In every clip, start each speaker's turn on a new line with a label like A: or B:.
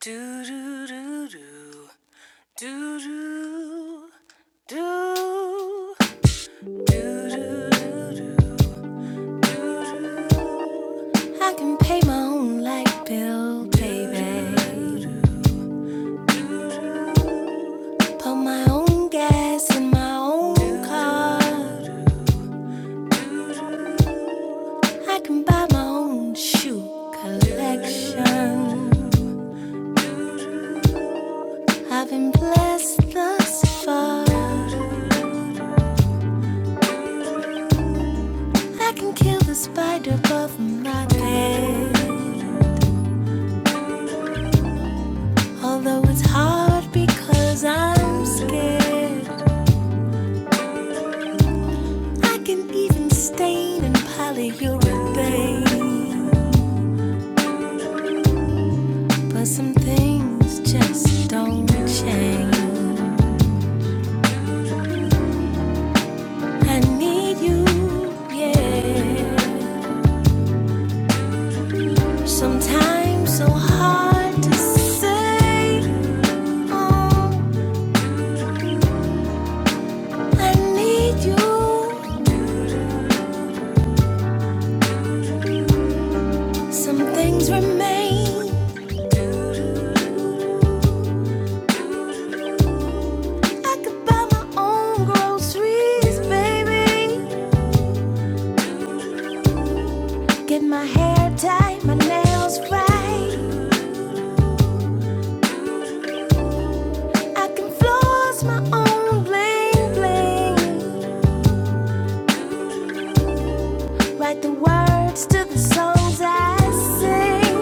A: Do do do do do do do do do do do I can pay my own light bill, baby. Put my own gas in my own car. I can buy my own shoe collection. I've been blessed thus far. I can kill the spider above my bed. Although it's hard because I'm scared. I can even stain and polyurethane. But some things just don't change. I need you, yeah. Sometimes so hard to say. Oh, I need you. Some things remain. I could buy my own groceries, baby. Get my hair tied, my nails right. I can floss my own bling bling. Write the words to the songs I sing.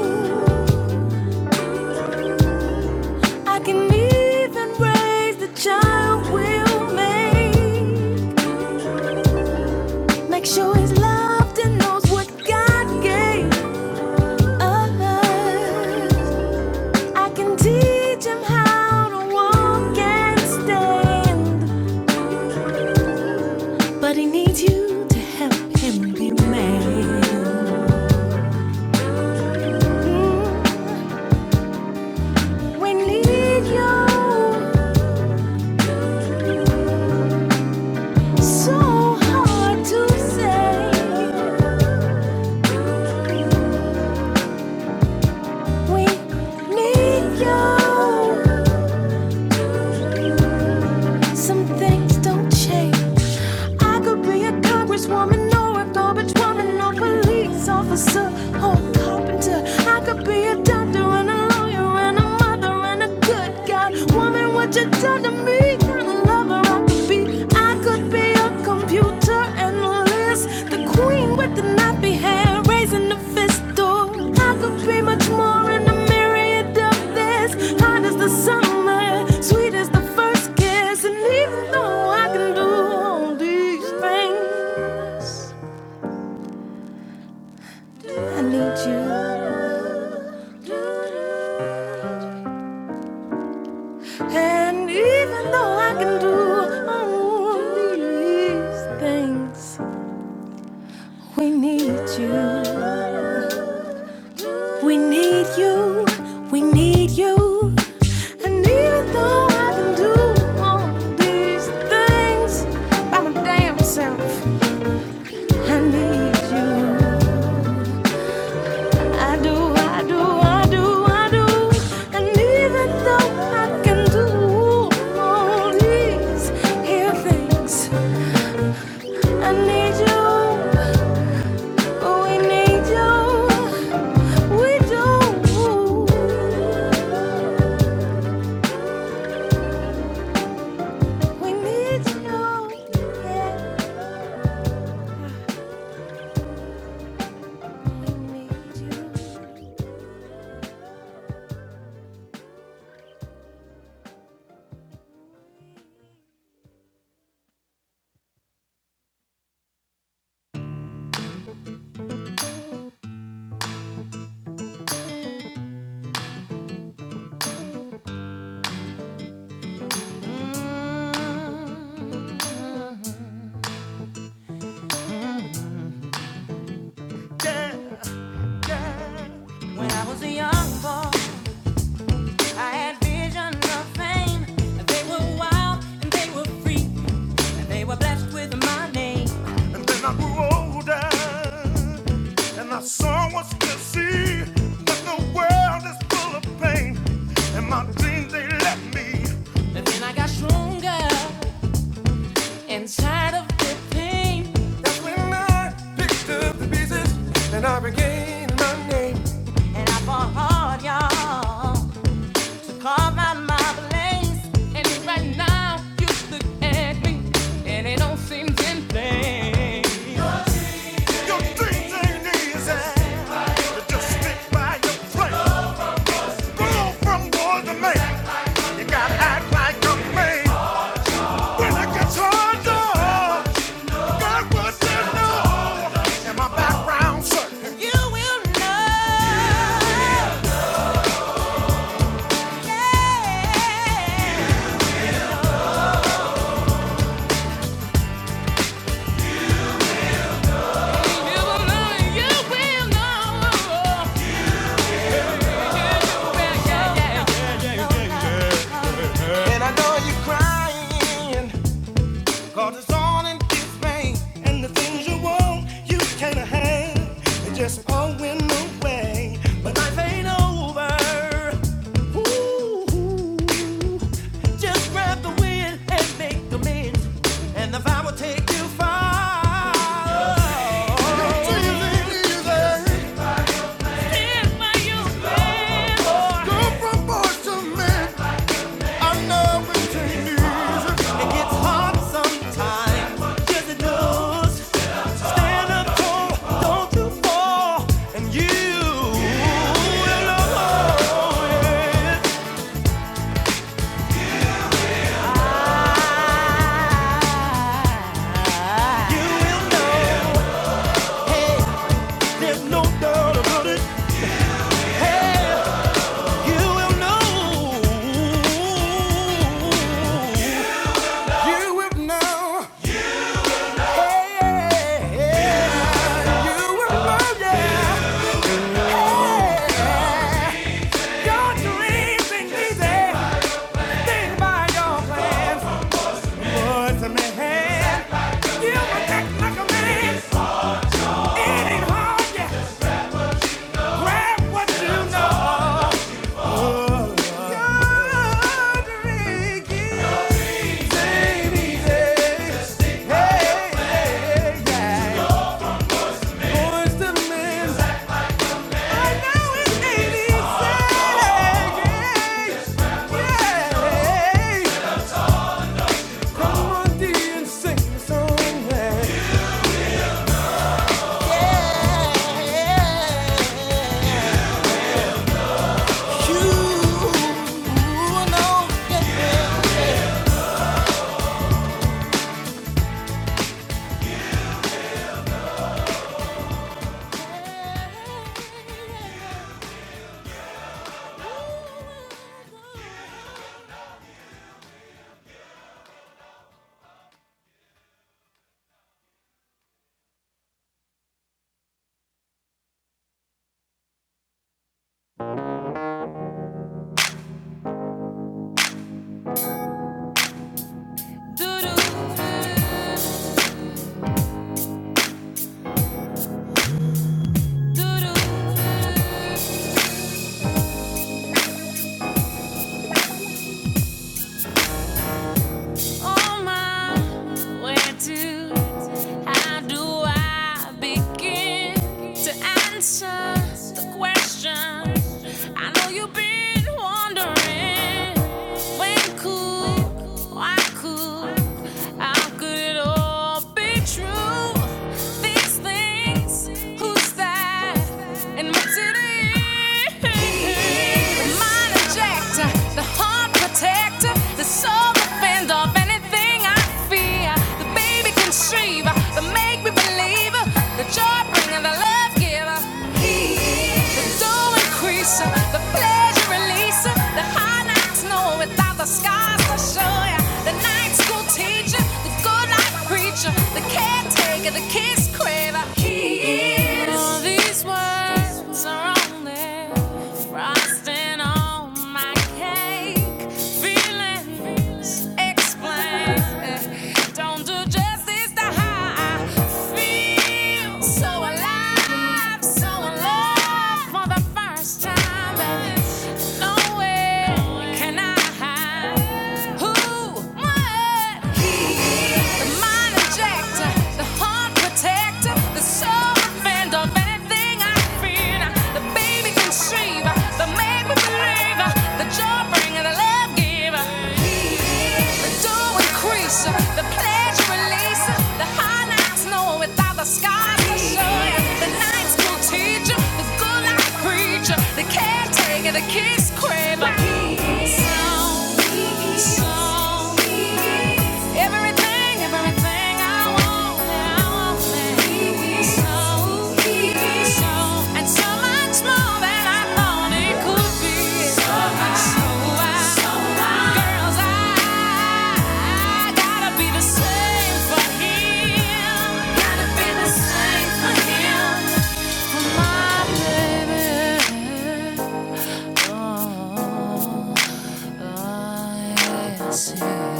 A: I can even raise the child will make. Make sure he's loved and knows what God gave us. I can teach him how to walk and stand. But he needs you to help him be man. Mm, We need you so hard to say. We need you. Some things don't change. I could be a congresswoman or garbage woman or police officer or carpenter. I could be a doctor and a lawyer and a mother and a good God. Woman, what you done to me? Kind of lover I could be. I could be computer analyst, the queen with the nappy hair, raising the fist. Oh, I could be much more in the myriad of this. Hot as the summer, sweet as the first kiss, and even though I can do all these things, I need you. And even though I can do all these things. We need you. We need you. We need you. And even though I can do all these things by my damn self, I need you. I do, I do, I do, I do. And even though I can do all these here things, I need you. We need you. We do. We need you. Yeah. We need you. When I was a young boy, I had vision of fame. They were wild and they were free. They were blessed with my name. And then I grew older, and I saw what's to see. But the world is full of pain, and my dreams they left me. And then I got stronger inside of the pain. That's when I picked up the pieces, and I regained my name. And I fought hard, y'all. Call on my place. And right now you look at me, and it all seems in vain. Your things ain't easy. You just stick by your place. Go from boy to man. You gotta act like a man. When it gets hard, dog, God was there, know? And my background certain. You will know, yeah. You will know, you will know. And I know you're crying, cause it's all in this pain. And the things you want, you can't have. They just all went away. But life ain't over. Ooh, just grab the wind and make the amends. And the vibe will take you far. It's easy, easy. Go from boys to men. I know it ain't easy. It gets hard sometimes. Yes, it does. Stand up tall, don't you fall, and you will know it. You will know. There's no doubt about it. You will know. You will know. Hey, yeah. yeah. You will know, yeah. Your dreams ain't easy. Think about your plans. Put some You protect like a man. It ain't hard, yeah. Grab what you know. Your dreams ain't easy. Hey, hey, yeah. Put some in. it ain't easy. Yeah. yeah, yeah. Yeah. You know, yeah. Doo-doo, doo oh my, where to? How do I begin to answer the question? I know you've been wondering. When cool, why cool? How could it all be true? These things, who's that? In my city, the mind injector, the heart protector, the soul defender of anything I fear. The baby conceiver, the make me believer, the the joy bringer, the love giver. He is the joy increaser, the pleasure releaser, the high nights know without the scars to show ya. The night school teacher, the good life preacher, the caretaker, the kiss craver. He is. All these words are only frosting on my cake. Feelings explain. don't do justice to how I feel. So alive, so in love for the first time, and nowhere can I hide who, what. The mind injector, the heart protector, the soul defender anything I fear. The baby conceiver, the maker believer, the joy bringer, the love giver. The door increaser, the pleasure releaser, the high nights know without the scars The night school teacher, the good life preacher, the caretaker back at the kids' crib. My peace. peace, Everything, everything I want, I want that peace. peace, And so much more than I thought it could be. So I, so I, girls, I, I gotta be the same for him. Gotta be the same for him. for my baby. Oh, yes, yes.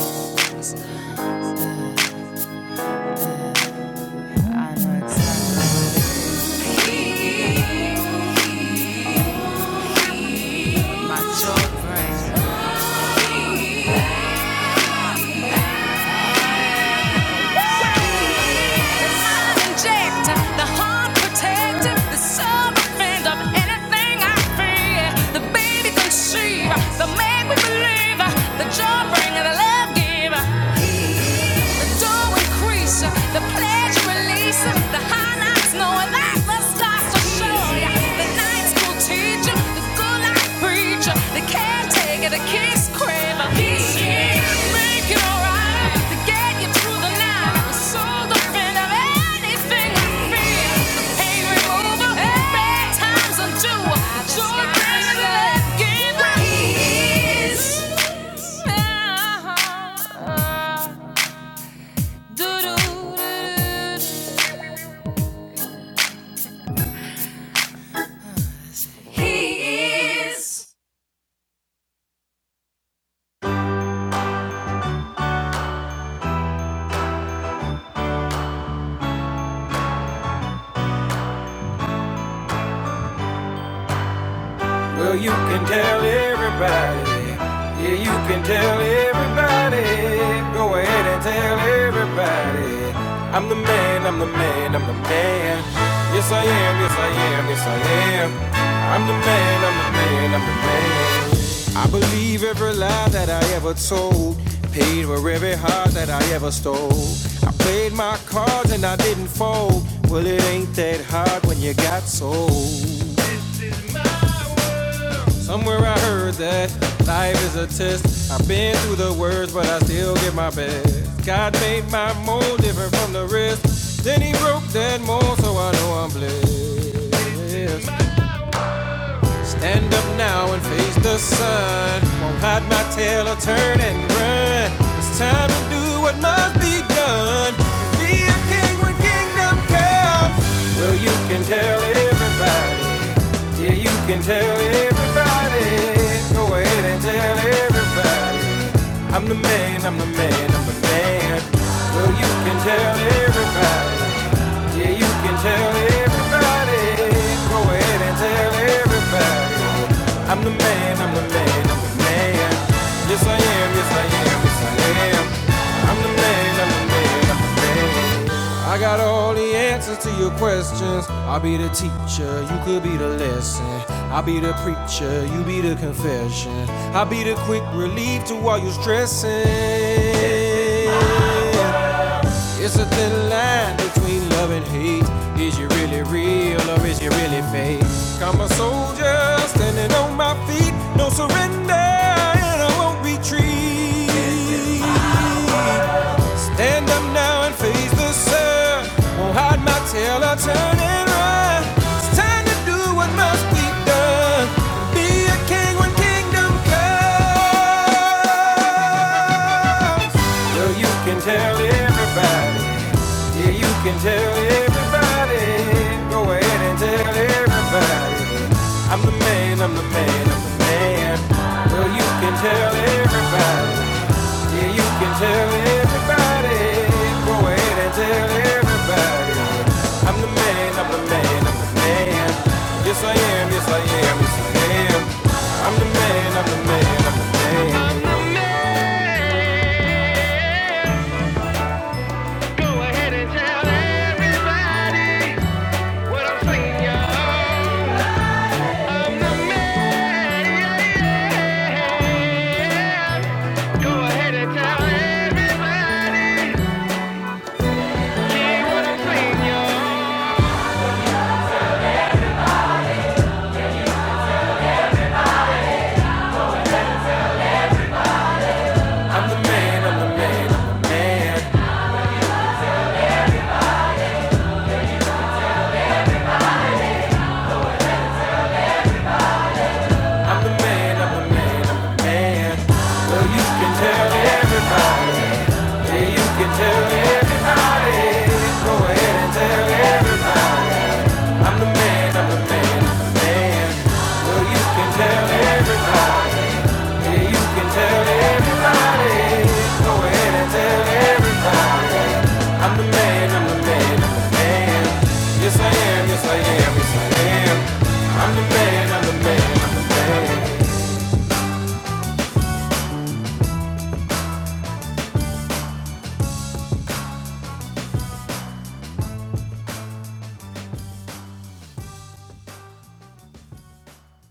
A: The man we believe, The joy bringer, the love giver. the door increase, the pledge release, the high knocks knowing that the stars will show ya. The night school teacher, the good life preacher, the caretaker, the kiss craver. He is it alright to get you through the night. The soul defend of anything I feel. The pain remover, bad times undo. Joy brings the left game. He is. He is. Well, you can tell everybody. Yeah, you can tell everybody. Go ahead and tell everybody. I'm the man, I'm the man, I'm the man. Yes, I am, yes, I am, yes, I am. I'm the man, I'm the man, I'm the man. I believe every lie that I ever told. Paid for every heart that I ever stole. I played my cards and I didn't fold. Well, it ain't that hard when you got sold. Somewhere I heard that life is a test. I've been through the worst, but I still get my best. God made my mold different from the rest. Then he broke that mold, so I know I'm blessed. Stand up now and face the sun. Won't hide my tail or turn and run. It's time to do what must be done. Be a king when kingdom comes. Well, you can tell everybody. Yeah, you can tell everybody. Go ahead and tell everybody. I'm the man, I'm the man, I'm the man. Well, you can tell everybody. Yeah, you can tell tell everybody. Go ahead and tell everybody. I'm the man, I'm the man, I'm the man. Yes, I am, yes, I am, yes, I am. I'm the man, I'm the man, I'm the man. I got all the answers to your questions. I'll be the teacher, you could be the lesson. I'll be the preacher, you be the confession. I'll be the quick relief to all your stressing. It's a thin line between love and hate. Is you really real or is you really fake? I'm a soldier standing on my feet, no surrender, and I won't retreat. Stand up now and face the sun. Won't hide my tail or turn and run. It's time to do what must be done. Be a king when kingdom comes. Well, you can tell everybody. Yeah, you can tell everybody. Go ahead and tell everybody. I'm the man, I'm the man, I'm the man. Well, you can tell everybody. Yeah, you can tell everybody. Go ahead and tell everybody. I'm the man, I'm the man, I'm the man. Yes, I am, yes, I am, yes, I am. I'm the man, I'm the man, I'm the man. Go ahead and tell everybody what I'm singing, y'all. I'm the man. Go ahead and tell everybody yeah, what I'm singing, y'all. I'm the man, I'm the man, I'm the man. I'm the man, I'm the man, i you can tell everybody. Yeah, you can tell everybody. Go ahead and tell everybody. I'm the man, I'm the man, I'm the man. Well, you can tell everybody, yeah, you can tell everybody. that I'm the man, I'm the man, I'm the man. Yes, I am, yes, I am, yes, I am. I'm the man, I'm the man, I'm the man.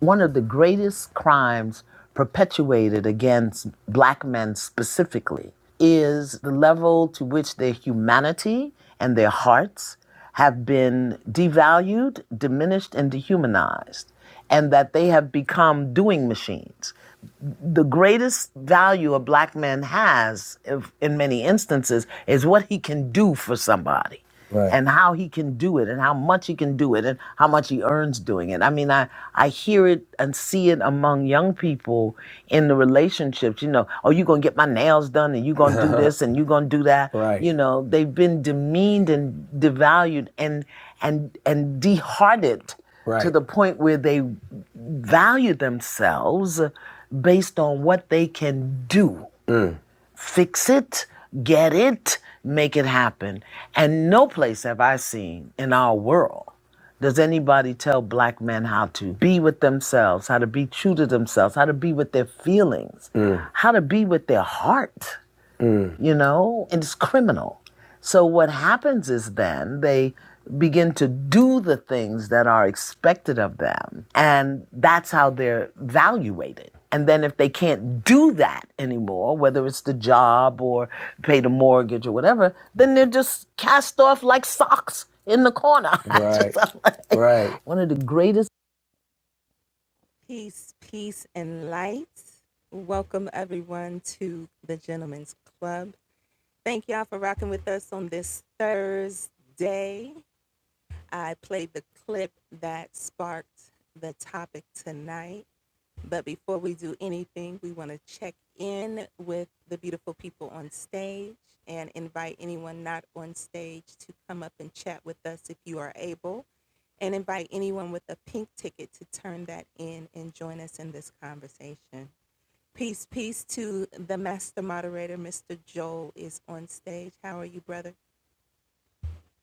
A: one of the greatest crimes perpetuated against black men specifically is the level to which their humanity and their hearts have been devalued, diminished, and dehumanized, and that they have become doing machines the greatest value a black man has if, in many instances is what he can do for somebody Right. and how he can do it and how much he can do it and how much he earns doing it. I mean, I, I hear it and see it among young people in the relationships, you know, oh, you're going to get my nails done and you're going to do this and you're going to do that. right. You know, they've been demeaned and devalued and, and, and dehearted right. to Right. the point where they value themselves based on what they can do fix it, get it, make it happen. And no place have I seen in our world does anybody tell black men how to be with themselves, how to be true to themselves, how to be with their feelings, mm. how to be with their heart. Mm-hmm. you know, and it's criminal. So what happens is then they begin to do the things that are expected of them, and that's how they're evaluated. And then if they can't do that anymore, whether it's the job or pay the mortgage or whatever, then they're just cast off like socks in the corner. I just- Right. Right. one of the greatest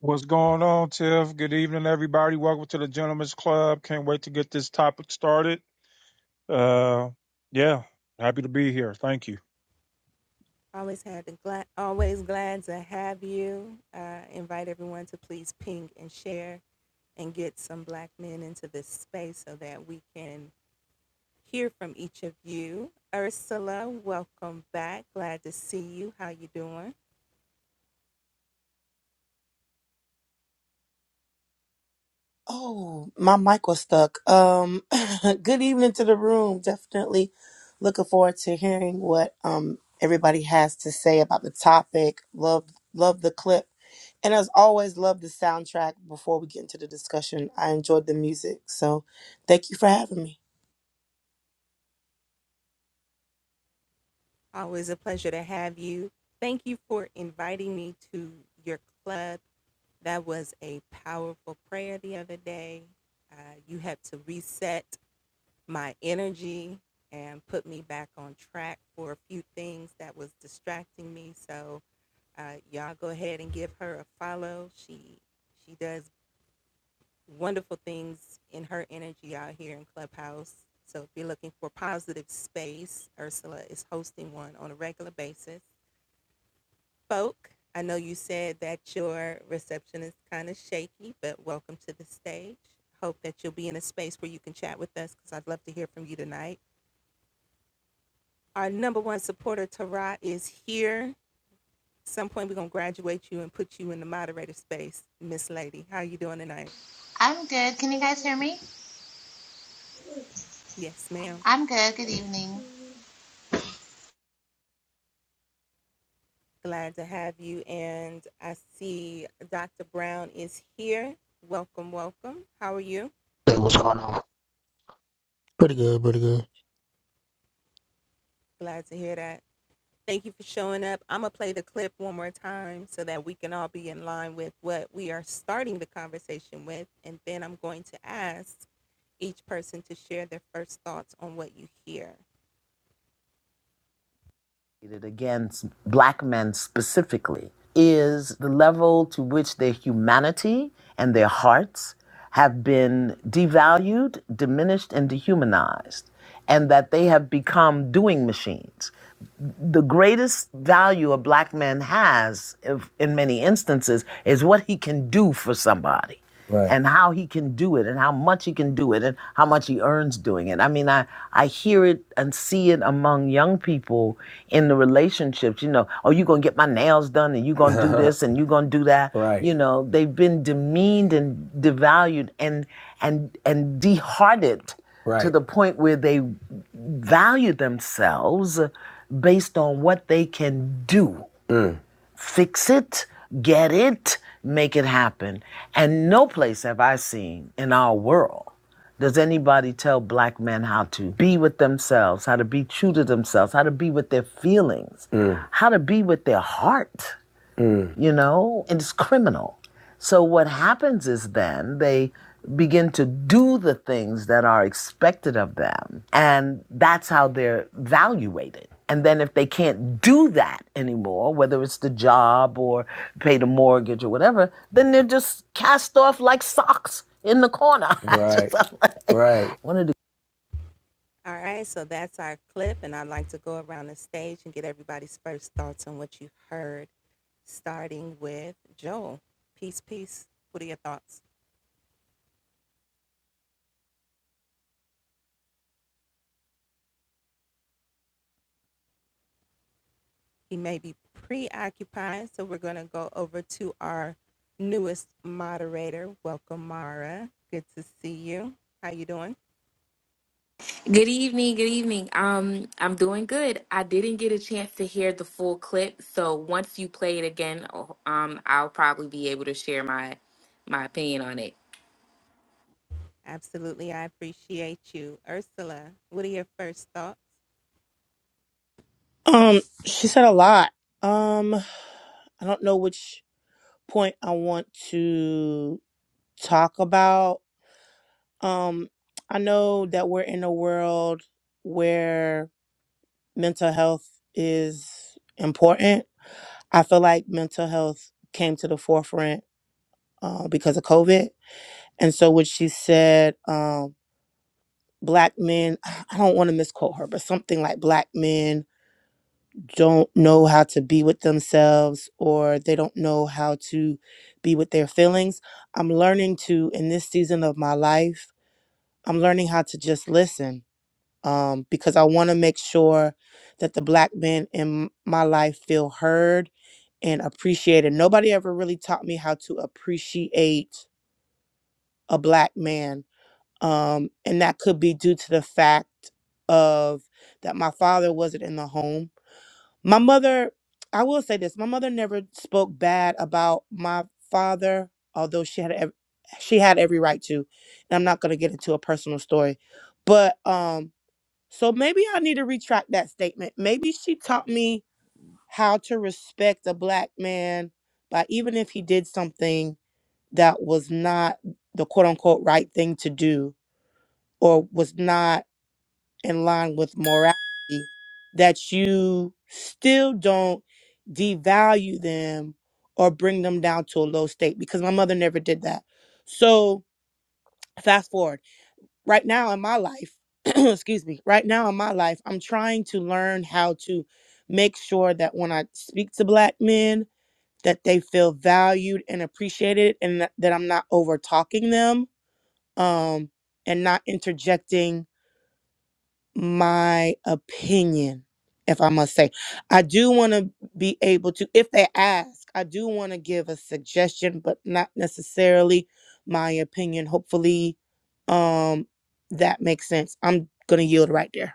B: What's going on, Tiff? Good evening, everybody. Welcome to the Gentlemen's Club. Can't wait to get this topic started. Uh, yeah, happy to be here. Thank you.
C: Oh, my mic was stuck. Um, good evening to the room. Definitely looking forward to hearing what um everybody has to say about the topic. Love love the clip. And as always, love the soundtrack before we get into the discussion. I enjoyed the music. So thank you for having me.
D: I'm good. Can you guys hear me? I'm good. Good evening.
E: Hey, what's going on? Pretty good, pretty good.
A: against black men specifically is the level to which their humanity and their hearts have been devalued, diminished, and dehumanized, and that they have become doing machines the greatest value a black man has if, in many instances is what he can do for somebody Right. and how he can do it and how much he can do it and how much he earns doing it. I mean, I, I hear it and see it among young people in the relationships, you know, oh, you're going to get my nails done and you're going to do this and you're going to do that. right. You know, they've been demeaned and devalued and, and, and dehearted right. to Right. the point where they value themselves based on what they can do. Fix it, get it, make it happen. And no place have I seen in our world does anybody tell black men how to be with themselves, how to be true to themselves, how to be with their feelings, mm. how to be with their heart. Mm. you know, and it's criminal. So what happens is then they begin to do the things that are expected of them, and that's how they're evaluated. And then if they can't do that anymore, whether it's the job or pay the mortgage or whatever, then they're just cast off like socks in the corner. Right. like, Right. one of
F: Good evening, good evening. Um, I'm doing good. I didn't get a chance to hear the full clip, so once you play it again, oh, um, I'll probably be able to share my my opinion on it.
C: Um, she said a lot. Um I don't know which point I want to talk about. Um, I know that we're in a world where mental health is important. I feel like mental health came to the forefront uh, because of COVID. And so, what she said, um, black men, I don't want to misquote her, but something like black men don't know how to be with themselves or they don't know how to be with their feelings. I'm learning to, in this season of my life, I'm learning how to just listen um, because I want to make sure that the black men in my life feel heard and appreciate it. Nobody ever really taught me how to appreciate a black man. Um, and that could be due to the fact of that my father wasn't in the home. My mother, I will say this, my mother never spoke bad about my father, although she had ev- she had every right to. And I'm not going to get into a personal story. But um so maybe I need to retract that statement. Maybe she taught me how to respect a black man by even if he did something that was not the quote unquote right thing to do or was not in line with morality, that you still don't devalue them or bring them down to a low state because my mother never did that. So, fast forward right now in my life, excuse me, right now in my life, I'm trying to learn how to make sure that when I speak to black men, that they feel valued and appreciated and that, that I'm not over talking them um and not interjecting my opinion if I must say. I do want to be able to if they ask, I do want to give a suggestion but not necessarily my opinion. Hopefully um that makes sense. I'm going to yield right there.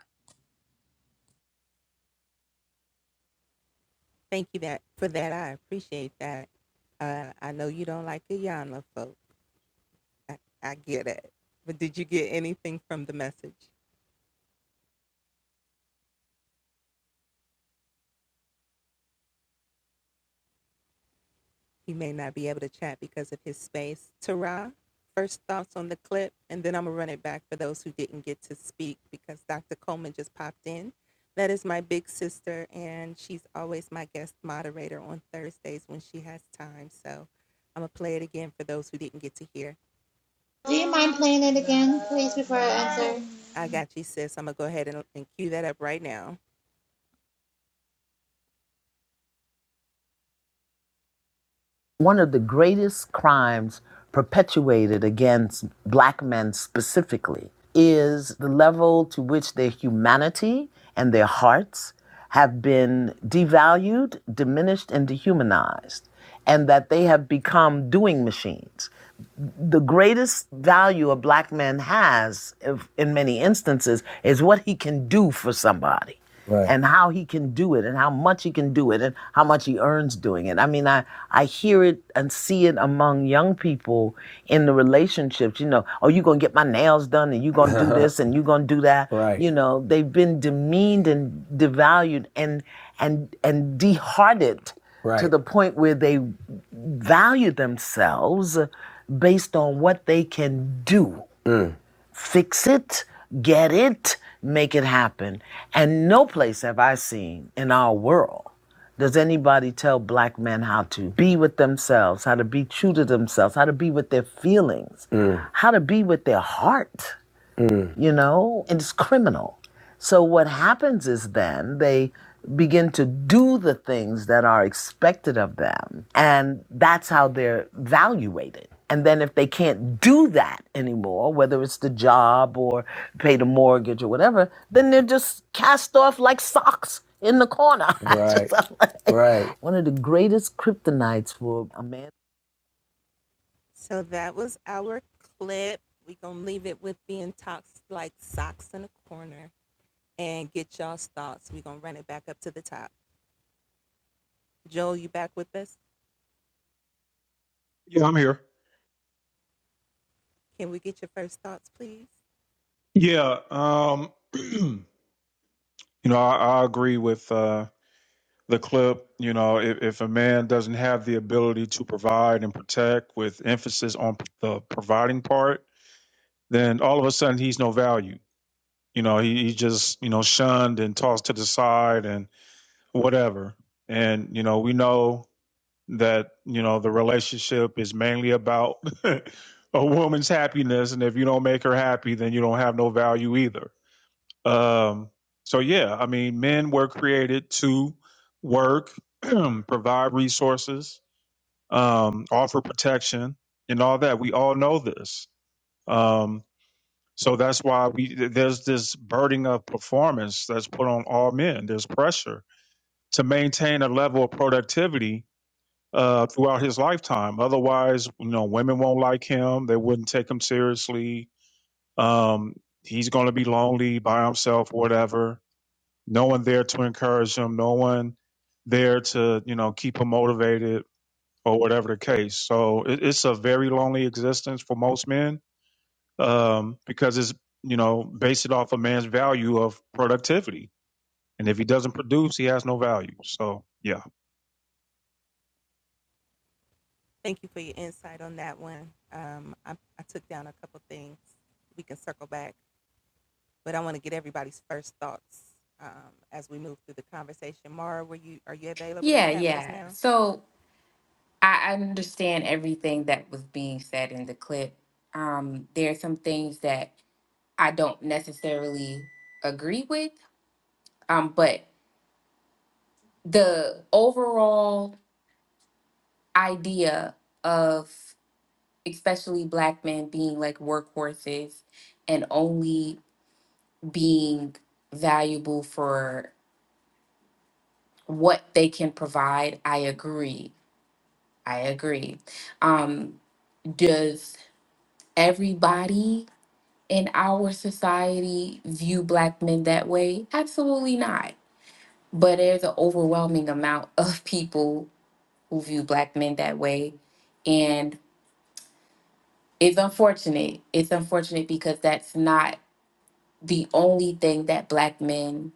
D: Do you mind playing it again, please, before I answer?
A: one of the greatest crimes perpetuated against black men specifically is the level to which their humanity and their hearts have been devalued, diminished, and dehumanized, and that they have become doing machines the greatest value a black man has if, in many instances is what he can do for somebody Right. and how he can do it and how much he can do it and how much he earns doing it. I mean, I, I hear it and see it among young people in the relationships, you know, oh, you're going to get my nails done and you're going to do this and you're going to do that. right. You know, they've been demeaned and devalued and, and, and dehearted right. to Right. the point where they value themselves based on what they can do. Fix it, get it, make it happen. And no place have I seen in our world does anybody tell black men how to be with themselves, how to be true to themselves, how to be with their feelings, Mm. how to be with their heart you know, and it's criminal. So what happens is then they begin to do the things that are expected of them, and that's how they're evaluated. And then if they can't do that anymore, whether it's the job or pay the mortgage or whatever, then they're just cast off like socks in the corner. Just, Right. I'm like- One of the greatest kryptonites for a man.
B: Yeah, I'm here. Yeah, um, you know, I, I agree with uh, the clip. You know, if, if a man doesn't have the ability to provide and protect with emphasis on the providing part, then all of a sudden he's no value. You know, he, he's just, you know, shunned and tossed to the side and whatever. And, you know, we know. that you know the relationship is mainly about a woman's happiness and if you don't make her happy then you don't have no value either um so yeah i mean men were created to work provide resources um offer protection and all that we all know this um so that's why we th- there's this burden of performance that's put on all men there's pressure to maintain a level of productivity uh, throughout his lifetime. Otherwise, you know, women won't like him. They wouldn't take him seriously. Um, he's going to be lonely by himself, whatever. No one there to encourage him. No one there to, you know, keep him motivated or whatever the case. So it, it's a very lonely existence for most men um, because it's, you know, based it off a man's value of productivity. And if he doesn't produce, he has no value. So, yeah.
F: Yeah, yeah. So I I understand everything that was being said in the clip. Um, there are some things that I don't necessarily agree with, um, but the overall idea of especially black men being like workhorses and only being valuable for what they can provide i agree i agree um does everybody in our society view black men that way absolutely not but there's an overwhelming amount of people who view black men that way and it's unfortunate it's unfortunate because that's not the only thing that black men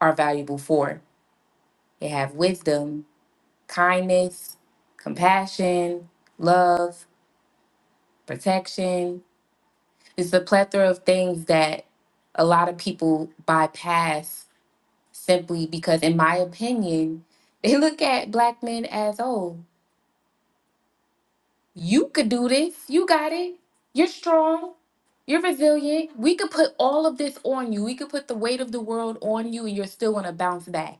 F: are valuable for. They have wisdom, kindness, compassion, love, protection. It's a plethora of things that a lot of people bypass simply because, in my opinion, they look at black men as, oh, you could do this. You got it. You're strong. You're resilient. We could put all of this on you. We could put the weight of the world on you, and you're still going to bounce back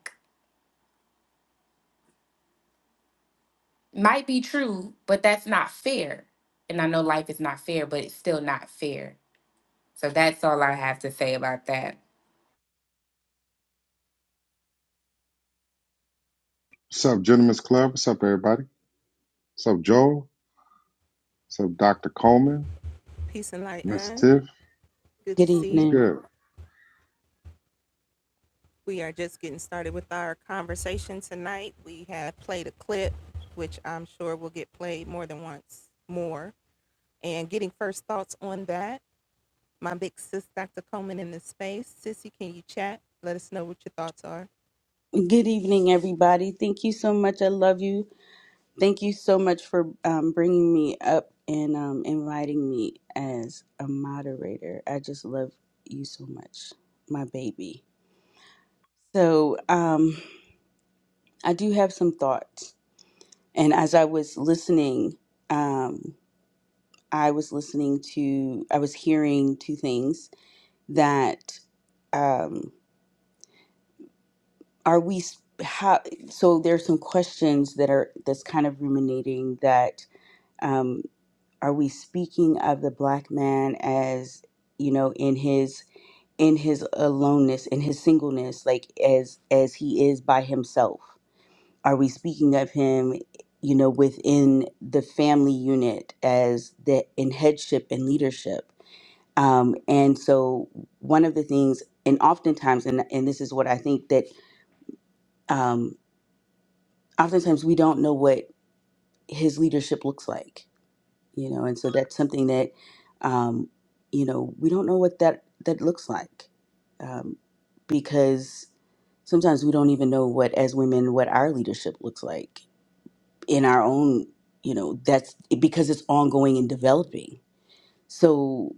F: might be true, but that's not fair. And I know life is not fair, but it's still not fair. So that's all I have to say about that.
G: What's up, Gentlemen's Club? What's up, everybody? What's up, Joel? What's up, Dr. Coleman? Miss Tiff?
H: Good
G: What's
H: evening.
G: good?
H: Good evening, everybody. Thank you so much. I love you. Thank you so much for um, bringing me up and um, inviting me as a moderator. I just love you so much, my baby. So, um, I do have some thoughts. And as I was listening, um, I was listening to, I was hearing two things that. Um, are we s- how so there's some questions that are that's kind of ruminating that um are we speaking of the black man as you know in his in his aloneness in his singleness like as as he is by himself are we speaking of him you know within the family unit as the in headship and leadership um and so one of the things and oftentimes and and this is what i think that um oftentimes we don't know what his leadership looks like, you know, and so that's something that, um, you know, we don't know what that that looks like, um, because sometimes we don't even know what as women what our leadership looks like in our own, you know, that's because it's ongoing and developing. So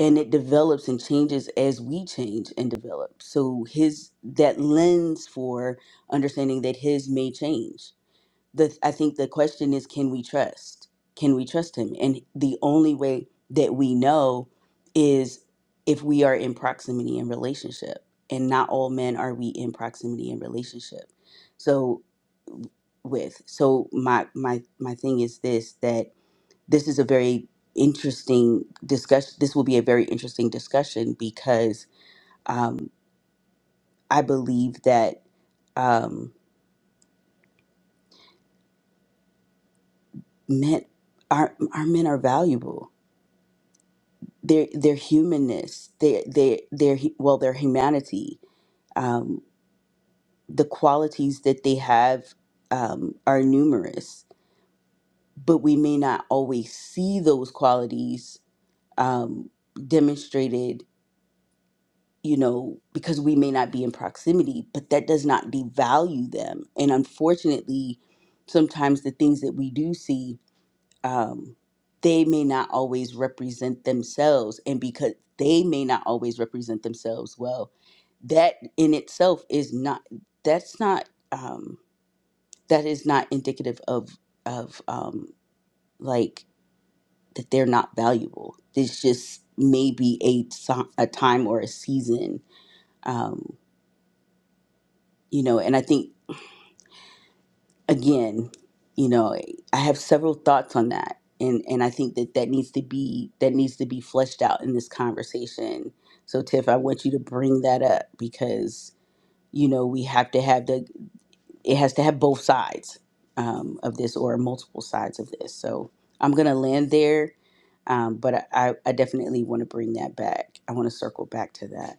H: and it develops and changes as we change and develop. So his that lens for understanding that his may change the I think the question is can we trust? Can we trust him? And the only way that we know is if we are in proximity and relationship. And not all men are we in proximity and relationship. So with. So my my my thing is this that this is a very interesting discussion. This will be a very interesting discussion because um, I believe that um, men our our men are valuable their their humanness, their their their hu- well their humanity, um, the qualities that they have um, are numerous, but we may not always see those qualities um, demonstrated. You know, because we may not be in proximity, but that does not devalue them. And unfortunately, sometimes the things that we do see um, they may not always represent themselves and because they may not always represent themselves well that in itself is not that's not um, that is not indicative of of um, like that they're not valuable it's just maybe a, ti- a time or a season um, you know and i think again, you know, I have several thoughts on that, and and I think that that needs to be that needs to be fleshed out in this conversation. So, Tiff, I want you to bring that up because you know we have to have the it has to have both sides um, of this or multiple sides of this. So, I'm gonna land there, um, but I I I definitely want to bring that back. I want to circle back to that.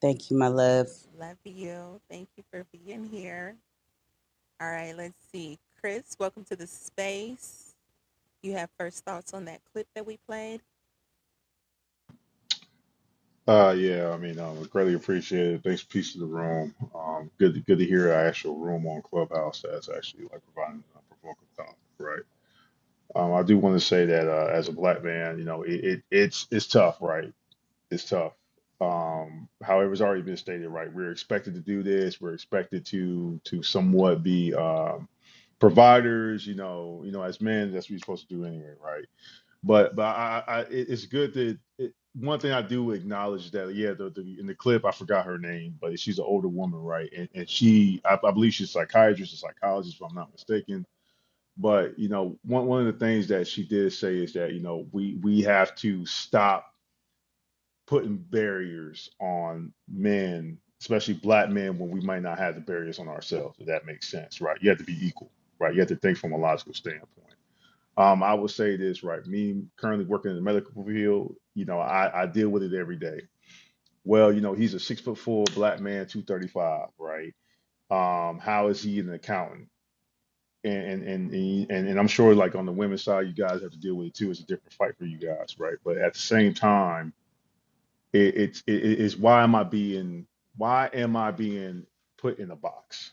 H: Thank you, my love.
I: Uh, yeah, I mean, um, greatly appreciated. Thanks, peace to the room. Um, good, to, good to hear an actual room on Clubhouse that's actually like providing uh, provoking thought, right? Um, I do want to say that uh, as a black man, you know, it, it it's it's tough, right? It's tough. Um, however, it's already been stated, right? We're expected to do this. We're expected to to somewhat be um, providers, you know, you know, as men, that's what you're supposed to do anyway, right? but but I, I it, it's good that it, one thing I do acknowledge that yeah the, the in the clip I forgot her name but she's an older woman right and, and she I, I believe she's a psychiatrist or psychologist if I'm not mistaken but you know one one of the things that she did say is that you know we we have to stop putting barriers on men especially black men when we might not have the barriers on ourselves if that makes sense right you have to be equal right you have to think from a logical standpoint um, I would say this, right? Me currently working in the medical field, you know, I, I deal with it every day. Well, you know, he's a six foot four black man, 235, right? Um, how is he an accountant? And and and and, and I'm sure like on the women's side, you guys have to deal with it too. It's a different fight for you guys, right? But at the same time, it, it's it, it's why am I being why am I being put in a box?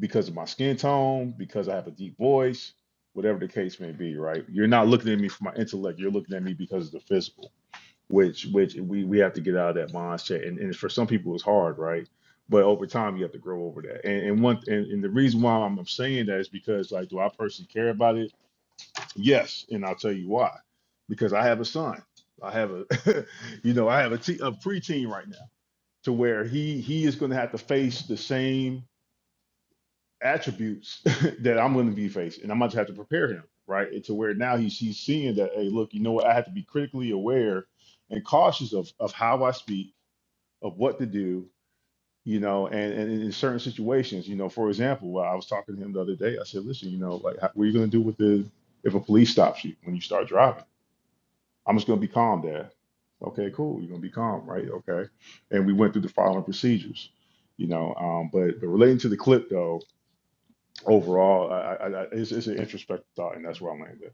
I: because of my skin tone, because I have a deep voice, whatever the case may be, right? You're not looking at me for my intellect, you're looking at me because of the physical, which which we we have to get out of that mindset. And, and for some people it's hard, right? But over time you have to grow over that. And and one and, and the reason why I'm saying that is because like do I personally care about it? Yes, and I'll tell you why. Because I have a son. I have a you know, I have a, te- a preteen right now to where he he is going to have to face the same attributes that I'm going to be facing, and I'm going to have to prepare him, right? And to where now he's he's seeing that, hey, look, you know what? I have to be critically aware and cautious of of how I speak, of what to do, you know, and, and in certain situations, you know, for example, while I was talking to him the other day, I said, listen, you know, like, how, what are you going to do with the if a police stops you when you start driving? I'm just going to be calm, Dad. Okay, cool. You're going to be calm, right? Okay. And we went through the following procedures, you know. Um, but, but relating to the clip though overall, I, I, I it's, it's an introspective thought, and that's where I'm landing.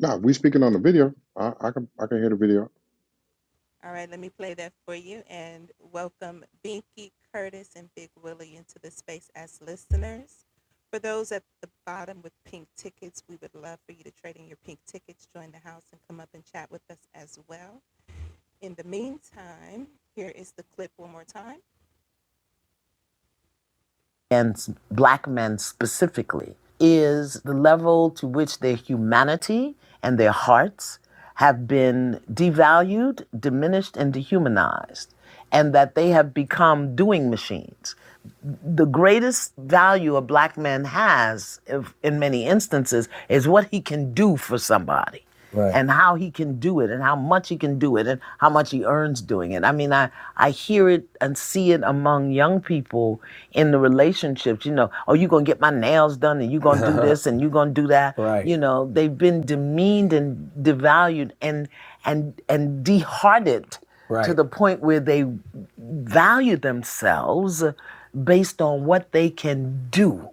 G: No, we speaking on the video. I, I can I can hear the video.
A: and black men specifically is the level to which their humanity and their hearts have been devalued, diminished, and dehumanized, and that they have become doing machines the greatest value a black man has if, in many instances is what he can do for somebody Right. and how he can do it and how much he can do it and how much he earns doing it. I mean, I, I hear it and see it among young people in the relationships, you know, oh, you're going to get my nails done and you're going to do this and you're going to do that. right. You know, they've been demeaned and devalued and, and, and dehearted right. to Right. the point where they value themselves based on what they can do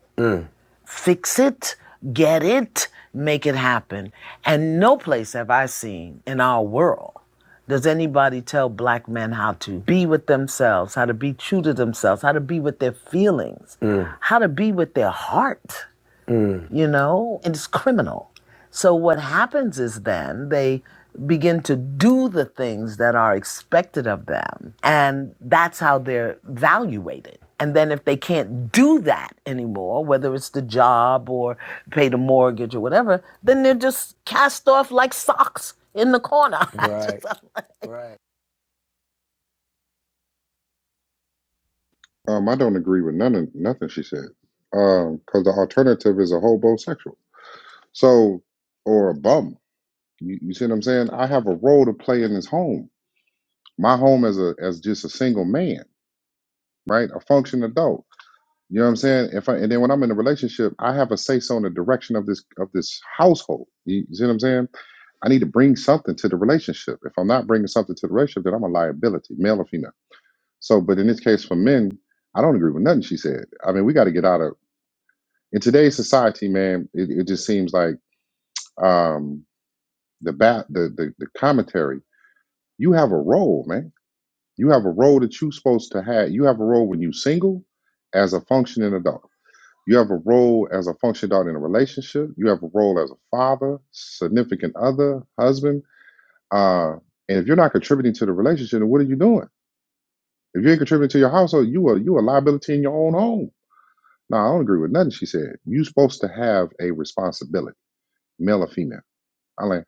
A: fix it, get it, make it happen. And no place have I seen in our world does anybody tell black men how to be with themselves, how to be true to themselves, how to be with their feelings, mm. how to be with their heart you know, and it's criminal. So what happens is then they begin to do the things that are expected of them, and that's how they're evaluated. And then if they can't do that anymore, whether it's the job or pay the mortgage or whatever, then they're just cast off like socks in the corner. Right. just- Right. I'm like, right.
G: Um, I don't agree with none of nothing she said. Um, because the alternative is a homosexual. So, or a bum. You, you see what I'm saying? I have a role to play in this home. My home as a as just a single man, right? A functioning adult. You know what I'm saying? If I and then when I'm in a relationship, I have a say so in the direction of this of this household. You, you see what I'm saying? I need to bring something to the relationship. If I'm not bringing something to the relationship, then I'm a liability, male or female. So, but in this case for men, I don't agree with nothing she said. I mean, we got to get out of in today's society, man. It, it just seems like um, the bat, the, the the commentary. You have a role, man. You have a role that you're supposed to have. You have a role when you're single, as a functioning adult. You have a role as a functioning adult in a relationship. You have a role as a father, significant other, husband Uh, and if you're not contributing to the relationship, then what are you doing? If you ain't contributing to your household, you are you a liability in your own home. No, I don't agree with nothing she said. you are supposed to have a responsibility, male or female. I like,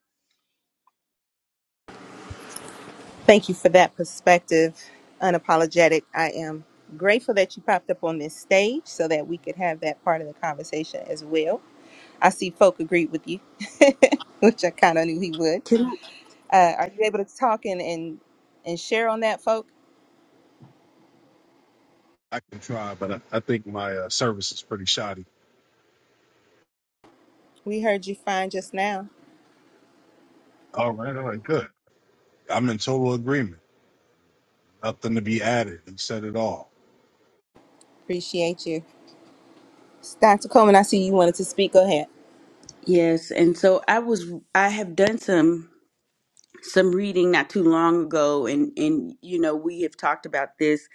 H: Can I-
J: I can try, but I, I think my uh, service is pretty shoddy. All right, all right, good. I'm in total agreement. Nothing to be added. You said it all.
H: yes, and so I was I have done some. some reading not too long ago and and you know we have talked about this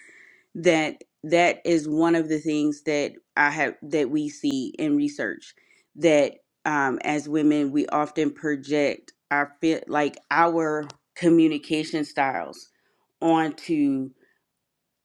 H: that that is one of the things that i have that we see in research that um, as women we often project our fit like our communication styles onto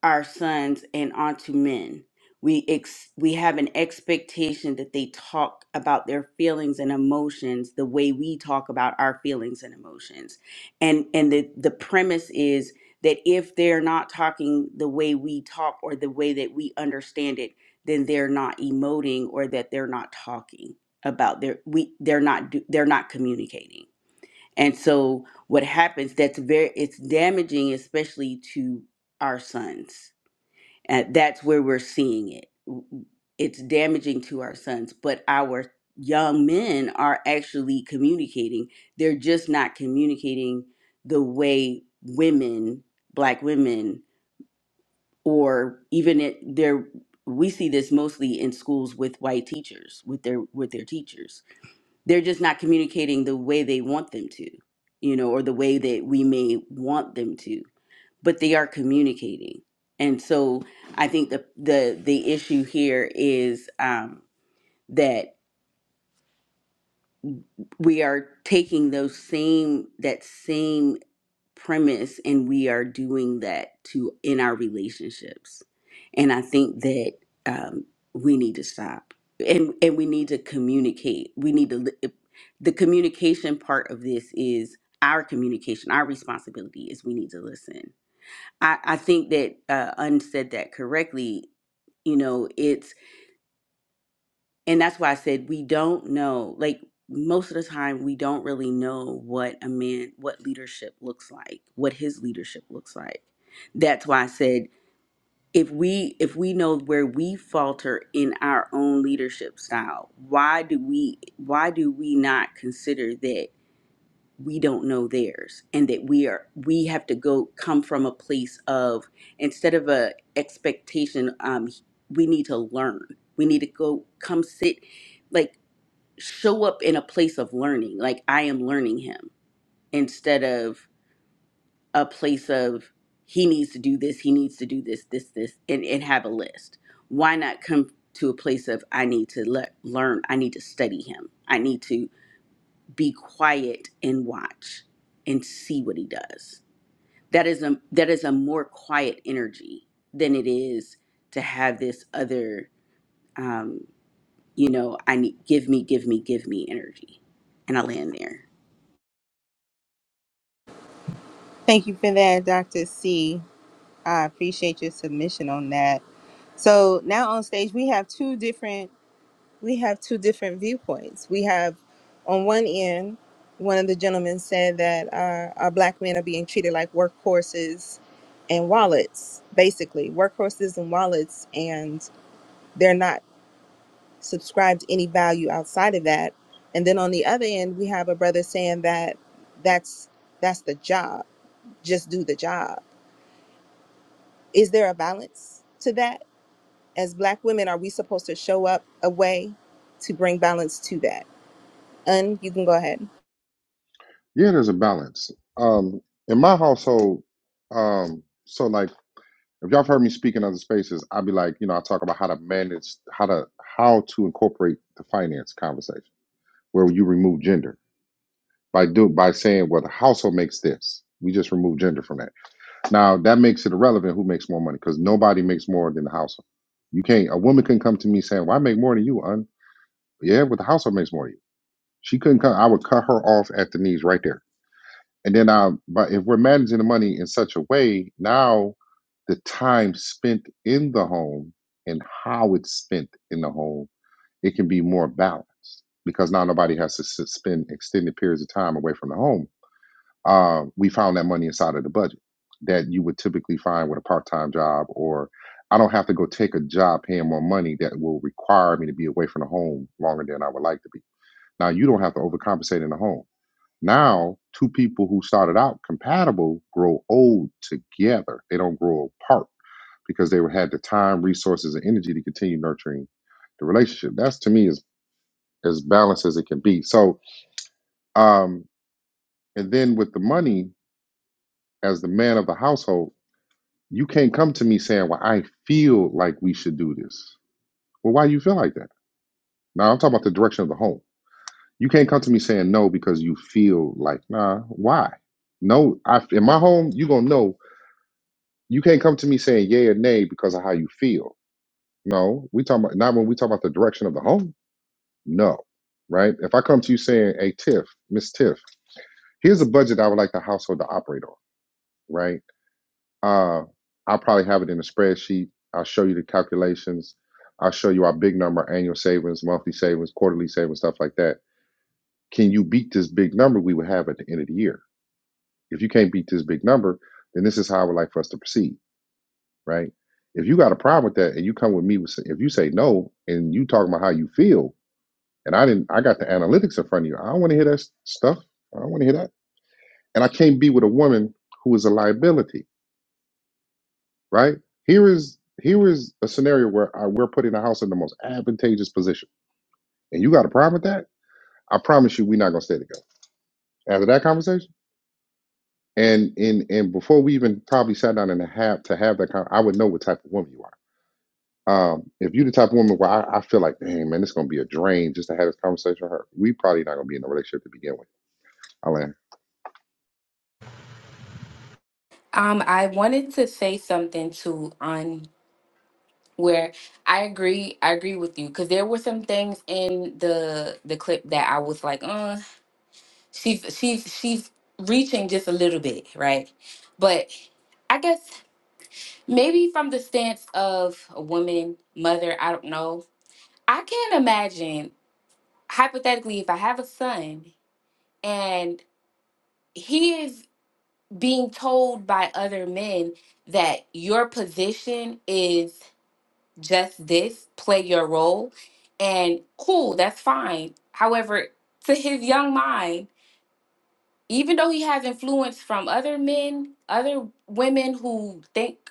H: our sons and onto men. We ex- we have an expectation that they talk about their feelings and emotions the way we talk about our feelings and emotions. And and the the premise is that if they're not talking the way we talk or the way that we understand it, then they're not emoting or that they're not talking about their we they're not do, they're not communicating. And so what happens that's very it's damaging especially to our sons uh, that's where we're seeing it. It's damaging to our sons, but our young men are actually communicating. They're just not communicating the way women, black women, or even it, they're we see this mostly in schools with white teachers with their with their teachers they're just not communicating the way they want them to you know or the way that we may want them to but they are communicating. And so I think the the the issue here is um, that we are taking those same that same premise and we are doing that to in our relationships. And I think that um, we need to stop and and we need to communicate. We need to li- the communication part of this is our communication. Our responsibility is we need to listen I, I think that uh, Un said that correctly. You know, it's, and that's why I said we don't know. Like most of the time, we don't really know what a man, what leadership looks like, what his leadership looks like. That's why I said if we if we know where we falter in our own leadership style, why do we why do we not consider that? we don't know theirs and that we are we have to go come from a place of instead of a expectation um we need to learn we need to go come sit like show up in a place of learning like i am learning him instead of a place of he needs to do this he needs to do this this this and, and have a list why not come to a place of i need to le- learn i need to study him i need to be quiet and watch and see what he does. That is a that is a more quiet energy than it is to have this other um, you know, I need give me, give me, give me energy. And I land there.
G: yeah, there's a balance. Um, in my household, um, so like if y'all have heard me speak in other spaces, I'd be like, you know, I talk about how to manage, how to how to incorporate the finance conversation where you remove gender by do by saying, well, the household makes this. We just remove gender from that Now that makes it irrelevant who makes more money because nobody makes more than the household. You can't. A woman couldn't come to me saying, "Well, I make more than you, un." Yeah, but the household makes more than you. She couldn't come. I would cut her off at the knees right there. And then I. But if we're managing the money in such a way, now the time spent in the home and how it's spent in the home, it can be more balanced because now nobody has to s- spend extended periods of time away from the home uh, we found that money inside of the budget that you would typically find with a part-time job or i don't have to go take a job paying more money that will require me to be away from the home longer than i would like to be now you don't have to overcompensate in the home now two people who started out compatible grow old together they don't grow apart because they had the time resources and energy to continue nurturing the relationship that's to me as as balanced as it can be so um and then with the money as the man of the household You can't come to me saying, well, I feel like we should do this. Well, why do you feel like that? Now I'm talking about the direction of the home. You can't come to me saying no because you feel like, nah, why? No, I, in my home, you going to know. You can't come to me saying yay or nay because of how you feel. No, we talking about, not when we talk about the direction of the home. No, right? If I come to you saying, hey, Tiff, Miss Tiff, here's a budget I would like the household to operate on, right? Uh, I'll probably have it in a spreadsheet. I'll show you the calculations. I'll show you our big number, annual savings, monthly savings, quarterly savings, stuff like that. Can you beat this big number we would have at the end of the year? If you can't beat this big number, then this is how I would like for us to proceed, right? If you got a problem with that and you come with me with, if you say no and you talking about how you feel, and I didn't, I got the analytics in front of you. I don't want to hear that stuff. I don't want to hear that. And I can't be with a woman who is a liability right? Here is here is a scenario where I, we're putting the house in the most advantageous position, and you got a problem with that? I promise you, we're not gonna stay together after that conversation. And and and before we even probably sat down and have to have that, con- I would know what type of woman you are. Um, if you're the type of woman where I, I feel like, dang man, it's gonna be a drain just to have this conversation with her, we probably not gonna be in a relationship to begin with. Alan,
F: Um, I wanted to say something to on where I agree. I agree with you because there were some things in the the clip that I was like, uh, she's she's she's reaching just a little bit, right? But I guess maybe from the stance of a woman, mother, I don't know. I can't imagine hypothetically, if I have a son and he is being told by other men that your position is just this, play your role, and cool, that's fine. However, to his young mind, even though he has influence from other men, other women who think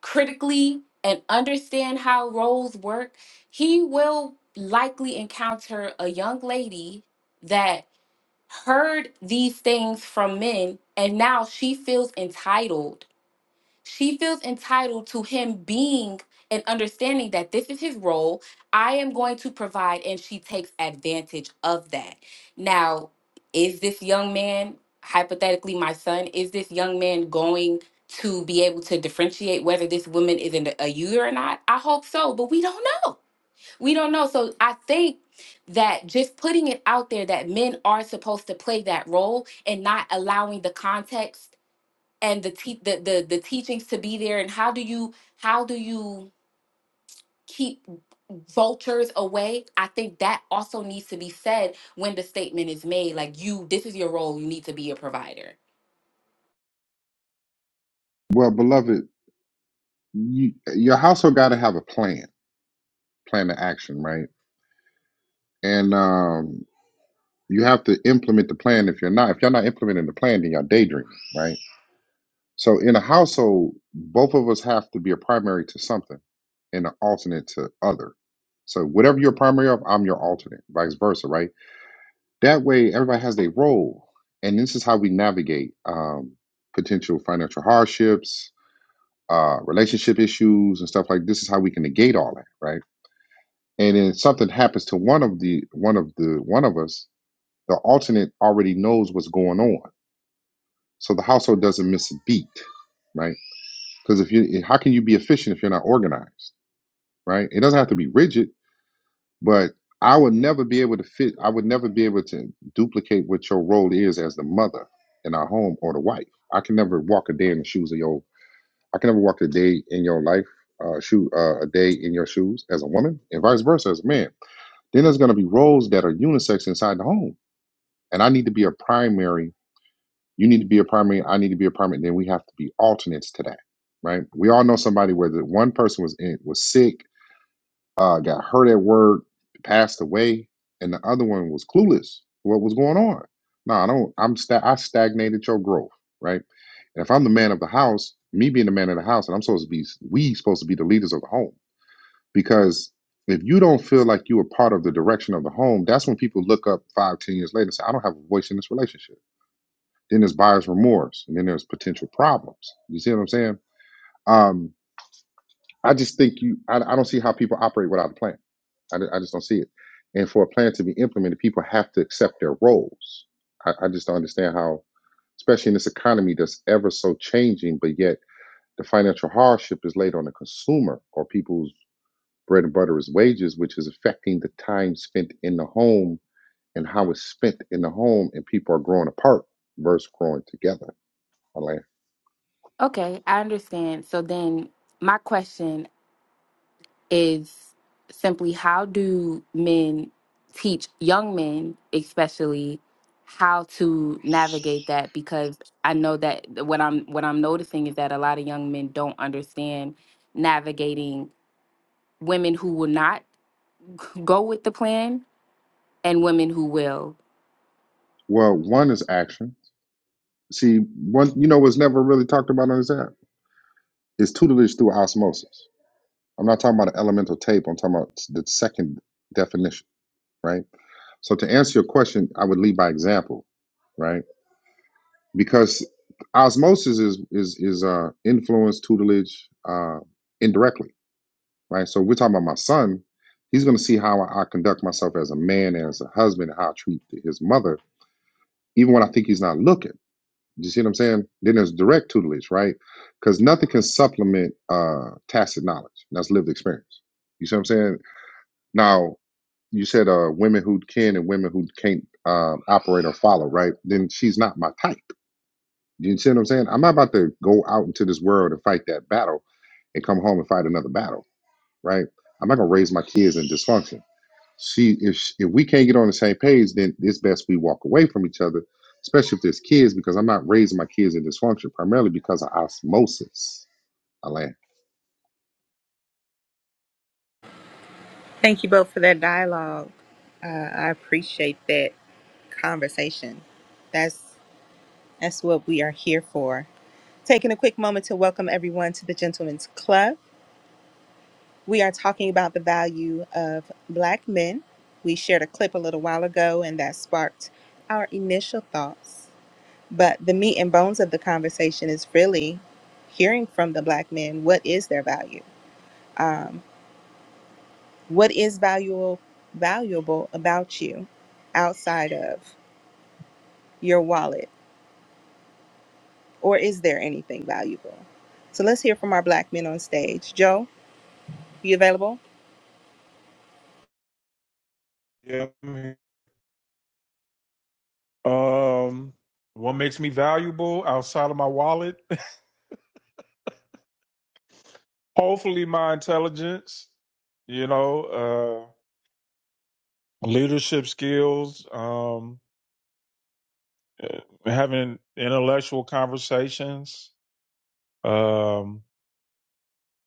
F: critically and understand how roles work, he will likely encounter a young lady that heard these things from men and now she feels entitled she feels entitled to him being and understanding that this is his role i am going to provide and she takes advantage of that now is this young man hypothetically my son is this young man going to be able to differentiate whether this woman is in a a uter or not i hope so but we don't know we don't know. So I think that just putting it out there that men are supposed to play that role and not allowing the context and the te- the, the the teachings to be there and how do you how do you keep vultures away i think that also needs to be said when the statement is made like you this is your role you need to be a provider
G: well, beloved, you, your household got to have a plan. plan of action, right? And um, you have to implement the plan. If you're not, if you're not implementing the plan, then you're daydreaming, right? So in a household, both of us have to be a primary to something and an alternate to other. So whatever you're primary of, I'm your alternate, vice versa, right? That way, everybody has their role, and this is how we navigate um, potential financial hardships, uh, relationship issues, and stuff like this. Is how we can negate all that, right? And then something happens to one of the one of the one of us The alternate already knows what's going on, so the household doesn't miss a beat, right? Because if you, eh, how can you be efficient if you're not organized, right? It doesn't have to be rigid, but I would never be able to fit. I would never be able to duplicate what your role is as the mother in our home or the wife. I can never walk a day in the shoes of your. I can never walk a day in your life, uh, shoe uh, a day in your shoes as a woman, and vice versa as a man. Then there's going to be roles that are unisex inside the home, and I need to be a primary You need to be a primary. I need to be a primary. Then we have to be alternates to that, right? We all know somebody where the one person was in, was sick, uh, got hurt at work, passed away, and the other one was clueless. What was going on? No, I don't. I'm sta- I stagnated your growth, right? And if I'm the man of the house, me being the man of the house, and I'm supposed to be, we supposed to be the leaders of the home because if you don't feel like you are part of the direction of the home, that's when people look up five, ten years later and say, I don't have a voice in this relationship then there's buyer's remorse, and then there's potential problems. You see what I'm saying? Um, I just think you. I, I don't see how people operate without a plan. I, I just don't see it. And for a plan to be implemented, people have to accept their roles. I, I just don't understand how, especially in this economy that's ever so changing, but yet the financial hardship is laid on the consumer or people's bread and butter is wages, which is affecting the time spent in the home and how it's spent in the home, and people are growing apart versus growing together. I land.
F: okay i understand so then my question is simply how do men teach young men, especially, how to navigate that? Because I know that what I'm what I'm noticing is that a lot of young men don't understand navigating women who will not go with the plan and women who will.
G: Well, one is action. See, one you know what's never really talked about on this app is tutelage through osmosis. I'm not talking about an elemental tape. I'm talking about the second definition, right? So to answer your question, I would lead by example, right? Because osmosis is is is uh, influence tutelage uh, indirectly, right? So we're talking about my son. He's going to see how I, I conduct myself as a man, as a husband, how I treat his mother, even when I think he's not looking You see what I'm saying? Then there's direct tutelage, right? Because nothing can supplement uh, tacit knowledge. That's lived experience. You see what I'm saying? Now, you said uh, women who can and women who can't um, operate or follow, right? Then she's not my type. You see what I'm saying? I'm not about to go out into this world and fight that battle and come home and fight another battle, right? I'm not going to raise my kids in dysfunction. She, if sh- if we can't get on the same page, then it's best we walk away from each other, especially if there's kids, because I'm not raising my kids in dysfunction primarily because of osmosis. Alan,
B: Yeah, I mean, Um, what makes me valuable outside of my wallet? Hopefully, my intelligence. You know, uh, leadership skills. Um, uh, having intellectual conversations. Um,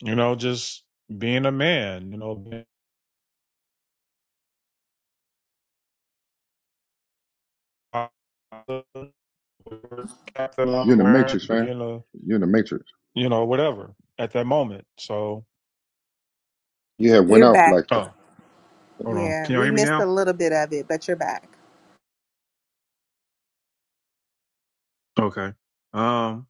B: you know, just being a man. You know, being a cap that
G: you're
B: I'm
G: in the
B: wearing,
G: matrix, man.
B: being a
G: You're in the matrix.
B: you know whatever at that moment. So,
G: You had went out for like,
B: oh, hold on. Can y'all hear me now? Okay. um.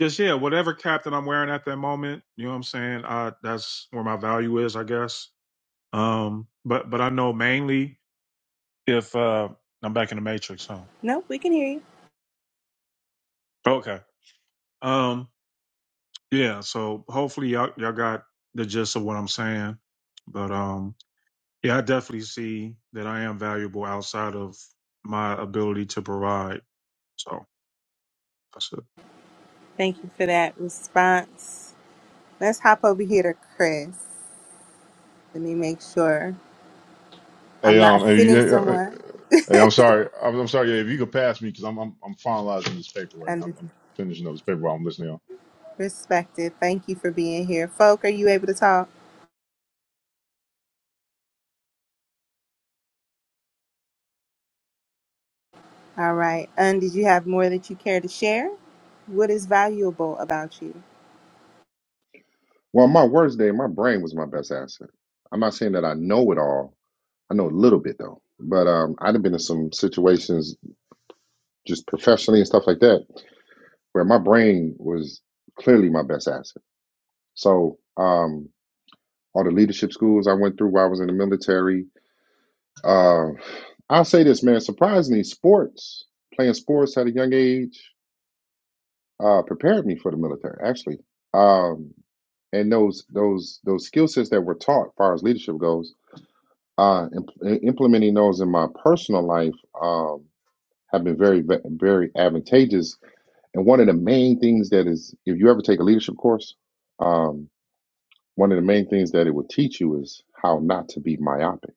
B: Just yeah, whatever cap that I'm wearing at that moment, you know what I'm saying? Uh that's where my value is, I guess. Um but but I know mainly if uh I'm back in the matrix, huh? Okay. Um yeah, so hopefully y'all y'all got the gist of what I'm saying. But um yeah, I definitely see that I am valuable outside of my ability to provide. So that's it.
I: Hey, um, hey, yeah, yeah, hey, hey, I'm sorry, I'm, I'm sorry. Yeah, if you could pass me, because I'm, I'm, I'm finalizing this paper right now. I'm, I'm finishing up this paper while I'm listening. On.
G: well, my worst day, my brain was my best asset. I'm not saying that I know it all. I know a little bit though, but um, I'd have been in some situations just professionally and stuff like that where my brain was clearly my best asset. So um, all the leadership schools I went through while I was in the military. Uh, I'll say this, man, surprisingly, sports, playing sports at a young age, uh, prepared me for the military, actually. Um, and those those those skill sets that were taught, as far as leadership goes, uh, imp- implementing those in my personal life um, have been very very advantageous. And one of the main things that is, if you ever take a leadership course, um, one of the main things that it will teach you is how not to be myopic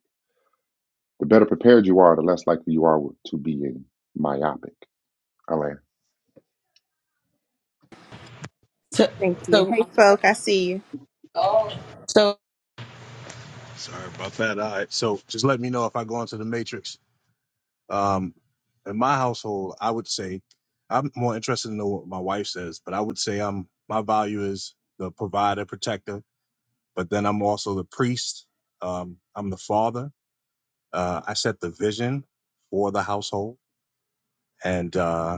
G: The better prepared you are, the less likely you are to be myopic. I'll
H: So, so, so
J: Sorry about that. All right. So just let me know if I go into the matrix. Um, in my household, I would say I'm more interested to know what my wife says, but I would say I'm my value is the provider, protector, but then I'm also the priest. Um, I'm the father. Uh, I set the vision for the household, and uh,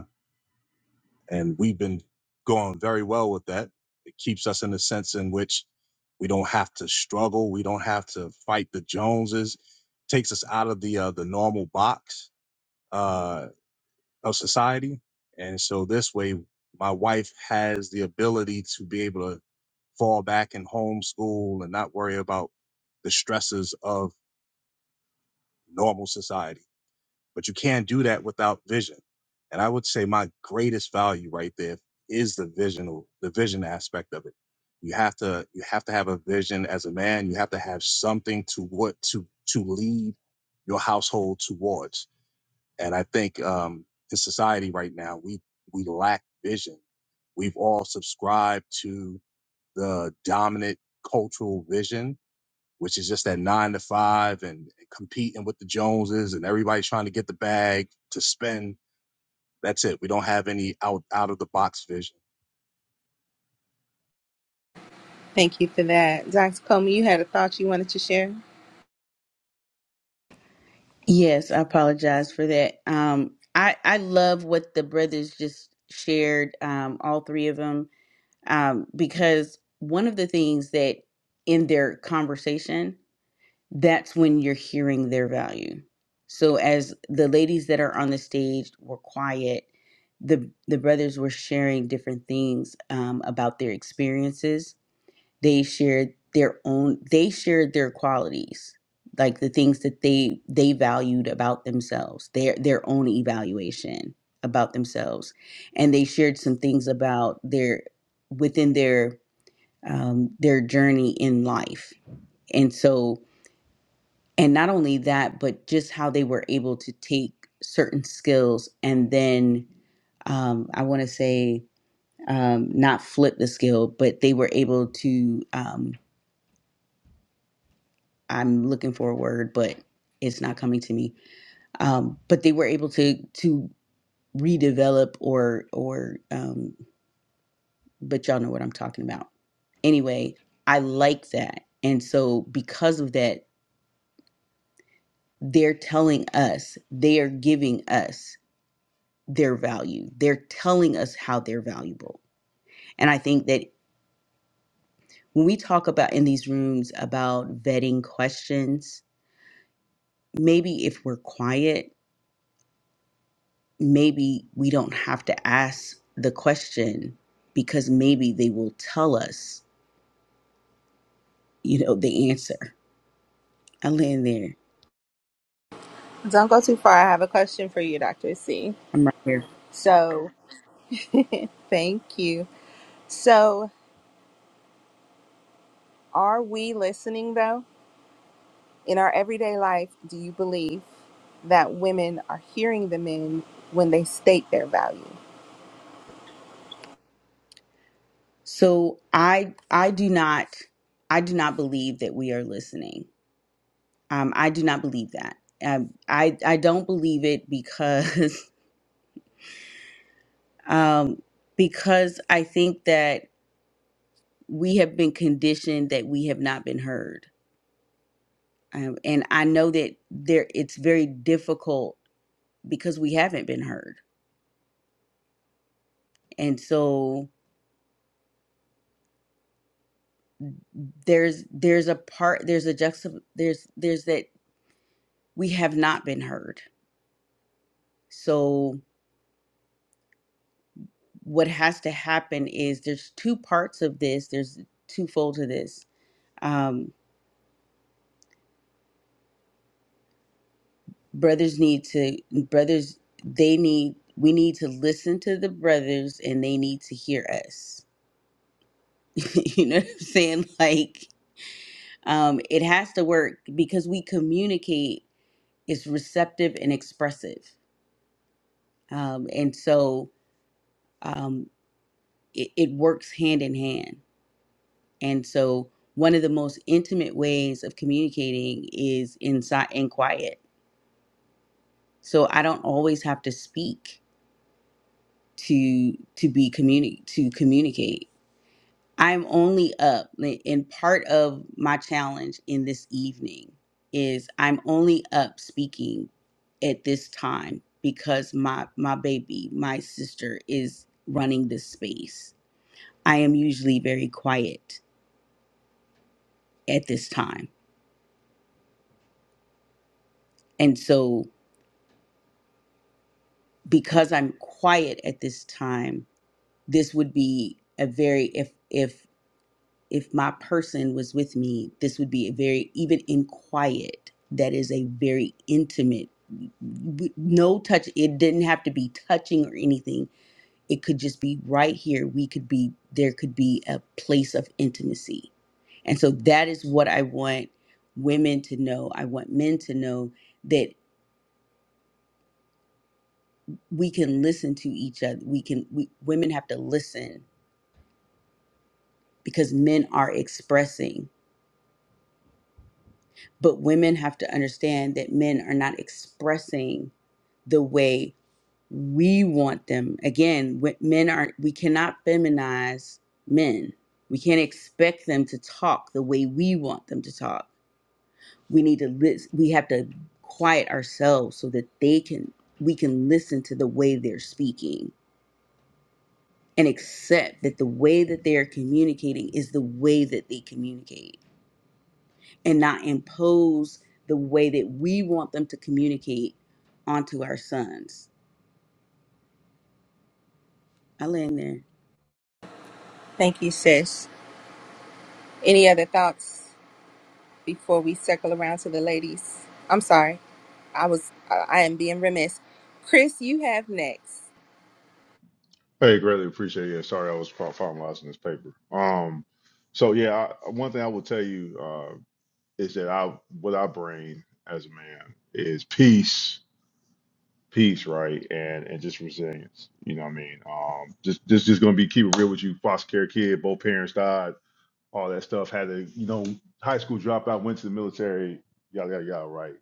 J: and we've been going very well with that. It keeps us in a sense in which we don't have to struggle, we don't have to fight the Joneses. Takes us out of the uh, the normal box uh, of society, and so this way, my wife has the ability to be able to fall back and homeschool and not worry about the stresses of normal society but you can't do that without vision. And I would say my greatest value right there is the vision, the vision aspect of it. You have to you have to have a vision as a man. You have to have something to what to to lead your household towards. And I think um, in society right now, we we lack vision. We've all subscribed to the dominant cultural vision which is just that nine to five and competing with the Joneses and everybody trying to get the bag to spend. That's it. We don't have any out out of the box vision.
H: yes, I apologize for that. Um, I I love what the brothers just shared, um, all three of them, um, because one of the things that in their conversation that's when you're hearing their value. So as the ladies that are on the stage were quiet, the the brothers were sharing different things um, about their experiences. They shared their own. They shared their qualities, like the things that they they valued about themselves, their their own evaluation about themselves, and they shared some things about their within their um, their journey in life. And so and not only that but just how they were able to take certain skills and then um, i want to say um, not flip the skill but they were able to um, i'm looking for a word but it's not coming to me um, but they were able to to redevelop or or um, but y'all know what i'm talking about anyway i like that and so because of that they're telling us they are giving us their value. They're telling us how they're valuable. And I think that when we talk about in these rooms about vetting questions, maybe if we're quiet, maybe we don't have to ask the question because maybe they will tell us, you know, the answer. I land there. I'm right here. So I I do not I do not believe that we are listening. Um, I do not believe that. Um, I I don't believe it because um, because I think that we have been conditioned that we have not been heard, um, and I know that there it's very difficult because we haven't been heard, and so there's there's a part there's a juxta there's there's that we have not been heard. So what has to happen is there's two parts of this. There's twofold to this. Um, brothers need to brothers they need we need to listen to the brothers and they need to hear us you know what i'm saying like um it has to work because we communicate is receptive and expressive um and so um it, it works hand in hand and so one of the most intimate ways of communicating is inside and quiet so i don't always have to speak to to be communi- to communicate I'm only up, like, and part of my challenge in this evening is I'm only up speaking at this time because my my baby, my sister, is running this space. I am usually very quiet at this time, and so because I'm quiet at this time, this would be a very if if if my person was with me, this would be a very, even in quiet, that is a very intimate, w- no touch. It didn't have to be touching or anything. It could just be right here. We could be, there could be a place of intimacy. And so that is what I want women to know. I want men to know that we can listen to each other. We can, we, women have to listen because men are expressing But women have to understand that men are not expressing the way we want them. Again, wh- men are, we cannot feminize men. We can't expect them to talk the way we want them to talk. We need to listen. We have to quiet ourselves so that they can, we can listen to the way they're speaking and accept that the way that they are communicating is the way that they communicate and not impose the way that we want them to communicate onto our sons. I land there.
I: Hey, greatly appreciate. it. Yeah, sorry, I was fi- finalizing this paper. Um, so yeah, I, one thing I will tell you uh, is that I, what I bring as a man is peace. peace, right, and and just resilience. You know what I mean? Um, just just just gonna be keep it real with you. Foster care kid, both parents died, all that stuff. Had to you know high school dropout, went to the military, yada yada yada. Right?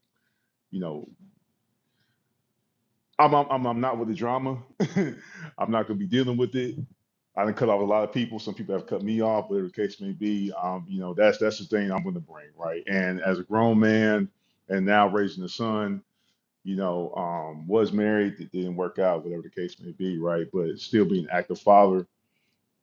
I: You know, I'm I'm I'm, I'm not with the drama. I'm not gonna be dealing with it. I done cut off a lot of people. Some people have cut me off, whatever the case may be. Um, you know, that's that's the thing I'm going to bring, right? And as a grown man, and now raising a son, you know, um, was married, that didn't work out, whatever the case may be, right? But still being an active father,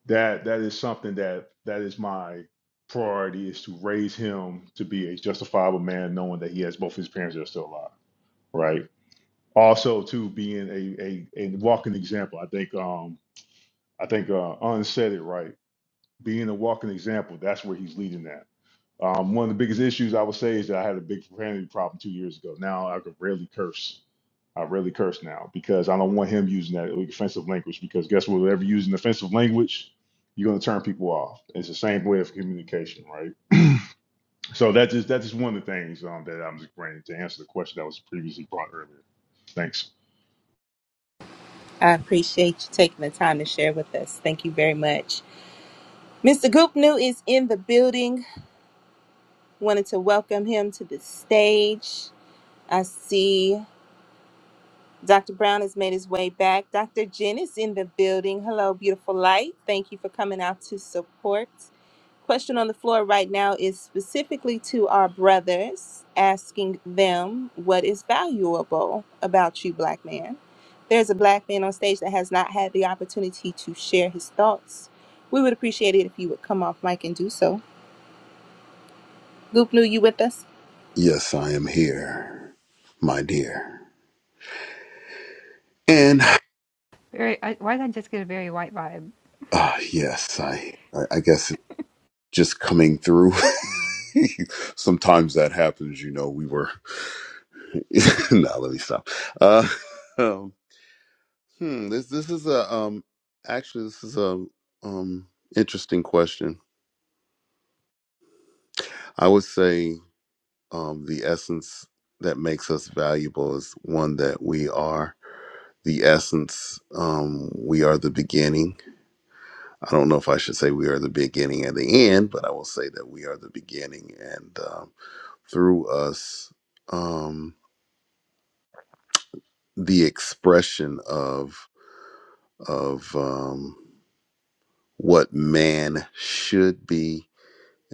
I: that that is something that that is my priority is to raise him to be a justifiable man, knowing that he has both his parents that are still alive, right? Also, to being a a, a walking example. I think um I think uh, Un said it right. Being a walking example, that's where he's leading at. Um, one of the biggest issues I would say is that I had a big profanity problem two years ago. Now I could rarely curse I really curse now because I don't want him using that offensive language because guess what? Whatever using offensive language, you're going to turn people off. It's the same way of communication, right? So that is that is one of the things um, that I'm just bringing to answer the question that was previously brought earlier. Thanks.
K: Yes, I am here, my dear. And
L: Very. I, why did I just get a very white vibe?
K: uh, yes, I, I I guess it's just coming through. Sometimes that happens, you know. We were no, let me stop. Uh, um, hmm, this this is a um actually this is a um interesting question. I would say um the essence that makes us valuable is one that we are the essence. Um, we are the beginning I don't know if I should say we are the beginning and the end, but I will say that we are the beginning, and um, through us, um, the expression of of um, what man should be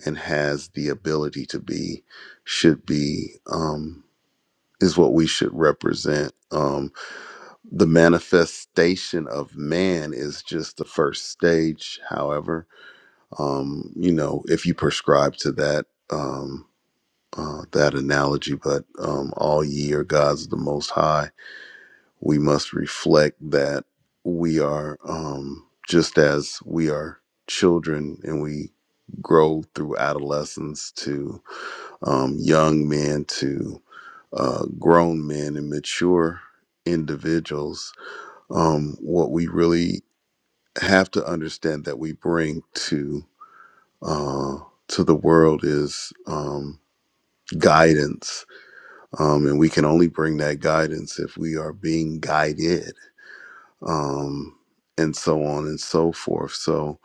K: and has the ability to be should be um, is what we should represent. Um, the manifestation of man is just the first stage. However, um, you know, if you prescribe to that. Um, uh, that analogy, but um, all ye are gods of the Most High. We must reflect that we are um, just as we are children and we grow through adolescence to um, young men to uh, grown men and mature individuals. Um, what we really have to understand that we bring to uh, to the world is um, guidance Um, and we can only bring that guidance if we are being guided, um, and so on and so forth. So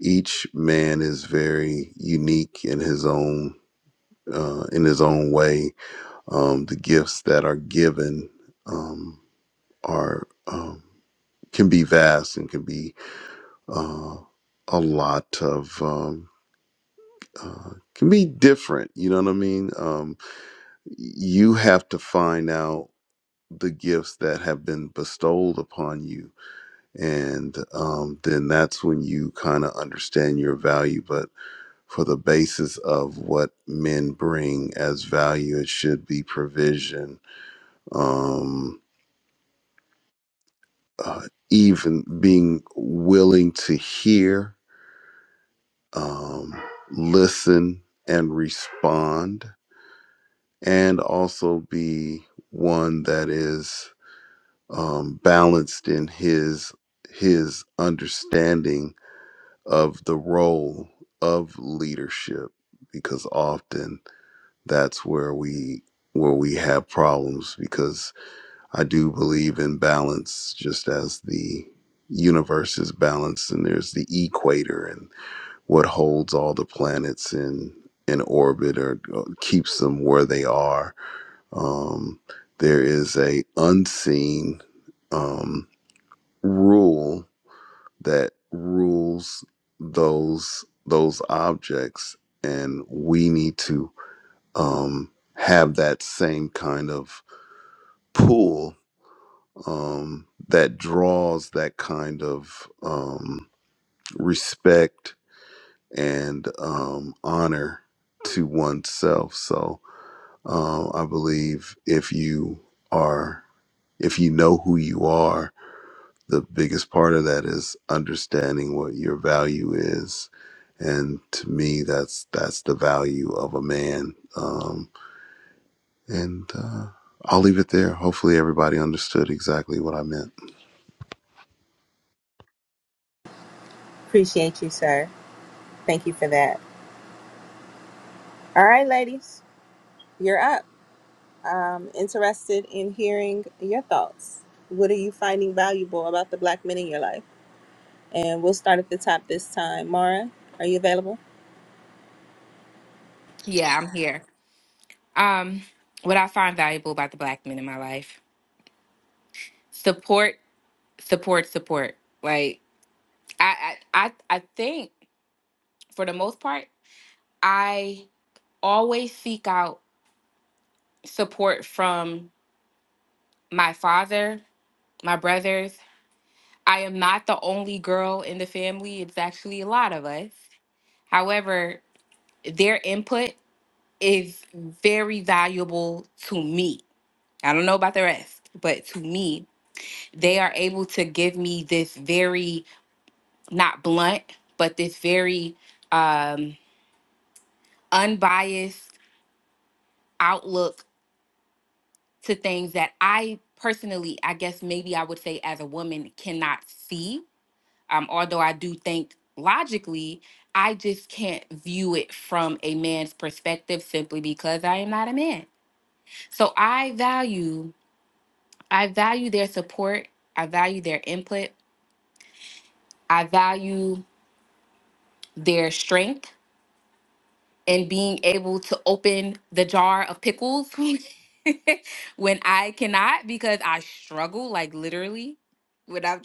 K: each man is very unique in his own uh, in his own way. Um, the gifts that are given um, are um, can be vast and can be uh, a lot of um, uh, can be different. You know what I mean? Um, you have to find out the gifts that have been bestowed upon you. And um, then that's when you kind of understand your value. But for the basis of what men bring as value, it should be provision, um, uh, even being willing to hear, um, listen, and respond, and also be one that is. um, balanced in his his understanding of the role of leadership because often that's where we where we have problems because I do believe in balance just as the universe is balanced and there's the equator and what holds all the planets in in orbit or uh, keeps them where they are um, there is a unseen um, rule that rules those those objects and we need to um have that same kind of pull um that draws that kind of um respect and um honor to oneself so um i believe if you are if you know who you are the biggest part of that is understanding what your value is and to me that's that's the value of a man um and uh i'll leave it there hopefully everybody understood exactly what i meant
F: Yeah, I'm here. Um, what I find valuable about the black men in my life: support, support, support. Like I, I, I, I think for the most part, I. always seek out support from my father, my brothers. I am not the only girl in the family, it's actually a lot of us. However, their input is very valuable to me. I don't know about the rest, but to me, they are able to give me this very, not blunt, but this very um, unbiased outlook to things that I personally, I guess maybe I would say as a woman, cannot see. Um, although I do think logically, I just can't view it from a man's perspective simply because I am not a man. So I value, I value their support, I value their input, I value their strength and being able to open the jar of pickles when I cannot because I struggle like literally when I'm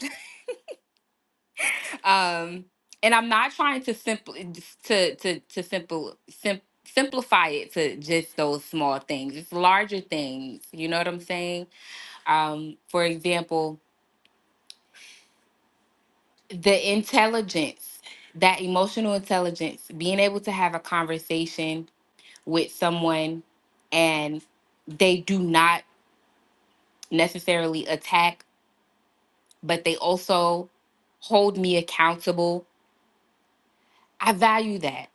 F: um and i'm not trying to simply to to to simple sim- simplify it to just those small things it's larger things you know what i'm saying um for example the intelligence that emotional intelligence being able to have a conversation with someone and they do not necessarily attack but they also hold me accountable i value that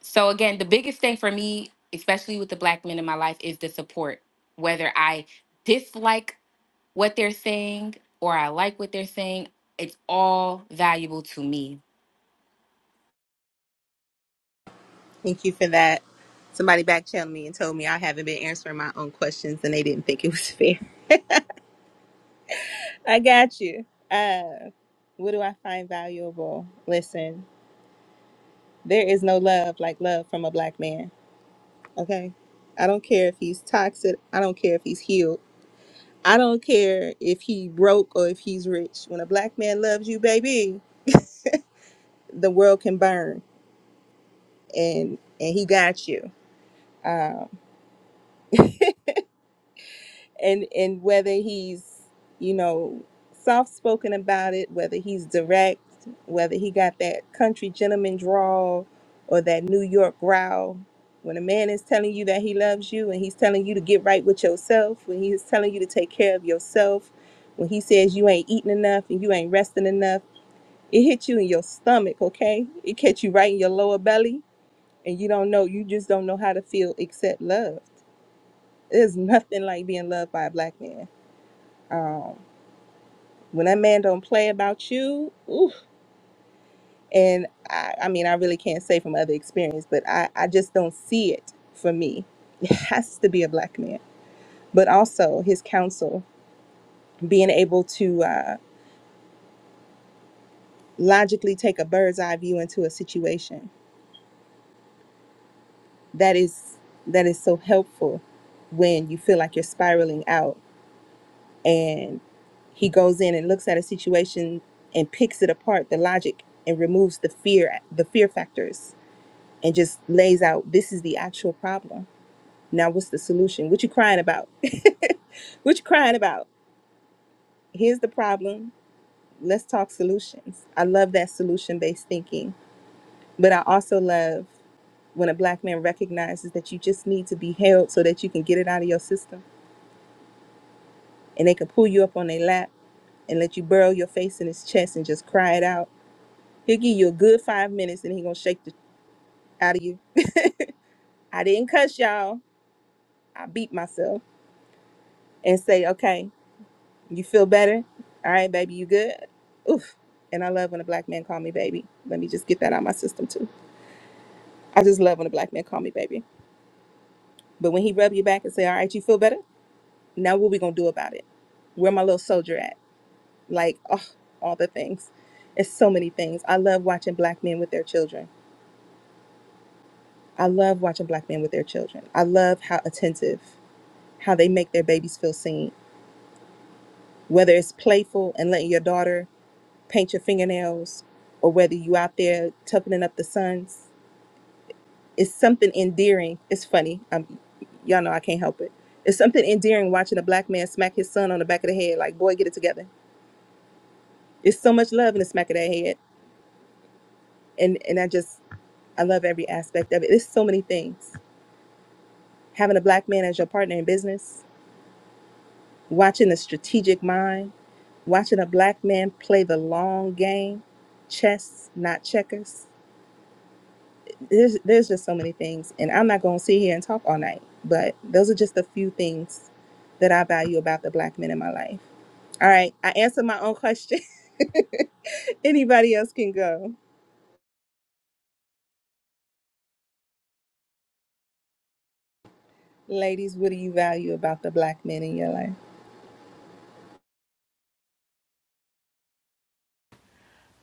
F: So again, the biggest thing for me, especially with the black men in my life, is the support. Whether I dislike what they're saying or I like what they're saying, it's all valuable to me.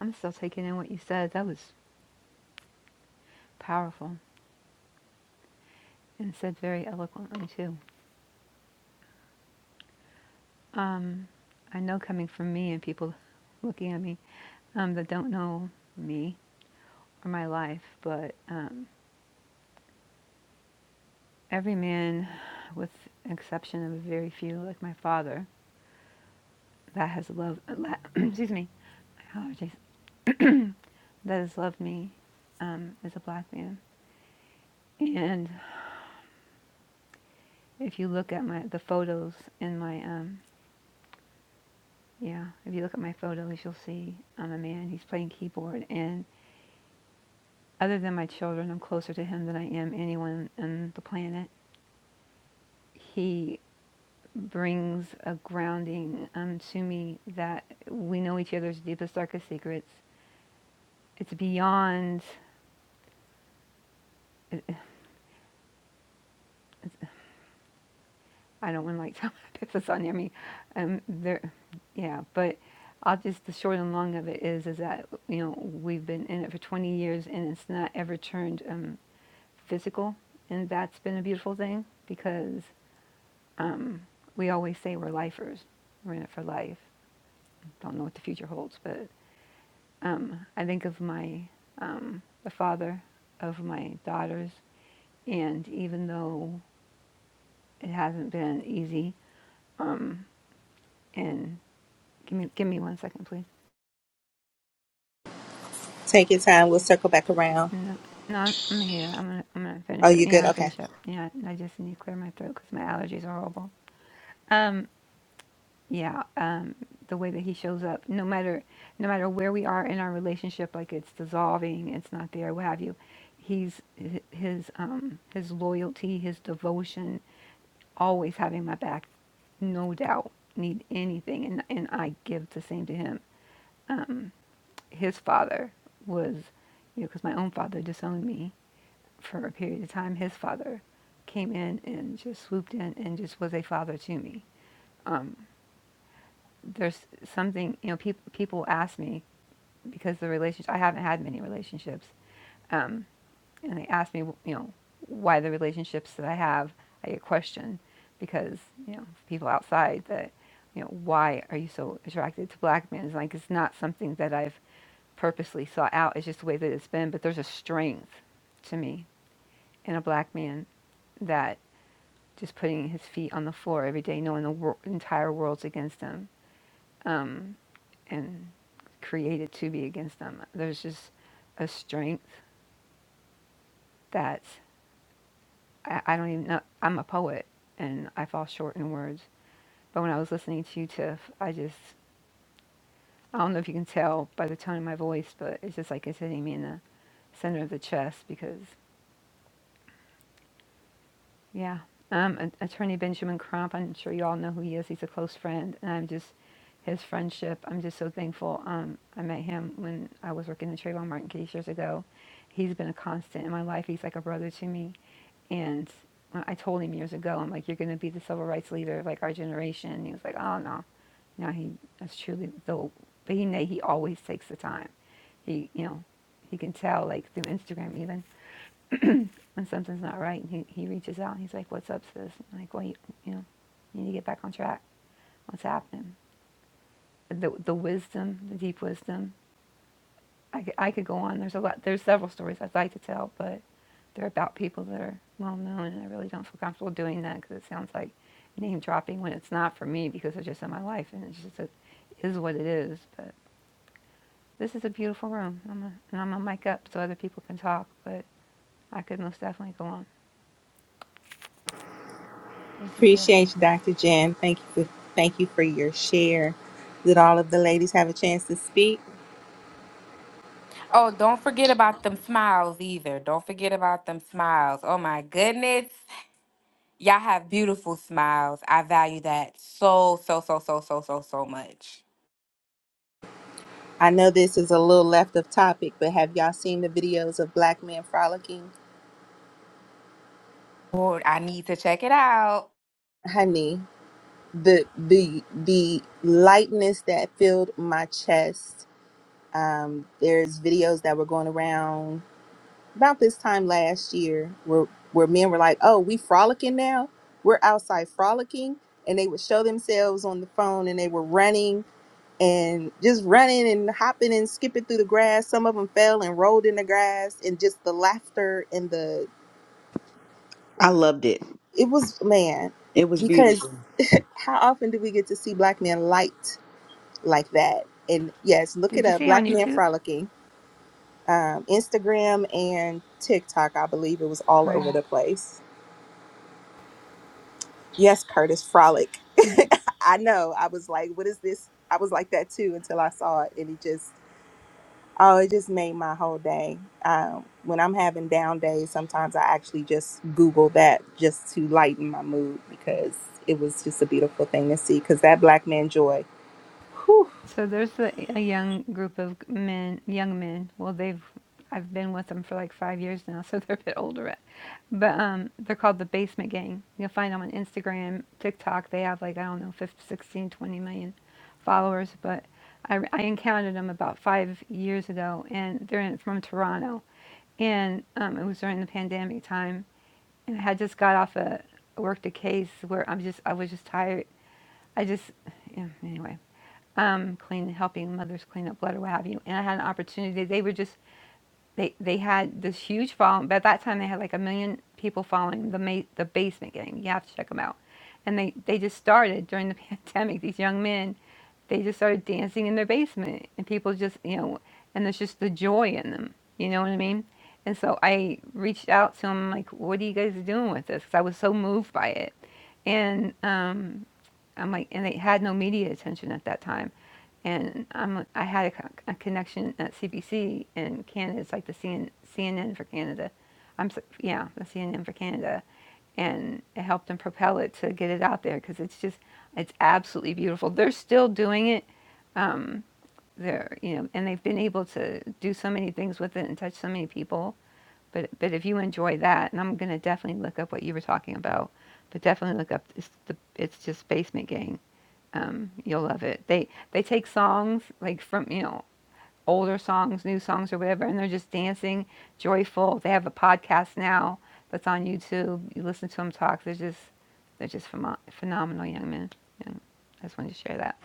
L: I'm still taking in what you said. That was powerful and said very eloquently too. Um, I know coming from me and people looking at me um, that don't know me or my life, but um, every man, with exception of very few, like my father, that has loved. excuse me, my allergies. That has loved me um, as a black man. And if you look at my the photos in my um, Yeah, if you look at my photos, you'll see I'm a man. He's playing keyboard. And other than my children, I'm closer to him than I am anyone on the planet. He brings a grounding um, to me that we know each other's deepest, darkest secrets. It's beyond, it's- I don't want to like tell my business on you. I mean, um, there, yeah, but I'll just, the short and long of it is, is that, you know, we've been in it for 20 years and it's not ever turned um, physical, and that's been a beautiful thing because we always say we're lifers. We're in it for life. Don't know what the future holds, but I think of my the father of my daughters, and even though it hasn't been easy, um, and give me give me one second, please. No, no, I'm, I'm here. I'm gonna I'm gonna finish it. Yeah, I'm finished up. Yeah, I just need to clear my throat because my allergies are horrible. Um, Yeah, um, the way that he shows up, no matter no matter where we are in our relationship, like it's dissolving, it's not there, what have you. He's hi- his um, his loyalty, his devotion, always having my back, no doubt. Need anything, and and I give the same to him. His father was, you know, because my own father disowned me for a period of time. His father came in and just swooped in and just was a father to me there's something you know people people ask me because the relationship I haven't had many relationships, and they ask me you know why the relationships that I have I get questioned because you know people outside that you know why are you so attracted to black men? It's like it's not something that I've purposely sought out. It's just the way that it's been. But there's a strength to me in a black man that just putting his feet on the floor every day, knowing the wor- entire world's against him um, and created to be against them. There's just a strength that I, I don't even know. I'm a poet and I fall short in words, but when I was listening to you, Tiff, I just I don't know if you can tell by the tone of my voice, but it's just like it's hitting me in the center of the chest because Yeah. Um, Attorney Benjamin Crump, I'm sure you all know who he is. He's a close friend, and I'm just his friendship. I'm just so thankful. Um, I met him when I was working in Trayvon Martin case years ago. He's been a constant in my life. He's like a brother to me, and I told him years ago, I'm like, "You're going to be the civil rights leader of like our generation." And he was like, "Oh no." Now he that's truly the, but he he always takes the time. He you know he can tell like through Instagram even when something's not right, and he, he reaches out and he's like, "What's up, sis?" I'm like, "Well, you, you know, you need to get back on track. What's happening?" The the wisdom, the deep wisdom. I I could go on. There's a lot. There's several stories I'd like to tell, but they're about people that are well known, and I really don't feel comfortable doing that because it sounds like name dropping when it's not for me because it's just in my life and it's just a, is what it is. But this is a beautiful room, I'm a, and I'm gonna mic up so other people can talk. But I could most definitely go on. Thank you, Tiff.
F: Oh, don't forget about them smiles either. Don't forget about them smiles. Oh my goodness. Y'all have beautiful smiles. I value that so, so, so, so, so, so, so much. Lord, I need to check it out.
H: I loved it. It was beautiful.
L: Did you see on YouTube? Okay. So there's a, a young group of g- men, young men. Well, they've, I've been with them for like five years now, so they're a bit older. But um, they're called the Basement Gang. You'll find them on Instagram, TikTok. They have like, I don't know, fifteen, sixteen, twenty million followers. But I, I encountered them about five years ago, and they're in, from Toronto. And um, it was during the pandemic time. And I had just got off a worked a case where I'm just, I was just tired. I just, yeah, anyway um, clean, helping mothers clean up blood or what have you. And I had an opportunity. They were just they they had this huge following. By that time, they had like a million people following the ma- the basement gang. You have to check them out. And they they just started during the pandemic. These young men, they just started dancing in their basement, and people just you know, and there's just the joy in them. You know what I mean? And so I reached out to him like, "What are you guys doing with this?" Because I was so moved by it, and um, I'm like, and they had no media attention at that time and I'm I had a, a connection at CBC in Canada. It's like the CNN for Canada. I'm so- yeah, the CNN for Canada, and it helped them propel it to get it out there because it's just it's absolutely beautiful. They're still doing it. Um, they're you know, and they've been able to do so many things with it and touch so many people. But but if you enjoy that, and I'm gonna definitely look up what you were talking about. But definitely look up it's the it's just Basement Gang um, you'll love it. They they take songs like from you know older songs, new songs, or whatever, and they're just dancing, joyful. They have a podcast now that's on YouTube. You listen to them talk. They're just they're just phenom- phenomenal young men. And I just wanted to share that.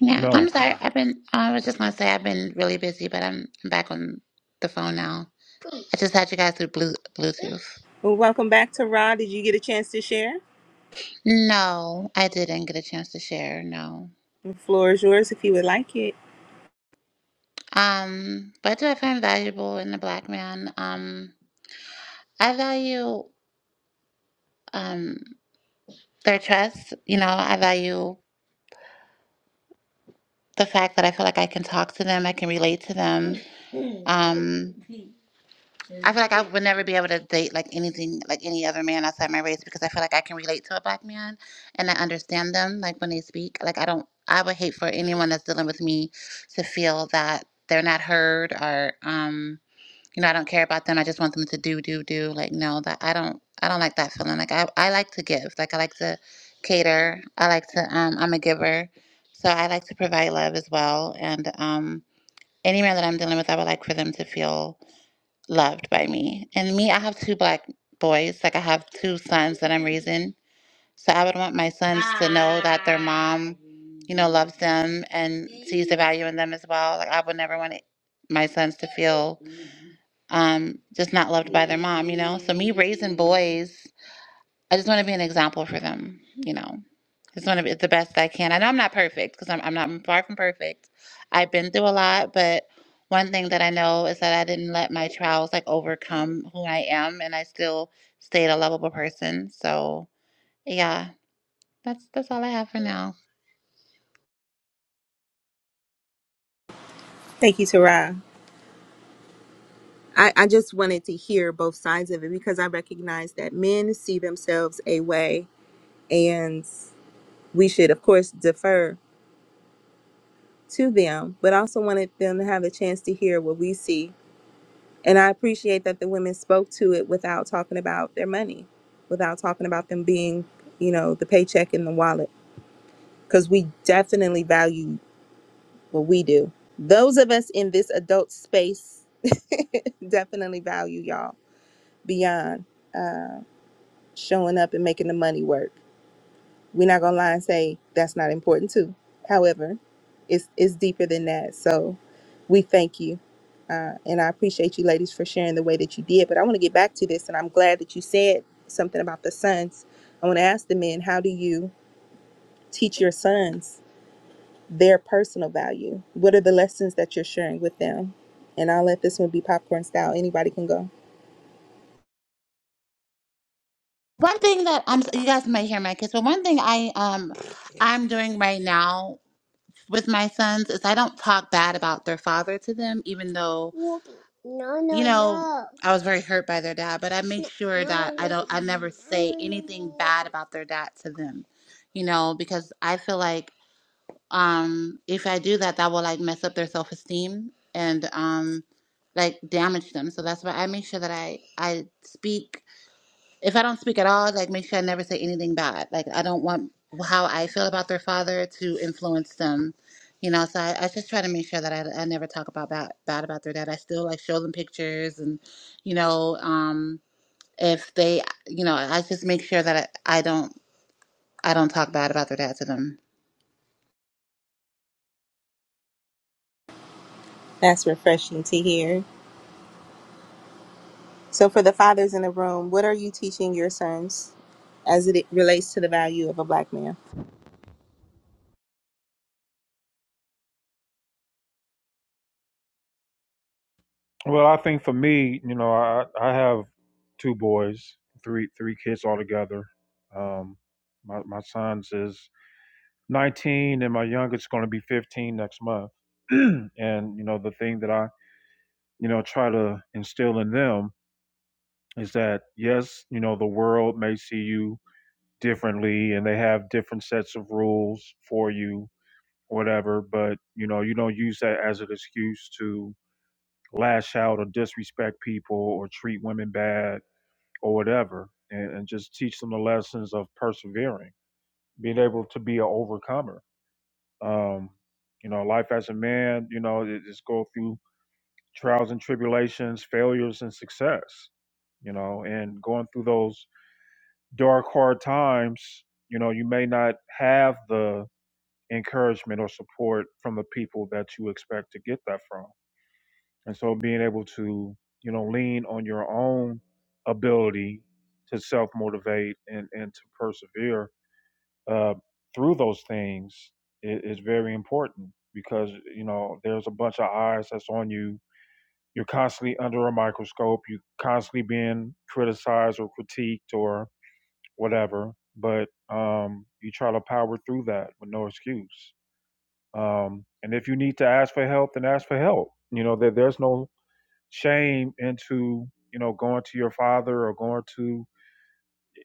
D: Yeah,
B: No.
D: I'm sorry. I've been, I was just going to say I've been really busy, but I'm back on the phone now. I just had you guys through Blu- Bluetooth. No, I didn't get a chance to share. No. Um, what do I find valuable in a black man? Um, I value um their trust. You know, I value the fact that I feel like I can talk to them, I can relate to them. Um, I feel like I would never be able to date like anything like any other man outside my race because I feel like I can relate to a black man and I understand them like when they speak. Like I don't I would hate for anyone that's dealing with me to feel that they're not heard or um you know I don't care about them. I just want them to do do do like no that I don't I don't like that feeling. Like I I like to give. Like I like to cater. I like to um I'm a giver. So I like to provide love as well and um any man that I'm dealing with I would like for them to feel loved by me. And me, I have two black boys. Like I have two sons that I'm raising. So I would want my sons to know that their mom, you know, loves them and sees the value in them as well. Like I would never want it, my sons to feel um, just not loved by their mom, you know? So me raising boys, I just want to be an example for them, you know? It's going to be the best I can. I know I'm not perfect because I'm, I'm not I'm far from perfect. I've been through a lot, but one thing that I know is that I didn't let my trials like overcome who I am, and I still stayed a lovable person. So yeah, that's that's all I have for now. One thing that I'm you guys might hear my kids, but one thing I um I'm doing right now with my sons is I don't talk bad about their father to them, even though no, no, you know no. I was very hurt by their dad. But I make sure that I don't, I never say anything bad about their dad to them, you know, because I feel like um, if I do that, that will like mess up their self esteem and um, like damage them. So that's why I make sure that I I speak if I don't speak at all, like make sure I never say anything bad. Like I don't want how I feel about their father to influence them, you know. So I, I just try to make sure that I, I never talk about bad bad about their dad. I still like show them pictures and, you know, um, if they, you know, I just make sure that I, I don't I don't talk bad about their dad to them.
B: Well, I think for me, you know, I I have two boys, three three kids altogether. Um, my my son's is 19, and my youngest going to be 15 next month. and you know, the thing that I you know try to instill in them is that yes, you know, the world may see you differently, and they have different sets of rules for you, whatever. But you know, you don't use that as an excuse to lash out or disrespect people or treat women bad or whatever, and, and just teach them the lessons of persevering, being able to be an overcomer. Um, you know, life as a man, you know, it just go through trials and tribulations, failures and success, you know, and going through those dark, hard times, you know, you may not have the encouragement or support from the people that you expect to get that from. And so being able to, you know, lean on your own ability to self motivate and, and to persevere uh, through those things is, is very important because, you know, there's a bunch of eyes that's on you. You're constantly under a microscope. You're constantly being criticized or critiqued or whatever. But um, you try to power through that with no excuse. Um, and if you need to ask for help, then ask for help. You know, there, there's no shame into you know going to your father or going to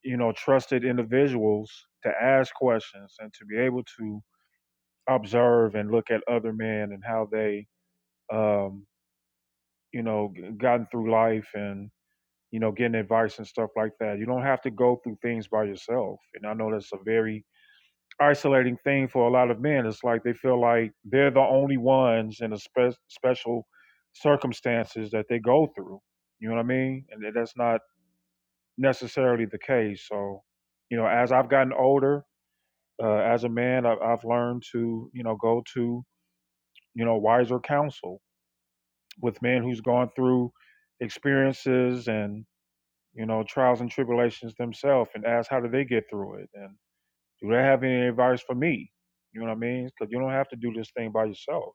B: you know trusted individuals to ask questions and to be able to observe and look at other men and how they um you know gotten through life and you know getting advice and stuff like that you don't have to go through things by yourself and i know that's a very isolating thing for a lot of men it's like they feel like they're the only ones in a spe- special circumstances that they go through you know what i mean and that's not necessarily the case. So, you know, as I've gotten older, uh, as a man, I've, I've learned to, you know, go to, you know, wiser counsel with men who's gone through experiences and, you know, trials and tribulations themselves and ask how do they get through it? And do they have any advice for me? You know what I mean? Because you don't have to do this thing by yourself.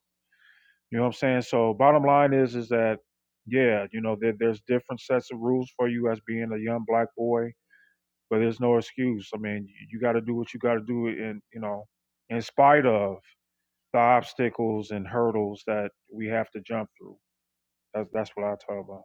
B: You know what I'm saying? So bottom line is, is that, yeah, you know, there, there's different sets of rules for you as being a young black boy but there's no excuse. I mean, you, you got to do what you got to do, in you know, in spite of the obstacles and hurdles that we have to jump through. That's that's what I talk about.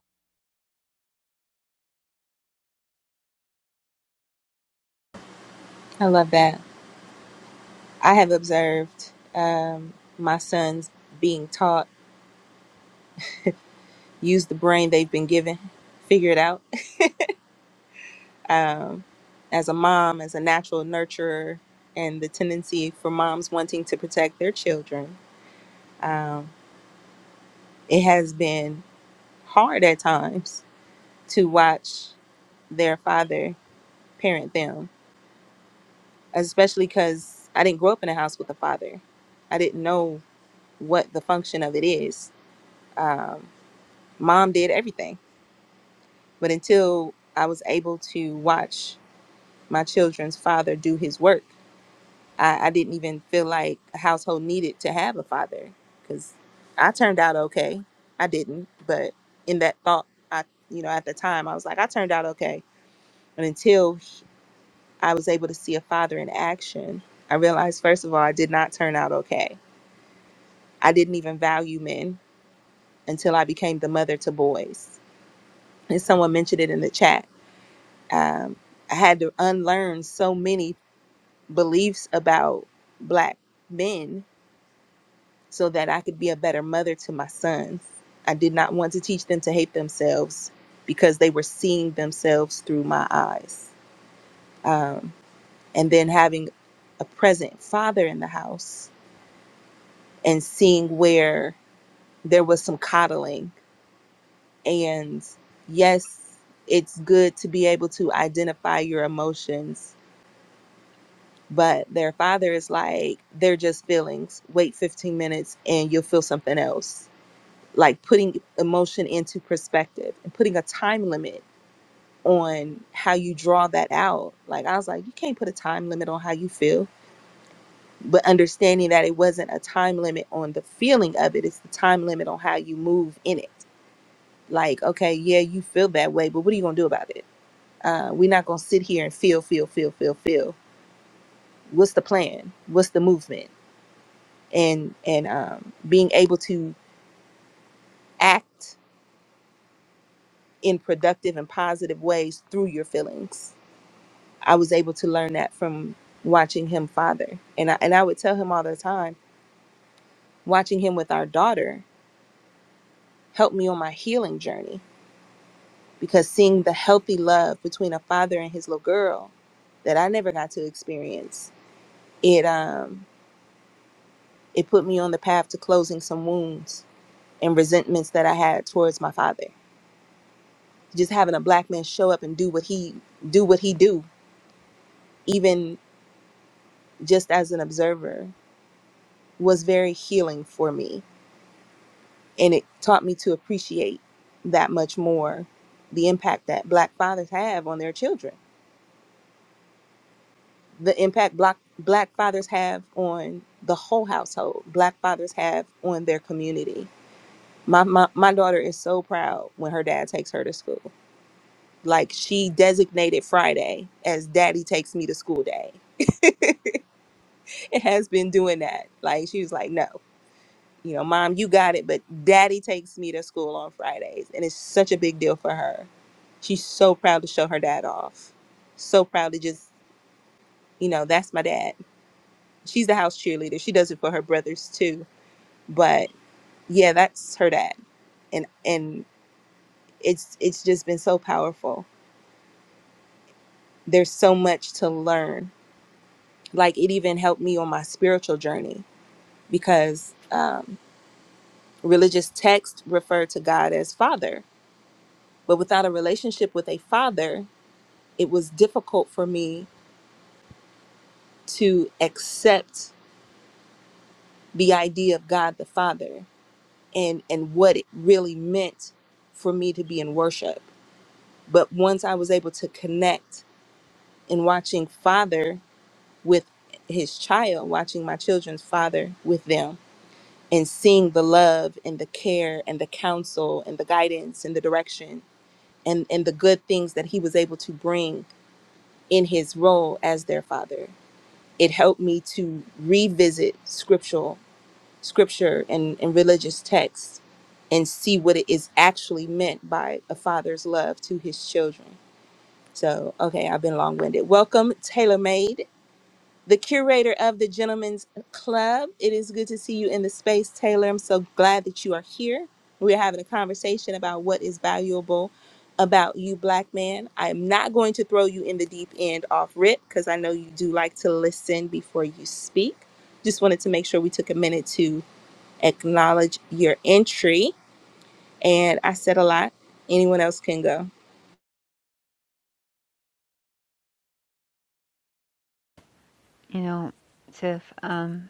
L: You know, Tiff, um,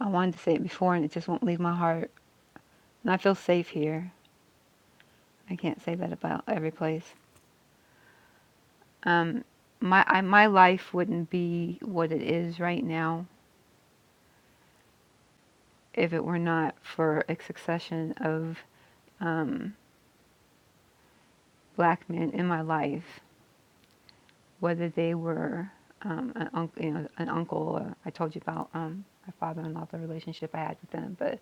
L: I wanted to say it before, and it just won't leave my heart. And I feel safe here. I can't say that about every place. Um, my I, my life wouldn't be what it is right now if it were not for a succession of um, black men in my life, whether they were um, an, unc you know, an uncle, uh, I told you about um, my father-in-law, the relationship I had with them. But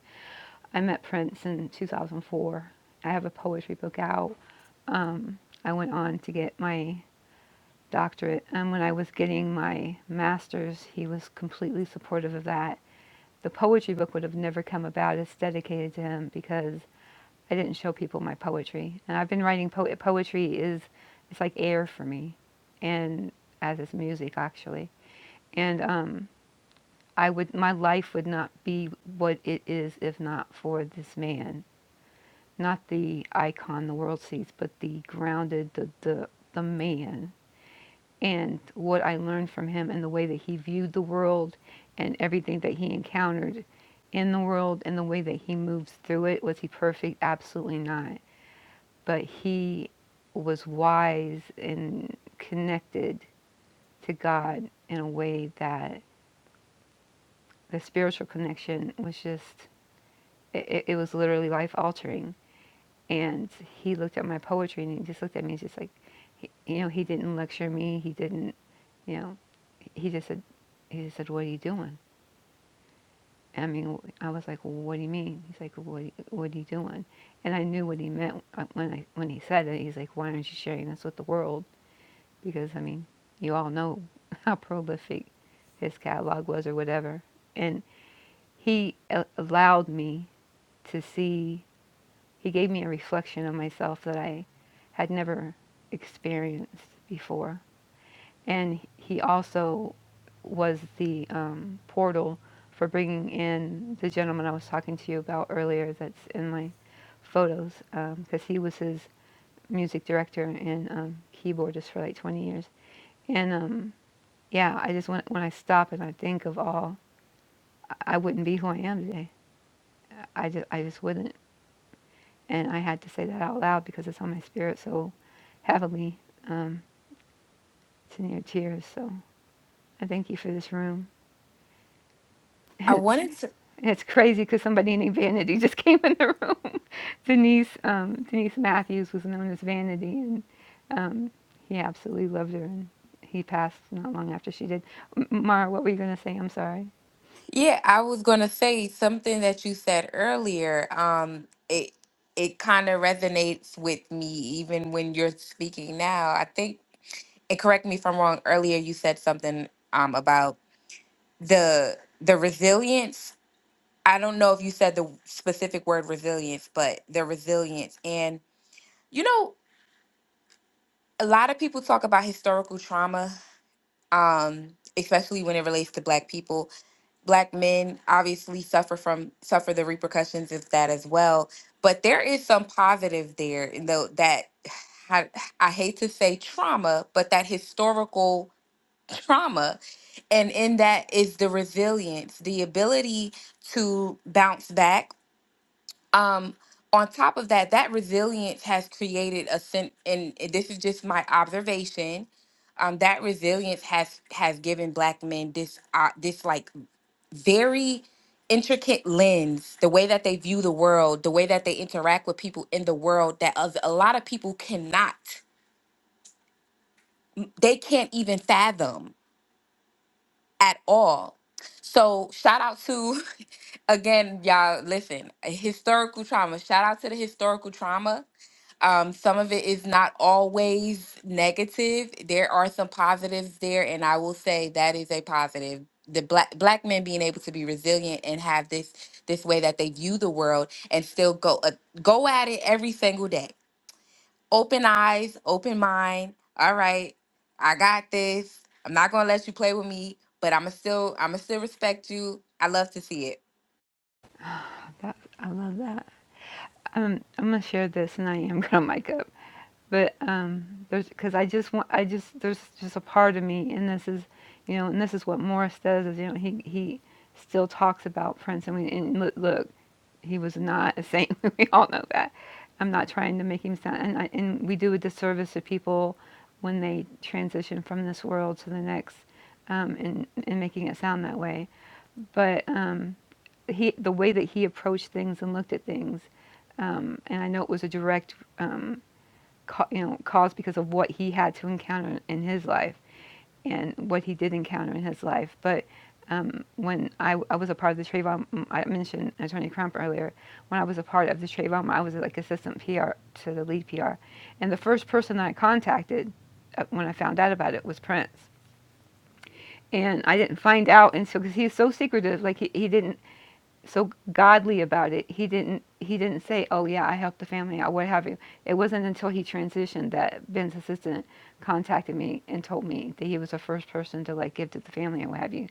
L: I met Prince in 2004. I have a poetry book out. I went on to get my doctorate, and when I was getting my master's, he was completely supportive of that. The poetry book would have never come about. It's dedicated to him because I didn't show people my poetry, and I've been writing po- poetry is it's like air for me, and as is music actually. And um, I would my life would not be what it is if not for this man, not the icon the world sees, but the grounded the the the man and what I learned from him and the way that he viewed the world and everything that he encountered in the world and the way that he moves through it was he perfect absolutely not but he was wise and connected to God in a way that the spiritual connection was just, it, it- was literally life altering. And he looked at my poetry and he just looked at me and just like, you know, he didn't lecture me. He didn't, you know, he just said, he just said, what are you doing? I mean, I was like, well, what do you mean? He's like, what, what are you doing? And I knew what he meant uh, when I, when he said it. He's like, why aren't you sharing this with the world? because I mean, you all know how prolific his catalog was or whatever. And he a- allowed me to see, he gave me a reflection of myself that I had never experienced before. And he also was the um, portal for bringing in the gentleman I was talking to you about earlier that's in my photos, because um, he was his music director and um, keyboardist for like 20 years. And um, yeah, I just when when I stop and I think of all, I wouldn't be who I am today. I just I just wouldn't, and I had to say that out loud because it's on my spirit so heavily. Um, it's in your tears. So I thank you for this room.
F: I
L: It's
F: wanted to.
L: it's crazy because somebody named Vanity just came in the room. Denise um, Denise Matthews was known as Vanity, and um, he absolutely loved her. And he passed not long after she did. M- Mara, what were you gonna say? I'm sorry.
F: Yeah, I was gonna say something that you said earlier. Um, it it kind of resonates with me even when you're speaking now. I think, and correct me if I'm wrong, earlier you said something um about the the resilience. I don't know if you said the specific word resilience, but the resilience. And you know, a lot of people talk about historical trauma, um, especially when it relates to black people black men obviously suffer from suffer the repercussions of that as well but there is some positive there in though that I, I hate to say trauma but that historical trauma and in that is the resilience the ability to bounce back um on top of that that resilience has created a sense and this is just my observation um, that resilience has has given black men this uh, this like very intricate lens the way that they view the world the way that they interact with people in the world that of- a lot of people cannot they can't even fathom at all. So shout out to again, y'all. Listen, historical trauma. Shout out to the historical trauma. Um, some of it is not always negative. There are some positives there, and I will say that is a positive. The black black men being able to be resilient and have this this way that they view the world and still go uh, go at it every single day open eyes, open mind. All right, I got this. I'm not gonna let you play with me, but I'ma still I'ma still respect you. I love to see it.
L: That, I love that. Um, I'm gonna share this, and I am gonna mic up. But um, there's because I just want, I just there's just a part of me, and this is, you know, and this is what Morris does. Is you know he he still talks about Prince, and we and look, look he was not a saint. we all know that. I'm not trying to make him sound, and I, and we do a disservice to people when they transition from this world to the next, um, and and making it sound that way. But um, he the way that he approached things and looked at things um, and i know it was a direct um, ca- you know cause because of what he had to encounter in his life and what he did encounter in his life but um, when I, I was a part of the Trayvon, mm, I mentioned Attorney Crump earlier. When I was a part of the Trayvon, I was like assistant PR to the lead PR, and the first person that I contacted uh, when I found out about it was Prince. And I didn't find out until because he's so secretive. Like he, he didn't so godly about it he didn't he didn't say oh yeah i helped the family out what have you it wasn't until he transitioned that ben's assistant contacted me and told me that he was the first person to like give to the family and what have you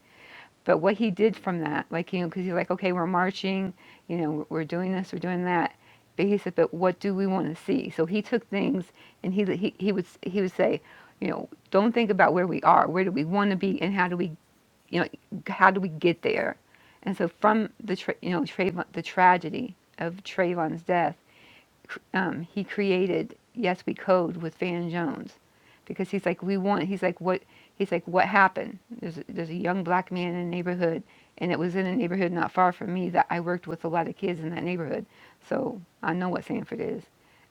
L: but what he did from that like you know because he's like okay we're marching you know we're doing this we're doing that but he said but what do we want to see so he took things and he he, he would he would say you know don't think about where we are where do we want to be and how do we you know how do we get there and so from the tra- you know Trayvon, the tragedy of Trayvon's death cr- um, he created yes we code with Van Jones because he's like we want he's like what he's like what happened there's a, there's a young black man in a neighborhood and it was in a neighborhood not far from me that I worked with a lot of kids in that neighborhood so I know what Sanford is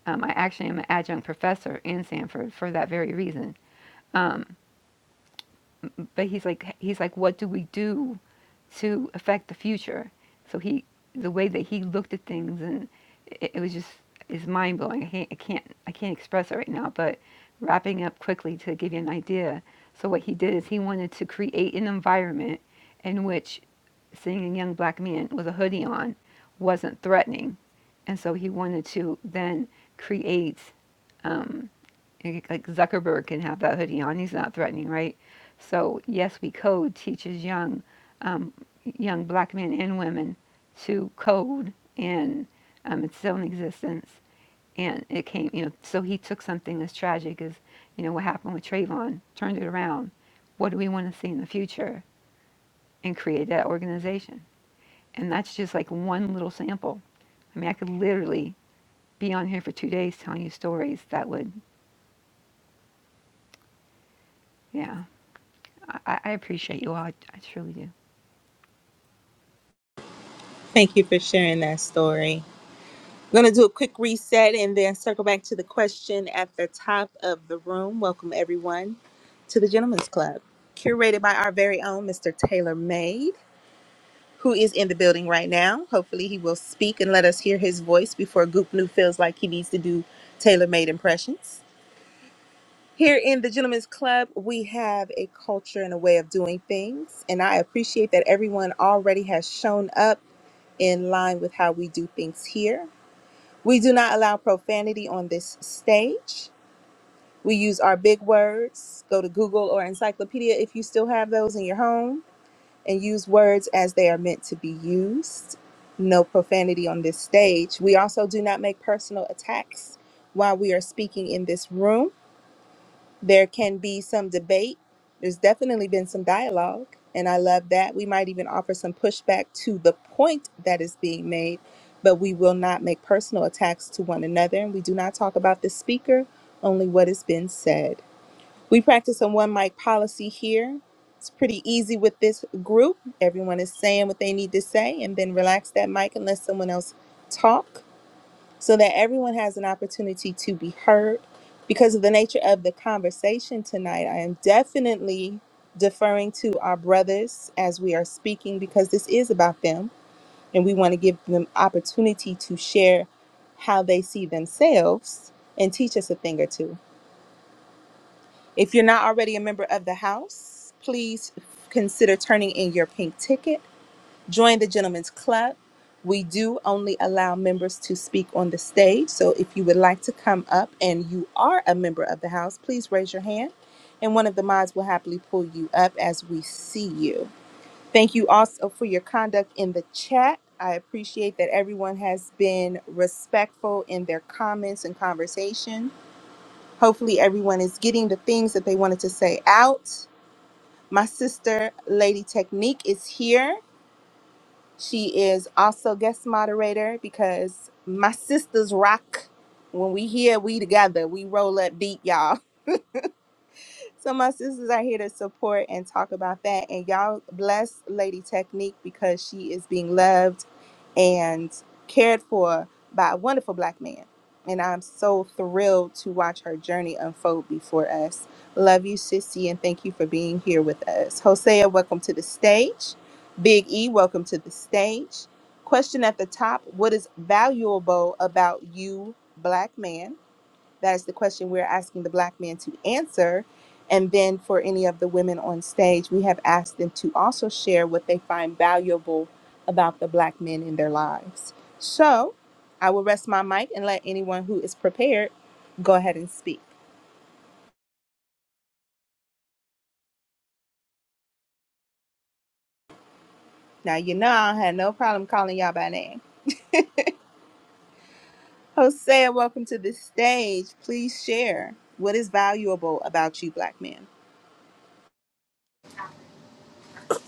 L: um, I actually am an adjunct professor in Sanford for that very reason um, but he's like he's like what do we do to affect the future so he the way that he looked at things and it, it was just is mind blowing I can't, I can't i can't express it right now but wrapping up quickly to give you an idea so what he did is he wanted to create an environment in which seeing a young black man with a hoodie on wasn't threatening and so he wanted to then create like like Zuckerberg can have that hoodie on. He's not threatening, right? So yes, we code teaches young, um, young black men and women to code and um, its own existence. And it came, you know. So he took something as tragic as, you know, what happened with Trayvon, turned it around. What do we want to see in the future? And create that organization. And that's just like one little sample. I mean, I could literally be on here for two days telling you stories that would, yeah. I, I I appreciate you all. I, I truly do.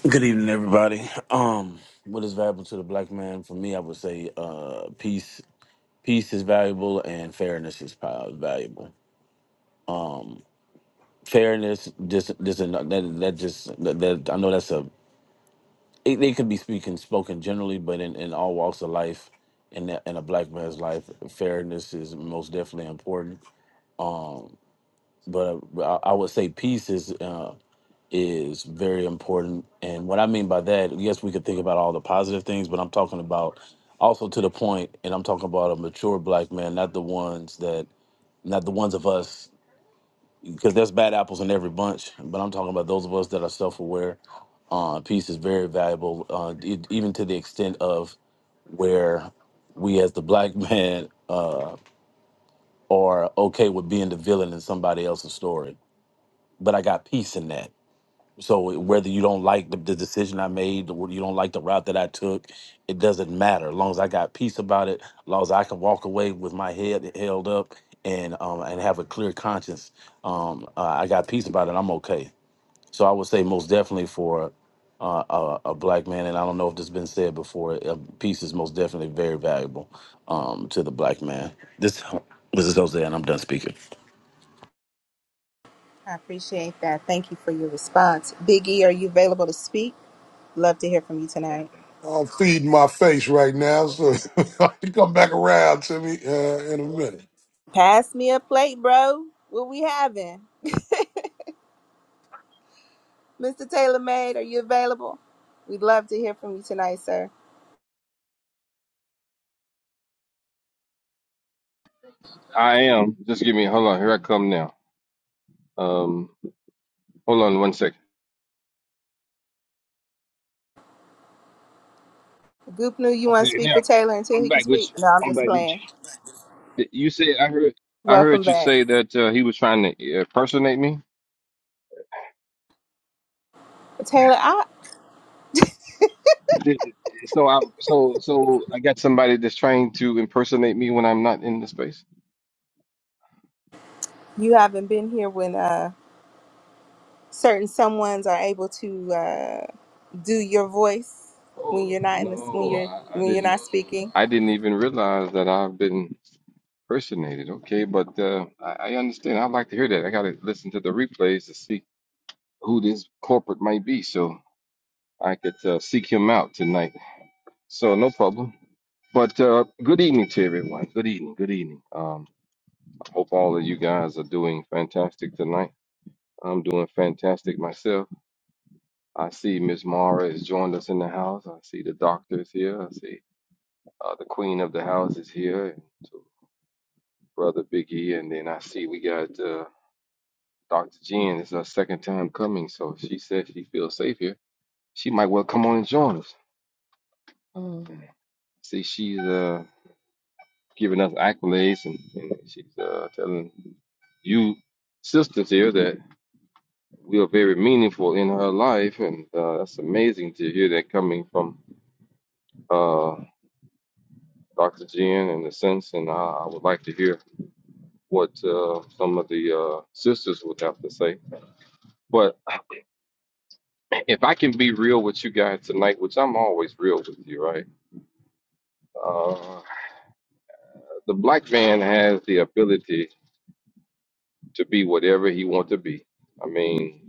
M: Good evening, everybody. Um, what is valuable to the black man? For me, I would say uh, peace. Peace is valuable, and fairness is pow- valuable. Fairness, just, just that, that just that, that I know that's a. It, they could be speaking spoken generally, but in, in all walks of life, in that, in a black man's life, fairness is most definitely important. But uh, I, I would say peace is. uh, is very important. And what I mean by that, yes, we could think about all the positive things, but I'm talking about also to the point, and I'm talking about a mature black man, not the ones that, not the ones of us, because there's bad apples in every bunch. But I'm talking about those of us that are self-aware. Uh, peace is very valuable, uh, e- even to the extent of where we, as the black man, uh, are okay with being the villain in somebody else's story. But I got peace in that So whether you don't like the, the decision I made, or you don't like the route that I took, it doesn't matter. As long as I got peace about it, as long as I can walk away with my head held up and um, and have a clear conscience, um, uh, I got peace about it. I'm okay. So I would say most definitely for uh, a, a black man, and I don't know if this has been said before, uh, peace is most definitely very valuable um, to the black man. This this is Jose, and I'm done speaking.
N: I'm feeding my face right now, so you come back around to me uh, in a minute.
O: I am. Just give me. Hold on. Here I come now. Um, hold on one second. Okay, now I'm back with you. I'm back with you. You said I heard. I heard you say that uh, he was trying to impersonate me. So, I, so, so I got somebody that's trying to impersonate me when I'm not in the space. Oh no, I, I didn't. I didn't even realize that I've been impersonated. Okay, but uh, I, I understand. I'd like to hear that. I got to listen to the replays to see who this corporate might be. So. I could uh, seek him out tonight. So no problem. But uh, good evening to everyone. Good evening. Good evening. Um, I hope all of you guys are doing fantastic tonight. I'm doing fantastic myself. I see Miss Mara has joined us in the house. I see the doctor is here. I see uh, the queen of the house is here, and to brother Big E. And then I see we got uh, Dr. Jen. It's her second time coming, so she said she feels safe here. She might well come on and join us. Mm. See, she's uh, giving us accolades, and, and she's uh, telling you sisters here that we are very meaningful in her life, and uh, that's amazing to hear that coming from uh, Dr. Jen in a sense. And I, I would like to hear what uh, some of the uh, sisters would have to say. But if I can be real with you guys tonight, which I'm always real with you, right? Uh, the black man has the ability to be whatever he wants to be. I mean.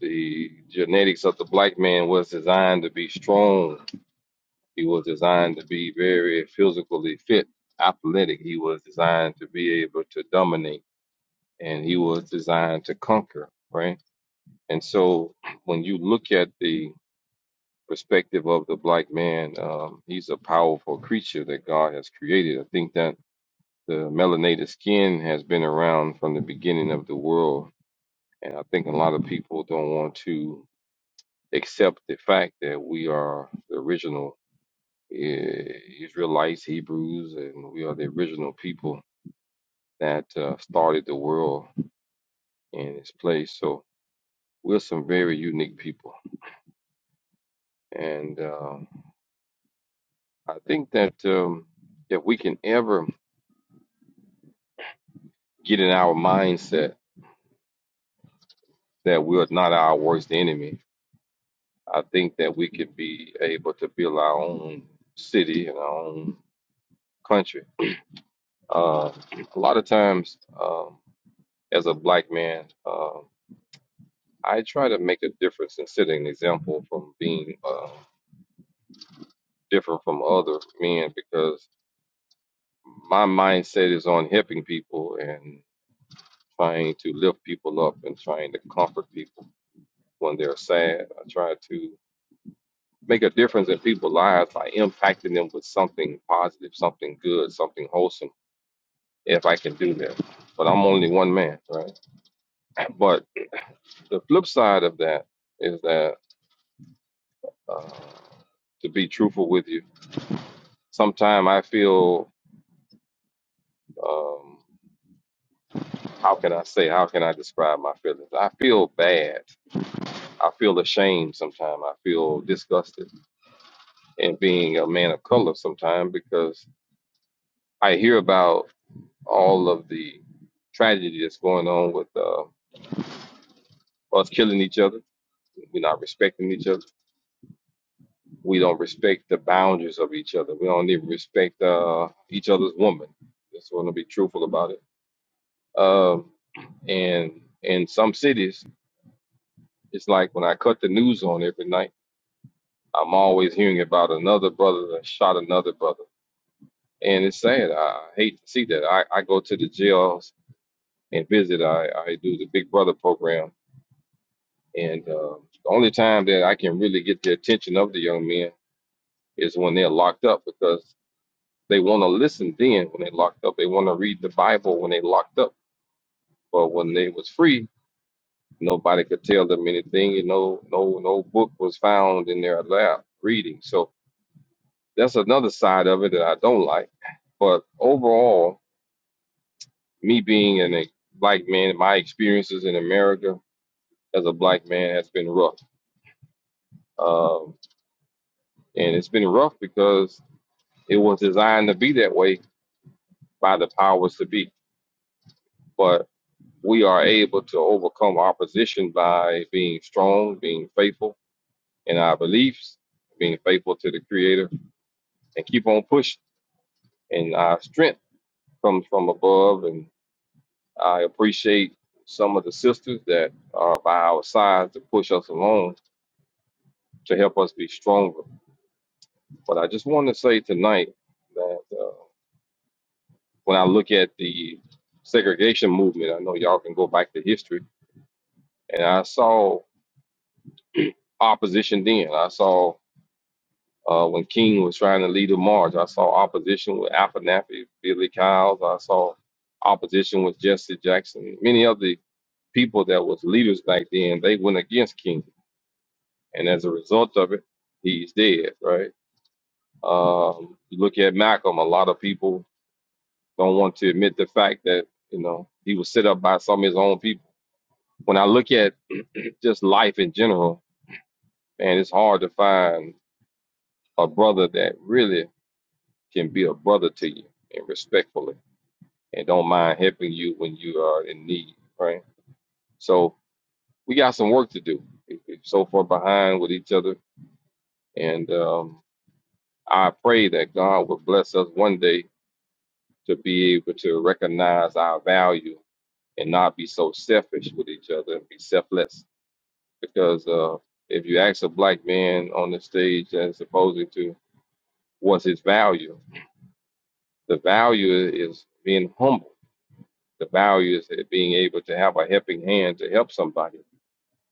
O: The genetics of the black man was designed to be strong. He was designed to be very physically fit, athletic. He was designed to be able to dominate and he was designed to conquer, right? And so when you look at the perspective of the black man, um, he's a powerful creature that God has created. I think that the melanated skin has been around from the beginning of the world. And I think a lot of people don't want to accept the fact that we are the original eh, Israelites, Hebrews, and we are the original people that uh, started the world in its place. So we're some very unique people, and uh, I think that um, if we can ever get in our mindset that we are not our worst enemy, I think that we could be able to build our own city and our own country. Uh, a lot of times. Um, as a black man, um, I try to make a difference and set an example from being uh, different from other men because my mindset is on helping people and trying to lift people up and trying to comfort people when they're sad. I try to make a difference in people's lives by impacting them with something positive, something good, something wholesome, if I can do that. But I'm only one man, right? But the flip side of that is that uh, to be truthful with you, Sometimes I feel, um, how can I say, how can I describe my feelings? I feel bad. I feel ashamed sometimes. I feel disgusted in being a man of color sometimes because I hear about all of the tragedy that's going on with uh, us killing each other. We're not respecting each other. We don't respect the boundaries of each other. We don't even respect uh, each other's woman. Just want to be truthful about it. Um, and in some cities, It's like when I cut the news on every night, I'm always hearing about another brother that shot another brother. And it's sad. I hate to see that. I, I go to the jails and visit. I, I do the Big Brother program. And uh, the only time that I can really get the attention of the young men is when they're locked up because they want to listen then when they're locked up. They want to read the Bible when they're locked up. But when they was free, nobody could tell them anything. And no, no, no book was found in their lap reading. So That's another side of it that I don't like. But overall, me being an, a black man, my experiences in America as a black man has been rough. Um, and it's been rough because it was designed to be that way by the powers to be. But we are able to overcome opposition by being strong, being faithful in our beliefs, being faithful to the Creator, and keep on pushing. And our strength comes from above, and I appreciate some of the sisters that are by our side to push us along to help us be stronger. But I just want to say tonight that uh, when I look at the segregation movement, I know y'all can go back to history, and I saw opposition then. I saw uh, when King was trying to lead a march, I saw opposition with Abernathy, Billy Kyles. I saw opposition with Jesse Jackson. Many of the people that was leaders back then, they went against King and as a result of it, he's dead, right? Um, you look at Malcolm, a lot of people don't want to admit the fact that, you know, he was set up by some of his own people. When I look at just life in general, man, it's hard to find a brother that really can be a brother to you and respectfully and don't mind helping you when you are in need, right? So we got some work to do. We- are so far behind with each other. And um, I pray that God will bless us one day to be able to recognize our value and not be so selfish with each other and be selfless. Because uh, if you ask a black man on the stage as opposed to what's his value, the value is being humble. The value is being able to have a helping hand to help somebody,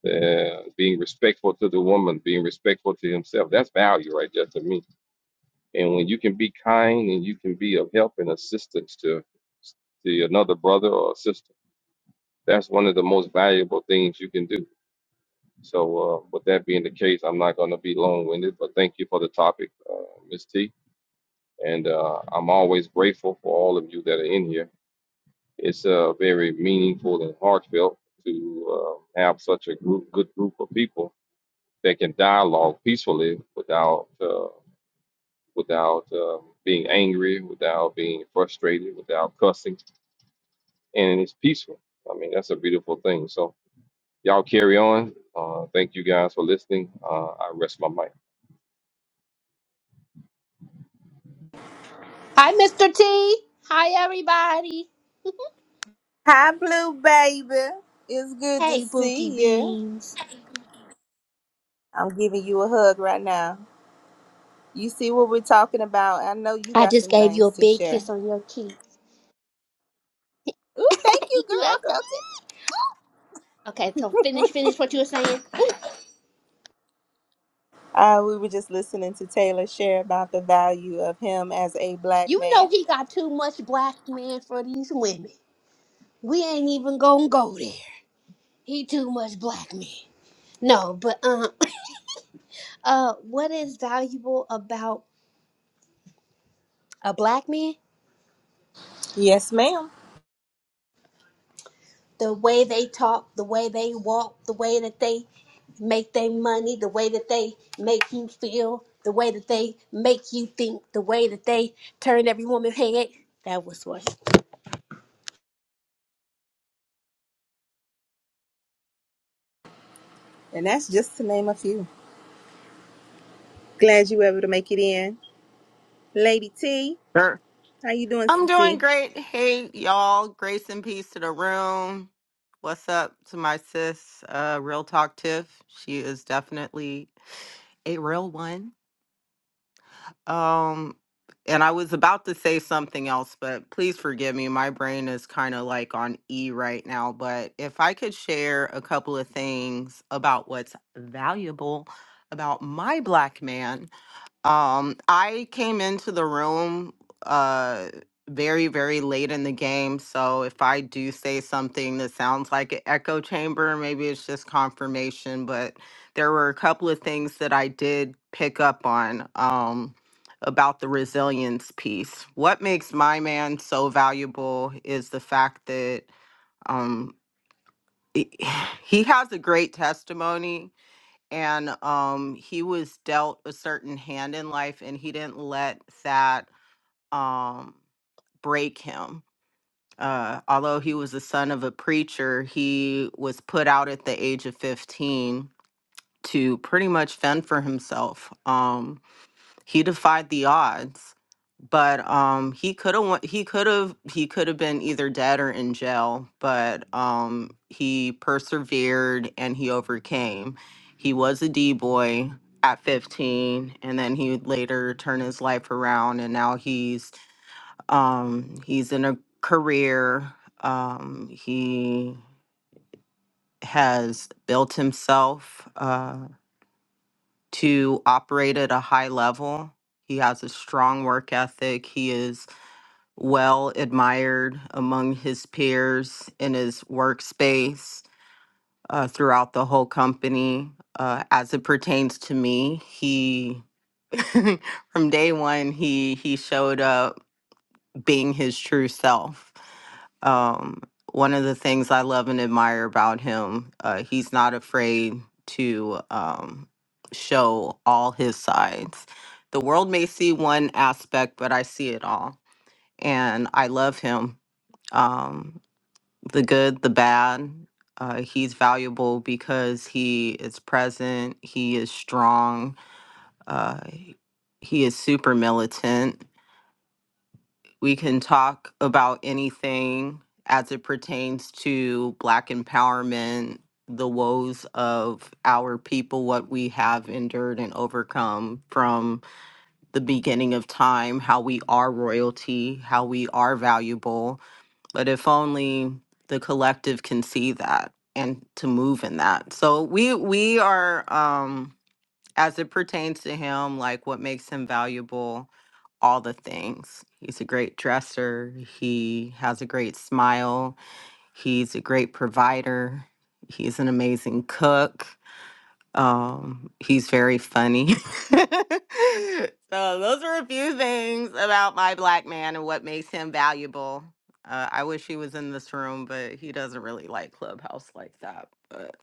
O: uh, being respectful to the woman, being respectful to himself. That's value right there to me. And when you can be kind and you can be of help and assistance to, to another brother or sister that's one of the most valuable things you can do. So, uh, with that being the case, I'm not going to be long winded, but thank you for the topic, uh, Ms. T. And uh, I'm always grateful for all of you that are in here. It's uh, very meaningful and heartfelt to uh, have such a group, good group of people that can dialogue peacefully without uh, without uh, being angry, without being frustrated, without cussing, and it's peaceful. I mean, that's a beautiful thing. So, y'all carry on. Uh, thank you guys for listening. Uh, I rest my mic.
P: Hi, Mr. T. Hi, everybody. Hey, Bookie Beans. I just gave you a big kiss on your cheek. You welcome. Okay, so finish, finish what you were saying. You know he got too much black man for these women. We ain't even gonna go there. He too much black man. No, but um, uh, what is valuable about a black man? the way they talk, the way they walk, the way that they make their money, the way that they make you feel, the way that they make you think, the way that they turn every woman's head. That was what.
Q: Sure. I'm doing great. Hey, y'all. Grace and peace to the room. What's up to my sis, uh, Real Talk Tiff? She is definitely a real one. Um, and I was about to say something else, but please forgive me. My brain is kind of like on E right now. But if I could share a couple of things about what's valuable about my black man um, I came into the room uh very, very late in the game. So if I do say something that sounds like an echo chamber, maybe it's just confirmation. But there were a couple of things that I did pick up on um about the resilience piece. What makes my man so valuable is the fact that um he he has a great testimony and um he was dealt a certain hand in life and he didn't let that um break him uh although he was the son of a preacher he was put out at the age of 15 to pretty much fend for himself um he defied the odds, but um, he could have he could have he could have been either dead or in jail. But um, he persevered and he overcame. He was a D boy at 15 and then he would later turn his life around and now he's um he's in a career um he has built himself Uh to operate at a high level. He has a strong work ethic. He is well admired among his peers in his workspace uh, throughout the whole company. Uh, as it pertains to me, he from day one he he showed up being his true self. Um, one of the things I love and admire about him, uh, he's not afraid to um, show all his sides. The world may see one aspect, but I see it all. And I love him um, the good, the bad. Uh, he's valuable because he is present, he is strong, uh, he is super militant we can talk about anything as it pertains to Black empowerment, the woes of our people, what we have endured and overcome from the beginning of time, how we are royalty, how we are valuable. But if only the collective can see that and to move in that. So we we are um as it pertains to him, like what makes him valuable, all the things. He's a great dresser. He has a great smile. He's a great provider. He's an amazing cook. Um, he's very funny. so those are a few things about my black man and what makes him valuable. Uh, I wish he was in this room, but he doesn't really like Clubhouse like that. But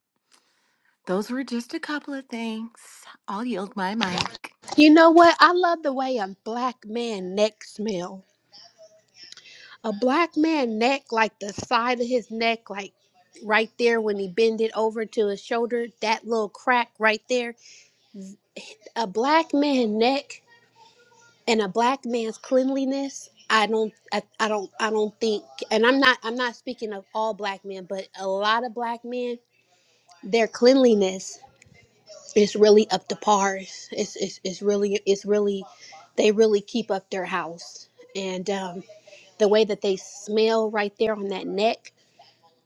Q: those were just a couple of things. I'll yield my mic.
P: You know what? I love the way a black man neck smell. A black man neck, like the side of his neck, like right there when he bend it over to his shoulder, that little crack right there. A black man neck. and a black man's cleanliness i don't I, I don't i don't think and i'm not i'm not speaking of all black men but a lot of black men their cleanliness is really up to par it's it's, it's really it's really they really keep up their house and um, the way that they smell right there on that neck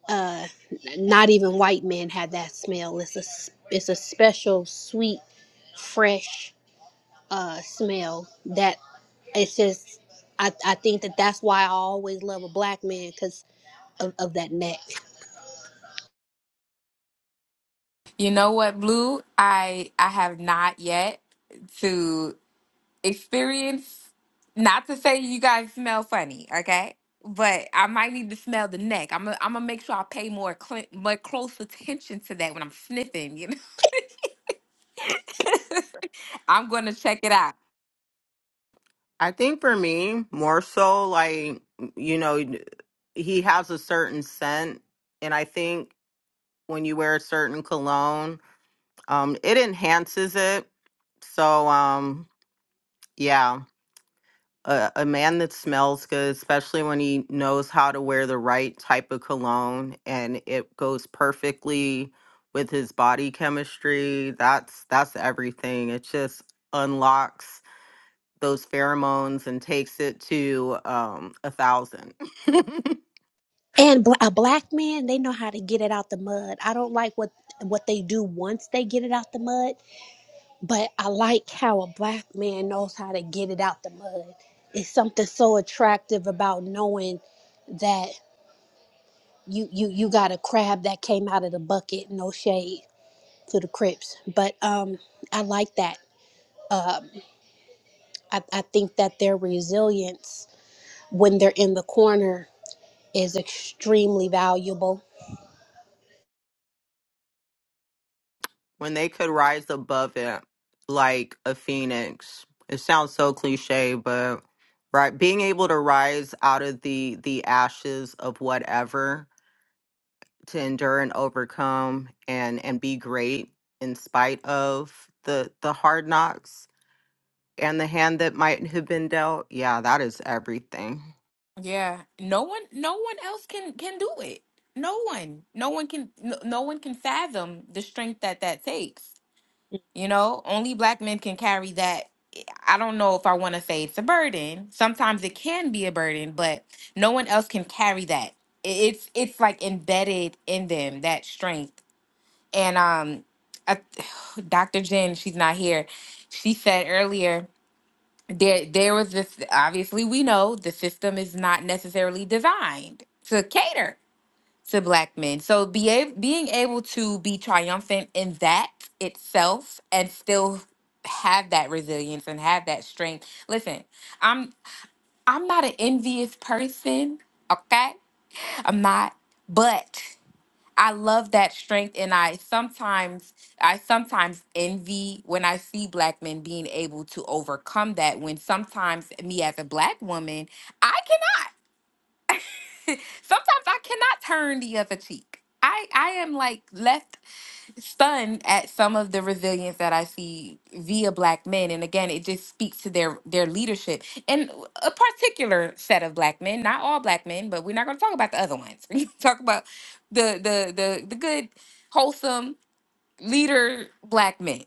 P: uh n- not even white men have that smell it's a s- it's a special sweet fresh uh, smell that it's just I, I think that that's why I always love a black man because of, of that neck
F: You know what, Blue? I I have not yet to experience. Not to say you guys smell funny, okay? But I might need to smell the neck. I'm gonna I'm gonna make sure I pay more cl- more close attention to that when I'm sniffing. You know, I'm gonna check it out.
Q: I think for me, more so like, you know, he has a certain scent. And I think when you wear a certain cologne, um, it enhances it. So, um, yeah, a, a man that smells good, especially when he knows how to wear the right type of cologne and it goes perfectly with his body chemistry, that's that's everything. It just unlocks those pheromones and takes it to um a thousand
P: and bl- a black man they know how to get it out the mud I don't like what what they do once they get it out the mud but I like how a black man knows how to get it out the mud it's something so attractive about knowing that you you you got a crab that came out of the bucket no shade to the crips but um I like that Uh, I, I think that their resilience when they're in the corner is extremely valuable.
Q: when they could rise above it like a phoenix it sounds so cliche but right being able to rise out of the the ashes of whatever to endure and overcome and and be great in spite of the the hard knocks and the hand that might have been dealt yeah that is everything
F: Yeah, no one, no one else can can do it. No one, no one can, no, no one can fathom the strength that that takes. You know, only black men can carry that. I don't know if I want to say it's a burden. Sometimes it can be a burden, but no one else can carry that. I- It's it's like embedded in them that strength. And um, I, Dr. Jen, she's not here. She said earlier there there was this obviously we know the system is not necessarily designed to cater to black men so be a, being able to be triumphant in that itself and still have that resilience and have that strength listen i'm i'm not an envious person okay i'm not but I love that strength and I sometimes I sometimes envy when I see black men being able to overcome that when sometimes me as a black woman, I cannot. Sometimes I cannot turn the other cheek. I I am like left stunned at some of the resilience that I see via black men. And again, it just speaks to their their leadership and a particular set of black men, not all black men, but we're not gonna talk about the other ones. We're gonna talk about the the the the good, wholesome leader black men.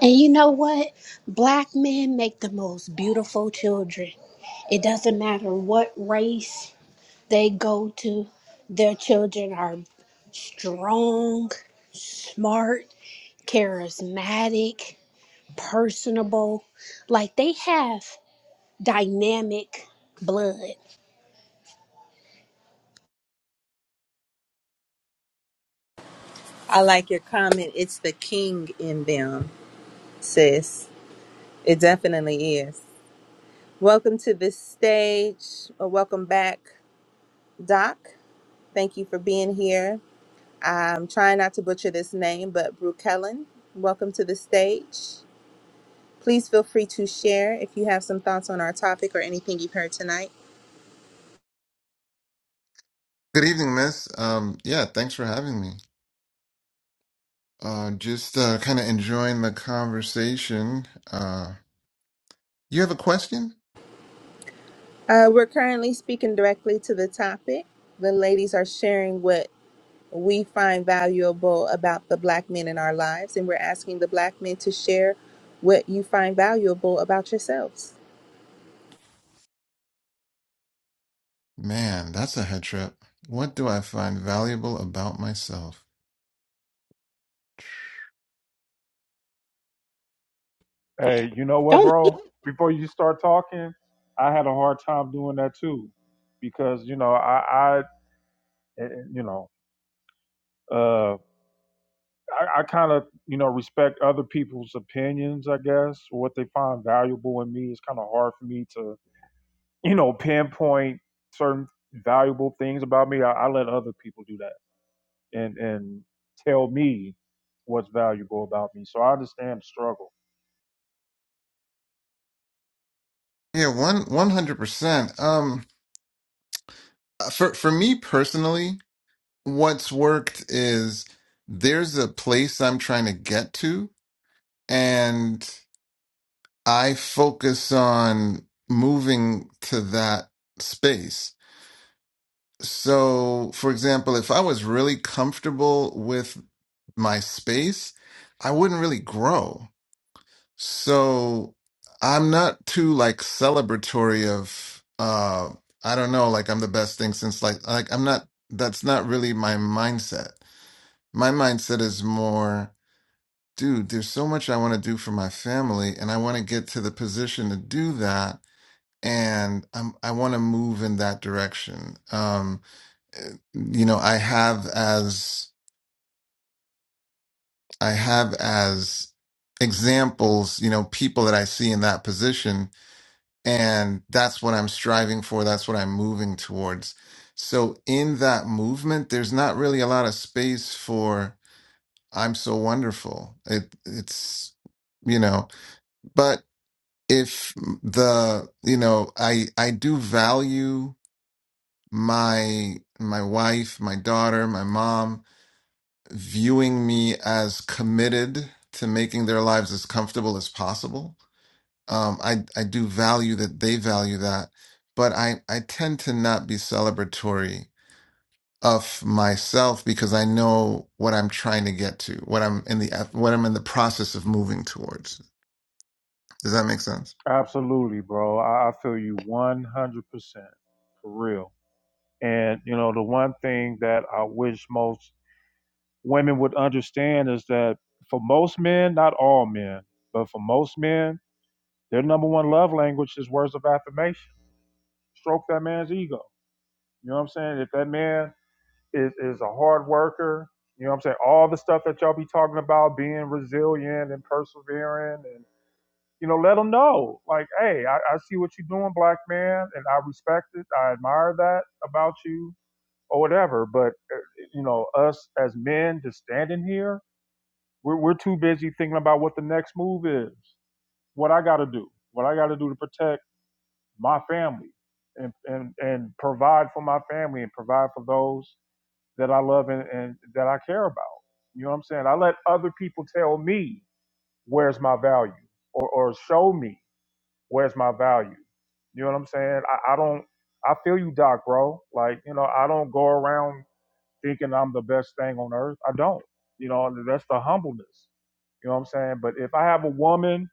P: And you know what? Black men make the most beautiful children. It doesn't matter what race they go to, their children are strong, smart, charismatic, personable. Like they have dynamic blood.
R: Good evening, Miss. Um, yeah, thanks for having me. Uh, just uh, kind of enjoying the conversation. Uh, you have a question? Man, that's a head trip. What do I find valuable about myself?
B: Hey, you know what,
P: Don't.
B: bro? Before you start talking, I had a hard time doing that too, because you know I, I eh, eh, you know, uh, I, I kind of you know respect other people's opinions. I guess or what they find valuable in me is kind of hard for me to you know, pinpoint certain valuable things about me. I, I let other people do that and and tell me what's valuable about me. So I understand the struggle.
R: Yeah, one one hundred percent. Um, for for me personally, what's worked is there's a place I'm trying to get to, and I focus on moving to that space So, for example, if I was really comfortable with my space, I wouldn't really grow. So, I'm not too like celebratory of uh I don't know, like I'm the best thing since like like I'm not that's not really my mindset. My mindset is more, dude, there's so much I want to do for my family and I want to get to the position to do that and I'm I want to move in that direction. Um you know i have as i have as examples you know people that i see in that position and that's what i'm striving for that's what i'm moving towards so in that movement there's not really a lot of space for i'm so wonderful it it's you know but if the you know i i do value my my wife my daughter my mom viewing me as committed to making their lives as comfortable as possible. Um, I I do value that they value that, but I I tend to not be celebratory of myself because I know what I'm trying to get to, what I'm in the what I'm in the process of moving towards. Does that make sense?
B: Absolutely, bro. I, I feel you one hundred percent for real. And you know, the one thing that I wish most women would understand is that for most men, not all men, but for most men, their number one love language is words of affirmation. Stroke that man's ego. You know what I'm saying? If that man is is a hard worker. You know what I'm saying? All the stuff that y'all be talking about, being resilient and persevering, and you know, let them know. Like, hey, I, I see what you're doing, black man, and I respect it. I admire that about you, or whatever. But uh, you know, us as men just standing here, we're we're too busy thinking about what the next move is, what I got to do, what I got to do to protect my family, and and and provide for my family and provide for those that I love and, and that I care about. You know what I'm saying? I let other people tell me where's my value or, or show me where's my value. You know what I'm saying? I, I don't, I feel you, Doc, bro. Like, you know, I don't go around thinking I'm the best thing on earth. I don't. You know, that's the humbleness. You know what I'm saying? But if I have a woman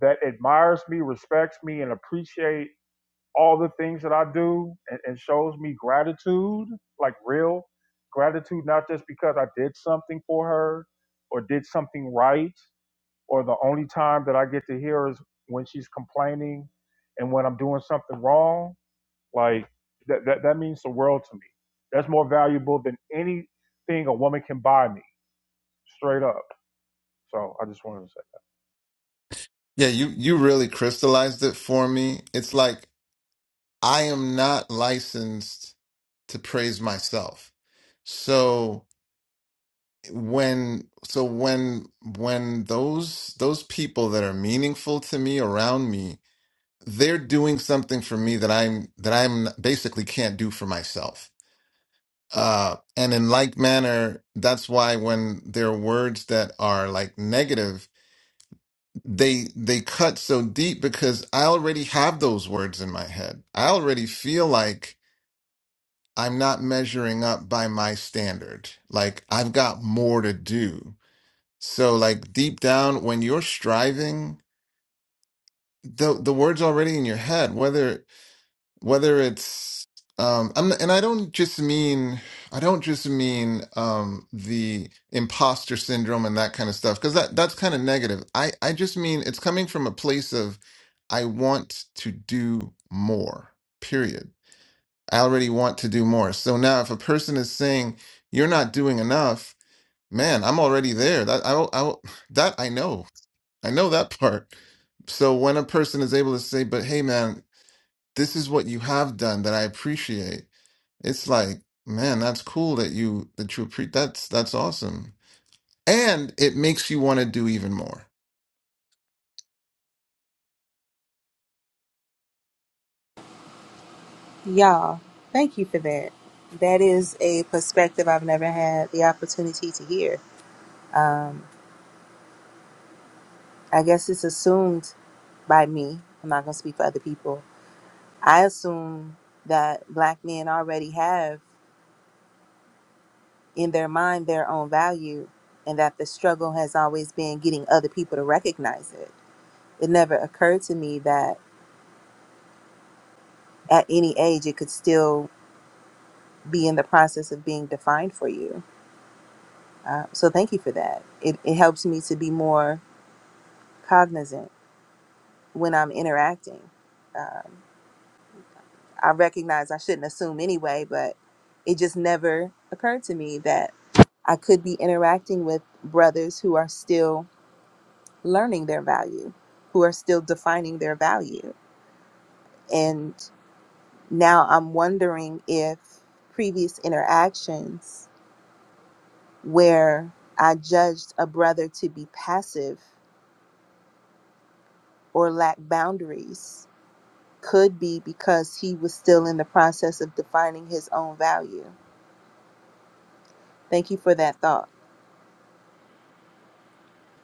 B: that admires me, respects me, and appreciate all the things that I do and, and shows me gratitude, like real gratitude, not just because I did something for her or did something right, or the only time that I get to hear is when she's complaining and when I'm doing something wrong. Like that, that, that means the world to me. That's more valuable than anything a woman can buy me, straight up. So I just wanted to
R: Yeah, you you really crystallized it for me. It's like I am not licensed to praise myself. So when so when when those those people that are meaningful to me around me they're doing something for me that i'm that i'm basically can't do for myself uh and in like manner that's why when there are words that are like negative they they cut so deep because i already have those words in my head i already feel like i'm not measuring up by my standard like i've got more to do So like deep down when you're striving, the the word's already in your head, whether whether it's um I'm, and I don't just mean I don't just mean um the imposter syndrome and that kind of stuff because that that's kind of negative. I I just mean it's coming from a place of I want to do more. Period. I already want to do more. So now if a person is saying you're not doing enough, man, I'm already there. That I I that I know. I know that part. So when a person is able to say, but hey, man, this is what you have done that I appreciate. It's like, man, that's cool that you, that you appreciate. That's, that's awesome. And it makes you want to do even more.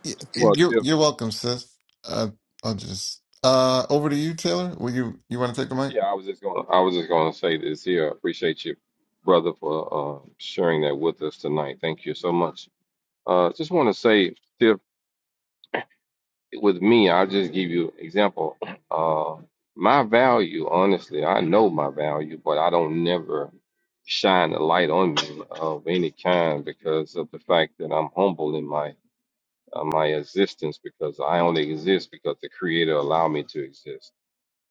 R: Yeah,
O: Well,
R: You're,
O: Tiff,
R: you're welcome, sis. Uh, I'll just, uh, over to you, Taylor. Will you, you want to take the mic?
O: yeah, I was just gonna, I was just gonna say this here. I appreciate you, brother, for uh, sharing that with us tonight. Thank you so much. Uh, just want to say, Tiff, with me, I'll just give you example. Uh, my value, honestly, I know my value, but I don't never shine a light on me of any kind because of the fact that I'm humble in my uh, my existence because I only exist because the Creator allowed me to exist.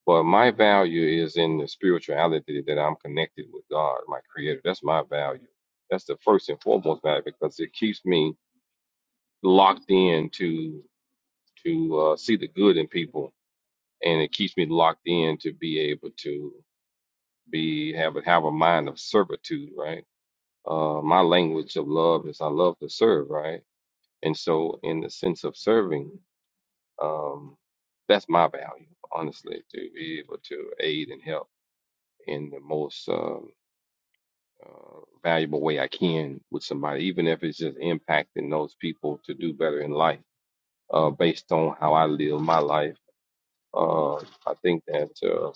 O: But my value is in the spirituality that I'm connected with God, my Creator. That's my value. That's the first and foremost value because it keeps me locked in to to uh, see the good in people, and it keeps me locked in to be able to be have a have a mind of servitude. Right. Uh, my language of love is I love to serve. Right. And so, in the sense of serving. Um, that's my value, honestly, to be able to aid and help in the most um, uh, valuable way I can with somebody, even if it's just impacting those people to do better in life uh, based on how I live my life. Uh, I think that uh,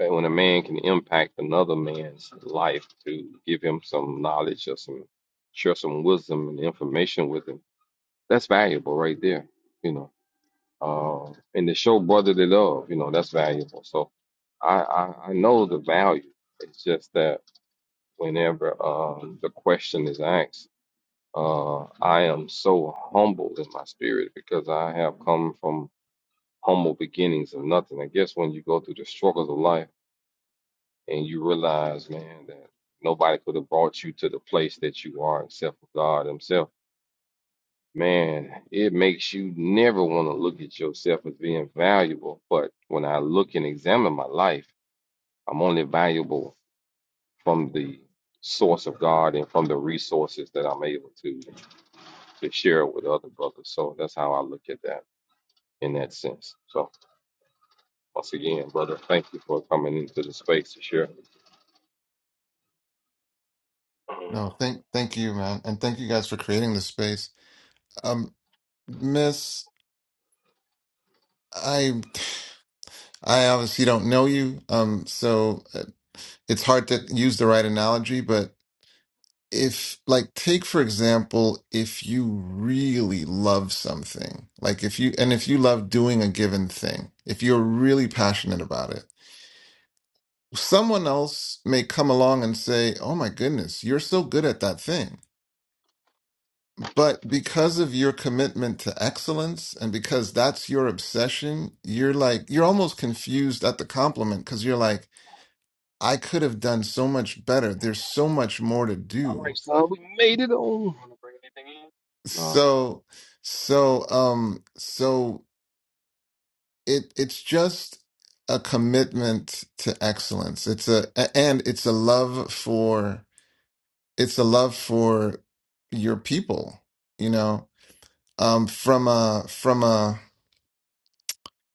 O: eh, when a man can impact another man's life to give him some knowledge or some share some wisdom and information with him, that's valuable right there, you know Um, and to show brotherly love, you know, that's valuable. So I, I, I know the value. It's just that whenever um, the question is asked, uh, I am so humbled in my spirit because I have come from humble beginnings of nothing. I guess when you go through the struggles of life and you realize, man, that nobody could have brought you to the place that you are except for God Himself Man, it makes you never want to look at yourself as being valuable. But when I look and examine my life, I'm only valuable from the source of God and from the resources that I'm able to to share with other brothers. So that's how I look at that in that sense. So once again, brother, thank you for coming into the space to share.
R: No, thank, thank you, man. And thank you guys for creating this space. Um, Miss, I, I obviously don't know you. Um, so it's hard to use the right analogy, but if, like, take for example, if you really love something, like if you, and if you love doing a given thing, if you're really passionate about it, someone else may come along and say, Oh my goodness, you're so good at that thing. But because of your commitment to excellence and because that's your obsession, you're like, you're almost confused at the compliment because you're like, I could have done so much better. There's so much more to
O: All
R: do
O: right, son, we made it on. Wanna bring anything in? No.
R: So, so, um, so it it's just a commitment to excellence. It's a a- and it's a love for it's a love for your people, you know. Um, from a from a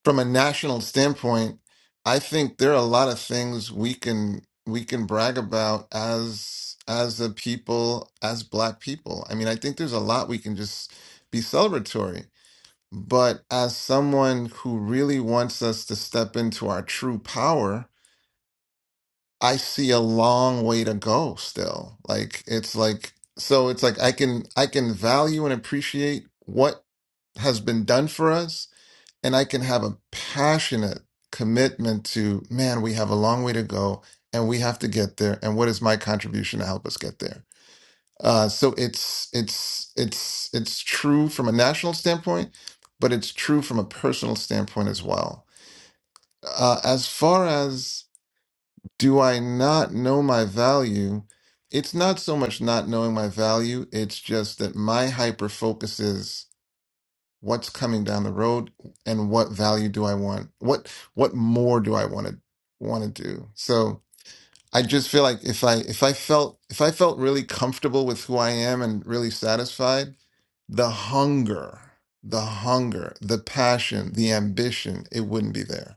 R: from a national standpoint, I think there are a lot of things we can we can brag about as as a people, as Black people. I mean, I think there's a lot we can just be celebratory But as someone who really wants us to step into our true power, I see a long way to go still. Like it's like so it's like I can I can value and appreciate what has been done for us and I can have a passionate commitment to man, we have a long way to go and we have to get there and what is my contribution to help us get there? Uh, so it's it's it's it's true from a national standpoint, but it's true from a personal standpoint as well. Uh, as far as do I not know my value, it's not so much not knowing my value. It's just that my hyper focus is what's coming down the road and what value do I want? What what more do I want to want to do? So I just feel like if I if I felt if I felt really comfortable with who I am and really satisfied, the hunger, the hunger, the passion, the ambition, it wouldn't be there.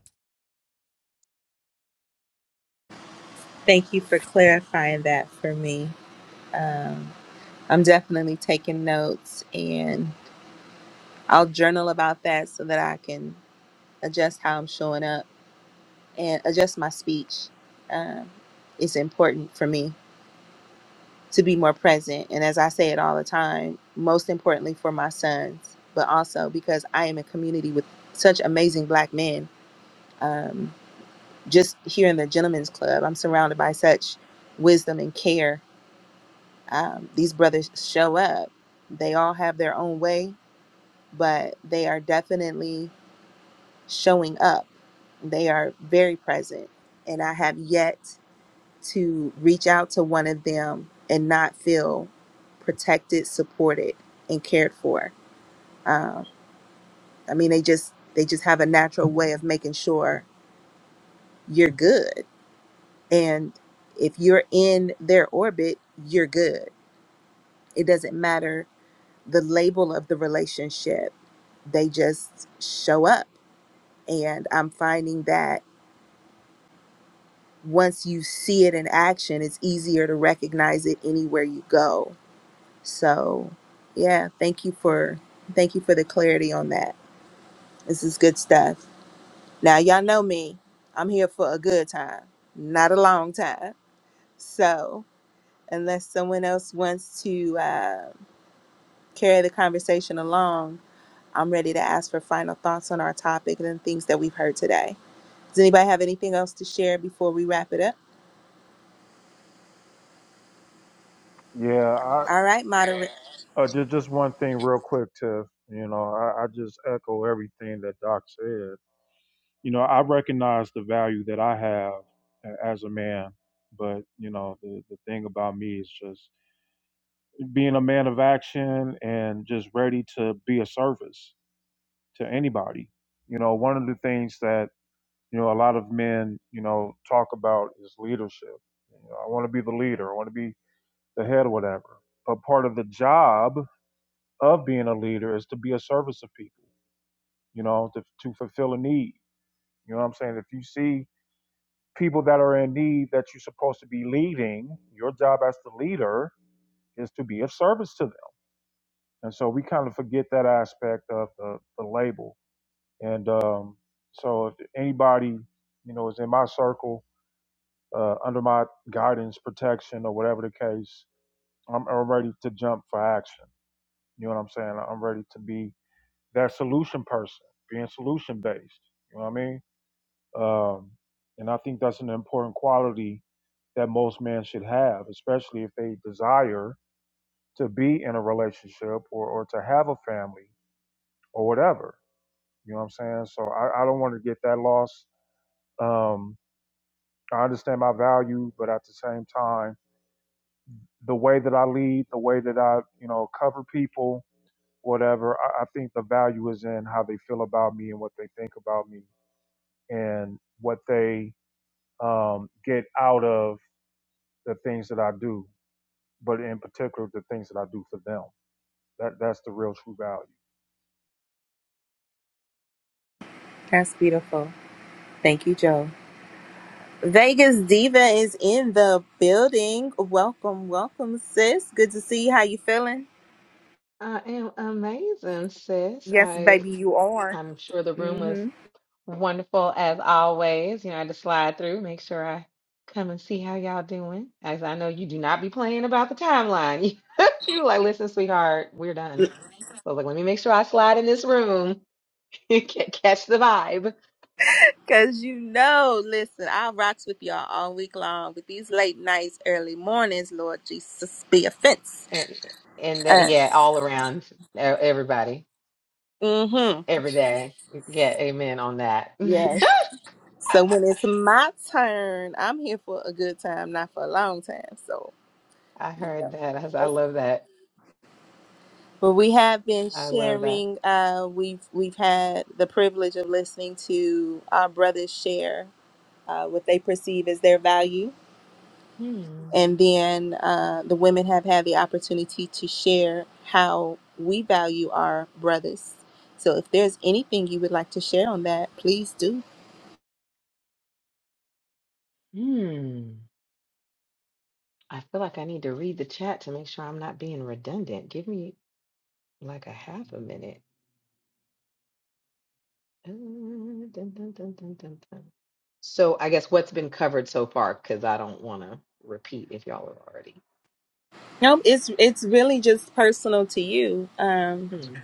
B: say, yeah, I, uh, just, just one thing real quick, Tiff. You know, I, I just echo everything that Doc said. you know, I recognize the value that I have a- as a man, but you know, the, the thing about me is just being a man of action and just ready to be a service to anybody. You know, one of the things that, you know, a lot of men, you know, talk about is leadership. You know, I want to be the leader, I want to be the head or whatever. But part of the job of being a leader is to be a service of people, you know, to, to fulfill a need. You know what I'm saying? If you see people that are in need that you're supposed to be leading, your job as the leader is to be of service to them. And so we kind of forget that aspect of the, the label. And um, so if anybody, you know, is in my circle, uh, under my guidance, protection, or whatever the case, I'm, I'm ready to jump for action. You know what I'm saying? I'm ready to be that solution person, being solution based. You know what I mean? Um, and I think that's an important quality that most men should have, especially if they desire to be in a relationship or, or to have a family or whatever. You know what I'm saying? So I, I don't want to get that lost. Um, I understand my value, but at the same time, the way that I lead, the way that I, you know, cover people, whatever, I, I think the value is in how they feel about me and what they think about me and what they um, get out of the things that I do but in particular the things that I do for them. That that's the real true value.
S: I am amazing, sis. I I'm sure the room was wonderful as always. You know, I had to slide through, make sure I come and see how y'all doing. As I know you do not be playing about the timeline. you were like, listen, sweetheart, we're done. So I was like, let me make sure I slide in this room, ca- catch the vibe, and and that yeah, all around e- everybody, every day. Yeah, amen on that. I heard that. I, was- I love that. I love that. Hmm. Hmm. I feel like I need to read the chat to make sure I'm not being redundant. Give me like a half a minute. Uh, dun, dun, dun, dun, dun, dun. So I guess what's been covered so far, because I don't want to repeat if y'all are already. Hmm.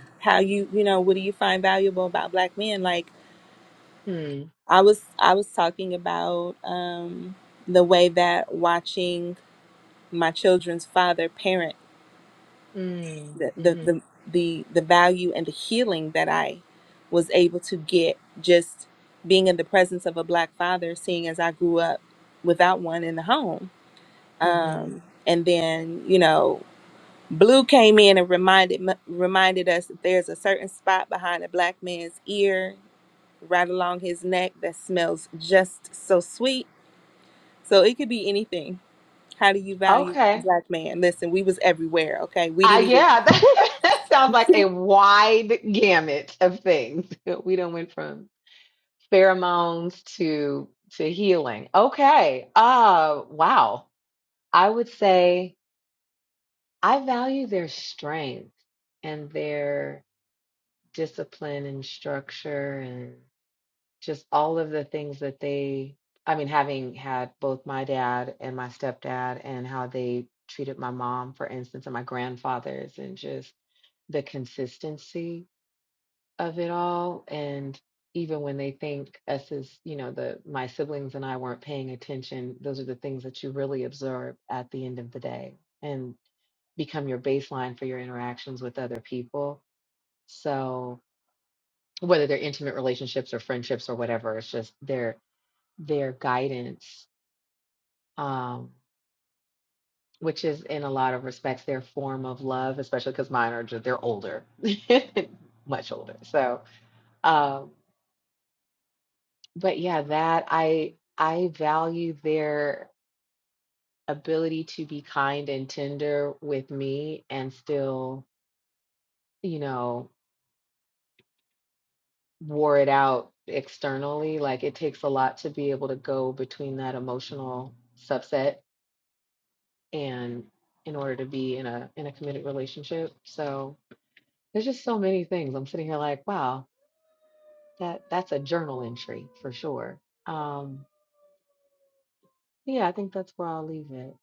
S: Hmm. Mm. Mm-hmm. Mm-hmm. Okay. Uh, yeah, that sounds like a wide gamut of things. We done went from pheromones to to healing. Okay. Uh, wow. I would say I value their strength and their discipline and structure and just all of the things that they, I mean, having had both my dad and my stepdad and how they treated my mom, for instance, and my grandfathers, and just the consistency of it all. And even when they think us as, you know, the my siblings and I weren't paying attention, those are the things that you really observe at the end of the day. And become your baseline for your interactions with other people. So whether they're intimate relationships or friendships or whatever, it's just their their guidance, um, which is in a lot of respects their form of love, especially because mine are just they're older, much older. So, um, but yeah, that I I value their ability to be kind and tender with me and still, you know. wore it out externally. Like it takes a lot to be able to go between that emotional subset and in order to be in a in a committed relationship. So there's just so many things. I'm sitting here like, wow, that that's a journal entry for sure. Um yeah, I think that's where I'll leave it.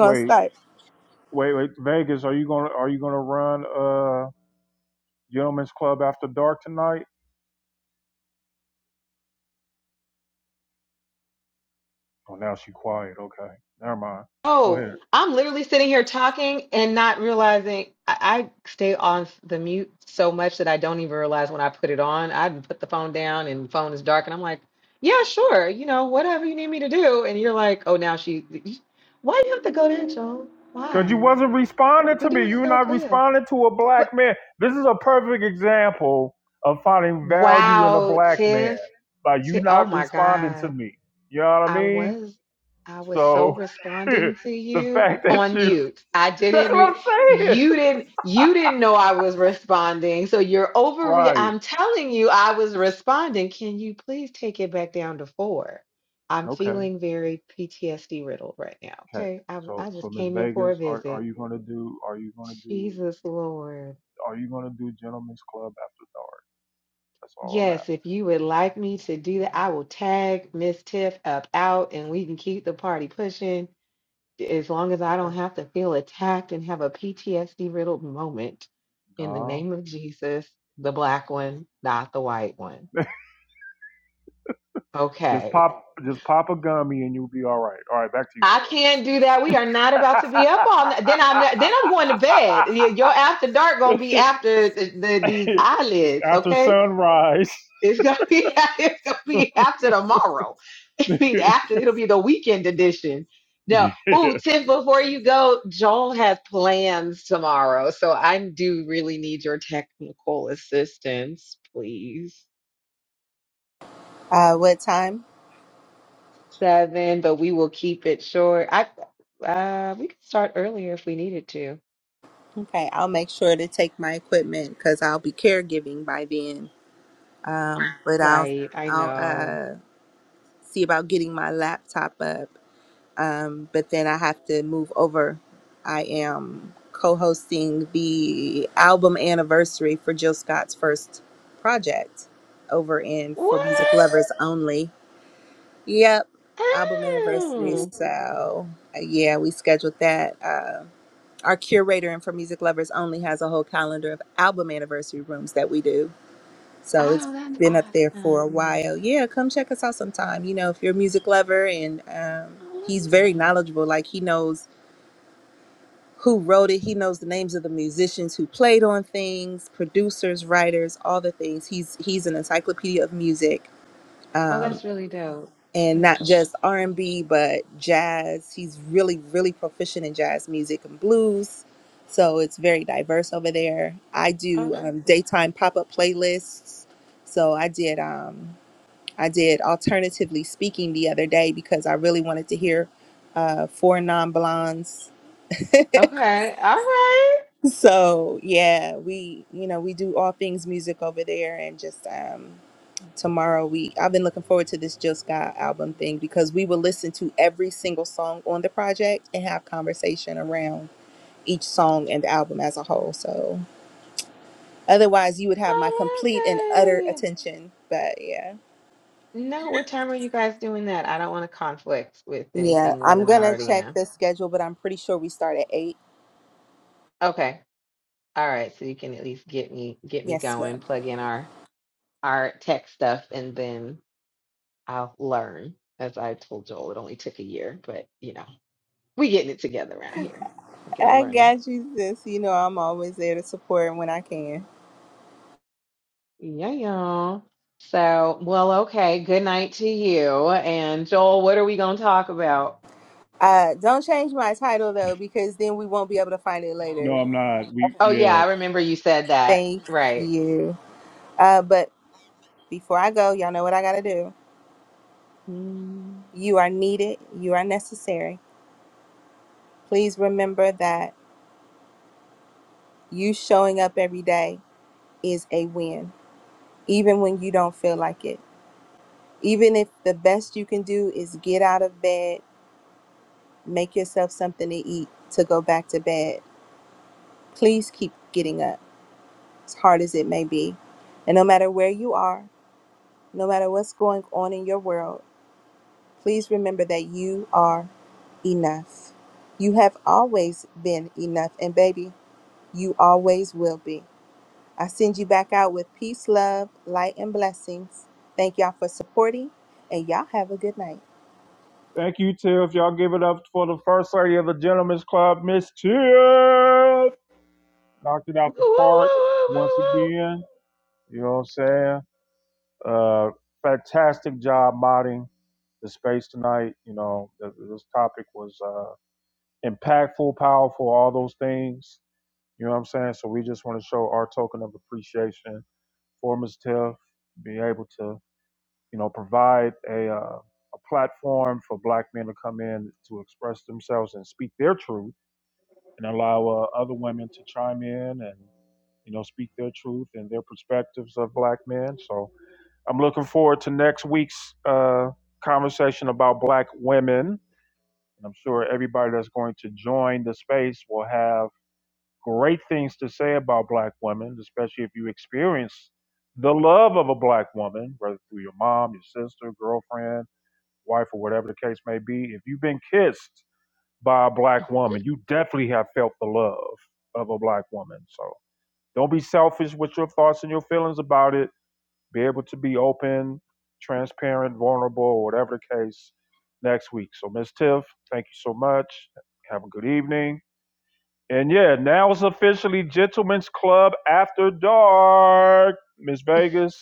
B: Wait, wait, wait. Vegas, are you gonna are you gonna run uh Gentlemen's Club after dark tonight? Oh, now she quiet. Okay, never mind. Go
S: Oh,
B: ahead.
S: I'm literally sitting here talking and not realizing I, I stay on the mute so much that I don't even realize when I put it on. I put the phone down and the phone is dark and I'm like, yeah, sure, you know, whatever you need me to do. And you're like, oh, now she, why do you have to go there, Joel?
B: Cause you
S: Why?
B: wasn't responding
S: We're
B: to me.
S: doing
B: You're
S: so
B: not
S: good.
B: responding to a black
S: But
B: man. This is a perfect example of finding value in a
S: wow,
B: black man
S: Tiff,
B: by you
S: Tiff, oh
B: not
S: my
B: responding to
S: God.
B: me. You know what I
S: I
B: mean?
S: was I was so
B: So
S: responding to
B: the
S: you
B: fact that
S: on
B: you—that's
S: mute. I didn't
B: what
S: re-
B: I'm saying.
S: you didn't you didn't know I was responding. So you're overre
B: Right.
S: I'm telling you I was responding. Can you please take it back down to 4? I'm
B: Okay,
S: feeling very PTSD riddled right now.
B: okay.
S: Okay? I
B: So,
S: I
B: so
S: just
B: Miss
S: came in for a
B: Vegas, are are
S: visit.
B: you gonna do? Are you gonna do?
S: Jesus Lord.
B: Are you gonna do Gentlemen's Club after dark? That's all I'm
S: Yes, if you would like me to do that, I will tag Miss Tiff up out and we can keep the party pushing as long as I
B: asking.
S: don't
B: Okay.
S: have to feel attacked and have a PTSD riddled moment, in the
B: No.
S: name of Jesus, the black one, not the white one.
B: Just
S: Okay.
B: pop, just pop a gummy, and you'll be all right. All right, back to you,
S: I can't do that. We are not about to be up all night. Then I'm then I'm going to bed. Y- Your after dark gonna be after the, the, these
B: too.
S: eyelids,
B: after
S: okay?
B: sunrise.
S: It's gonna be it's gonna be after tomorrow. I mean, after it'll be the weekend edition. No,
B: yeah.
S: ooh, Tim. Before you go, Joel has plans tomorrow, so I do really need your technical assistance, please. Seven, but we will keep it short. I uh, we could start earlier if we needed to. Right? I know. What? Oh, oh, that's awesome. I love that. Oh, that's really dope. That's so. Okay. Okay. All right. I love it. No, what time are you guys doing that? I don't want to conflict with anything more than I already am. Okay. All right. So you can at least get me get me going, plug in our our tech stuff, and then I'll learn. As I told Joel, it only took a year, but you know, we getting it together around here. We're gonna learn. Yeah, y'all. So, well, okay. Good night to you. And Joel, what are we gonna talk about?
B: No, I'm not. We
S: Oh yeah,
B: yeah.
S: I remember you said that. Right. Mm.
B: Thank you, Tiff. Y'all give it up for the first lady of the Gentlemen's Club, Miss Tiff. Knocked it
S: Woo, woo,
B: out the park
S: woo, woo,
B: once
S: woo,
B: again. You know what I'm saying? Uh, fantastic job modding the space tonight. You know, th- this topic was uh, impactful, powerful, all those things. You know what I'm saying? So we just want to show our token of appreciation for Ms. Tiff, be able to, you know, provide a, uh, a platform for black men to come in to express themselves and speak their truth and allow uh, other women to chime in and, you know, speak their truth and their perspectives of black men. So, I'm looking forward to next week's uh, conversation about Black women. And I'm sure everybody that's going to join the space will have great things to say about Black women, especially if you experience the love of a Black woman, whether through your mom, your sister, girlfriend, wife, or whatever the case may be. If you've been kissed by a Black woman, you definitely have felt the love of a Black woman. So don't be selfish with your thoughts and your feelings about it be able to be open, transparent, vulnerable, whatever the case, next week. So, Ms. Tiff, thank you so much. Have a good evening. And yeah, now it's officially Gentlemen's Club After Dark. Miss Vegas,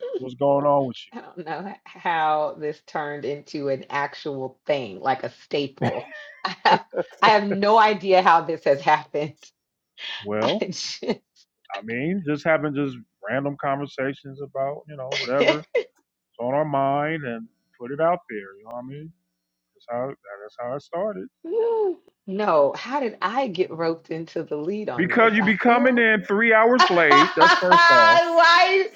S: woo.
B: what's going on with you?
S: I don't know how this turned into an actual thing, like a staple. I have, I have no idea how this has happened. I
B: Well,
S: just-
B: I mean, just having just random conversations about, you know, whatever's on our mind and put it out there. You know what I mean? That's how that's how it started.
S: Woo. no, how did I get roped into the lead on
B: Because
S: this?
B: you
S: I
B: be coming
S: feel
B: in three hours late. That's first off.
S: why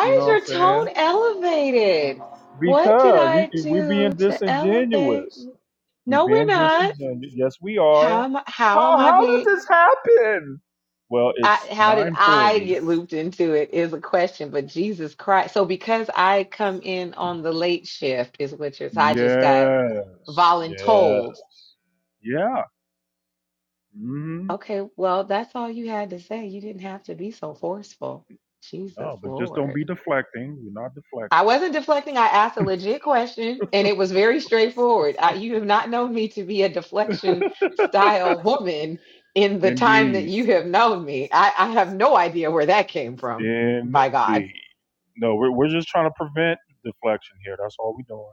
B: You know
S: is
B: what I'm
S: your tone
B: saying?
S: elevated? What did
B: Because you,
S: I
B: you- we being
S: do to elevate?
B: disingenuous.
S: you?
B: We
S: No, we're
B: being
S: not.
B: disingenuous. Yes, we
S: How
B: are.
S: am I, how am
B: How
S: I
B: how
S: being
B: did this happen? Well,
S: I,
B: it's
S: how did I
B: 9:40.
S: get looped into it is a question, but Jesus Christ. So because I come in on the late shift is what you're so I just got
B: Yes,
S: voluntold.
B: yes, yeah. hmm
S: Okay, well, that's all you had to say. You didn't have to be so forceful. Jesus
B: No, but just don't
S: Lord.
B: be deflecting. We're not
S: I
B: deflecting.
S: wasn't deflecting. I asked a legit question and it was very straightforward. I, you have not known me to be a deflection style woman in the time that
B: Indeed,
S: you have known me. I, I have no idea where that came from, by God.
B: indeed. No, we're we're just trying to prevent deflection here. That's all we're doing.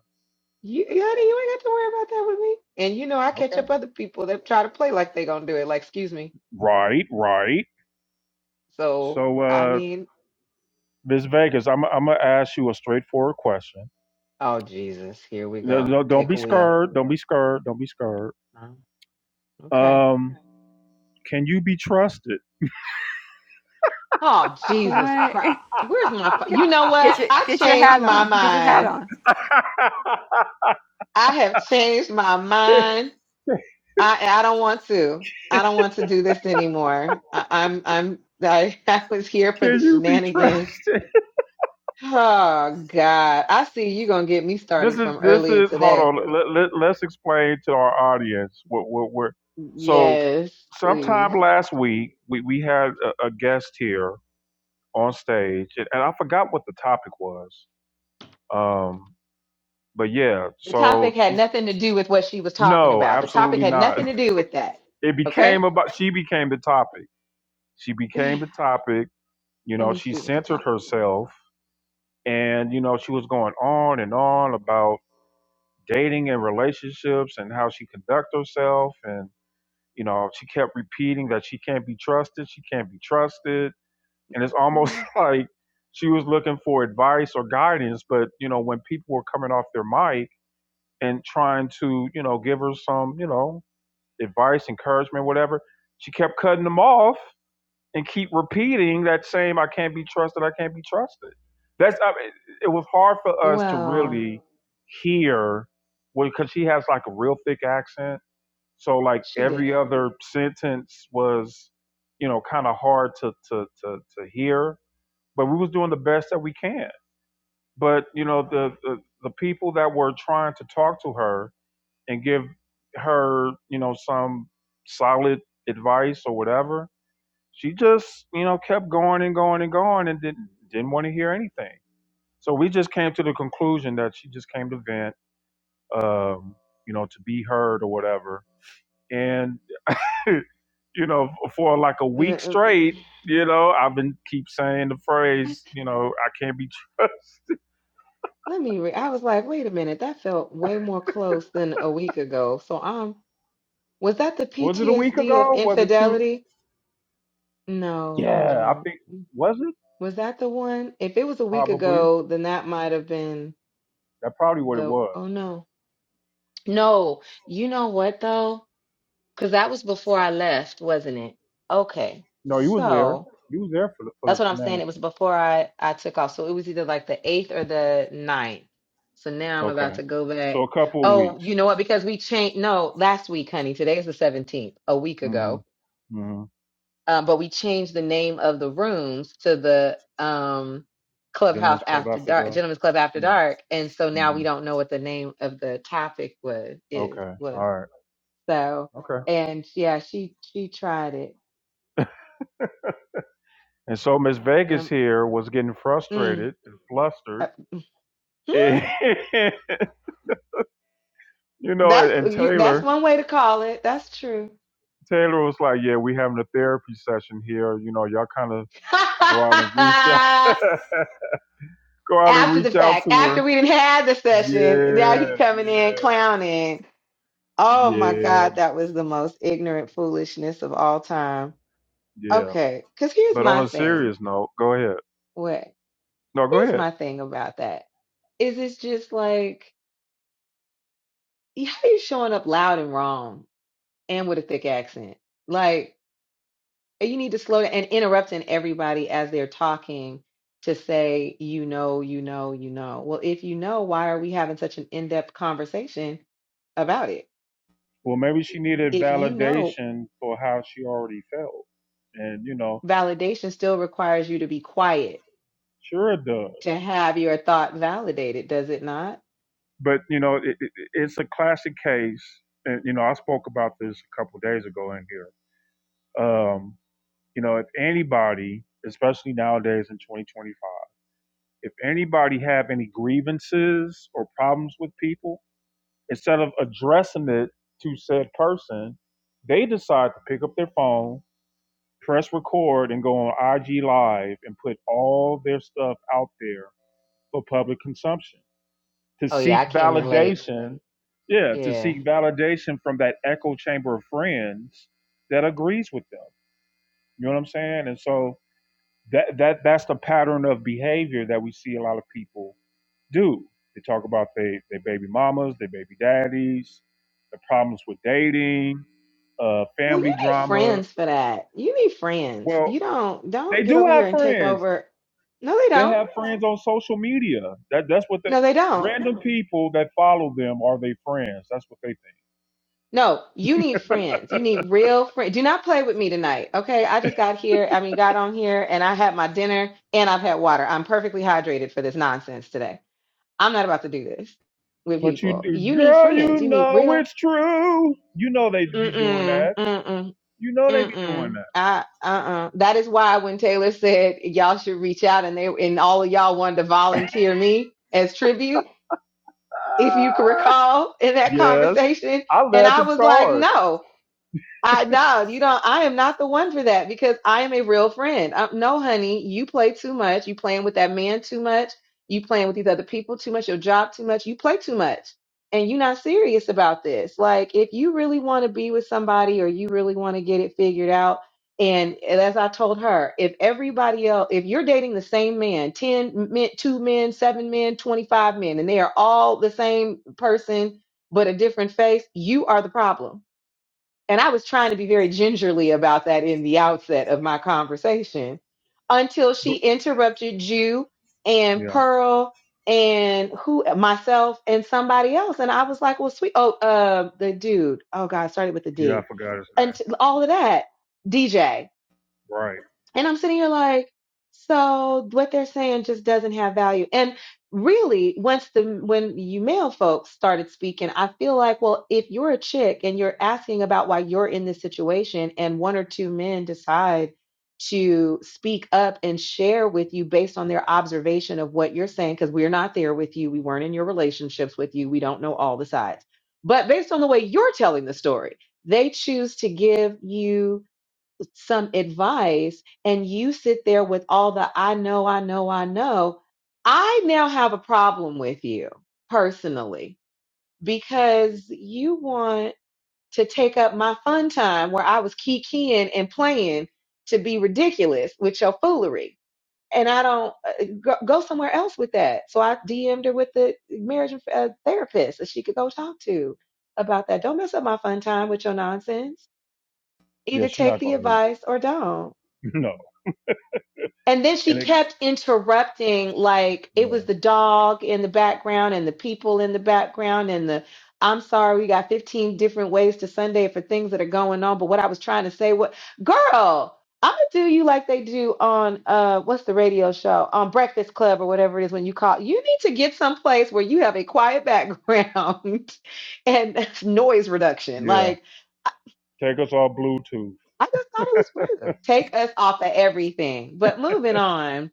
S: You,
B: That's
S: honey,
B: all.
S: you ain't got to worry about that with me. And you know, I catch
B: Okay.
S: up other people that try to play like they gonna do it. Like, excuse me.
B: Right, right.
S: So,
B: So,
S: I
B: uh,
S: mean,
B: Miss Vegas, I'm I'm gonna ask you a straightforward question.
S: oh, Jesus, here we
B: No,
S: go.
B: no, don't
S: Take
B: be
S: a wheel.
B: scared. Don't be scared. Don't be scared.
S: Oh, Okay.
B: Um, can you be trusted?
S: Oh, Jesus
L: What?
S: Christ. Where's my, pho- you know what?
L: Get your
S: I
L: get your
S: changed
L: hat
S: my
L: on. Get your hat
S: mind.
L: on.
B: can
S: I have changed my mind. I I don't want to. I don't want to do this anymore. I, I'm I'm I, I was here for the
B: can you be
S: shenanigans.
B: trusted?
S: Oh God. I see you gonna get me
B: This
S: started
B: is
S: from
B: this
S: earlier
B: is. Hold
S: today.
B: on. Let, let, let's explain to our audience what what we're. So,
S: Yes, please.
B: sometime last week we we had a, a guest here on stage, and, and I forgot what the topic was. Um, but yeah.
S: The
B: So
S: topic had
B: she.
S: nothing to do with what she was talking
B: No,
S: about. The topic
B: absolutely
S: had
B: not.
S: nothing to do with that.
B: it
S: Okay?
B: became about she became the topic she became the
S: Let
B: topic you know
S: me
B: she
S: see what the
B: centered
S: topic was.
B: herself and you know she was going on and on about dating and relationships and how she conduct herself and you know she kept repeating that she can't be trusted she can't be trusted and it's almost
S: Mm,
B: like she was looking for advice or guidance but you know when people were coming off their mic and trying to you know give her some you know advice encouragement whatever she kept cutting them off and keep repeating that same "I can't be trusted, I can't be trusted." That's I mean, it was hard for us to
S: Well,
B: really hear well, because she has like a real thick accent, so like
S: she
B: every
S: did.
B: other sentence was you know kind of hard to, to to to hear. But we was doing the best that we can. But you know the the, the people that were trying to talk to her and give her you know some solid advice or whatever she just you know kept going and going and going and didn't didn't want to hear anything so we just came to the conclusion that she just came to vent um you know to be heard or whatever and you know for like a week
S: Mm,
B: straight you know i've been keep saying the phrase you know i can't be trusted
S: Let me re I was like, wait a minute, that felt way more close than a week ago. So um, was that the
B: was it a week
S: PTSD of
B: ago was it two
S: infidelity? No, hold
B: yeah i
S: on.
B: think was it
S: Was that the one? If it was a week
B: probably
S: ago, then that might have been
B: that's probably what it
S: the
B: was
S: oh no. No, you know what though? Because that was before I left, wasn't it? Okay.
B: no you was there
S: so.
B: you was there for the for
S: That's
B: the
S: what I'm saying.
B: shenanigans
S: It was before I I took off, so it was either like the eighth or the ninth. So now I'm about
B: okay
S: to go back.
B: so a couple of
S: Oh, you
B: weeks
S: know what? Because we changed. No, last week, honey. Today is the seventeenth, a week
B: Mm-hmm.
S: ago.
B: hmm
S: Um, but we changed the name of the rooms to the um Clubhouse
B: Gentlemen's Club
S: After
B: after
S: Dark,
B: the.
S: Gentlemen's Club After
B: Yeah.
S: Dark, and so now we
B: hmm
S: don't know what the name of the topic was is
B: Okay.
S: was.
B: All right.
S: So
B: Okay.
S: and yeah, she she tried it.
B: And so Miss Vegas
S: Um,
B: here was getting
S: mm,
B: frustrated and
S: uh,
B: flustered.
S: hmm?
B: you know, and,
S: That's
B: and
S: you, that's
B: Taylor,
S: one way to call it. That's true.
B: Taylor was like, "Yeah, we having a therapy session here. You know, y'all kind of go out and reach out, go out and
S: After the
B: reach out
S: fact,
B: to
S: after
B: her."
S: we didn't have the session, now he
B: Yeah,
S: coming in
B: yeah,
S: clowning. Oh my
B: yeah,
S: God, that was the most ignorant foolishness of all time.
B: yeah.
S: Okay, because here's
B: But on
S: my
B: a
S: thing.
B: serious note, go ahead.
S: What?
B: No, go
S: Here's
B: ahead.
S: my thing about that. Is it's just like how you showing up loud and wrong and with a thick accent? Like. And you need to slow down and interrupting everybody as they're talking to say, you know, you know, you know. Well, if you know, why are we having such an in-depth conversation about it?
B: Well, maybe she needed
S: If you know,
B: validation for how she already felt, and you know,
S: validation still requires you to be quiet
B: sure it does.
S: to have your thought validated, does it not?
B: But you know, it, it, it's a classic case, and you know, I spoke about this a couple of days ago in here. Um, you know, if anybody, especially nowadays in 2025, if anybody have any grievances or problems with people, instead of addressing it to said person, they decide to pick up their phone press record and go on IG Live and put all their stuff out there for public consumption to
S: Oh yeah,
B: seek
S: I came in late.
B: validation. Yeah, to
S: Yeah.
B: seek validation from that echo chamber of friends that agrees with them. You know what I'm saying? And so that that that's the pattern of behavior that we see a lot of people do. They talk about their their baby mamas, their baby daddies, the problems with dating, uh,
S: Well, you
B: family
S: need
B: drama.
S: friends for that. You need friends.
B: Well,
S: You don't
B: they
S: don't get
B: do
S: over here
B: have
S: and take
B: friends.
S: over. No, they
B: They
S: don't.
B: have friends on social media. That that's what they.
S: No, they don't.
B: Random people that follow them are they friends. That's what they think.
S: No, you need friends. You need real friends. Do not play with me tonight, okay? I just got here. I mean, got on here and I had my dinner and I've had water. I'm perfectly hydrated for this nonsense today. I'm not about to do this with
B: But you,
S: people. You need
B: girl,
S: friends.
B: you
S: You need
B: know
S: real.
B: it's true. You know they be doing
S: Mm-mm,
B: that.
S: mm-mm,
B: You know they be doing
S: mm-mm.
B: that.
S: I, uh-uh. That is why when Taylor said y'all should reach out and they and all of y'all wanted to volunteer me as tribute, if you can
B: Ah.
S: recall in that
B: yes,
S: conversation,
B: I
S: and
B: led
S: I
B: the
S: was like,
B: charge.
S: no. I no, you don't. I am not the one for that because I am a real friend. Um no, honey, you play too much. You playing with that man too much. You playing with these other people too much. Your job too much. You play too much, and you're not serious about this. Like, if you really want to be with somebody or you really want to get it figured out, and as I told her, if everybody else, if you're dating the same man, ten men, two men, seven men, twenty-five men, and they are all the same person but a different face, you are the problem and I was trying to be very gingerly about that in the outset of my conversation until she
B: But-
S: interrupted you and
B: yeah,
S: Pearl and who myself and somebody else. And I was like, well, sweet. Oh, uh, the dude. Oh God, I started with the
B: yeah, I
S: D.
B: forgot his
S: And
B: name.
S: t- all of that. DJ.
B: Right.
S: And I'm sitting here like, so what they're saying just doesn't have value. And really, once the when you male folks started speaking, I feel like, well, if you're a chick and you're asking about why you're in this situation, and one or two men decide to speak up and share with you based on their observation of what you're saying, because we're not there with you, we weren't in your relationships with you, we don't know all the sides. But based on the way you're telling the story, they choose to give you some advice and you sit there with all the I know, I know, I know, I now have a problem with you personally because you want to take up my fun time where I was kikiing and playing to be ridiculous with your foolery. And I don't uh, go, go somewhere else with that. So I DM'd her with the marriage uh, therapist that she could go talk to about that. Don't mess up my fun time with your nonsense.
B: Yeah,
S: Either
B: she
S: take
B: not
S: the
B: gonna use
S: advice or don't.
B: it. No.
S: And then she
B: And it.
S: kept interrupting, like
B: Yeah,
S: it was the dog in the background and the people in the background and the I'm sorry, we got 15 different ways to Sunday for things that are going on. But what I was trying to say what girl, I'ma do you like they do on uh what's the radio show? On Breakfast Club or whatever it is when you call. You need to get someplace where you have a quiet background and noise reduction.
B: yeah.
S: Like I
B: Take us all Bluetooth.
S: I just thought it was rude. Take us off of everything. But moving on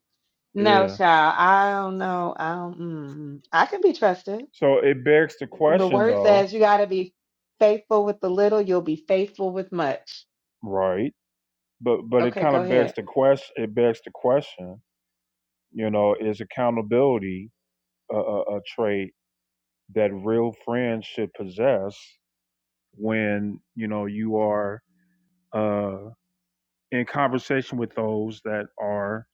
S: no,
B: Yeah.
S: child. I don't know. I don't. Mm, I can be trusted.
B: So it begs the
S: The
B: question,
S: word
B: though.
S: says you got to be faithful with the little, you'll be faithful with much.
B: Right. but but it
S: Okay,
B: kind
S: go
B: of begs
S: ahead.
B: the question. It begs the question. You know, is accountability a, a, a trait that real friends should possess when you know you are uh, in conversation with those that are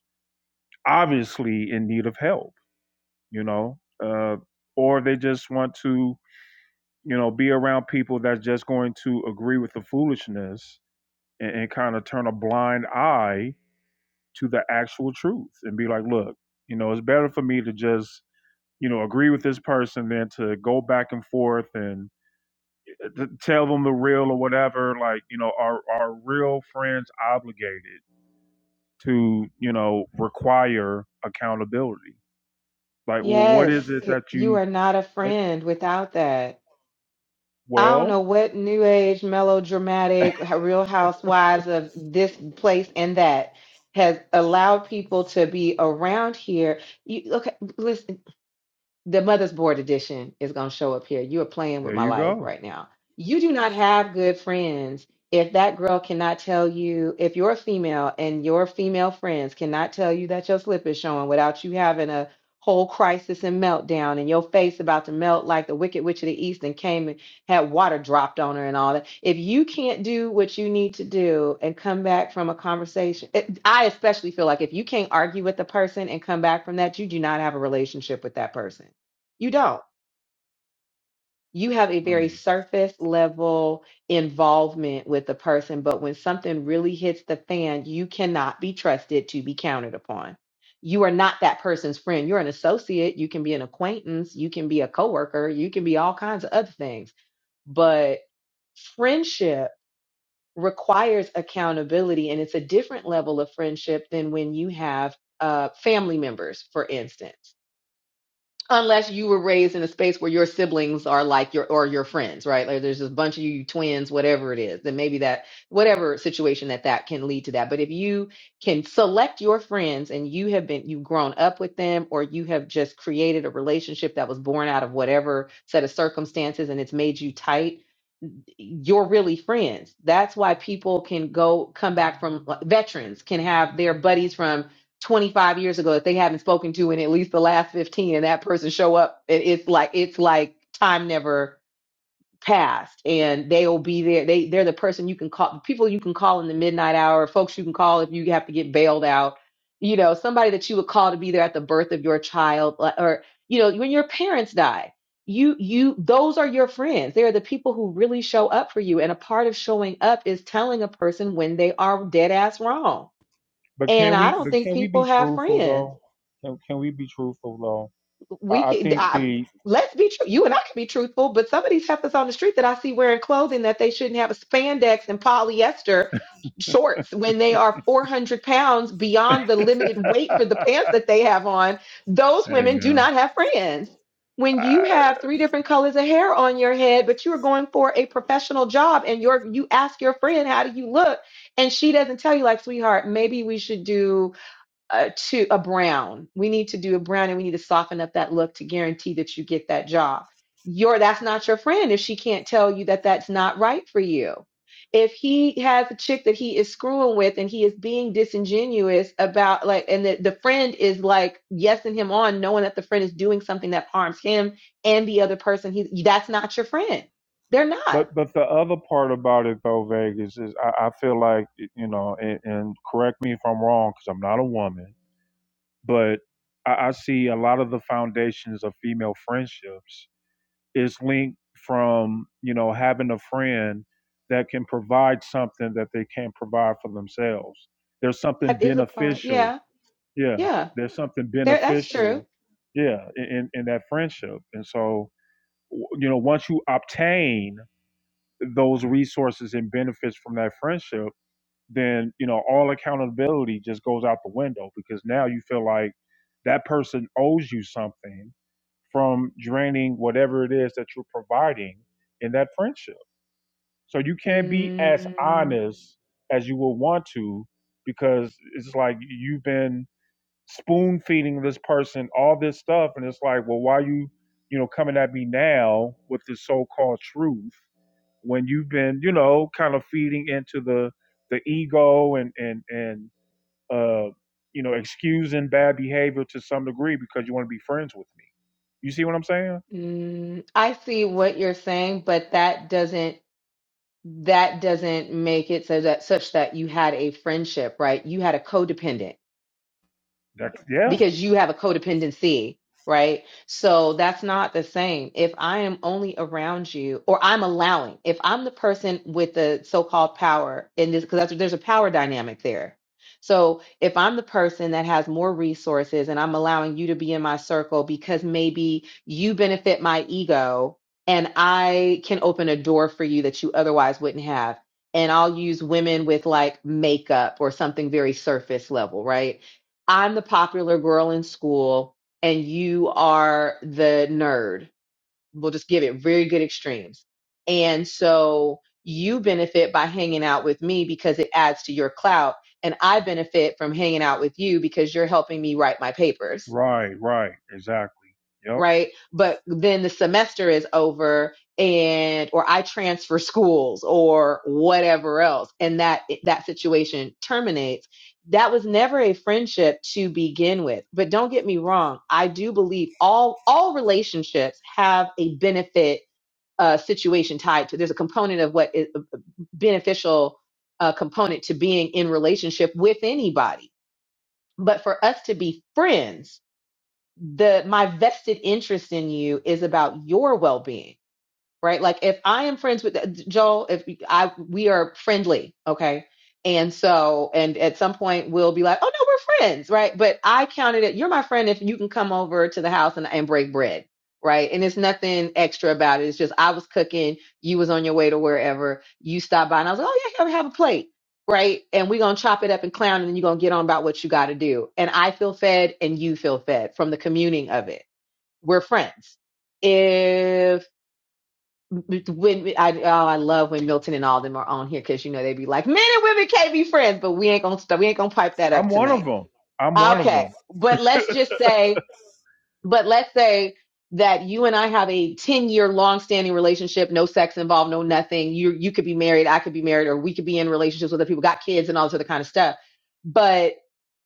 B: obviously in need of help? You know, uh, or they just want to you know be around people that's just going to agree with the foolishness and, and kind of turn a blind eye to the actual truth and be like, look, you know, it's better for me to just, you know, agree with this person than to go back and forth and t- tell them the real or whatever. Like, you know, are are real friends obligated to, you know, require accountability? Like, well, what is
S: Yes,
B: it
S: c-
B: that
S: you
B: you?
S: are not a
B: What?
S: friend without that. I don't
B: Well,
S: know what new age melodramatic h- real housewives of this place and that has allowed people to be around here. You okay, listen. the mother's board edition is going to show up here. You are playing with
B: there
S: my
B: you
S: life
B: go.
S: right now. You do not have good friends if that girl cannot tell you, if you're a female and your female friends cannot tell you that your slip is showing without you having a whole crisis and meltdown and your face about to melt like the wicked witch of the east and came and had water dropped on her and all that. If you can't do what you need to do and come back from a conversation, it, I especially feel like if you can't argue with the person and come back from that, you do not have a relationship with that person you don't. You have a very
B: Hmm.
S: surface level involvement with the person, but when something really hits the fan, you cannot be trusted to be counted upon. You are not that person's friend. You're an associate. You can be an acquaintance. You can be a coworker. You can be all kinds of other things. But friendship requires accountability, and it's a different level of friendship than when you have uh, family members, for instance unless you were raised in a space where your siblings are like your or your friends right like there's a bunch of you twins whatever it is then maybe that whatever situation that that can lead to that but if you can select your friends and you have been you've grown up with them or you have just created a relationship that was born out of whatever set of circumstances and it's made you tight you're really friends. That's why people can go come back from like, veterans can have their buddies from 25 years ago that they haven't spoken to in at least the last 15 and that person show up and it's like it's like time never past and they'll be there they they're the person you can call people you can call in the midnight hour folks you can call if you have to get bailed out you know somebody that you would call to be there at the birth of your child like- or you know when your parents die you you those are your friends they are the people who really show up for you and a part of showing up is telling a person when they are dead ass wrong
B: But
S: and
B: can
S: i
B: we?
S: don't
B: But
S: think
B: can we
S: people
B: be
S: have
B: truthful
S: friends
B: though? Can, can we be truthful though?
S: we
B: I, I
S: can
B: think
S: I,
B: the.
S: let's be true. You and I can be truthful, but some of these heifers on the street that I see wearing clothing that they shouldn't have spandex and polyester shorts when they are 400 pounds beyond the limited weight for the pants that they have on. Those
B: Hey
S: women do not
B: man.
S: have friends. When you have three different colors of hair on your head, but you are going for a professional job and you're you ask your friend, how do you look? And she doesn't tell you like, sweetheart, maybe we should do a to a brown. We need to do a brown and we need to soften up that look to guarantee that you get that job. Your that's not your friend if she can't tell you that that's not right for you. If he has a chick that he is screwing with and he is being disingenuous about like and the, the friend is like yesing him on knowing that the friend is doing something that harms him and the other person he that's not your friend. They're not.
B: But but the other part about it though, Vegas is I, I feel like you know, and, and correct me if I'm wrong because I'm not a woman, but I, I see a lot of the foundations of female friendships is linked from you know having a friend that can provide something that they can't provide for themselves. There's something
S: That is a part.
B: beneficial,
S: Yeah.
B: yeah.
S: Yeah.
B: There's something
S: There that's true.
B: beneficial, yeah, in in in that friendship, and so w- you know once you obtain those resources and benefits from that friendship, then you know all accountability just goes out the window because now you feel like that person owes you something from draining whatever it is that you're providing in that friendship. So you can't be as
S: Mm.
B: honest as you would want to because it's like you've been spoon feeding this person all this stuff and it's like, well, why are you, you know, coming at me now with this so called truth when you've been you know kind of feeding into the the ego and and and uh you know excusing bad behavior to some degree because you want to be friends with me you see what i'm saying
S: Mm, I see what you're saying, but that doesn't that doesn't make it so that such that you had a friendship, right? You had a codependent
B: that's yeah
S: because you have a codependency, right? So that's not the same. If I am only around you, or I'm allowing, if I'm the person with the so-called power in this, because that's, there's a power dynamic there. So if I'm the person that has more resources and I'm allowing you to be in my circle because maybe you benefit my ego and I can open a door for you that you otherwise wouldn't have. And I'll use women with like makeup or something very surface level, right? I'm the popular girl in school and you are the nerd. We'll just give it very good extremes. And so you benefit by hanging out with me because it adds to your clout. And I benefit from hanging out with you because you're helping me write my papers
B: right right exactly yep
S: right? But then the semester is over and or I transfer schools or whatever else and that that situation terminates. That was never a friendship to begin with. But don't get me wrong, I do believe all all relationships have a benefit uh, situation tied to there's a component of what is a beneficial uh, component to being in relationship with anybody but for us to be friends the my vested interest in you is about your well-being right? Like if I am friends with Joel, if I we are friendly, okay, and so and at some point we'll be like, oh no, we're friends, right? But I counted it. You're my friend if you can come over to the house and and break bread, right? And it's nothing extra about it. It's just I was cooking, you was on your way to wherever, you stopped by, and I was like, oh yeah, here, have a plate. Right. And we're going to chop it up and clown, and then you're going to get on about what you got to do. And I feel fed and you feel fed from the communing of it. We're friends if when I oh I love when Milton and all them are on here because you know they be like men and women can't be friends, but we ain't gonna st- we ain't gonna pipe that
B: i'm
S: up
B: one of
S: tonight.
B: them i'm one of
S: Okay,
B: them
S: but let's just say, but let's say that you and I have a ten year long standing relationship, no sex involved, no nothing. You you could be married, I could be married, or we could be in relationships with other people, got kids, and all this other kind of stuff. But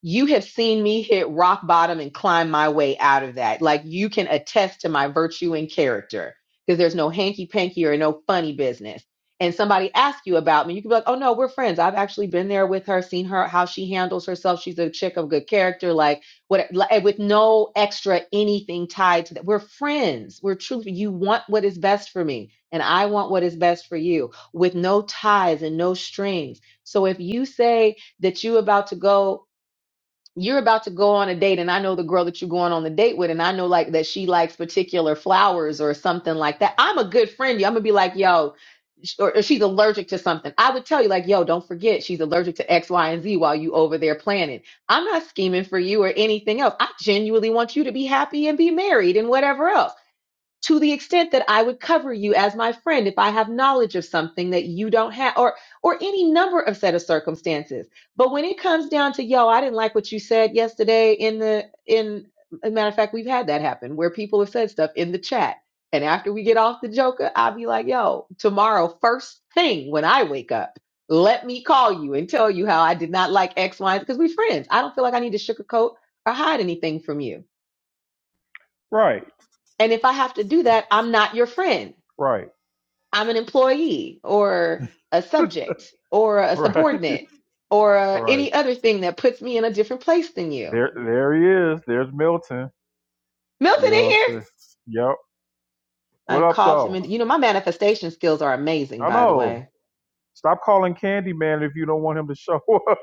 S: you have seen me hit rock bottom and climb my way out of that. Like you can attest to my virtue and character because there's no hanky panky or no funny business. And somebody asks you about me, you can be like, oh no, we're friends. I've actually been there with her, seen her, how she handles herself. She's a chick of good character, like what, like, with no extra anything tied to that. We're friends. We're truly, you want what is best for me, and I want what is best for you with no ties and no strings. So if you say that you about to go you're about to go on a date and I know the girl that you're going on the date with and I know like that she likes particular flowers or something like that. I'm a good friend. I'm gonna be like, yo, sh- or, or she's allergic to something. I would tell you like, yo, don't forget she's allergic to X, Y, and Z while you over there planning. I'm not scheming for you or anything else. I genuinely want you to be happy and be married and whatever else to the extent that I would cover you as my friend if I have knowledge of something that you don't have or or any number of set of circumstances. But when it comes down to yo, I didn't like what you said yesterday in the in as a matter of fact, we've had that happen where people have said stuff in the chat. And after we get off the joker, I'll be like, yo, tomorrow, first thing when I wake up, let me call you and tell you how I did not like X, Y, because we're friends. I don't feel like I need to sugarcoat or hide anything from you.
B: right
S: And if I have to do that, I'm not your friend.
B: right
S: I'm an employee or a subject or a
B: right
S: subordinate or uh,
B: right
S: any other thing that puts me in a different place than you.
B: there there he is there's milton you
S: Milton
B: know
S: in here?
B: what i'm saying yep what
S: I
B: up
S: called him.
B: though
S: And, you know, my manifestation skills are amazing,
B: i
S: by the
B: know
S: way.
B: stop calling Candyman if you don't want him to show up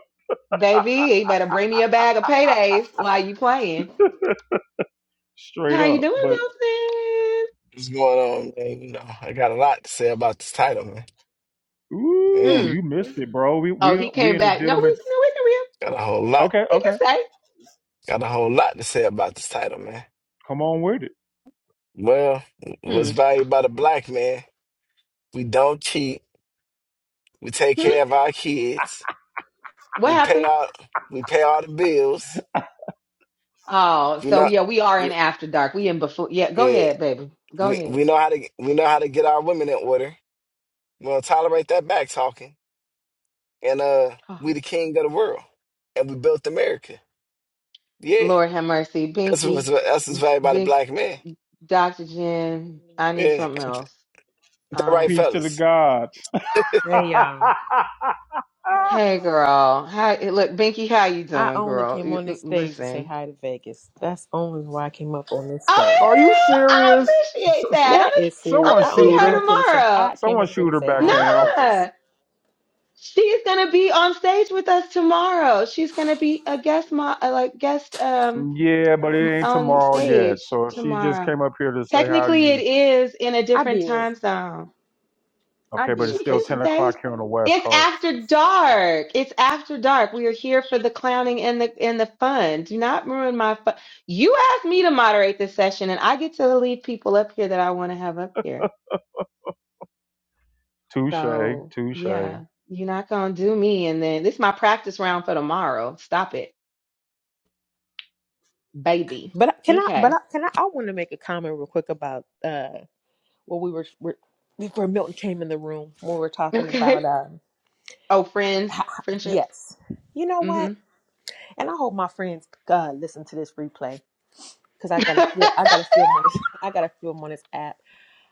S: Baby, you better bring me a bag of paydays while you playing.
B: straight
S: How you
B: up
S: doing,
B: but.
S: Milton?
T: What's going on, man? You know, I got a lot to say about this title, man. Yeah,
B: Ooh,
S: Mm.
B: you missed it, bro. We
S: Oh,
B: we
S: he
B: we
S: came
B: in the
S: back. No, we, you
B: gentleman's.
S: know,
T: got a whole lot,
B: Okay,
S: we
B: okay.
S: can
T: got a whole lot to say about this title, man.
B: Come on with it.
T: Well,
S: real. He can say,
T: what's valued by the black man? We don't cheat. We take
S: hmm, hmm,
T: care of our kids.
S: what
T: We pay
S: happened?
T: all, we pay all the bills.
S: Oh,
T: We
S: so
T: not,
S: yeah, we are in
T: we,
S: after dark. We in before. Yeah, go
T: yeah,
S: ahead, baby. Go
T: we, we
S: ahead.
T: know how to, we know how to get our women in order. We don't tolerate that back talking. And uh, we the king of the world, and we built America. Yeah,
S: Lord have mercy.
T: that's what's
S: Binky,
T: that's what's valued by the
S: Bink,
T: black man.
S: Dr. Jen, I need
T: Yeah,
S: something else.
T: All right,
S: Um,
B: Peace to the
T: fellas.
B: gods.
U: Hey y'all.
S: hey girl, how? eh, Look, Binky, how you
U: I
S: doing,
U: only
S: girl?
U: came
S: You-
U: on
S: mm,
U: this stage to say
S: Listen.
U: hi to Vegas. That's only why I came up on this
S: Oh,
U: stage.
S: hey
B: Are you
S: girl, I
B: serious? S-
S: appreciate
B: s-
S: that. I'm
U: That
S: gonna,
U: is
S: I'm
U: serious.
B: Someone
U: I
S: gonna see
U: only
B: shoot
U: came
B: her.
U: up here to
S: her
U: say
S: tomorrow.
U: I came
B: Someone
U: up here to
B: shoot her
U: say
B: back
U: hi to
B: down.
U: Vegas.
S: Nah, she is gonna be on stage with us tomorrow. She's gonna be a guest, mo- uh, like guest, um,
B: Yeah, but
S: m-
B: it ain't
S: on
B: tomorrow yet.
S: stage
B: So she just
S: tomorrow.
B: came up here to say hi to
S: Technically, it
B: you.
S: is in a
U: I
S: different
U: did.
S: time zone.
U: I
B: Okay, but it's
S: She
U: did
B: still
S: can
U: cuz
B: ten
U: she
S: stay.
B: o'clock here on the West
S: It's
B: Coast.
S: after dark. It's after dark. We are here for the clowning and the and the fun. Do not ruin my fun. You asked me to moderate this session, and I get to leave people up here that I want to have up here.
B: Touche,
S: So
B: touche.
S: yeah, you're not gonna do me. And then this is my practice round for tomorrow. Stop it, baby.
U: But I- can I but
S: Okay,
U: I, can I I want to make a comment real quick about uh what we were, were before Milton came in the room when we were talking
S: okay.
U: about um
S: Oh, friends, friendships.
U: yes. You know
S: hmm
U: what? And I hope my friends uh listen to this replay cuz I got to feel I got to film on this I got to film on this app.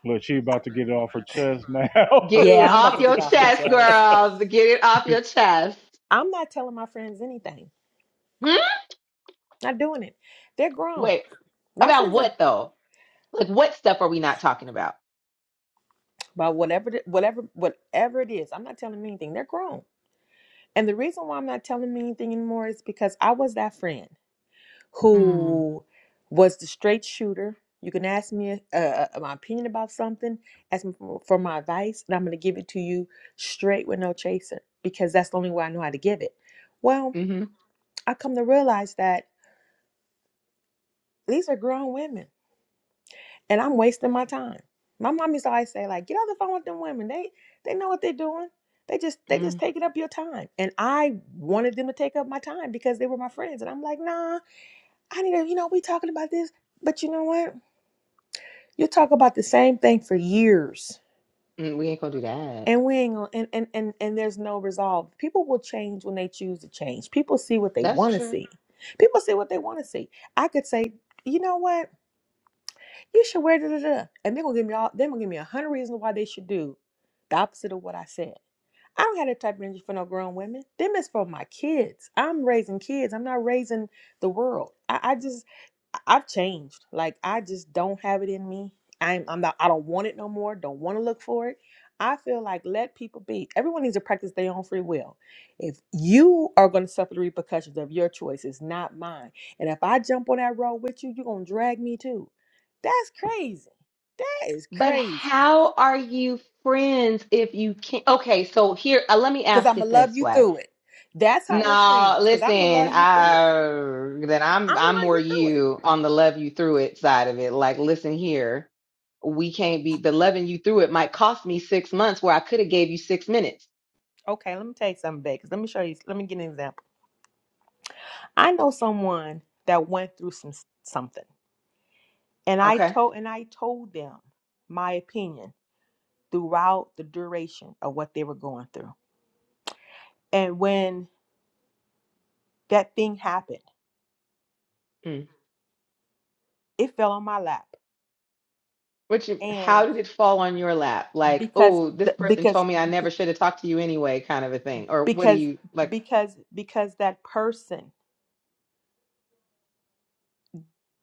B: Look, she about to get it off her chest now.
S: Get it
U: Yeah, I'm about
S: off
U: to
S: your
U: get off my
S: chest,
U: chest.
S: girls. Get it off your chest.
U: I'm not telling my friends anything. Not doing it. They're grown.
S: Wait,
U: My
S: about
U: friends are
S: what though? Like, what stuff are we not talking about?
U: about whatever, it- whatever, whatever it is. I'm not telling them anything. They're grown. And the reason why I'm not telling them anything anymore is because I was that friend
S: Mm,
U: who was the straight shooter. You can ask me uh, uh, my opinion about something, ask me for, for my advice, and I'm going to give it to you straight with no chaser because that's the only way I know how to give it. Well,
S: hmm
U: I come to realize that these are grown women and I'm wasting my time. My mom used to always say, like, get on the phone with them women. They they know what they're doing. They just they just
S: mm.
U: taking up your time. And I wanted them to take up my time because they were my friends. And I'm like, nah, I need to, you know, we talking about this. But you know what? You talk about the same thing for years.
S: Mm, we ain't gonna do that.
U: And we ain't gonna, and, and and and there's no resolve. People will change when they choose to change. People see what they
S: That's
U: wanna
S: true.
U: see. People see what they wanna see. I could say, you know what? You should wear da da da. And they're gonna give me all they're gonna give me a hundred reasons why they should do the opposite of what I said. I don't have that type of energy for no grown women. Them is for my kids. I'm raising kids. I'm not raising the world. I, I just I- I've changed. Like I just don't have it in me. I'm I'm not I don't want it no more. Don't want to look for it. I feel like let people be. Everyone needs to practice their own free will. If you are going to suffer the repercussions of your choice, it's not mine. And if I jump on that road with you, you're going to drag me too. That's crazy. That is
S: But
U: crazy.
S: how are you friends if you can't? Okay, so here, uh, let me
U: Cause
S: ask
U: I'ma
S: it
U: love
S: this
U: you
S: way.
U: through it. That's how we're
S: No,
U: friends. Cause I'ma
S: listen,
U: love you through it.
S: I then I'm
U: I'ma
S: I'm
U: love
S: more
U: you through it.
S: you on the love you through it side of it. Like, listen here, we can't be the loving you through it might cost me six months where I could have gave you six minutes.
U: Okay, let me tell you something, babe. 'cause let me show you. Let me give you an example. I know someone that went through some something, and I
S: Okay.
U: told and I told them my opinion throughout the duration of what they were going through. And when that thing happened, it fell on my lap.
S: Which, how
U: And
S: did it fall on your lap? Like,
U: because
S: oh, this person told
U: because
S: me I never should have talked to you anyway, kind of a thing. Or what do
U: because
S: you like?
U: because because that person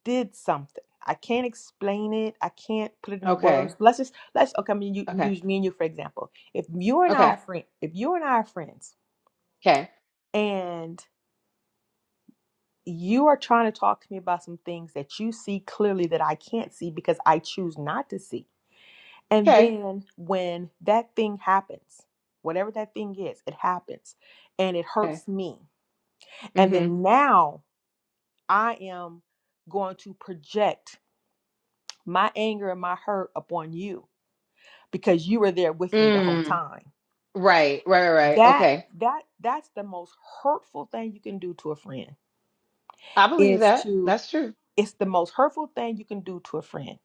U: did something. I can't explain it. I can't put it into words.
S: Okay,
U: Let's just let's okay. I mean, you
S: okay,
U: use me and you for example. If you and I
S: okay,
U: are friend, if you and I are friends,
S: okay,
U: and you are trying to talk to me about some things that you see clearly that I can't see because I choose not to see, and
S: okay,
U: then when that thing happens, whatever that thing is, it happens, and it
S: okay.
U: hurts me, and
S: Mm-hmm.
U: then now I am going to project my anger and my hurt upon you because you were there with me the whole
S: Mm.
U: time.
S: Right, right, right. right.
U: That
S: Okay,
U: that that's the most hurtful thing you can do to a friend.
S: I believe
U: Is
S: that.
U: to
S: That's true.
U: it's the most hurtful thing you can do to a friend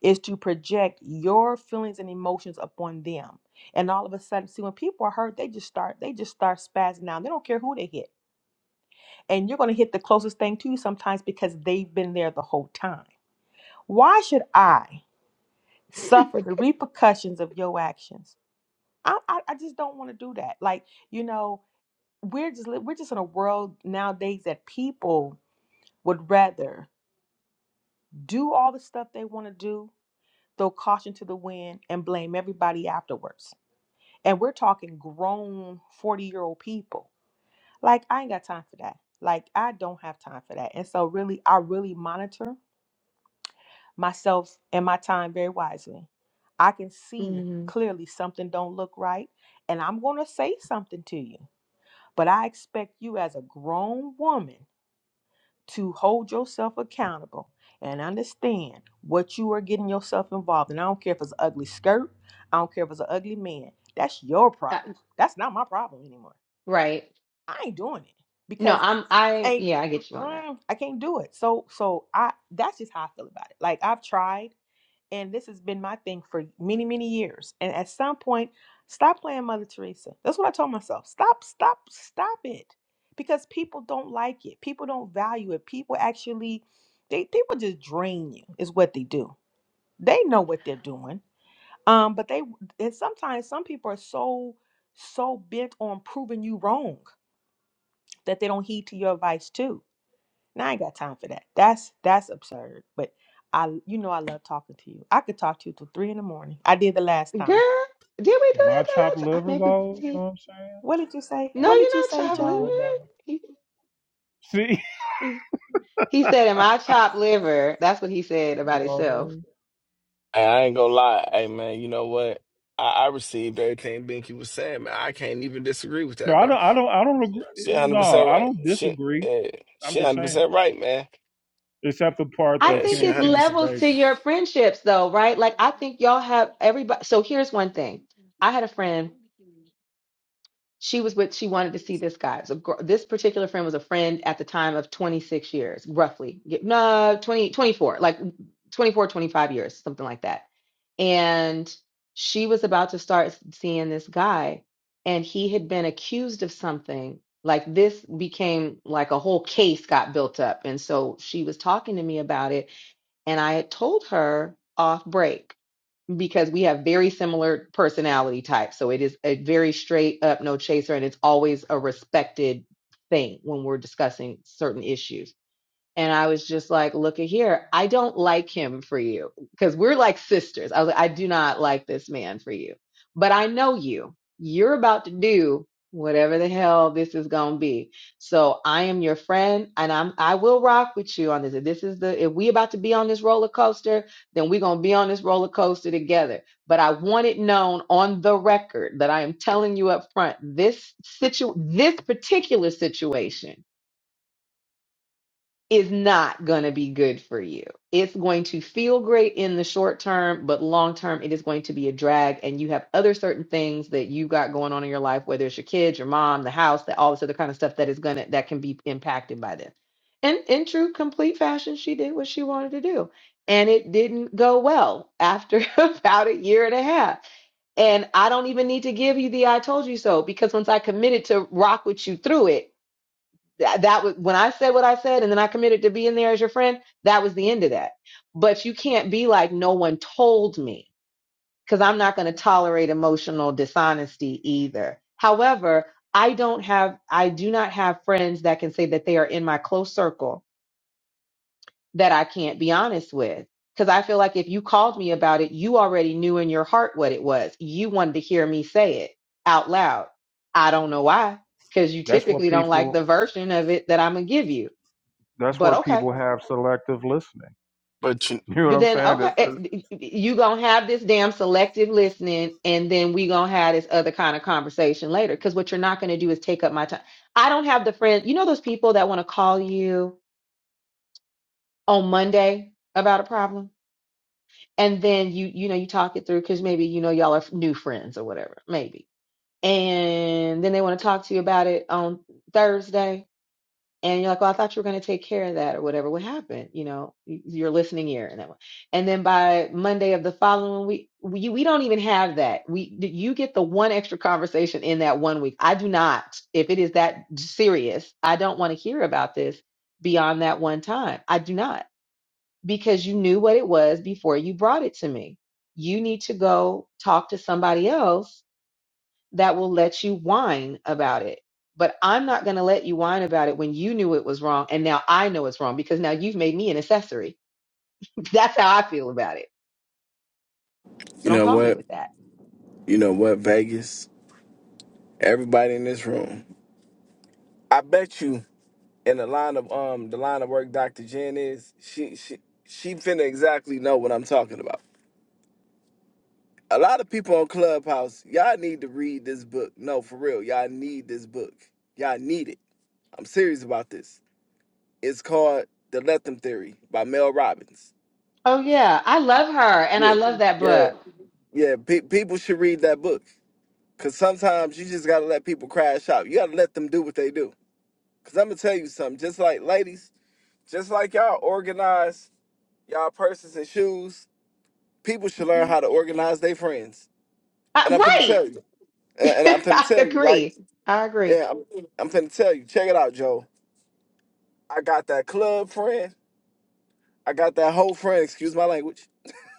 U: is to project your feelings and emotions upon them. And all of a sudden, see when people are hurt, they just start they just start spazzing out. They don't care who they hit. And you're gonna hit the closest thing to you sometimes because they've been there the whole time. Why should I suffer the repercussions of your actions? I, I, I just don't want to do that. Like, you know, we're just li- we're just in a world nowadays that people would rather do all the stuff they want to do, throw caution to the wind, and blame everybody afterwards. And we're talking grown forty year old people. Like I ain't got time for that. Like I don't have time for that. And so really, I really monitor myself and my time very wisely. I can see
S: hmm
U: clearly something don't look right, and I'm gonna say something to you. But I expect you as a grown woman to hold yourself accountable and understand what you are getting yourself involved in. I don't care if it's an ugly skirt, I don't care if it's an ugly man. That's your
S: Uh,
U: problem. That's not my problem anymore.
S: right.
U: I ain't doing it
S: No,
U: because
S: I'm. I
U: ain't
S: yeah, I get you on that,
U: mm, I can't do it. So so I that's just how I feel about it. Like I've tried. And this has been my thing for many, many years. And at some point, stop playing Mother Teresa. That's what I told myself. Stop, stop, stop it. Because people don't like it. People don't value it. People actually, they people just drain you, is what they do. They know what they're doing. Um, but they and sometimes some people are so so bent on proving you wrong that they don't heed to your advice too now I ain't got time for that. That's that's absurd. But I, you know, I love talking to you. I could talk to you till three in the morning. I did the last time.
S: girl. Did we do
B: Am I
S: that
B: chopped
S: that last time?
B: liver
S: Maybe we
B: though? You know
S: did.
B: what I'm saying?
U: What did you say?
S: No,
B: Like,
U: What did
S: you're
U: you
S: not
U: say,
S: chopped
B: Ain't not
U: Joe?
B: nobody.
S: liver. He,
B: See,
S: he, he said, "Am I chopped liver?" That's what he said
B: you
S: about
B: know what I
S: himself.
B: mean?
T: Hey, I ain't gonna lie. Hey, man, you know what? I, I received everything Binky was saying, man. I can't even disagree with
B: No,
T: that,
B: I
T: bro.
B: don't. I don't. I don't agree.
T: She
B: No,
T: 100%
B: I
T: right.
B: don't
T: She,
B: disagree.
T: yeah,
B: I'm
T: she
B: just saying,
T: 100% right, man.
B: except the part
S: I
B: that
T: Yeah,
B: she
S: think
T: she
B: only
S: it's
B: came
T: 100%.
B: for
S: levels to
B: babies.
S: your friendships, though, right? Like, I think y'all have everybody. So here's one thing. I had a friend. She was with. She wanted to see this guy. So gr- this particular friend was a friend at the time of 26 years, roughly. Get- No, 20, 24, like 24, 25 years, something like that. And she was about to start seeing this guy, and he had been accused of something. Like this became like a whole case got built up, and so she was talking to me about it and I had told her off break because we have very similar personality types. So it is a very straight up, no chaser. And it's always a respected thing when we're discussing certain issues. And I was just like, look at here. I don't like him for you because we're like sisters. I was like, I do not like this man for you, but I know you. You're about to do whatever the hell this is going to be. So I am your friend and I'm, I will rock with you on this. If this is the, if we about to be on this roller coaster, then we're going to be on this roller coaster together. But I want it known on the record that I am telling you up front, this situ, this particular situation is not going to be good for you. It's going to feel great in the short term, but long term, it is going to be a drag. And you have other certain things that you've got going on in your life, whether it's your kids, your mom, the house, that all this other kind of stuff that is going to, that can be impacted by this. And in true complete fashion, she did what she wanted to do. And it didn't go well after about a year and a half. And I don't even need to give you the I told you so because once I committed to rock with you through it, that, that was when I said what I said and then I committed to be in there as your friend, that was the end of that. But you can't be like, no one told me because I'm not going to tolerate emotional dishonesty either. However, I don't have, I do not have friends that can say that they are in my close circle that I can't be honest with. Because I feel like if you called me about it, you already knew in your heart what it was. You wanted to hear me say it out loud. I don't know why, because you
B: That's where
S: typically don't like the
B: people.
S: version of it that I'm going to give you
B: That's
S: but
B: where
S: okay.
B: people have selective listening.
T: But you,
B: You know what
S: But
B: I'm
S: then
B: saying?
S: okay,
B: That- that-
S: eh, you gonna have this damn selective listening, and then we gonna have this other kind of conversation later. Because what you're not gonna do is take up my time. I don't have the friend. You know those people that want to call you on Monday about a problem, and then you you know you talk it through because maybe you know y'all are new friends or whatever, maybe. And then they want to talk to you about it on Thursday, and you're like, well, I thought you were going to take care of that or whatever. What happened? You know, y- your listening ear and that one. And then by Monday of the following week, we we don't even have that. We you get the one extra conversation in that one week. I do not. If it is that serious, I don't want to hear about this beyond that one time. I do not because you knew what it was before you brought it to me. You need to go talk to somebody else that will let you whine about it. But I'm not going to let you whine about it when you knew it was wrong and now I know it's wrong because now you've made me an accessory. That's how I feel about it. So
T: you
S: don't
T: know
S: call me
T: what?
S: with that.
T: You know what, Vegas? Everybody in this room. I bet you in the line of um the line of work Dr. Jen is, she she she finna exactly know what I'm talking about. a lot of people on Clubhouse, y'all need to read this book. No, for real, y'all need this book. Y'all need it. I'm serious about this. It's called The Lethem Theory by Mel Robbins.
S: Oh yeah, I love her and I
T: Yeah,
S: love that
T: yeah,
S: book.
T: yeah. Pe- people should read that book because sometimes you just gotta let people crash out. You gotta let them do what they do. Cause I'm gonna tell you something. Just like ladies, just like y'all organize y'all purses and shoes, people should learn
S: Mm-mm.
T: how to organize their friends. And I'm finna
S: I,
T: tell you. And,
S: right.
T: and I'm finna
S: I
T: tell you, right?
S: agree. I agree.
T: Yeah, I'm finna tell you. Check it out, Joe. I got that club friend. I got that whole friend. Excuse my language.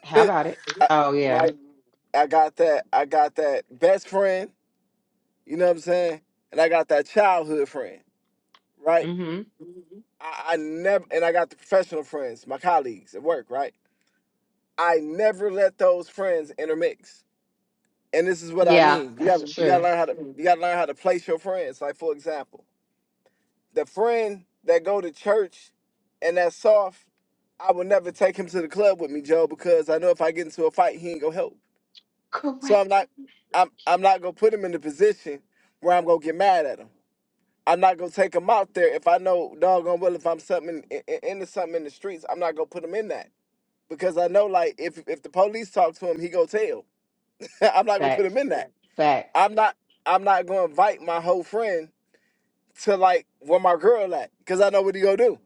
S: How
T: I,
S: about it? Oh
T: my-
S: yeah.
T: I got that. I got that best friend. You know what I'm saying? And I got that childhood friend, right?
S: Mhm.
T: I, I never. And I got the professional friends, my colleagues at work, right? I never let those friends intermix. And this is what I
S: Yeah,
T: mean.
S: that's
T: You gotta
S: true.
T: learn how You gotta learn how to place your friends. Like for example. The friend that go to church and that's soft, I would never take him to the club with me, Joe, because I know if I get into a fight, he ain't gonna help. So
S: Correct.
T: I'm not I'm I'm not gonna put him in the position where I'm gonna get mad at him. I'm not gonna take him out there if I know doggone well if I'm something in, in, into something in the streets, I'm not gonna put him in that. Because I know like if if the police talk to him, he go tell. I'm not gonna put
S: Facts.
T: him in that.
S: Facts.
T: I'm not I'm not gonna invite my whole friend to like where my girl at, because I know what he gonna do.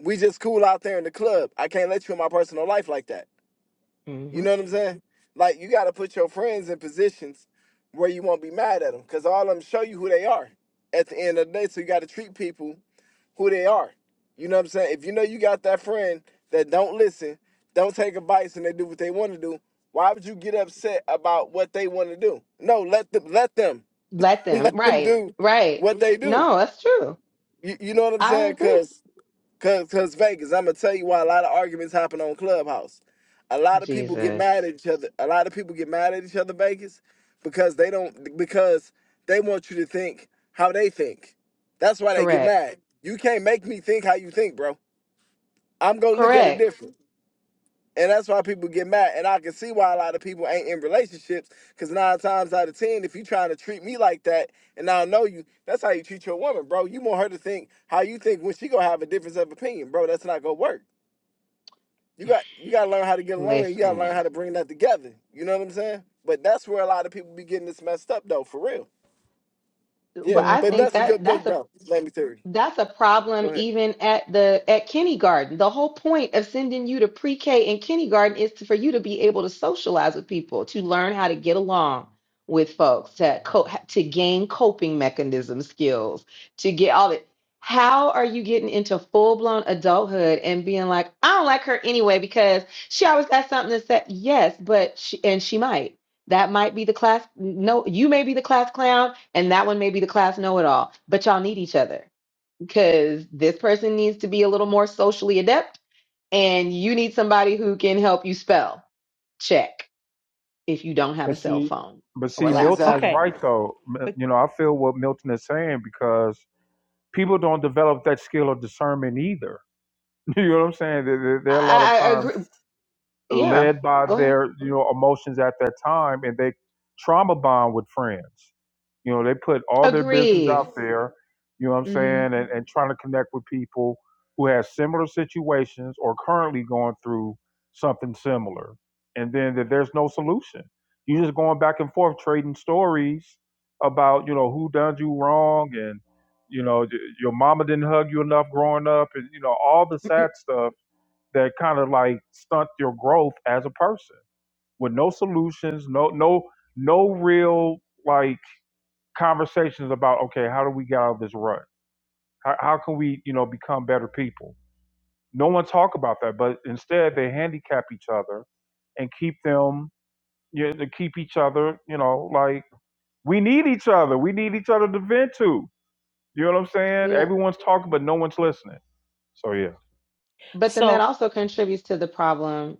T: we just cool out there in the club. I can't let you in my personal life like that. You know
S: Mhm.
T: what I'm saying? Like you got to put your friends in positions where you won't be mad at them, because all of them show you who they are at the end of the day. So you got to treat people who they are. You know what I'm saying? If you know you got that friend that don't listen, don't take advice, and they do what they want to do, why would you get upset about what they want to do? No, let them let them
S: Let them.
T: let them
S: Right.
T: do
S: Right.
T: what they do.
S: No, that's true.
T: You, you know what I'm
S: I agree.
T: saying? Cause, cause Vegas, I'm gonna tell you why a lot of arguments happen on Clubhouse. A lot of people get
S: Jesus.
T: mad at each other. A lot of people get mad at each other, Vegas, because they don't because they want you to think how they think. That's why they get
S: Correct.
T: mad. You can't make me think how you think, bro. I'm gonna look at it
S: Correct.
T: different. And that's why people get mad. And I can see why a lot of people ain't in relationships. Cause nine times out of ten, if you trying to treat me like that and I don't know you, that's how you treat your woman, bro. You want her to think how you think when she gonna have a difference of opinion, bro. That's not gonna work you got you got to learn how to get along and you got to learn
S: Listen.
T: how to bring that together you know what i'm saying but that's where a lot of people be getting this messed up though for real
S: But
T: yeah
S: I
T: but
U: Mm-hmm.
S: think
T: that's a
S: that
T: good
S: that's
T: book
S: a
T: though let me tell you
S: That's a
T: go
S: problem
T: ahead
S: even at the at kindergarten. The whole point of sending you to pre-K and kindergarten is to, for you to be able to socialize with people, to learn how to get along with folks, to co- to gain coping mechanism skills, to get all that. How are you getting into full-blown adulthood and being like, I don't like her anyway because she always got something to say. Yes, but she and she might. That might be the class. No, you may be the class clown, and that one may be the class know-it-all. But y'all need each other because this person needs to be a little more socially adept and you need somebody who can help you spell check if you don't have a
B: But
S: cell
B: see,
S: phone
B: but
S: or
B: see, Milton
S: laptop.
B: is
T: exactly
U: Okay,
B: right though. M-
U: but
B: You know, I feel what Milton is saying because people don't develop that skill of discernment either. You know what I'm saying? There, there, there are a lot of
S: I, I I
B: times
S: agree. Yeah,
B: led by
S: go ahead.
B: their you know emotions at that time and they trauma bond with friends you know they put all their business
S: Agreed.
B: out there you know what i'm
S: hmm
B: saying and, and trying to connect with people who have similar situations or currently going through something similar and then that there's no solution you're just going back and forth trading stories about you know who done you wrong and you know y- your mama didn't hug you enough growing up and you know all the sad stuff that kind of like stunt your growth as a person with no solutions, no no no real like conversations about okay, how do we get out of this rut? How, how can we you know become better people? No one talk about that, but instead they handicap each other and keep them you know, to keep each other you know like we need each other. We need each other to vent to. You know what I'm saying?
S: well,
B: Everyone's talking, but no one's listening. So yeah,
S: but then that
U: so
S: also contributes to the problem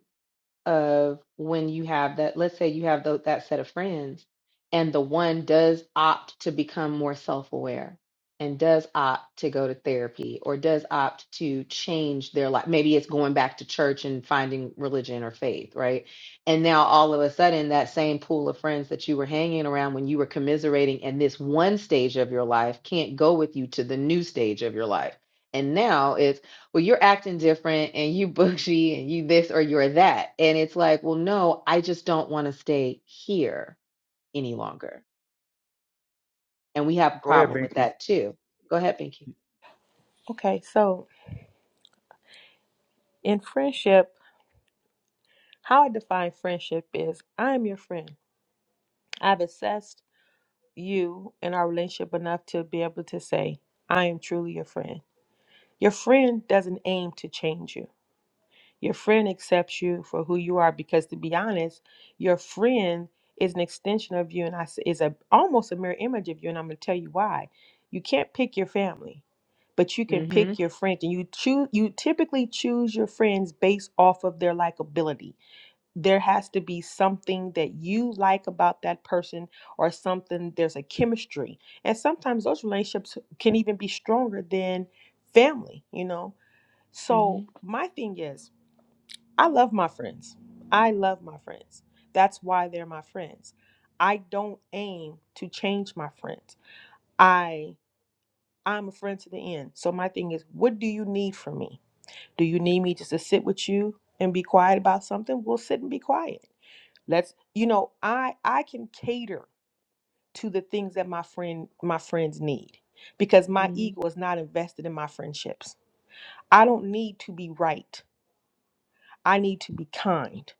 S: of when you have that, let's say you have tho- that set of friends, and the one does opt to become more self aware and does opt to go to therapy or does opt to change their life. Maybe it's going back to church and finding religion or faith, right? And now all of a sudden, that same pool of friends that you were hanging around when you were commiserating in this one stage of your life can't go with you to the new stage of your life. And now it's well, you're acting different and you bougie and you this or you're that. And it's like, well, no, I just don't want to stay here any longer. And we have a
B: go ahead,
S: problem with
B: Binky.
S: that too. Go ahead, Pinky.
U: okay, so in friendship, how I define friendship is I am your friend. I've assessed you and our relationship enough to be able to say I am truly your friend. Your friend doesn't aim to change you. Your friend accepts you for who you are because, to be honest, your friend is an extension of you, and I s- is a almost a mirror image of you. And I'm going to tell you why. You can't pick your family, but you can
S: Mm-hmm.
U: pick your friends, and you choose. You typically choose your friends based off of their likability. There has to be something that you like about that person, or something. There's a chemistry, and sometimes those relationships can even be stronger than family. You know.
S: Mm-hmm.
U: So my thing is. I love my friends. I love my friends. That's why they're my friends. I don't aim to change my friends. I I'm a friend to the end. So my thing is, what do you need from me? Do you need me just to sit with you and be quiet about something? We'll sit and be quiet. Let's you know, I I can cater to the things that my friend my friends need because my
S: Mm-hmm.
U: ego is not invested in my friendships. I don't need to be right. I need to be kind.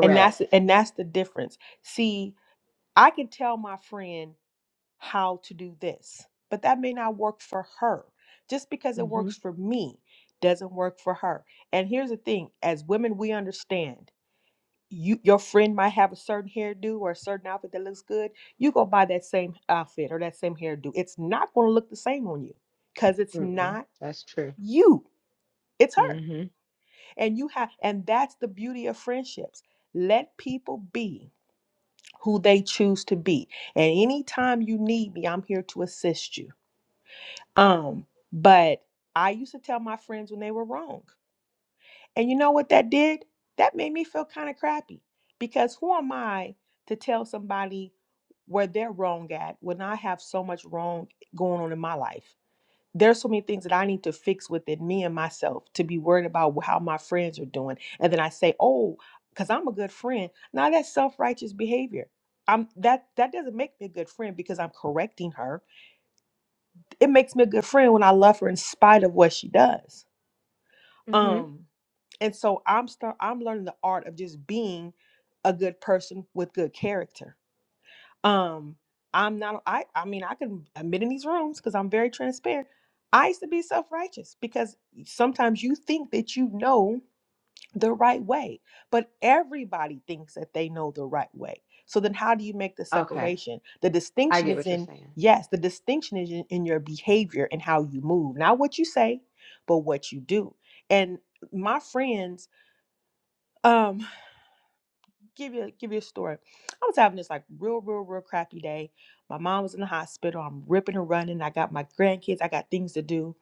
U: and that's and that's the difference see i can tell my friend how to do this but that may not work for her just because it
S: Mm-hmm.
U: works for me doesn't work for her and here's the thing as women we understand you your friend might have a certain hairdo or a certain outfit that looks good you go buy that same outfit or that same hairdo it's not going to look the same on you because it's
S: Mm-mm.
U: not
S: That's true.
U: you it's her
S: Mm-hmm.
U: and you have and that's the beauty of friendships let people be who they choose to be. And anytime you need me, I'm here to assist you. Um, but I used to tell my friends when they were wrong. And you know what that did? That made me feel kind of crappy because who am I to tell somebody where they're wrong at when I have so much wrong going on in my life? there's so many things that I need to fix within me and myself to be worried about how my friends are doing. And then I say, oh, because I'm a good friend. Now that's self-righteous behavior. I'm that that doesn't make me a good friend because I'm correcting her. It makes me a good friend when I love her in spite of what she does.
S: Mm-hmm.
U: Um, and so I'm start I'm learning the art of just being a good person with good character um, I'm not I I mean I can admit in these rooms because I'm very transparent. I used to be self-righteous because sometimes you think that you know the right way, but everybody thinks that they know the right way. So then how do you make the
S: Okay.
U: separation? The
S: I
U: distinction
S: get
U: is
S: what you're
U: in
S: saying.
U: yes, the distinction is in, in your behavior and how you move. Not what you say, but what you do. And my friends um, give you give you a story. I was having this like real, real, real crappy day. My mom was in the hospital. I'm ripping and running. I got my grandkids. I got things to do,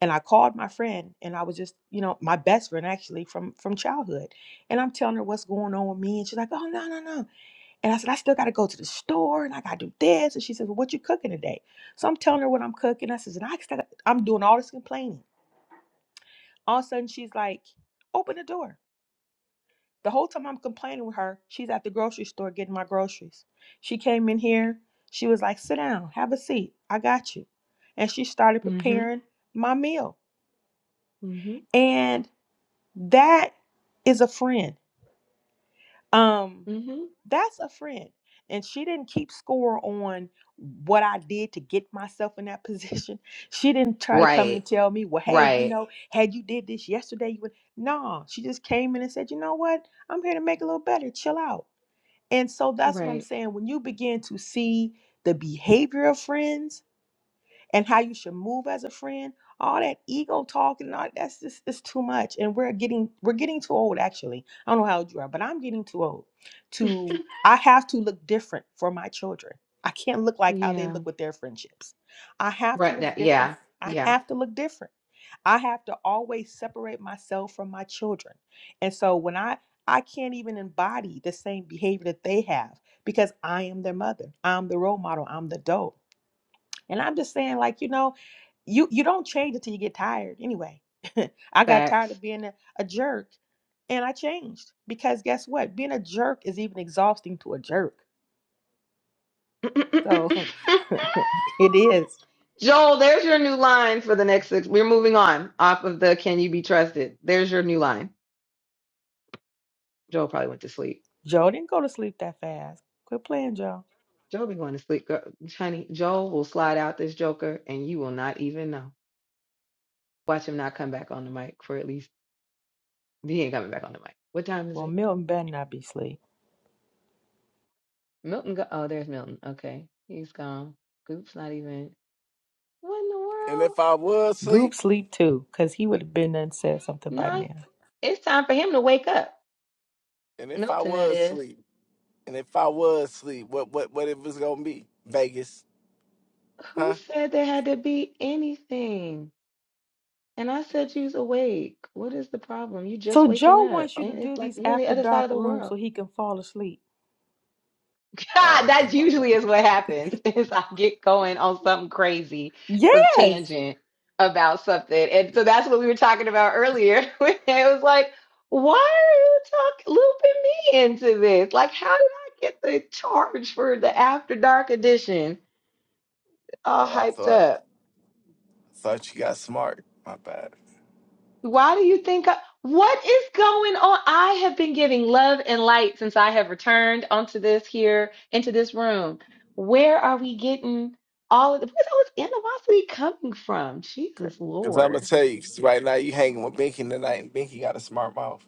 U: and I called my friend, and I was just you know my best friend actually from from childhood, and I'm telling her what's going on with me, and she's like, oh no, no, no, and I said I still got to go to the store, and I got to do this, and she says, well, what you cooking today? So I'm telling her what I'm cooking. I says, and I still got- I'm doing all this complaining. All of a sudden she's like, open the door. The whole time I'm complaining with her, she's at the grocery store getting my groceries. She came in here. She was like, sit down, have a seat. I got you. And she started
S: Mm-hmm.
U: preparing my meal.
S: Mm-hmm.
U: And that is a friend. Um,
S: Mm-hmm.
U: that's a friend. And she didn't keep score on what I did to get myself in that position. She didn't try to come
S: Right.
U: and tell me, well, hey, you
S: Right.
U: know, had you did this yesterday, you would. No, she just came in and said, you know what? I'm here to make it a little better. Chill out. And so that's what I'm
S: Right.
U: saying. When you begin to see the behavior of friends, and how you should move as a friend all that ego talking and all that's just it's too much and we're getting we're getting too old actually i don't know how old you are but i'm getting too old to i have to look different for my children i can't look like how they
S: Yeah.
U: look with their friendships i have to
S: Right.
U: look
S: That
U: different
S: yeah.
U: i
S: Yeah.
U: have to look different i have to always separate myself from my children and so when i i can't even embody the same behavior that they have because i am their mother i'm the role model i'm the dope and I'm just saying, like, you know, you you don't change until you get tired anyway. I got tired
S: Facts.
U: of being a, a jerk and I changed because guess what? Being a jerk is even exhausting to a jerk. So it is.
S: Joel, there's your new line for the next six. We're moving on off of the can you be trusted. There's your new line. Joel probably went to sleep.
U: Joe didn't go to sleep that fast. Quit playing, Joe.
S: Joel be going to sleep. Girl, honey, Joel will slide out this joker and you will not even know. Watch him not come back on the mic for at least he ain't coming back on the mic. What time is
U: Well,
S: it?
U: Milton better not be asleep.
S: Milton go oh, there's Milton. Okay. He's gone. Goop's not even what in the
T: and
S: world?
T: if i was
U: Goop
T: sleep
U: sleep too, because he would have been there and said something by
S: No.
U: now.
S: It's time for him to wake up.
T: and if i
S: Milton that
T: was
S: is.
T: sleep and if i was sleep what what what if it's gonna be vegas
S: Who
T: huh
S: said there had to be anything? And I said, you's awake. What is the problem? You just
U: So
S: waking
U: Joe
S: up.
U: wants you to
S: And it's
U: do
S: like
U: these
S: you're on the
U: after
S: other side
U: dark
S: of the
U: rooms so
S: world.
U: he can fall asleep.
T: oh okay
S: that
T: my
S: usually is what happens is I get going on something crazy, some
U: Yes,
S: tangent about something. And so that's what we were talking about earlier. when it was like, why are you talking looping me into this? Like, how did I get the charge for the after dark edition?
T: bad.
S: All
T: oh i
S: hyped
T: thought
S: up.
T: thought you got smart my bad
S: Why do you think I, what is going on? I have been giving love and light since I have returned onto this here, into this room. Where are we getting all of the, where's all this animosity coming from?
T: Okay,
S: Jesus
T: because i'm gonna
S: Lord.
T: tell you 'cause right now you hanging with binky tonight and binky got a smart mouth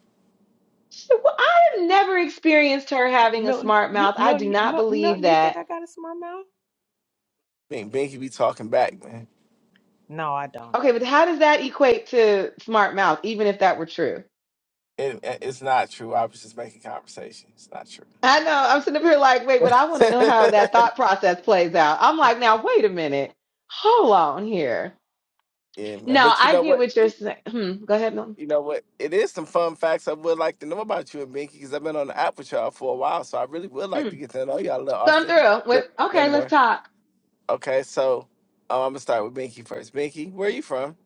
S: She- well, I have never experienced her having a
U: Milton.
S: smart
U: You,
S: mouth. I
U: Milton,
S: do
U: you-
S: not
U: Mil-
S: believe
U: Milton. You think
S: that.
U: I got a smart mouth?
T: Bink, binky be talking back man
U: No, I don't.
S: Okay, but how does that equate to smart mouth, even if that were true?
T: It, it's not true. I was just making conversation. It's not true.
S: I know I'm sitting up here like, wait, but I want to know how that thought process plays out. I'm like, now, wait a minute. Hold on here
T: yeah, man.
S: No,
T: But you
S: I
T: know
S: get
T: what?
S: what you're saying. Hmm, go ahead, Milton.
T: You know what? It is some fun facts I would like to know about you and Binky because I've been on the app with y'all for a while, so I really would like to
S: Mm,
T: get to know y'all a little
S: come
T: often,
S: through
T: a
S: with
T: little,
S: okay.
T: little
S: Let's
T: more.
S: talk.
T: Okay, so um, I'm gonna start with Binky first. Binky, where are you from?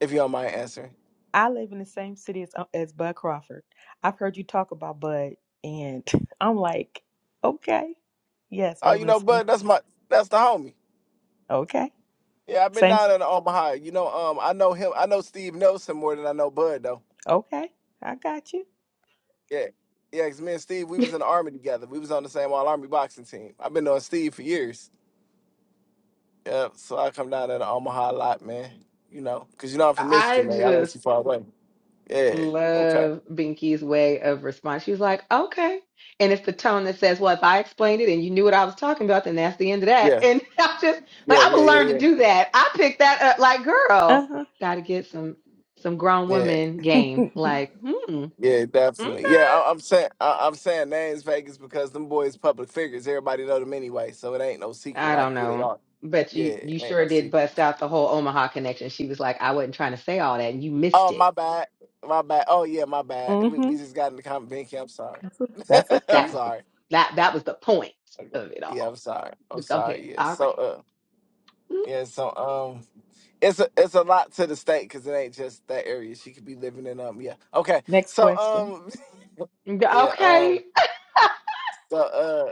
T: If you don't mind answering.
U: I live in the same city as uh, as Bud Crawford. I've heard you talk about Bud, and I'm like, okay, yes, I
T: Oh,
U: live
T: you
U: in the
T: know,
U: same.
T: Bud, that's my that's the homie.
U: Okay,
T: Yeah, I've been
U: same.
T: down in Omaha. You know, um, I know him. I know Steve Nelson more than I know Bud
U: Okay, I got you.
T: Yeah. Yeah, because me and Steve, we was in the army together. We was on the same all army boxing team. I've been knowing Steve for years. Yeah, so I come down there to Omaha a lot, man. You know, because you know I'm from Michigan,
S: I
T: man. I
S: just
T: like, yeah. Okay.
S: love Binky's way of response. She's like, okay, and it's the tone that says, well, if I explained it and you knew what I was talking about, then that's the end of that.
T: Yeah.
S: And I just like
T: Yeah.
S: I
T: Yeah.
S: would
T: Yeah.
S: learn to
T: Yeah.
S: do that. I picked that up. Like,
U: Uh
S: girl,
U: huh.
S: got to get some some grown
T: Yeah.
S: woman game. Like, hmm,
T: Yeah.
S: okay.
T: Definitely. Yeah. I, I'm saying I, I'm saying names Vegas because them boys public figures. Everybody know them anyway, so it ain't no secret
S: I
T: like
S: don't
T: who they
S: know.
T: are.
S: But
T: Yeah,
S: you
T: it
S: you
T: ain't no
S: sure did
T: secret.
S: bust out the whole Omaha connection. She was like, I wasn't trying to say all that, and you missed
T: Oh,
S: it.
T: my bad. My bad. Oh yeah, my bad.
U: Mm
T: We, we
U: hmm.
T: just got in the comment. Binky, I'm sorry.
U: That's, o- that's
T: I'm
S: That
U: okay.
S: was the
T: sorry.
S: that that was the point of it
T: Yeah, I'm
S: all.
T: sorry. I'm
S: But go ahead.
T: sorry. Yeah.
S: All right.
T: So uh yeah, so um it's a it's a lot to the state because it ain't just that area. She could be living in um yeah. Okay.
U: Next
T: So
U: question.
T: um
S: Mm,
T: yeah,
S: Okay.
T: um so uh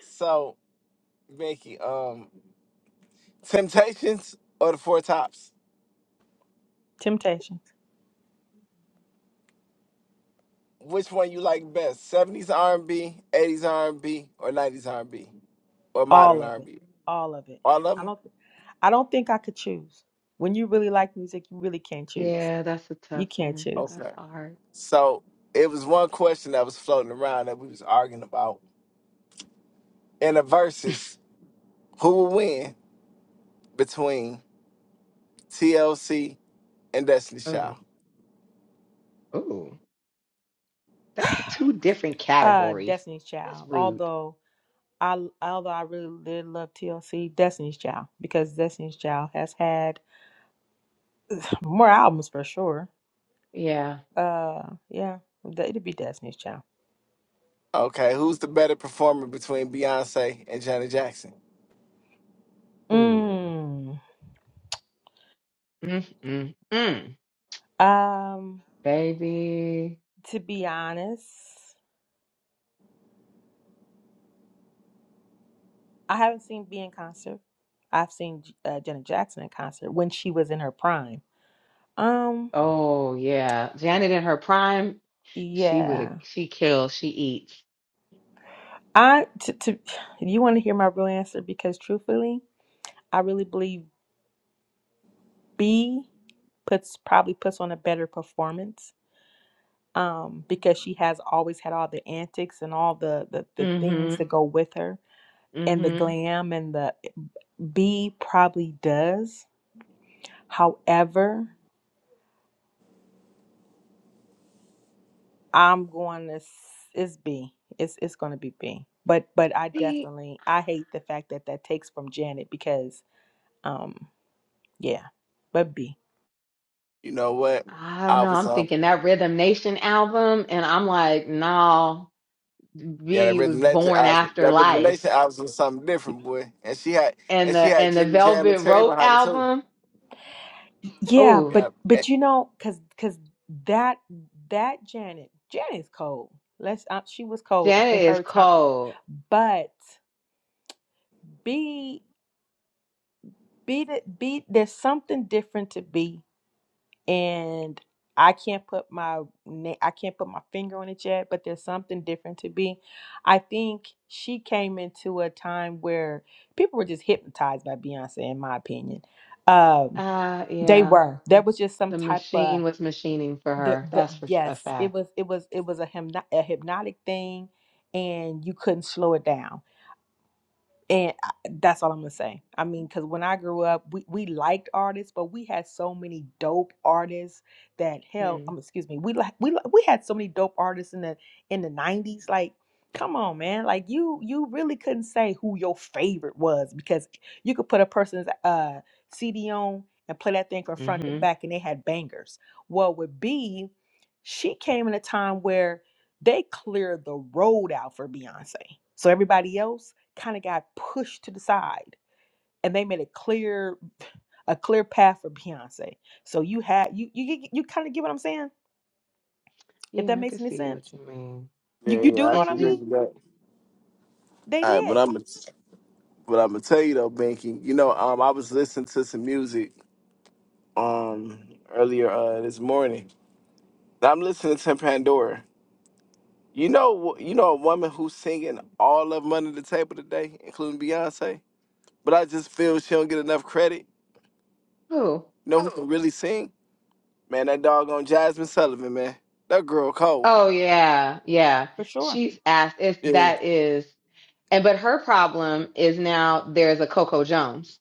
T: so Mickey, um Temptations or the Four Tops?
U: Temptation.
T: Which one you like best? 70s R&B, 80s R&B, or 90s R&B, or
U: All
T: modern
U: of it.
T: R&B?
U: All of it.
T: All of
U: I
T: them?
U: don't th- I don't think I could choose. When you really like music, you really can't choose.
S: Yeah, that's a tough
U: You can't
S: one.
U: choose.
S: That's
T: Okay.
S: hard.
T: So it was one question that was floating around that we was arguing about in the verses Who will win between TLC and Destiny Child?
S: Oh, oh, that's two different
U: Uh
S: categories.
U: Destiny's
S: That's
U: Child.
S: rude.
U: Although I although I really did love TLC, Destiny's Child because Destiny's Child has had more albums for sure.
S: Yeah.
U: Uh yeah, th- it'd be Destiny's Child.
T: Okay, who's the better performer between Beyonce and Janet Jackson?
S: Oh.
U: Mm.
S: Mm, mm, mm.
U: Um
S: Baby.
U: to be honest, I haven't seen B in concert. I've seen J- uh, Janet Jackson in concert when she was in her prime Um,
S: Oh yeah. Janet in her prime, she would have.
U: yeah.
S: She kills. She eats.
U: I to, to you want to hear my real answer because truthfully, I really believe B puts probably puts on a better performance. Um, because she has always had all the antics and all the, the the things
S: Mm-hmm.
U: that go with her and the
S: Mm-hmm.
U: glam and the B probably does. However, I'm going to s- it's B. It's it's going to be B. But but I
S: See,
U: definitely I hate the fact that that takes from Janet because um Yeah, but B.
T: You know what?
S: I don't
T: I
S: know.
T: was
S: I'm
T: um
S: thinking that Rhythm Nation album, and I'm like, no.
T: yeah, that
S: B
T: rhythm
S: was
T: nation
S: born
T: album,
S: after
T: that rhythm
S: life.
T: nation album was something different, boy. And she had
S: And
T: and she
S: the
T: had
S: and the
T: Jimmy Jam and
S: Velvet
T: Terry
S: Rope
T: behind it too.
S: album,
U: Yeah,
S: ooh,
T: Yeah,
U: but
T: eh,
U: but you know, cause cause that that Janet Janet's cold. Let's uh, she was cold
S: Janet
U: in
S: is
U: her time,
S: cold.
U: but B B the- B there's something different to B, and I can't put my na- I can't put my finger on it yet. But there's something different to B. I think she came into a time where people were just hypnotized by Beyonce, in my opinion. Um,
S: Uh
U: they
S: yeah.
U: were. There
S: The
U: was just some
S: the
U: type of
S: machine was machining for
U: the,
S: her.
U: the
S: That's for s- a
U: yes it
S: fact.
U: was it was it was a, hypno- a hypnotic thing and you couldn't slow it down and I- that's all I'm gonna say. I mean, because when I grew up, we, we liked artists, but we had so many dope artists that hell,
S: Mm.
U: um, excuse me, we like we li- we had so many dope artists in the in the '90s. Like, come on, man! Like you you really couldn't say who your favorite was because you could put a person's uh CD on and play that thing from front to
S: hmm
U: back, and they had bangers. Well, with B, she came in a time where they cleared the road out for Beyonce. So everybody else kind of got pushed to the side and they made a clear a clear path for Beyonce. So you had you you get- you kind of get what I'm saying? If that
S: Yeah, I can
U: makes any
S: see what
U: sense.
S: you mean.
T: yeah,
U: You you
T: yeah,
U: do know
T: I
U: what
S: It's
T: can
U: I
T: agree
S: just
U: mean?
T: with that.
U: They
T: All right, but
U: did.
T: I'm gonna but I'm gonna tell you though, Binky. You know, um, I was listening to some music um earlier uh this morning. I'm listening to Pandora You know, you know a woman who's singing all of Money to the Table today, including Beyonce. But I just feel she don't get enough credit.
S: who?
T: You know who can really sing? Man, that doggone Jasmine Sullivan, man. That girl Cole.
S: Oh yeah, yeah.
U: For sure.
S: She's asked if
T: Yeah,
S: that is and but her problem is now there's a Coco Jones.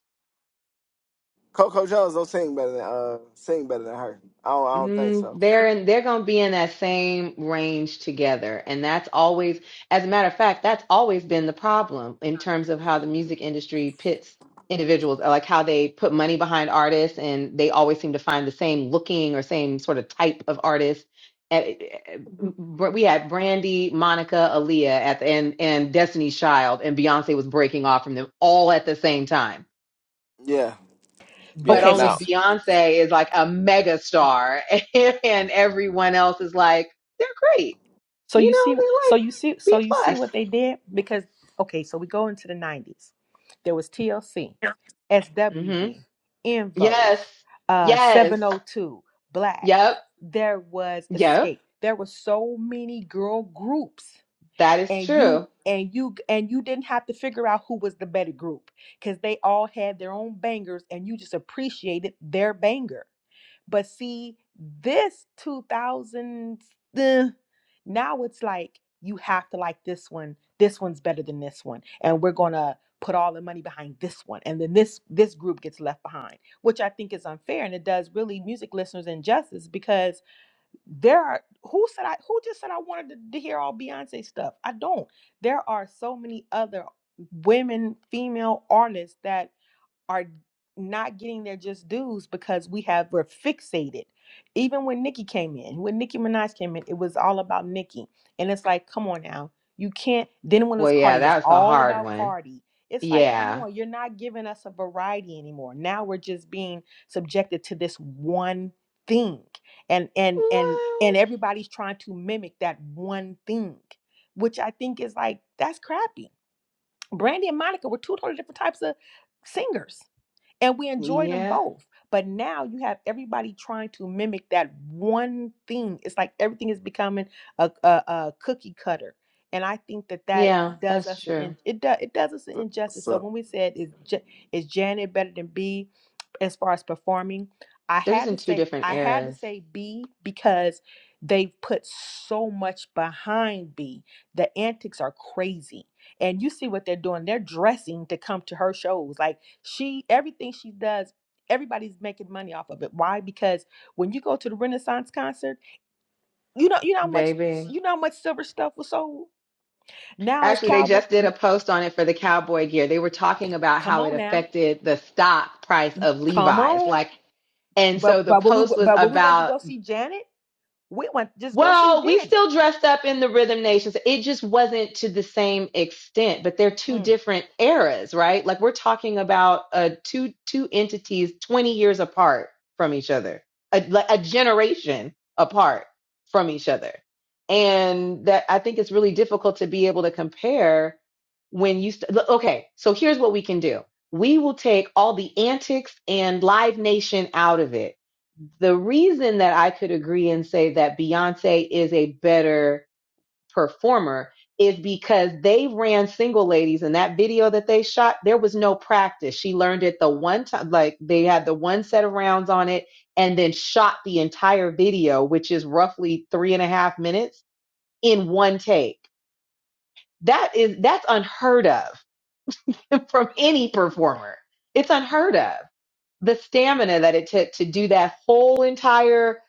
T: Coco Jones don't sing better than uh sing better than her. I don't, I don't think
S: Mm,
T: so.
S: they're in, they're going to be in that same range together. And that's always, as a matter of fact, that's always been the problem in terms of how the music industry pits individuals, or like how they put money behind artists and they always seem to find the same looking or same sort of type of artist. And- but We had Brandy, Monica, Aaliyah at the, and, and Destiny's Child and Beyonce was breaking off from them all at the same time
T: Yeah,
S: but
T: yeah.
U: Okay, so
S: only
T: Now,
U: s-
S: Beyonce is like a mega star and everyone else is like, they're great.
U: So
S: You
U: you
S: know,
U: see,
S: they're
U: so
S: like
U: you see, so
S: B
U: you see
S: plus.
U: what they did because okay, so we go into the '90s. There was TLC,
S: hmm
U: SWV, In Vogue,
S: Yes.
U: uh,
S: Yes.
U: 702, Black.
S: Yep.
U: There was
S: Yep.
U: Escape. There were so many girl groups,
S: That is
U: and you
S: true.
U: and you and you didn't have to figure out who was the better group because they all had their own bangers, and you just appreciated their banger. But see, this 2000s. eh, now it's like you have to like this one. This one's better than this one, and we're gonna put all the money behind this one, and then this this group gets left behind, which I think is unfair, and it does really music listeners injustice because there are who said I who just said I wanted to, to hear all Beyonce stuff. I don't. There are so many other women, female artists that are not getting their just dues because we have we're fixated. Even when Nicki came in, when Nicki Minaj came in, it was all about Nicki. And it's like, come on now. You can't then when it
S: Well,
U: was
S: yeah,
U: Cardi, it was
S: that's a
U: all
S: hard
U: about
S: one.
U: Cardi. It's like, come
S: Yeah.
U: on, you're not giving us a variety anymore. Now we're just being subjected to this one thing. And and and
S: Well,
U: and everybody's trying to mimic that one thing, which I think is like that's crappy. Brandy and Monica were two totally different types of singers and we enjoyed them
S: yeah.
U: both. But now you have everybody trying to mimic that one thing. It's like everything is becoming a, a, a cookie cutter, and I think that that
S: Yeah,
U: Mm. does
S: that's
U: us an
S: true.
U: in, it does it does us an injustice. So
T: so
U: when we said is Ja- is Janet better than B as far as performing, I
S: They're just
U: had
S: in
U: to
S: two
U: say
S: different
U: I had to
S: eras,
U: say B because they've put so much behind B. The antics are crazy and you see what they're doing they're dressing to come to her shows like she everything she does everybody's making money off of it why because when you go to the renaissance concert you know you know how much
S: baby.
U: you know how much silver stuff was sold now it's
S: Actually, they
U: cowboy
S: just did a post on it for the cowboy gear. They were talking about
U: come
S: how it
U: on now
S: affected the stock price of
U: come
S: Levi's.
U: on
S: Like, and so
U: but
S: the
U: but when we
S: post was
U: but when we went to
S: about
U: go see janet we went just go see
S: well, we
U: janet
S: still dressed up in the Rhythm Nations. It just wasn't to the same extent, but they're two
U: Mm.
S: different eras, right? Like we're talking about uh, two two entities 20 years apart from each other, a, like a generation apart from each other. And that I think it's really difficult to be able to compare when you st- look, okay, so here's what we can do. We will take all the antics and Live Nation out of it the reason that I could agree and say that Beyonce is a better performer is because they ran single ladies and that video that they shot. There was no practice. She learned it the one time, like they had the one set of rounds on it and then shot the entire video, which is roughly three and a half minutes in one take. That is, that's unheard of from any performer. It's unheard of the stamina that it took to do that whole entire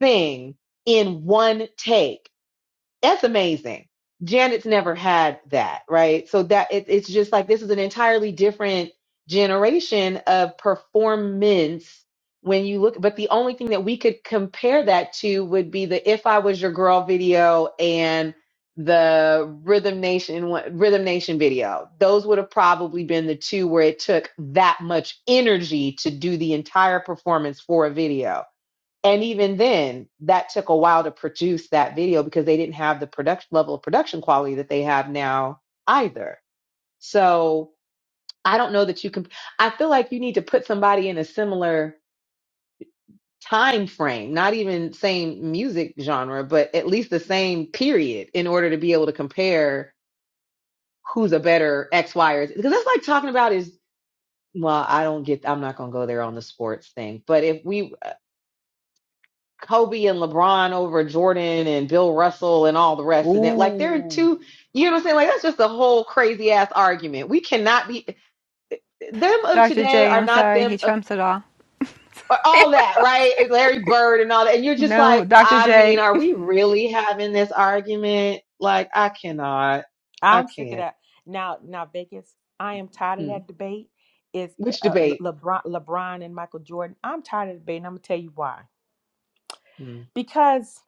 S: thing in one take that's amazing. Janet's never had that, right? So that it, it's just like this is an entirely different generation of performance when you look. But the only thing that we could compare that to would be the "If I Was Your Girl" video and the Rhythm Nation one- Rhythm Nation video. Those would have probably been the two where it took that much energy to do the entire performance for a video and even then that took a while to produce that video because they didn't have the production level of production quality that they have now either so i don't know that you can i feel like you need to put somebody in a similar time frame not even same music genre but at least the same period in order to be able to compare who's a better x y or Z. because that's like talking about is well i don't get i'm not going to go there on the sports thing but if we Kobe and LeBron over Jordan and Bill Russell and all the rest of them. Like they're
U: Ooh.
S: two, you know what I'm saying? Like that's just a whole crazy ass argument. We cannot be them of
L: Dr.
S: today
L: J,
S: are
L: I'm
S: not
L: sorry,
S: them
L: he
S: of
L: trumps it all.
S: all that, right? Larry Bird and all that. And you're just like,
L: No, Dr.
S: I mean,
L: J.
S: are we really having this argument? Like, I cannot. I
U: I'm sick of
S: can't.
U: that. Now, now Vegas, I am tired of
S: Hmm.
U: that debate. Is eh,
S: Which
U: uh,
S: debate?
U: Le- LeBron, LeBron and Michael Jordan? I'm tired of the debate, and I'm gonna tell you why.
S: Hmm.
U: Because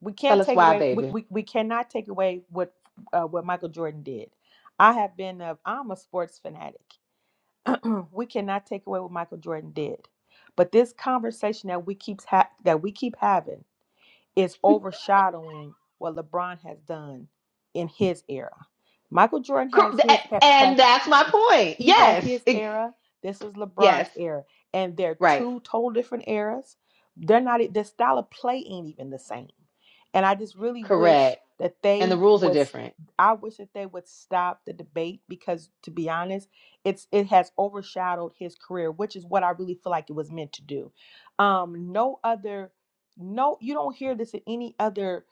U: we
S: Tell
U: can't
S: us
U: take
S: why,
U: away, we,
S: baby.
U: we, we cannot take away what uh, what Michael Jordan did. I have been a, I'm a sports fanatic. we cannot take away what Michael Jordan did, but this conversation that we keeps ha- that we keep having is overshadowing what LeBron has done in his era. Michael Jordan
S: Cor-
U: has his
S: th-
U: has
S: And that's my point.
U: He had
S: Yes.
U: his
S: It-
U: era. This is
S: yes.
U: LeBron's era, and they're
S: Right.
U: two total different eras. They're not the style of play ain't even the same, and I just really wish
S: Correct.
U: that
S: And the
U: they
S: rules are
U: would.
S: different.
U: I wish that they would stop the debate because, to be honest, it's it has overshadowed his career, which is what I really feel like it was meant to do. Um, no other, no, you don't hear this in any other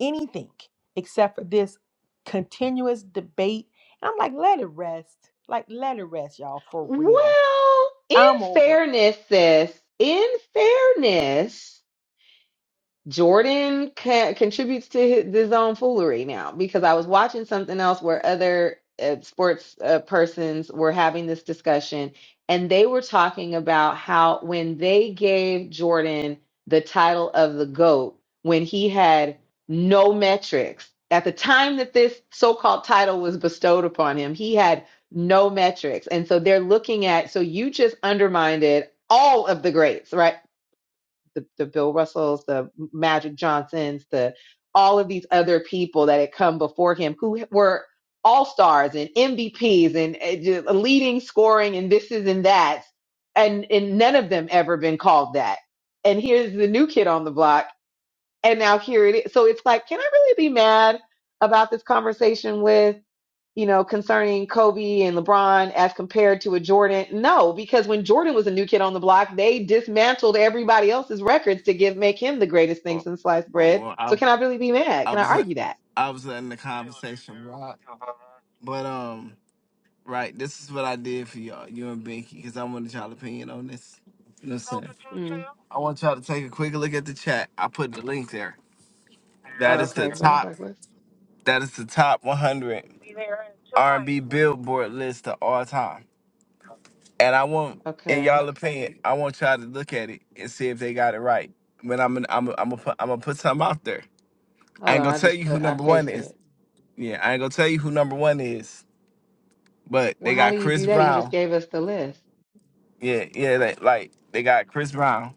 U: anything except for this continuous debate. And I'm like, let it rest. Like, let it rest, y'all, for real.
S: Well, in
U: I'm over it.
S: fairness, sis, in fairness, Jordan ca- contributes to his, his own foolery now because I was watching something else where other uh, sports uh, persons were having this discussion and they were talking about how when they gave Jordan the title of the GOAT when he had no metrics at the time that this so-called title was bestowed upon him he had no metrics and so they're looking at so you just undermined all of the greats right the, the Bill Russells, the Magic Johnsons, the all of these other people that had come before him who were all stars and MVPs and uh, leading scoring and this is and that. And, and none of them ever been called that. And here's the new kid on the block. And now here it is. So it's like, can I really be mad about this conversation with? you know, concerning Kobe and LeBron as compared to a Jordan? No, because when Jordan was a new kid on the block, they dismantled everybody else's records to give make him the greatest thing since sliced
T: oh,
S: bread.
T: well, I
S: So can I really be mad?
T: I
S: Can I
T: was in-
S: argue that?
T: I was in the conversation, Rob. But um, right, this is what I did for y'all, you and Binky, because I wanted y'all opinion on this. You know what I'm
S: Mm.
T: I want y'all to take a quick look at the chat. I put the link there. That
S: Oh,
T: is
S: okay.
T: the
S: Because I was
T: top.
S: like, what's
T: That is the top 100 B Billboard list of all time. And I want, in
S: okay?
T: y'all opinion, I want y'all to look at it and see if they got it right. But I'm gonna, I'm gonna, I'm gonna put, I'm gonna put something out there. I
S: Hold
T: ain't
S: on,
T: gonna
S: I
T: tell
S: just
T: you who
S: put I
T: number one
S: pasted
T: is.
S: it.
T: Yeah, I ain't gonna tell you who number one is. But
S: Well,
T: they
S: how
T: got
S: do you
T: Chris
S: do that? You just
T: Brown.
S: gave us the list.
T: Yeah, yeah, like, like they got Chris Brown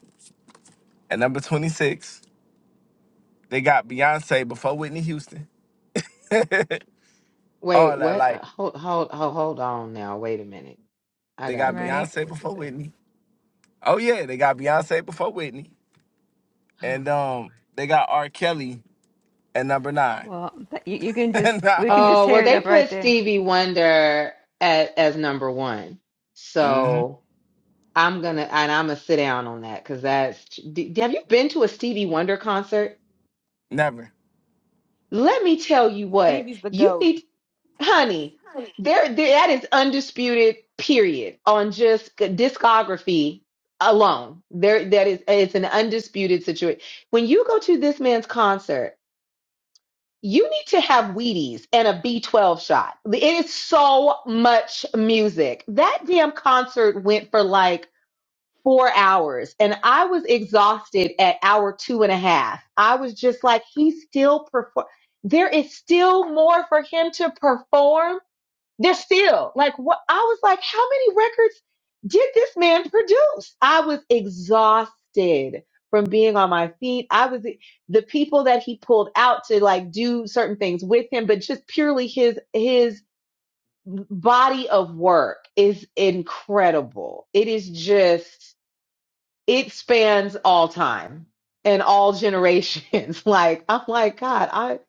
T: at number 26. They got Beyonce before Whitney Houston. all
S: Wait,
T: that,
S: what? Uh,
T: like.
S: Hold, hold, hold, hold on now. Wait a minute. I
T: They
S: gotta
T: got
S: go
L: Right.
S: back and
T: Beyonce
S: look at
T: before
S: this.
T: Whitney. Oh yeah, they got Beyonce before Whitney,
S: Oh,
T: and um,
S: Lord.
T: they got R. Kelly at number nine.
L: Well, th- you, you can
T: nah,
L: just we can just
S: Oh, well,
L: tear it
S: they
L: up right
S: put
L: there.
S: Stevie Wonder at, as number one.
T: mm-hmm,
S: So I'm gonna and I'm gonna sit down on that because that's. D- have you been to a Stevie Wonder concert?
T: never.
S: Let me tell you what
U: Stevie's the
S: you
U: goat.
S: need, honey. There, there that is undisputed. Period on just discography alone. There, that is it's an undisputed situation. When you go to this man's concert. you need to have Wheaties and a B12 shot. It is so much music. That damn concert went for like four hours and I was exhausted at hour two and a half. I was just like, he's still perform. There is still more for him to perform. They're still like what I was like, how many records did this man produce? I was exhausted from being on my feet. I was the people that he pulled out to like do certain things with him, but just purely his his body of work is incredible. It is just it spans all time and all generations. like I'm like God, I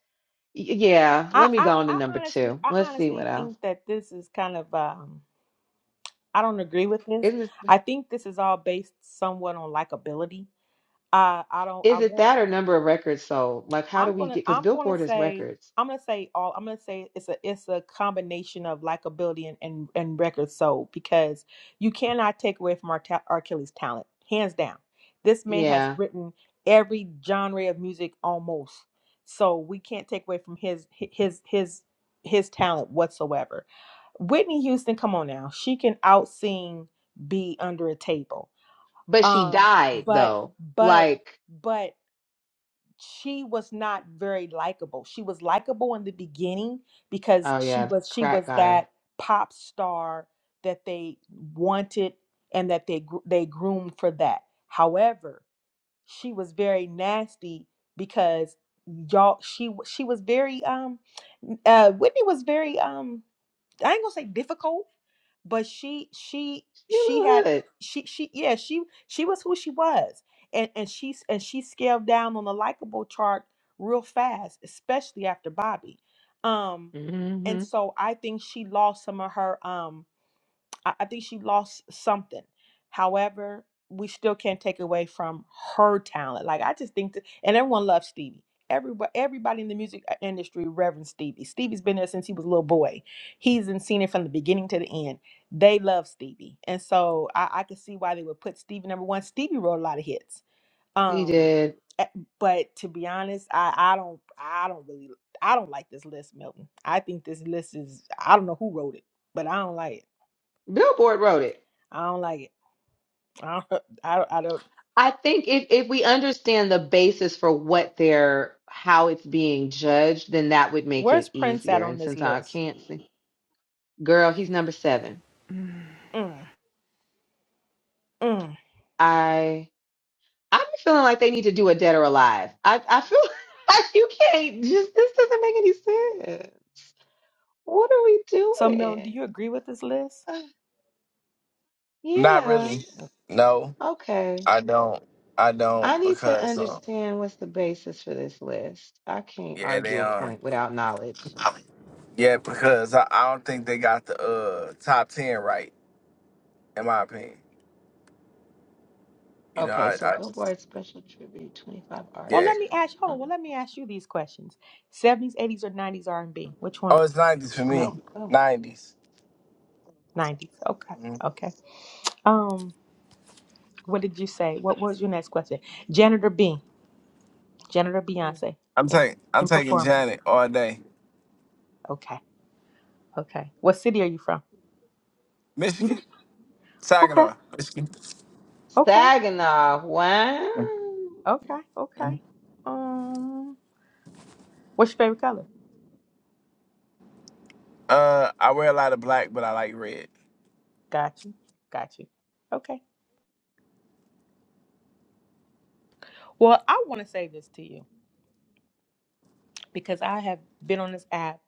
S: yeah,
U: I,
S: let me
U: I,
S: go on to
U: I
S: number
U: honestly
S: 2.
U: I
S: Let's see what
U: honestly think that this is kind of um I don't agree with this.
S: else.
U: I think this is all based somewhat on likability. Uh I don't I
S: Is it
U: won't
S: that or number of records sold? Like, how do
U: I'm
S: we
U: gonna
S: get? Because
U: I'm gonna
S: Billboard is
U: say
S: records.
U: I'm gonna say all I'm gonna say it's a it's a combination of likability and and, and record soul because you cannot take away from our ta- R. Kelly's talent hands down. This man has
S: Yeah,
U: written every genre of music almost, so we can't take away from his hi- his his his talent whatsoever. Whitney Houston, come on now, she can out sing be under a table.
S: but she
U: Um,
S: died
U: but
S: though.
U: but
S: Like,
U: but she was not very likable. She was likable in the beginning because
S: oh
U: she
S: yeah,
U: was she
S: crack
U: was
S: got her.
U: that pop star that they wanted and that they gr- they groomed for that. However, she was very nasty because y'all she w- she was very um uh Whitney was very um I ain't gonna say difficult but she she
S: She
U: she
S: a little
U: had
S: hood.
U: she she yeah she she was who she was and and she's and she scaled down on the likable chart real fast especially after bobby um and
S: Mm-hmm.
U: so i think she lost some of her um, I, I think she lost something. However, we still can't take away from her talent. Like I just think that, and everyone loves Stevie. Everybody, everybody in the music uh, industry reverends Stevie. Stevie's been there since he was a little boy. He's been seen it from the beginning to the end. They love Stevie, and so I, I could see why they would put Stevie number one. Stevie wrote a lot of hits,
S: She
U: um,
S: did.
U: eh, but to be honest, I, I don't, I don't really, I don't like this list, Milton. I think this list is, I don't know who wrote it, but I don't like it.
S: Billboard wrote it.
U: I don't like it. I don't, I, I don't.
S: I think if if we understand the basis for what they're how it's being judged, then that would make
U: Where's
S: it
U: Prince at
S: easier.
U: on
S: And
U: this
S: since I
U: list?
S: can't see, girl, he's number seven.
U: Mm, mm.
S: I. I'm feeling like they need to do a dead or alive. I, I feel like you can't just, this doesn't make any sense. What are we
U: So, Milton,
S: doing?
U: do you agree with this list?
S: Uh,
T: Not
S: yeah,
T: really. No,
S: okay.
T: I don't. I
S: I
T: don't
S: need to
T: because um,
S: understand what's the basis for this list. I can't
T: yeah, they
S: argue a
T: um,
S: point without knowledge.
T: yeah, because I, I don't think they got the uh top ten right in my opinion. You know,
S: Okay,
T: I,
S: so
T: I just
S: Billboard special tribute 25
U: Well,
T: yeah.
U: let
S: artists.
U: me ask. Hold
S: on
U: on. Well, let me ask you these questions: seventies, eighties, or nineties R and B? Which one,
T: Oh, it's nineties for me.
U: Milton?
S: our all
T: 90s
U: Nineties. Okay.
T: hmm
U: Okay. Um. What did you say? What was your next question? Janitor B. Janitor
S: Oh, mm.
U: Beyonce
T: I'm
U: in,
T: taking I'm
U: in
T: taking
U: performance.
T: Janet all day.
U: Okay. Okay. What city are you from? You-
T: Michigan,
U: can- Okay.
T: Saginaw, Michigan.
U: Okay.
S: Saginaw. Wow.
U: Okay.
T: Mm-hmm.
U: Okay. Um what's your favorite color?
T: Uh, I wear a lot of black, but I like red.
U: Got you. Got you. Okay. Well, I want to say this to you because I have been on this app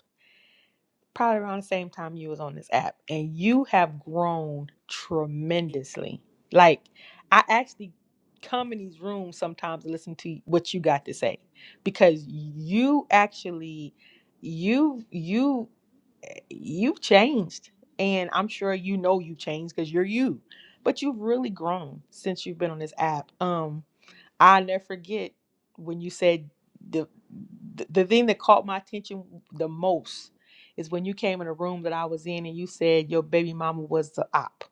U: probably around the same time you was on this app and you have grown tremendously like i actually come in these rooms sometimes to listen to what you got to say because you actually you you you've changed and i'm sure you know you changed because you're you but you've really grown since you've been on this app um I'll never forget when you said the, the the thing that caught my attention the most is when you came in a room that I was in and you said your baby mama was the op.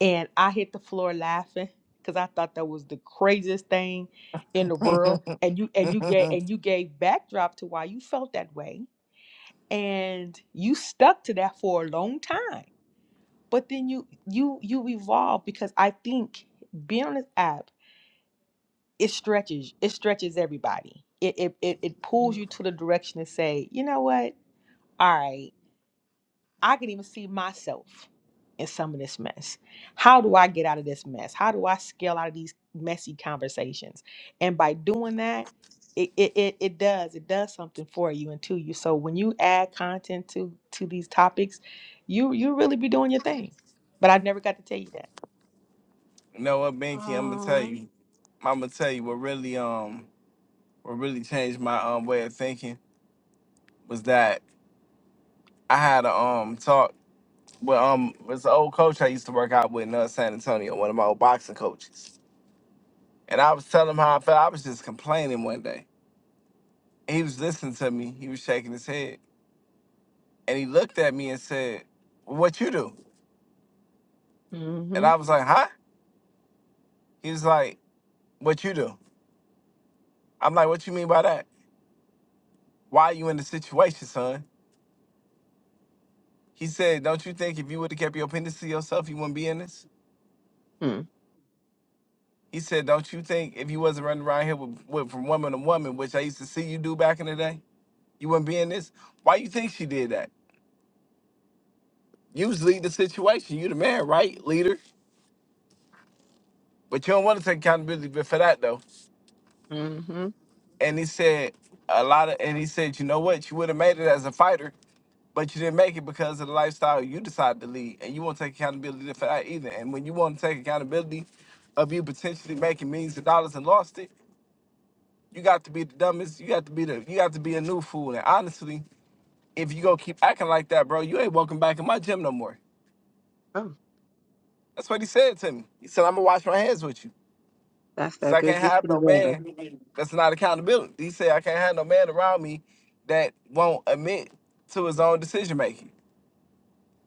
U: And I hit the floor laughing because I thought that was the craziest thing in the world. And you and you gave and you gave backdrop to why you felt that way. And you stuck to that for a long time. But then you you you evolved because I think being on this app it stretches it stretches everybody it, it it it pulls
S: Mm.
U: you to the direction to say you know what all right i can even see myself in some of this mess how do i get out of this mess how do i scale out of these messy conversations and by doing that it it it, it does it does something for you and to you so when you add content to to these topics you you really be doing your thing but i never got to tell you that
T: You know what, Binky? I'm gonna tell
S: Um,
T: you. I'm gonna tell you what really um what really changed my um way of thinking was that I had a um talk with um it's an old coach I used to work out with in uh, San Antonio, one of my old boxing coaches, and I was telling him how I felt. I was just complaining one day, and he was listening to me. He was shaking his head, and he looked at me and said, "What you do?" And I
S: Mm-hmm.
T: was like, "Huh?" He was like, "What you do?" I'm like, "What you mean by that?" Why are you in the situation, son? He said, Don't you think if you would have kept your appendix to yourself, you wouldn't be in this? He said, Don't you think if you wasn't running around here with, with from woman to woman, which I used to see you do back in the day, you wouldn't be in this? Why you think she did that? You was lead the situation. You the man, right, leader? But you don't want to take accountability for that though.
S: Mm-hmm.
T: And he said a lot of and he said, you know what, you would have made it as a fighter But you didn't make it because of the lifestyle you decided to lead, and you won't take accountability for that either. And when you want to take accountability of you potentially making millions of dollars and lost it, you got to be the dumbest. You got to be the. You got to be a new fool. And honestly, if you go keep acting like that, bro, you ain't welcome back in my gym no more.
S: Oh.
T: That's what he said to me. He said, "I'm gonna wash my hands with you,
S: That's
T: cause
S: that
T: I can't
S: good get
T: have
S: you
T: no
S: together.
T: man that's not accountability." He said, "I can't have no man around me that won't admit to his own decision making."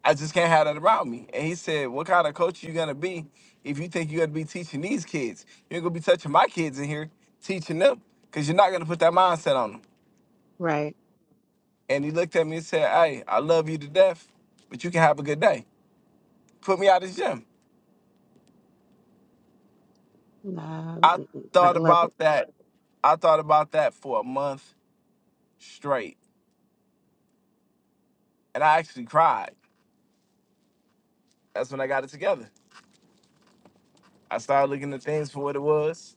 T: I just can't have that around me. And he said, What kind of coach you gonna be if you think you're gonna be teaching these kids? You ain't gonna be touching my kids in here, teaching them, because you're not gonna put that mindset on them.
S: Right.
T: And he looked at me and said, Hey, I love you to death, but you can have a good day. Put me out of the gym.
S: Nah,
T: I
S: mm, mm, I
T: thought
S: love it.
T: about that. I thought about that for a month straight. And I actually cried. That's when I got it together. I started looking at things for what it was.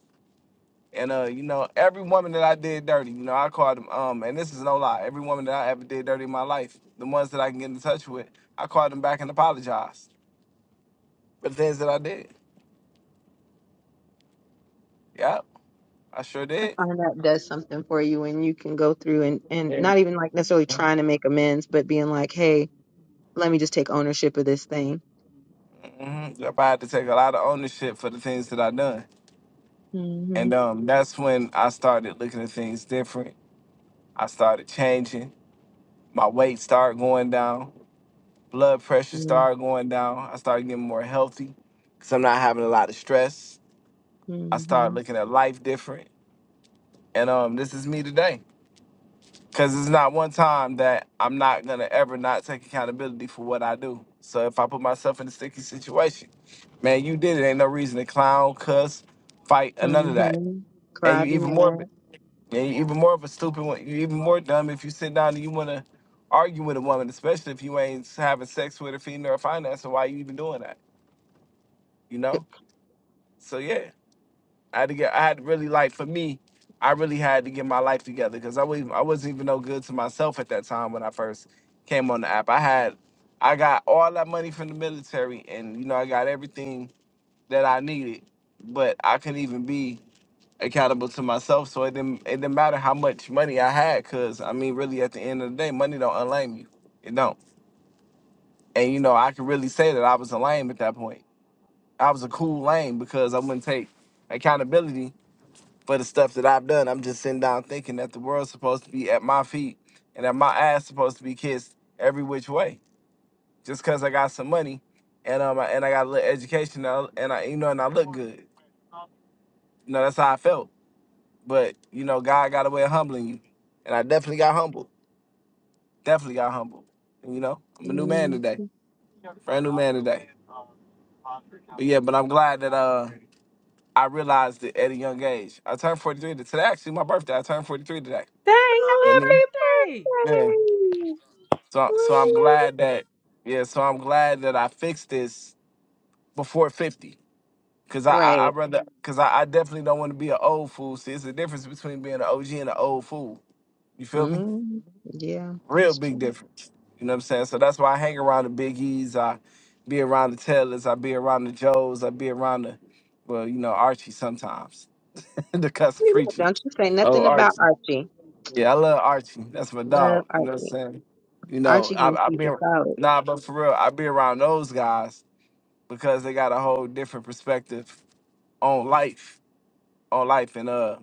T: And uh, you know, every woman that I did dirty, you know, I called them. Um, and this is no lie. Every woman that I ever did dirty in my life, the ones that I can get in touch with, I called them back and apologized for the things that I did. Yep, I sure
S: I
T: did.
S: find that does something for you when you can go through and, and not even like necessarily trying to make amends, but being like, hey, let me just take ownership of this thing.
T: hmm Yep, I had to take a lot of ownership for the things that I done.
S: Mm-hmm.
T: And um, that's when I started looking at things different. I started changing. My weight started going down. Blood pressure started going down. I started getting more healthy because I'm not having a lot of stress. I started
S: Mm-hmm.
T: looking at life different. and um, this is me today. Cause it's not one time that I'm not gonna ever not take accountability for what I do. So if I put myself in a sticky situation, man, you did it. Ain't no reason to clown, cuss, fight, or none of that.
S: Mm-hmm.
T: And
S: Cry,
T: you
S: be
T: even more,
S: mad.
T: of a- and you even more of a stupid one. You even more dumb if you sit down and you wanna argue with a woman, especially if you ain't having sex with a female or finance. So why you even doing that? You know? So yeah. I had to get. I had to really like for me. I really had to get my life together because I wasn't. I wasn't even no good to myself at that time when I first came on the app. I had. I got all that money from the military, and you know I got everything that I needed, but I couldn't even be accountable to myself. So it didn't. It didn't matter how much money I had, cause I mean, really, at the end of the day, money don't unlame you. It don't. And you know, I could really say that I was a lame at that point. I was a cool lame because I wouldn't take accountability for the stuff that I've done. I'm just sitting down thinking that the world's supposed to be at my feet and that my ass supposed to be kissed every which way. Just cause I got some money and um and I got a little education and I, and I you know and I look good. You know, that's how I felt. But you know, God got a way of humbling you. And I definitely got humbled. Definitely got humbled. And, you know, I'm a new man
S: hmm
T: today. Yeah, but I'm glad that uh, I realized it at a young age. I turned 43 today. Actually, my birthday. I turned 43 today.
U: dang
S: Oh,
T: I
S: happy
T: mean,
U: happy birthday
T: yeah.
S: birthday!
T: So so I'm glad that yeah. So I'm glad that I fixed this before fifty. Cause I I, I
S: Right.
T: rather cause I, I definitely don't want to be an old fool. See, it's the difference between being an OG and an old fool. You feel me?
S: mm Yeah,
T: Real
S: that's
T: big
S: true.
T: difference. You know what I'm saying? So that's why I hang around the biggies. I be around the Taylors. I be around the Joes. I be around the well, you know Archie sometimes. the cuss
S: We love-
T: preaching.
S: Don't you say
T: Oh
S: nothing about
T: Archie.
S: Archie.
T: Yeah, I love Archie. That's my
S: Love
T: dog. You know what I'm
S: Archie.
T: saying? You know,
S: Archie gonna
T: I I
S: keep us
T: been
S: out.
T: nah, but for real, I be around those guys because they got a whole different perspective on life, on life, and uh,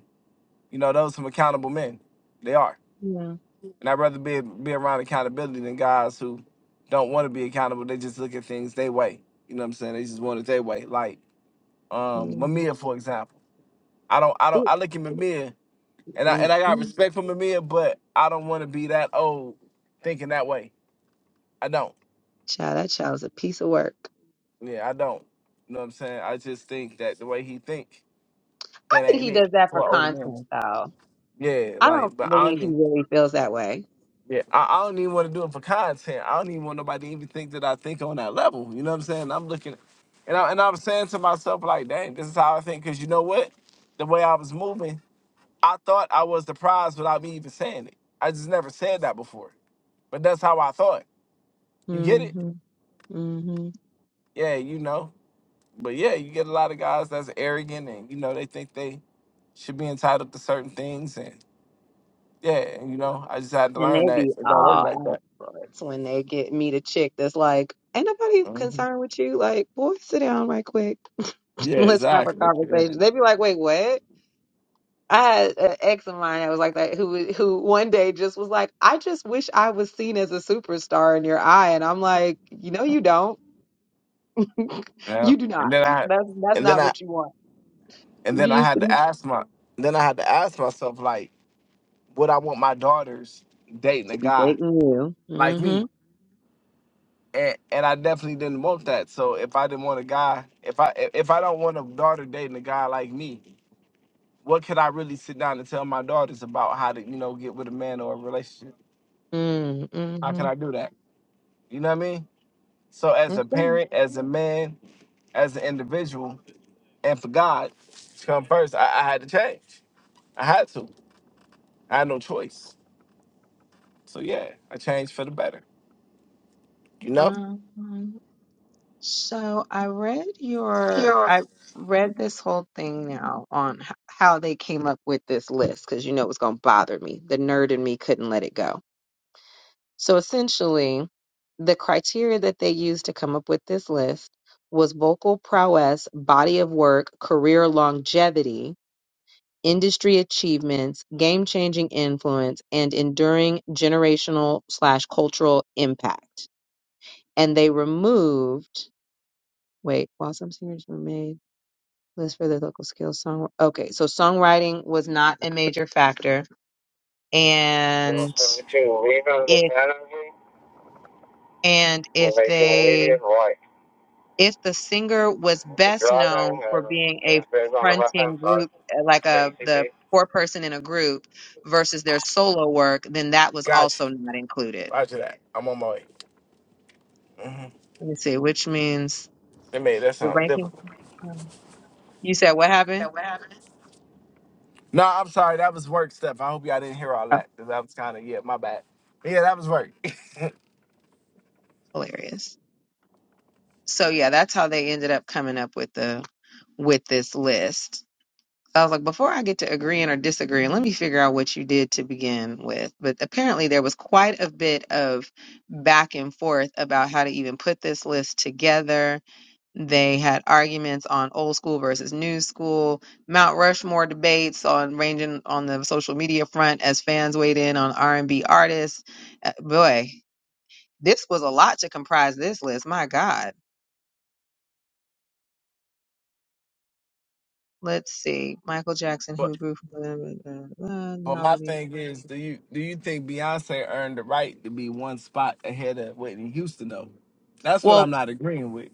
T: you know, those some accountable men. They are,
S: Yeah.
T: and I'd rather be be around accountability than guys who don't want to be accountable. They just look at things their way. You know what I'm saying? They just want it their way. Like
S: yeah.
T: um, Mamiya, for example. I don't, I don't,
S: Ooh,
T: I look at Mamiya, and I
S: mm,
T: and I got
S: mm.
T: respect for Mamiya, but I don't want to be that old thinking that way. I don't.
S: Child, that child's a piece of work.
T: Yeah, I don't. You know what I'm saying? I just think that the way he think,
S: I
T: that
S: think
T: ain't
S: he
T: it
S: does that for
T: for an older man.
S: content, though.
T: Yeah,
S: I don't
T: like, but I don't.
S: believe he
T: Even,
S: really feels that way.
T: yeah, I, I don't even want to do it for content. I don't even want nobody to even think that I think on that level. You know what I'm saying? I'm looking, and I and I'm saying to myself like, dang, this is how I think. Cause you know what? The way I was moving, I thought I was the prize without me even saying it. I just never said that before, but that's how I thought. You get
S: hmm
T: it?
S: hmm
T: Yeah, you know. But yeah, you get a lot of guys that's arrogant and you know they think they should be entitled to certain things and yeah, and, you know I just had to
S: And
T: learn
S: they
T: that
S: be
T: it don't work
S: all out
T: like
S: of
T: that.
S: sorts when they get meet a chick that's like, "Ain't nobody
T: Mhm.
S: concerned with you." Like, boy, sit down right quick.
T: Yeah,
S: Let's have a
T: exactly. Yeah.
S: conversation. They be like, "Wait, what?" I had an ex of mine that was like that, who who one day just was like, "I just wish I was seen as a superstar in your eye," and I'm like, "You know, you don't.
T: yeah,
S: you do not.
T: and then I,
S: That's that's
T: and then
S: not
T: I,
S: what you want.
T: and
S: You
T: then I
S: used to
T: had
S: be
T: to ask my, then I had to ask myself like, would I want my daughters dating a
S: to be
T: guy
S: dating you.
T: like
S: Mm-hmm.
T: me? And and I definitely didn't want that. So if I didn't want a guy, if I if I don't want a daughter dating a guy like me, what could I really sit down and tell my daughters about how to, you know, get with a man or a relationship? How can
S: Mm-hmm.
T: I do that? You know what I mean? So as a
S: Okay.
T: parent, as a man, as an individual, and for God to come first, I, I had to change. I had to. I had no choice. So yeah, I changed for the better. You know?
S: Um. So I read your I read this whole thing now on h- how they came up with this list because you know it was gonna bother me. The nerd in me couldn't let it go. So essentially, the criteria that they used to come up with this list was vocal prowess, body of work, career longevity, industry achievements, game changing influence, and enduring generational slash cultural impact. And they removed, wait, while some singers were made, list for their local skills. Song, okay, so songwriting was not a major factor. And if, and
T: You're
S: if
T: making
S: they
T: immediate right.
S: If the singer was
T: Keep
S: best
T: driving
S: known for
T: and
S: being
T: have
S: a
T: a space on the left hand
S: fronting
T: side
S: group, uh, like
T: for
S: a the
T: ECP.
S: four person in a group versus their solo work, then that was
T: Got
S: also
T: you.
S: not included.
T: Roger that. I'm on my way. hmm
S: Let me see, which means
T: They made that
S: the
T: sound difficult.
S: ranking. um, You said what happened?
T: No, I'm sorry. That was work stuff. I hope y'all didn't hear all
S: Oh,
T: that. 'cause That was kind of yeah, my bad. Yeah, that was work.
S: hilarious. So yeah, that's how they ended up coming up with the with this list. I was like, before I get to agreeing or disagreeing, let me figure out what you did to begin with. But apparently, there was quite a bit of back and forth about how to even put this list together. They had arguments on old school versus new school, Mount Rushmore debates on ranging on the social media front as fans weighed in on R and B artists. Uh, boy, this was a lot to comprise this list. My God. Let's see. Michael Jackson, who
T: But
S: grew from.
T: but my thing is, do you do you think Beyonce earned the right to be one spot ahead of Whitney Houston though? That's what
S: Well,
T: I'm not agreeing with.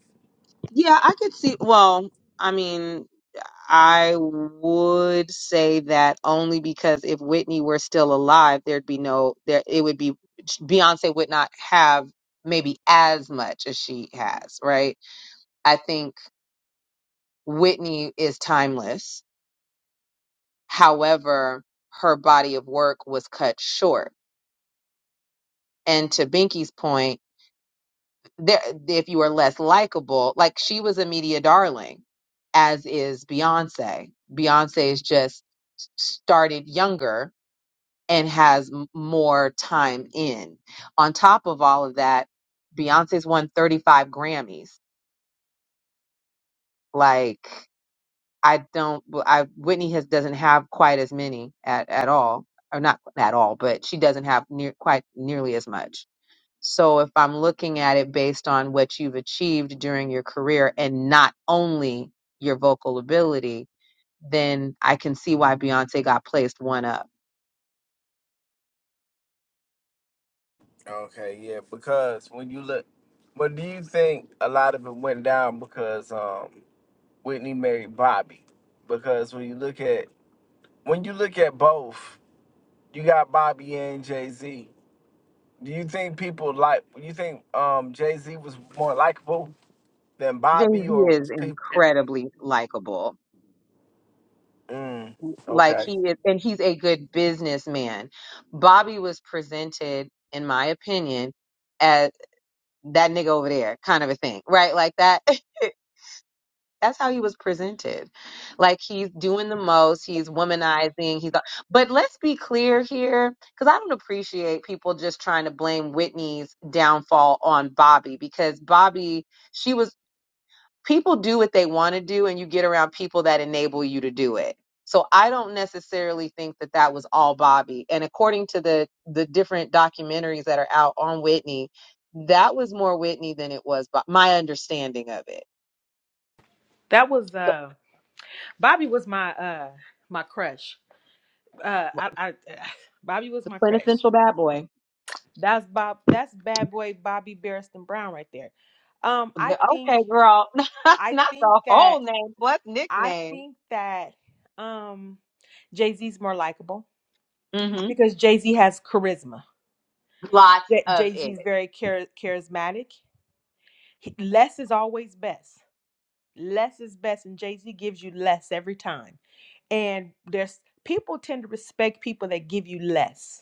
S: Yeah, I could see. Well, I mean, I would say that only because if Whitney were still alive, there'd be no there. It would be Beyonce would not have maybe as much as she has, right? I think Whitney is timeless. However, her body of work was cut short. And to Binky's point. there if you are less likable like she was a media darling as is beyonce beyonce is just s- started younger and has m- more time in on top of all of that beyonce's won 35 grammys like i don't i whitney has doesn't have quite as many at, at all or not at all but she doesn't have near quite nearly as much So if I'm looking at it based on what you've achieved during your career and not only your vocal ability, then I can see why Beyonce got placed one up.
T: Okay, yeah, because when you look, but do you think a lot of it went down because um Whitney married Bobby? Because when you look at when you look at both, you got Bobby and Jay Z Do you think people like? You think um Jay Z was more likable than
S: Jay
T: Bobby,
S: Z
T: or
S: is
T: was people?
S: incredibly likable.
T: Mm,
S: Like
T: okay.
S: he is, and he's a good businessman. Bobby was presented, in my opinion, as that nigga over there kind of a thing, right? Like that. that's how he was presented. Like he's doing the most, he's womanizing, he's but let's be clear here cuz I don't appreciate people just trying to blame Whitney's downfall on Bobby because Bobby she was people do what they want to do and you get around people that enable you to do it. So I don't necessarily think that that was all Bobby. And according to the the different documentaries that are out on Whitney, that was more Whitney than it was Bob, my understanding of it.
U: that was uh Bobby was my uh my crush. Uh, I, I Bobby was
S: The
U: my crush.
S: quintessential bad boy.
U: That's Bob. That's bad boy Bobby Barriston Brown right there. Um,
S: G-
U: I think
S: Okay, girl.
U: I
S: Not
U: think
S: the whole
U: that
S: name, but
U: I
S: nickname.
U: think that um Jay Z's more likable
S: hmm
U: because Jay Z has charisma.
S: Lots of
U: Jay Z
S: it.
U: is very char- charismatic. He- less is always best. Less is best, and Jay Z gives you less every time. And there's people tend to respect people that give you less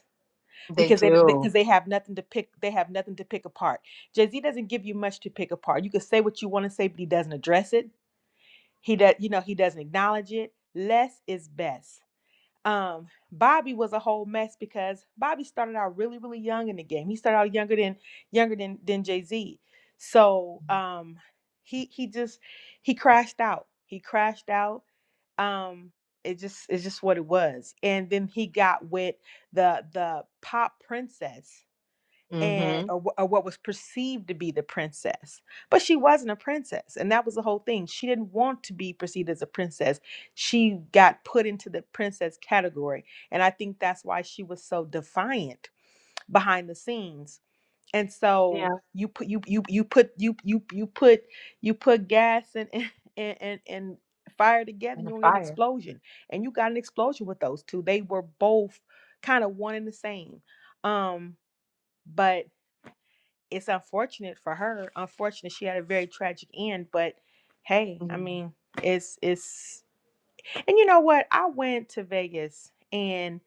S: They
U: because they
S: do.
U: because they have nothing to pick they have nothing to pick apart. Jay-Z doesn't give you much to pick apart. You can say what you want to say, but he doesn't address it. He does you know, he doesn't acknowledge it. Less is best. Um Bobby was a whole mess because Bobby started out really, really young in the game. He started out younger than younger than than Jay-Z. So um he he just he crashed out. He crashed out. Um it just it's just what it was. And then he got with the the pop princess
S: hmm
U: and or, wh- or what was perceived to be the princess but she wasn't a princess and that was the whole thing she didn't want to be perceived as a princess she got put into the princess category and i think that's why she was so defiant behind the scenes and
S: Yeah.
U: so you put you you you put you you you put you put gas and and and, and fire together and
S: On
U: you get an
S: fire.
U: explosion and you got an explosion with those two they were both kind of one and the same um but it's unfortunate for her. Unfortunate she had a very tragic end, but hey,
S: yeah.
U: I mean, it's it's and you know what? I went to Vegas and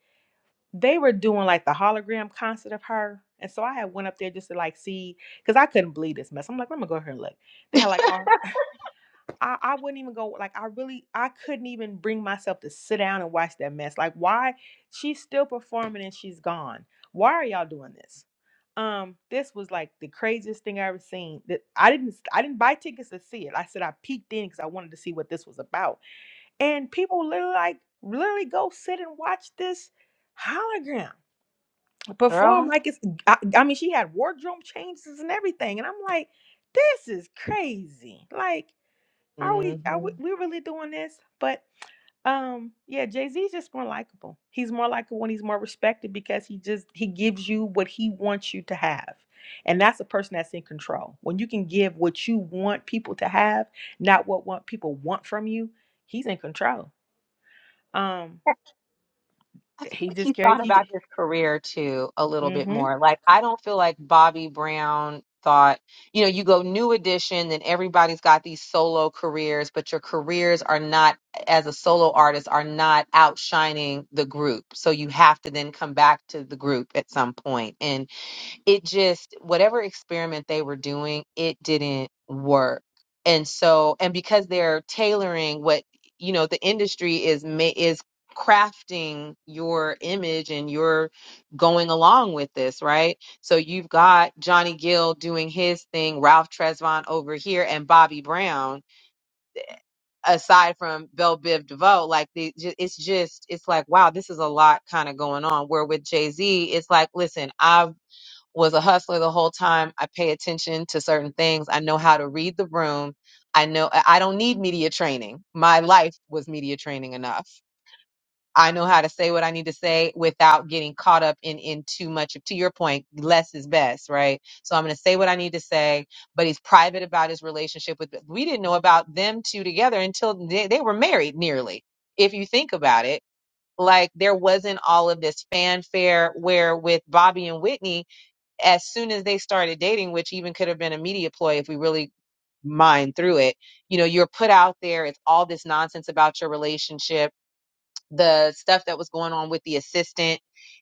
U: they were doing like the hologram concert of her. And so I had went up there just to like see because I couldn't believe this mess. I'm like, let me go here and look. They had like all I, I wouldn't even go like I really I couldn't even bring myself to sit down and watch that mess. Like why she's still performing and she's gone. Why are y'all doing this? Um, this was like the craziest thing I ever seen. That I didn't I didn't buy tickets to see it. I said I peeked in because I wanted to see what this was about. And people literally like literally go sit and watch this hologram perform
S: Girl.
U: like it's I, I mean she had wardrobe changes and everything. And I'm like, this is crazy. Like are
S: hmm
U: we? Are we? We really doing this? But um, yeah, Jay Z is just more likable. He's more likable and he's more respected because he just he gives you what he wants you to have, and that's a person that's in control. When you can give what you want people to have, not what want people want from you, he's in control. Um,
S: I feel
U: he
S: like
U: just
S: he
U: carries
S: thought about
U: he.
S: his career too a little bit
U: Mm-hmm.
S: more. Like I don't feel like Bobby Brown thought, you know, you go new edition, then everybody's got these solo careers, but your careers are not as a solo artist are not outshining the group. So you have to then come back to the group at some point. And it just whatever experiment they were doing it didn't work and so and because they're tailoring what you know the industry is ma- is crafting your image and you're going along with this right so you've got johnny gill doing his thing ralph tresvant over here and bobby brown aside from belle biv devoe like the, ju- it's just it's like wow this is a lot kind of going on where with jay-z it's like listen i've was a hustler the whole time. I pay attention to certain things. I know how to read the room. I know I I don't need media training. My life was media training enough. I know how to say what I need to say without getting caught up in in too much. To your point, less is best, right? So I'm going to say what I need to say, but he's private about his relationship with. We didn't know about them two together until they, they were married, nearly. If you think about it, like there wasn't all of this fanfare. Where with Bobby and Whitney, as soon as they started dating, which even could have been a media ploy if we really mind through it, you know, you're put out there. It's all this nonsense about your relationship, the stuff that was going on with the assistant,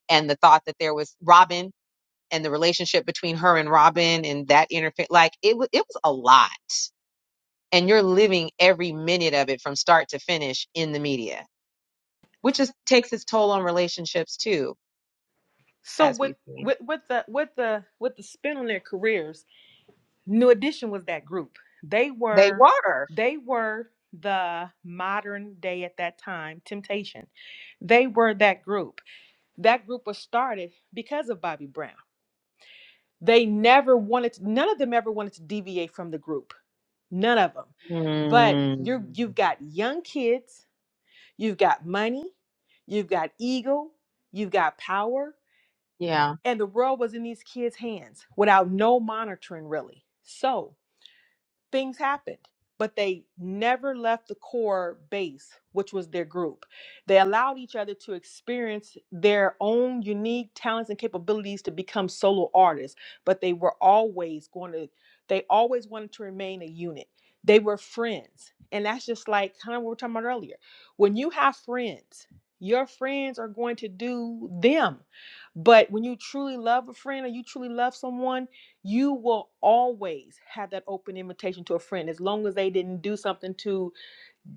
S: and the thought that there was Robin and the relationship between her and Robin and that interface. Like it was, it was a lot, and you're living every minute of it from start to finish in the media, which just takes its toll on relationships too,
U: So
S: as
U: with
S: we've seen.
U: with with the with the with the spin on their careers, New Edition was that group. They
S: They
U: were
S: were.
U: they were the modern day at that time temptation. They were that group. That group was started because of Bobby Brown. They never wanted to- none of them ever wanted to deviate from the group. None of them. But you
S: Mm.
U: you've got young kids, you've got money, you've got ego, you've got power,
S: Yeah.
U: and the world was in these kids' hands without no monitoring really. So, things happened but they never left the core base which was their group they allowed each other to experience their own unique talents and capabilities to become solo artists but they were always going to they always wanted to remain a unit they were friends and that's just like kind of what we were talking about earlier when you have friends your friends are going to do them but when you truly love a friend or you truly love someone you will always have that open invitation to a friend as long as they didn't do something to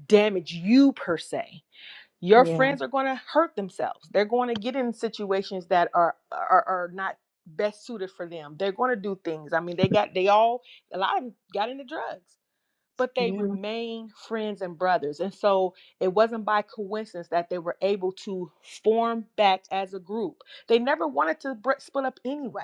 U: damage you per se your
S: Yeah.
U: friends are going to hurt themselves they're going to get in situations that are are, are not best suited for them they're going to do things i mean they got they all a lot of them got into drugs but they
S: Yeah,
U: remain friends and brothers and so it wasn't by coincidence that they were able to form back as a group they never wanted to br- split up anyway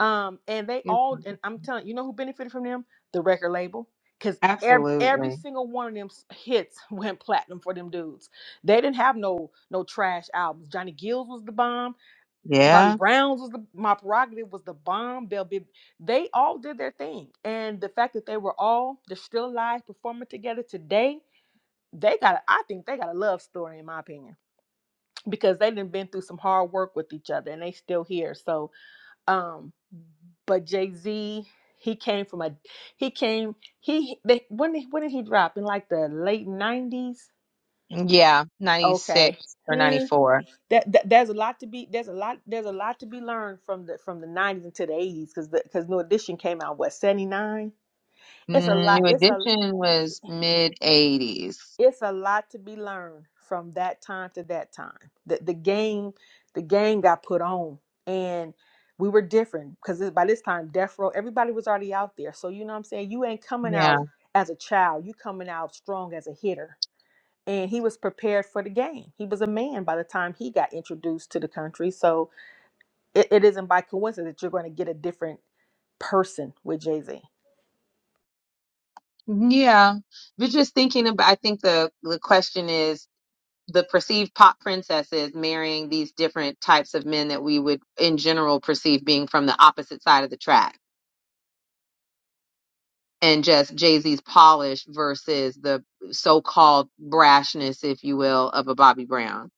U: um, and they
S: it's
U: all,
S: interesting.
U: and I'm telling you, know who benefited from them? The record label, because every every
S: Absolutely.
U: single one of them s- hits went platinum for them dudes. They didn't have no no trash albums. Johnny Gills was the bomb. Bobby
S: Yeah.
U: Brown's was the my prerogative was the bomb. Bell Bib, they all did their thing, and the fact that they were all they're still alive performing together today, they got. a- I think they got a love story in my opinion because they done been through some hard work with each other, and they still here. So um, but Jay Z, he came from a he came he they, when did, when did he drop in like the late nineties?
S: Yeah. 96
U: Okay,
S: or
U: Hmm.
S: 94.
U: that, that there's a lot to be there's a lot there's a lot to be learned from the from the nineties into the eighties because because New Edition came out what seventy nine. It's a
S: Mm,
U: lot.
S: New
U: It's a
S: Edition was mid 80s.
U: it's a lot to be learned from that time to that time. The the game, the game got put on, and we were different because by this time, death row, everybody was already out there. So you know what I'm saying. You ain't coming
S: Yeah.
U: out as a child. You coming out strong as a hitter. And he was prepared for the game. He was a man by the time he got introduced to the country. So it, it isn't by coincidence that you're going to get a different person with Jay Z.
S: Yeah. But just thinking about, I think the, the question is the perceived pop princesses marrying these different types of men that we would in general perceive being from the opposite side of the track. And just Jay Z's polish versus the so called brashness, if you will, of a Bobby Brown.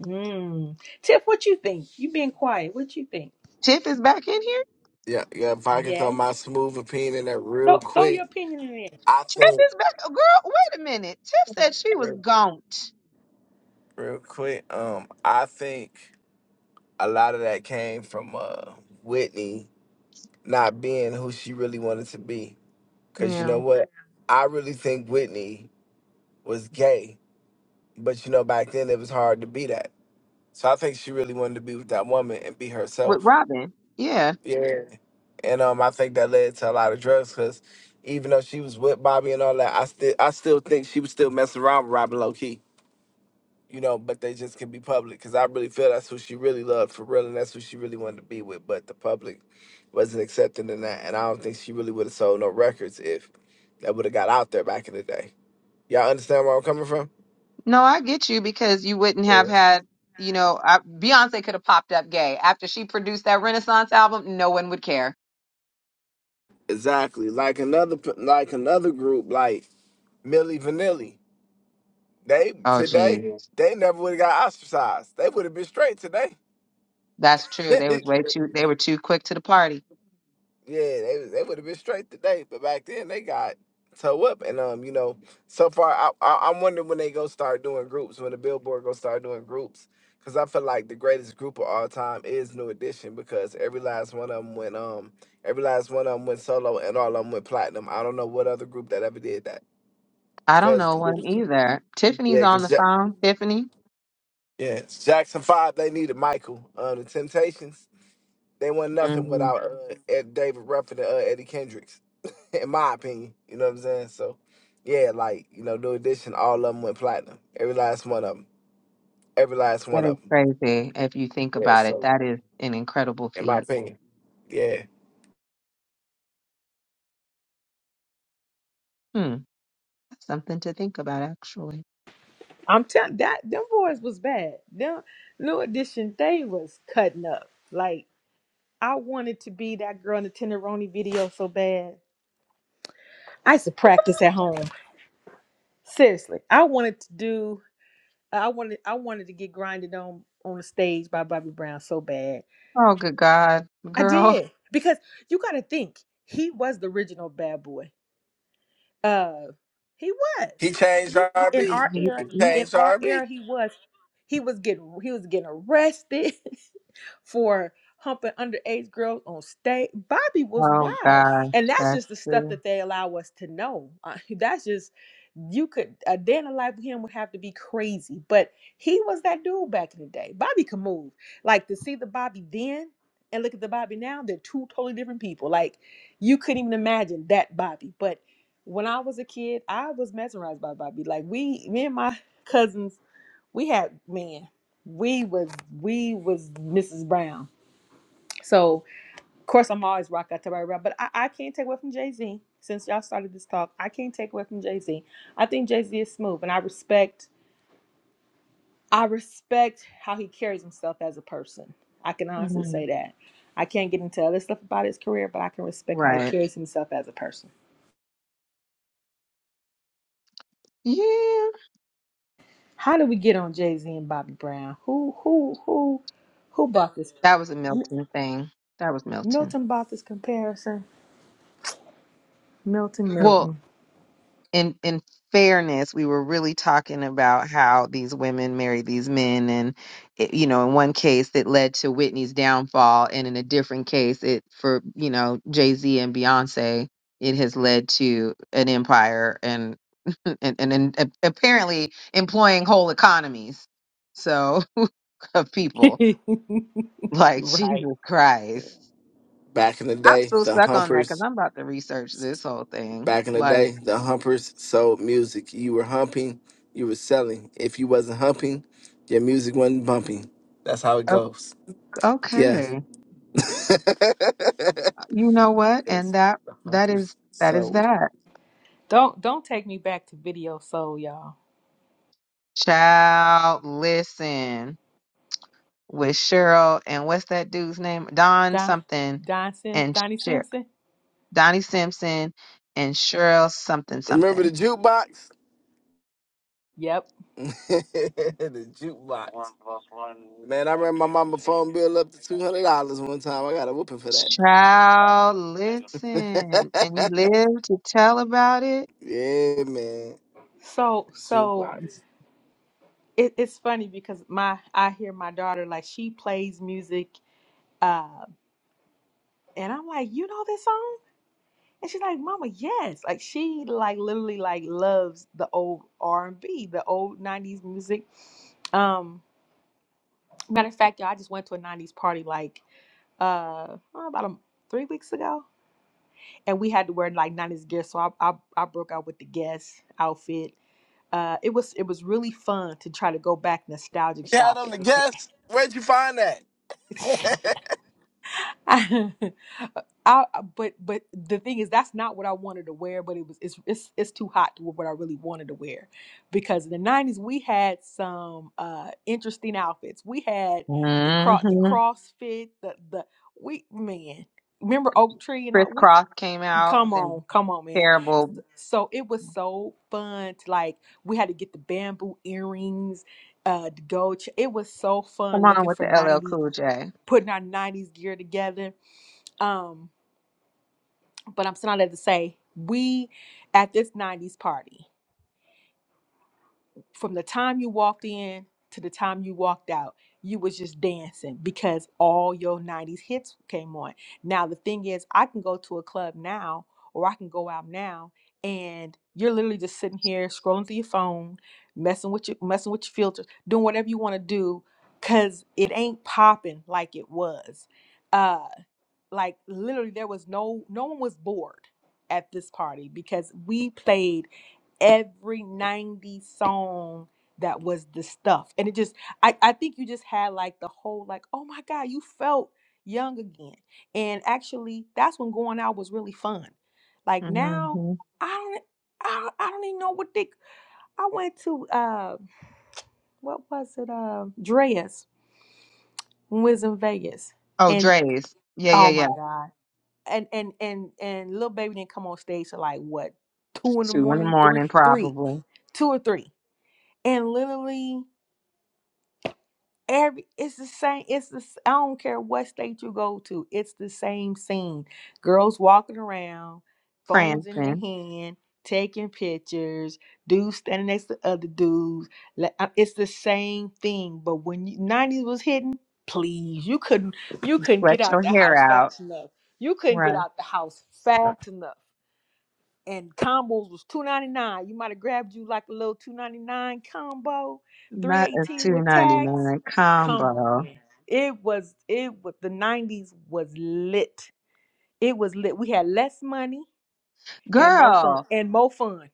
U: Mm. Tiff, what you think? you being quiet. What you think?
S: Tiff is back in here.
T: Yeah, yeah. If I can throw
U: Yes.
T: my smooth opinion in there
U: Throw,
T: real
U: throw your
T: quick,
U: opinion in.
T: I
S: Tiff
T: think
S: is back. Girl, wait a minute. Tiff said she was
T: real
S: gone.
T: quick. Um, I think a lot of that came from uh Whitney not being who she really wanted to be. Cause you
S: Yeah.
T: know what, I really think Whitney was gay, but you know back then it was hard to be that. So I think she really wanted to be with that woman and be
S: With
T: herself.
S: Robin. Yeah.
T: Yeah. and um, I think that led to a lot of drugs. Cause even though she was with Bobby and all that, I still I still think she was still messing around with Robin low key, you know. But they just can be public. Cause I really feel that's who she really loved for real, and that's who she really wanted to be with. But the public wasn't accepting in that, and I don't think she really would have sold no records if that would have got out there back in the day. Y'all understand where I'm coming from?
S: No, I get you because you wouldn't have had, you know, I, Beyonce could have popped up gay. After she produced that Renaissance album, no one would care.
T: Exactly. Like another p- like another group like Millie Vanilli. They
S: Oh, gee.
T: today they never would have got ostracized. They would have been straight today.
S: That's true.
T: yeah,
S: They was way too, they were too quick to the party.
T: they was- they would have been straight today, but back then they got toe up, and um, you know, so far I, I I'm wondering when they go start doing groups, when the Billboard go start doing groups, because I feel like the greatest group of all time is New Edition because every last one of them went um, every last one of them went solo, and all of them went platinum. I don't know what other group that ever did that,
S: I don't
T: because
S: know
T: yeah,
S: one either. Tiffany's on the
T: because ja-
S: phone. Tiffany?
T: yeah, Jackson Five they needed Michael, um, the Temptations. They were nothing
S: Mhm.
T: without uh, Ed, David Ruffin and uh, Eddie Kendricks. in my opinion. You know what I'm saying? So, yeah, like you know, New Edition, all of them went platinum. Every last one of them. Every last
S: That
T: one
S: is
T: of them.
S: crazy if you think
T: Yeah.
S: about it.
T: So,
S: That is an incredible
T: in my
S: feat.
T: opinion, yeah,
S: Hmm. That's something to think about, actually.
U: I'm telling that them boys was bad. Them new edition, they was cutting up. Like I wanted to be that girl in the Tenderoni video so bad. I used to practice at home. Seriously, I wanted to do. I wanted. I wanted to get grinded on on the stage by Bobby Brown so bad.
S: Oh, good God,
U: I
S: girl.
U: did because you got to think he was the original bad boy. Uh, he was.
T: he changed
U: He, he- in
T: RB.
U: our
S: You-
T: He
U: era,
S: you-
U: in
T: changed
U: our
T: RB.
U: era, he was. He was getting he was getting arrested. for humping underage girls on stage. Bobby was
S: Oh,
U: wild.
S: gosh,
U: And that's
S: that's
U: just the stuff
S: the
U: that they allow us to know. Uh, that's just, you could, a day in the life with him would have to be crazy. But he was that dude back in the day. Bobby could move. Like to see the Bobby then and look at the Bobby now, they're two totally different people. Like you couldn't even imagine that Bobby. But when I was a kid, I was mesmerized by Bobby. Like we, me and my cousins, we had men. We was we was Mrs. Brown. So of course I'm always rock out to right rock, but I, I can't take away from Jay Z. Since y'all started this talk, I can't take away from Jay Z. I think Jay Z is smooth, and I respect I respect how he carries himself as a person. I can honestly say
S: Mhm.
U: that. I can't get into other stuff about his career, but I can respect how he Right.
S: right.
U: carries himself as a person.
S: Yeah,
U: How do we get on Jay Z and Bobby Brown? Who who who who bought this?
S: that was a Milton thing. That was Milton.
U: Milton bought this comparison. Milton
S: Well,
U: Milton.
S: in in fairness, we were really talking about how these women marry these men, and it, you know, in one case it led to Whitney's downfall, and in a different case, it for you know Jay Z and Beyonce, it has led to an empire and and and, and a- apparently employing whole economies. So of people like Jesus
U: right.
S: Christ.
T: Back in the
S: I'm
T: day,
S: still
T: the
S: stuck on that because
T: humpers.
S: I'm about to research this whole thing.
T: Back in the
S: Like,
T: day, the humpers sold music. You were humping, you were selling. If you wasn't humping, your music wasn't bumping. That's how it
S: o-
T: goes. Yeah.
S: okay.
T: yes.
S: You know what? And that
T: The
S: that is
T: humpers
S: that is
T: sold.
S: that.
U: Don't don't take me back to Video Soul, y'all.
S: Child, listen with Cheryl and what's that dude's name? Don
U: Don
S: something
U: Don Sim,
S: and
U: Donnie
S: Cheryl.
U: Simpson.
S: Donnie Simpson and Cheryl something
T: Remember
S: something.
T: the jukebox?
U: Yep.
T: the jukebox. Man, I ran my mama phone bill up to two hundred dollars one time. I got a whooping for that.
S: Child, listen. And you live to tell about it.
T: yeah, man.
U: So so
T: Jukebox.
U: it, it's funny because my I hear my daughter like she plays music, uh, and I'm like, you know this song? And she's like, Mama, yes. Like she like literally like loves the old R and B, the old '90s music. Um, matter of fact, y'all, I just went to a '90s party like uh about a, three weeks ago and we had to wear like '90s gear. So I I, I broke out with the Guess outfit. Uh, it was it was really fun to try to go back nostalgic
T: You had on the
U: shopping.
T: guest. Where'd you find that?
U: I, but but the thing is that's not what I wanted to wear. But it was it's it's it's too hot to wear what I really wanted to wear, because in the '90s we had some uh, interesting outfits. We had the cross the
S: Mm-hmm.
U: CrossFit the the we man remember Oak Tree and
S: Chris
U: I, we
S: Cross came out with
U: come
S: them
U: on come on man
S: terrible.
U: So it was so fun. To, like we had to get the bamboo earrings, uh, the gold. ch- It was so
S: Come
U: fun
S: on
U: looking
S: with the
U: for
S: LL
U: ninety,
S: Cool J.
U: putting our nineties gear together. Um, but I'm still not to say we at this nineties party. from the time you walked in to the time you walked out, you was just dancing because all your 90s hits came on. Now the thing is, I can go to a club now or I can go out now and you're literally just sitting here scrolling through your phone, messing with your messing with your filters, doing whatever you want to do cuz it ain't popping like it was. Uh like literally there was no no one was bored at this party because we played every 90 song that was the stuff and it just I, I think you just had like the whole like oh my god you felt young again and actually that's when going out was really fun like now
S: hmm
U: i don't i, don't- I don't even know what they i went to uh what was it uh dreas when we was in vegas
S: Oh,
U: and
S: Dre's. Yeah, yeah,
U: oh
S: yeah.
U: my god and and and and little baby didn't come on stage till like what two in the
S: Two in the
U: morning, three,
S: morning,
U: three,
S: probably.
U: two or three, and literally every it's the same. It's the s- I don't care what state you go to, it's the same scene. Girls walking around, phones in their
S: prancing,
U: hand, taking pictures. Dudes standing next to other dudes. Like, uh, It's the same thing. But when you, '90s was hitting, please, you couldn't you couldn't get
S: sweat
U: out
S: your
U: the
S: hair
U: house
S: out.
U: fast enough. You couldn't get
S: Right.
U: out the house fast enough and combos was two ninety nine. You might have grabbed you like a little two ninety nine combo, three
S: Not a
U: eighteen
S: two
U: with
S: ninety
U: tax.
S: nine
U: Come on,
S: combo.
U: man. It was it was the nineties was lit. It was lit. We had less money and more fun
S: Girl,
U: and more fun.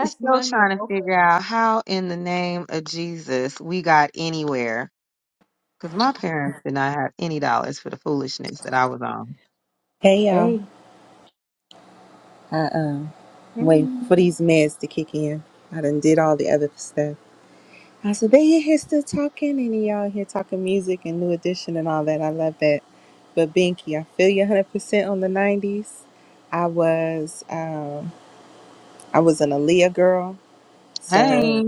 S: I'm still
U: money and
S: trying to
U: more
S: figure
U: fun.
S: out how in the name of Jesus we got anywhere. Because my parents did not have any dollars for the foolishness that I was on.
U: Hey,
S: Hmm. Hey.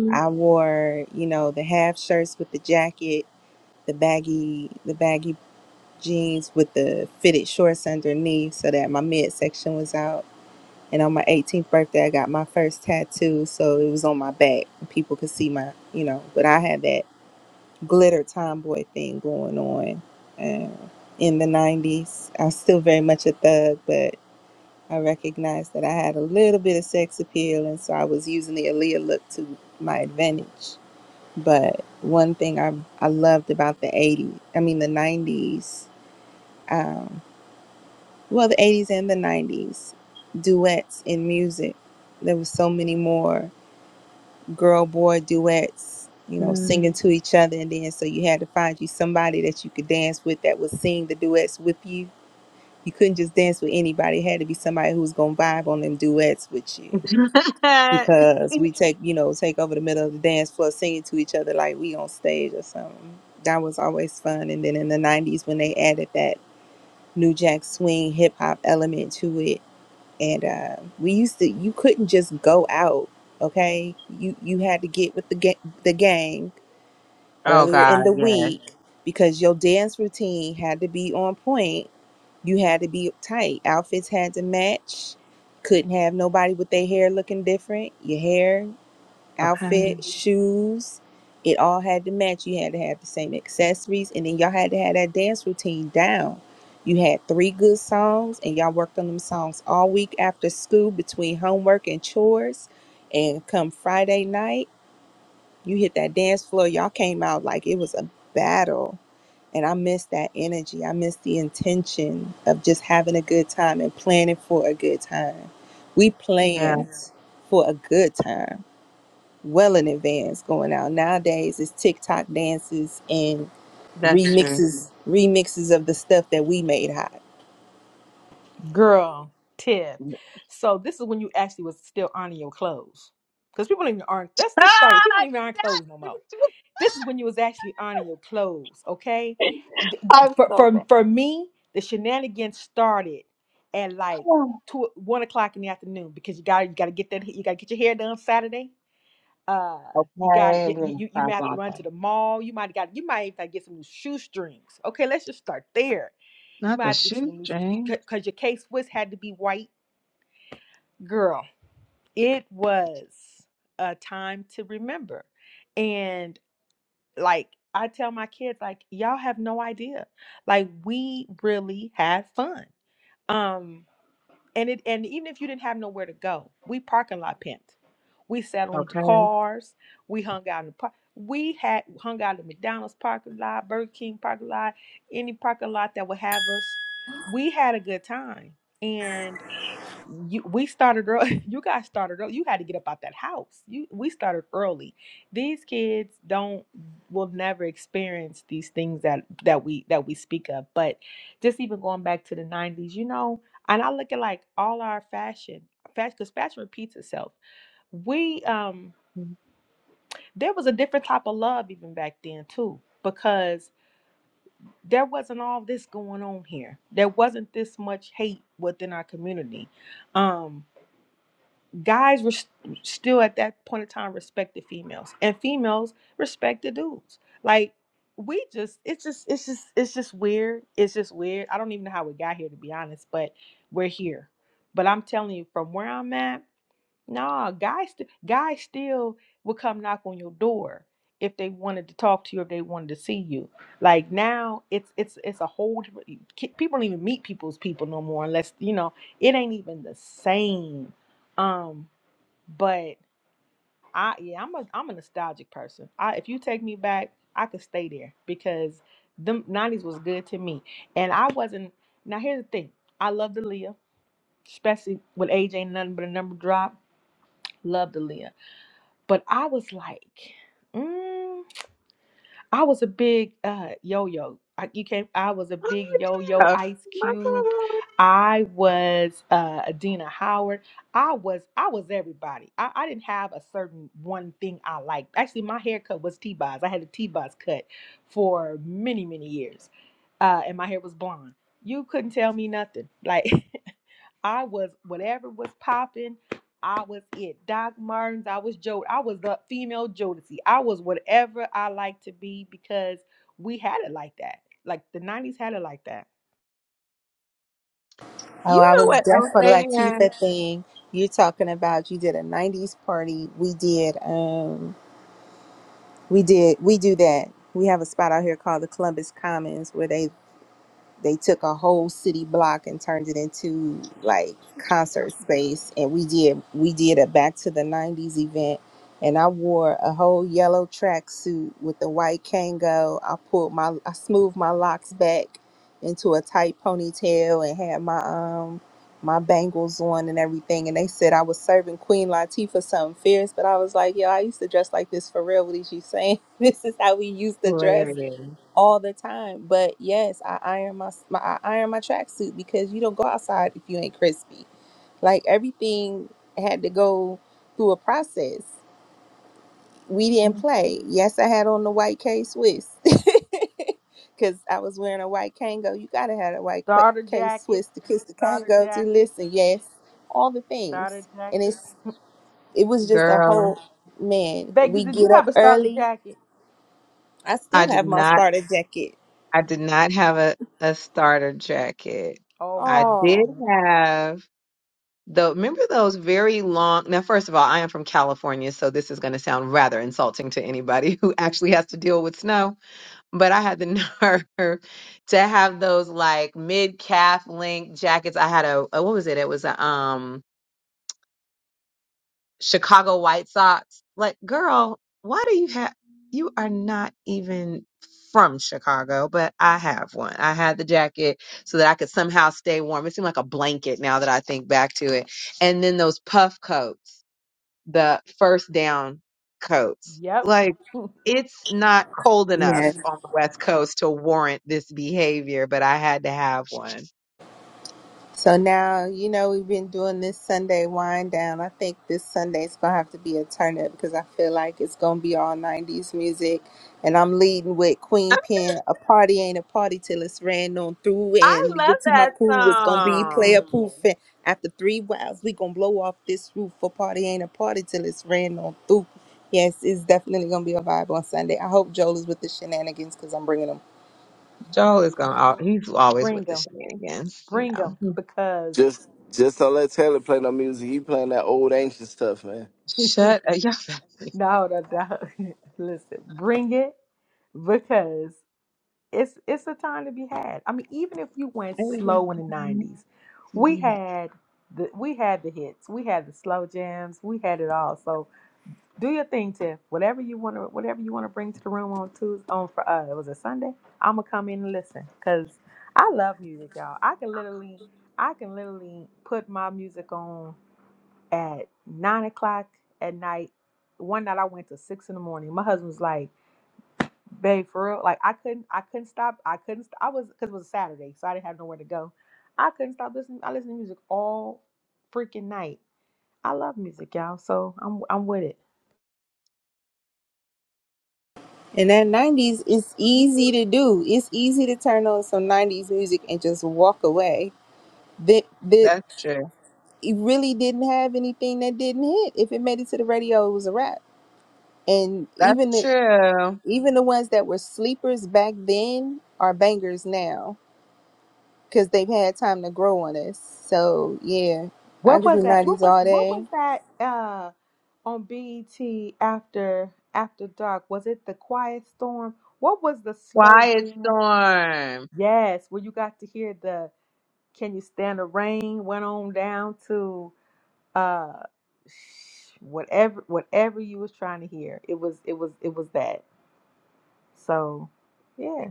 S: Hmm. oh God, yes. Okay. Yeah, that's true.
U: girl, Tiff. So this is when you actually was still ironing your clothes. Because people don't even iron. that's the
S: Ah,
U: story. People don't even iron clothes no more. This is when you was actually ironing your clothes, okay? Th-
S: I'm
U: For
S: so
U: for, for me, the shenanigans started at like
S: bad.
U: two one o'clock in the afternoon because you got you got to get that you got to get your hair done Saturday. Uh, you got
S: Okay,
U: you, you
S: being
U: you
S: a
U: may have to
S: on
U: run
S: that.
U: to the mall. You might got you might even gotta get some new shoestrings. Okay, let's just start there. You
S: Not
U: might
S: the
U: have to get some new
S: shoestrings.
U: because your case was had to be white girl. It was a time to remember, and like I tell my kids like y'all have no idea. Like we really had fun. Um and it and even if you didn't have nowhere to go, we parking lot pimped. We sat on the
S: Okay.
U: cars, we hung out in the park. We had hung out in McDonald's parking lot, Burger King parking lot, any parking lot that would have us. We had a good time. and you we started early you guys started early you had to get up out that house you we started early these kids don't will never experience these things that that we that we speak of but just even going back to the 90s you know and i look at like all our fashion fashion because fashion repeats itself we um
S: Oh
U: there was a different type of love even back then too because there wasn't all this going on here there wasn't this much hate within our community um guys were st- still at that point in time respected females and females respected dudes like we just it's just it's just it's just weird it's just weird i don't even know how we got here to be honest but we're here but i'm telling you from where i'm at nah guys st- guys still will come knock on your door if they wanted to talk to you if they wanted to see you like now it's it's it's a whole different ki- people don't even meet people's people no more unless you know it ain't even the same um but I yeah, I'm a I'm a nostalgic person. I if you take me back, I could stay there because the nineties was good to me. And I wasn't now here's the thing. I loved Aaliyah, especially when age ain't nothing but a number drop. Loved Aaliyah. But I was like, mm. I was a big uh, yo-yo. I, you came. I was a big yo-yo.
S: yeah.
U: Ice
S: My
U: Cube.
S: God.
U: I was uh, Adina Howard. I was. I was everybody. I, I didn't have a certain one thing I liked. Actually, my haircut was T-Boz. I had a T-Boz cut for many, many years, uh, and my hair was blonde. You couldn't tell me nothing. Like I was whatever was popping. I was it. Doc Martens. I was Jod. I was the female Jodeci. I was whatever I like to be because we had it like that. Like the '90s had it like that.
S: You know what else they had? Hilarious.
U: Starter jackets, starter jackets, starter jackets.
S: Girl,
U: Vegas, did you have a starter jacket?
S: I did not I did not have a, a starter jacket.
U: Oh
S: I
U: my
S: did
U: goodness.
S: have though remember those very long now first of all, I am from California, so this is gonna sound rather insulting to anybody who actually has to deal with snow. but I had the nerve to have those like mid calf length jackets. I had a, a what was it? It was a um Chicago White Sox. Like, girl, why do you have? You are not even from Chicago, but I have one. I had the jacket so that I could somehow stay warm. It seemed like a blanket now that I think back to it. And then those puff coats, the first down coats.
U: Yep.
S: like it's not cold enough on the West Coast to warrant this behavior, but I had to have one. I love that song. Joel is gonna al- he's always
U: Bring
S: with the
U: them.
S: shenanigans, you
U: Bring
S: know.
U: them because
T: just just don't let Taylor play no music. He playing that old ancient stuff, man.
U: no,
S: Shut up, y'all. better leave.
U: no, no. Listen, bring it because it's it's a time to be had. I mean, even if you went
S: Everything's
U: slow in the
S: got
U: '90s,
S: to
U: we
S: be
U: had the we had the hits, we had the slow jams, we had it all. So do your thing, Tiff. Whatever you want to, whatever you want to bring to the room on Tuesday, on for uh, it was a Sunday. I'm gonna come in and listen because I love music, y'all. I can literally, I can literally put my music on at nine o'clock at night. One night I went to six in the morning. My husband's like babe, for real. Like I couldn't, I couldn't stop. I couldn't. St- I was because it was a Saturday, so I didn't have nowhere to go. I couldn't stop listening. I listened to music all freaking night. I love music, y'all. So I'm, I'm with it.
S: happy. That's true. That's true.
U: What was that? What was, what was that? Uh, on BET after After Dark, was it the Quiet Storm? What was the slow
S: Quiet
U: jam?
S: storm.
U: Yes, where you got to hear the Can You Stand the Rain? Went on down to. uh whatever whatever you was trying to hear it was it was it was that so yeah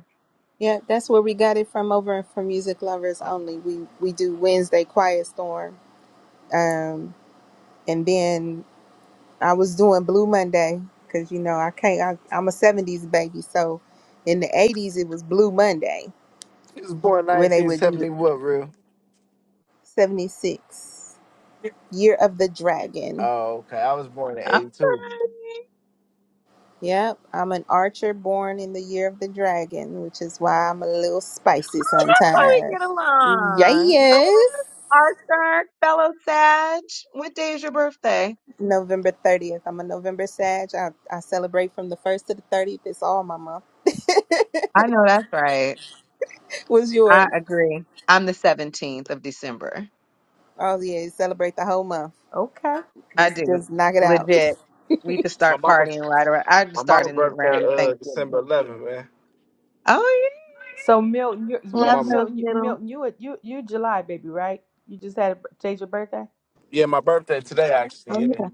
T: He was born nineteen seventy what, real? Oh, okay. I was born in
S: Oh.
T: eighty two.
S: Why we get along? Come on, Arthur, fellow Sag. What day is your birthday? I know that's right. I agree. I'm the 17th of December.
U: okay
S: I do. Legit. We just
T: My
S: start
T: mama
S: partying right around. I just
T: my
S: start
T: mama
S: in
T: birthday
S: around
T: uh
S: Thanksgiving.
T: December eleventh, man.
S: Oh, yeah.
U: so milton you're,
T: So my
U: Mil-
S: Love
T: mama
S: those
U: milton you-
S: little.
U: milton you a- you you july baby right you just had a b- changed your birthday
T: yeah, my birthday today
S: Oh,
T: actually, yeah.
S: yeah.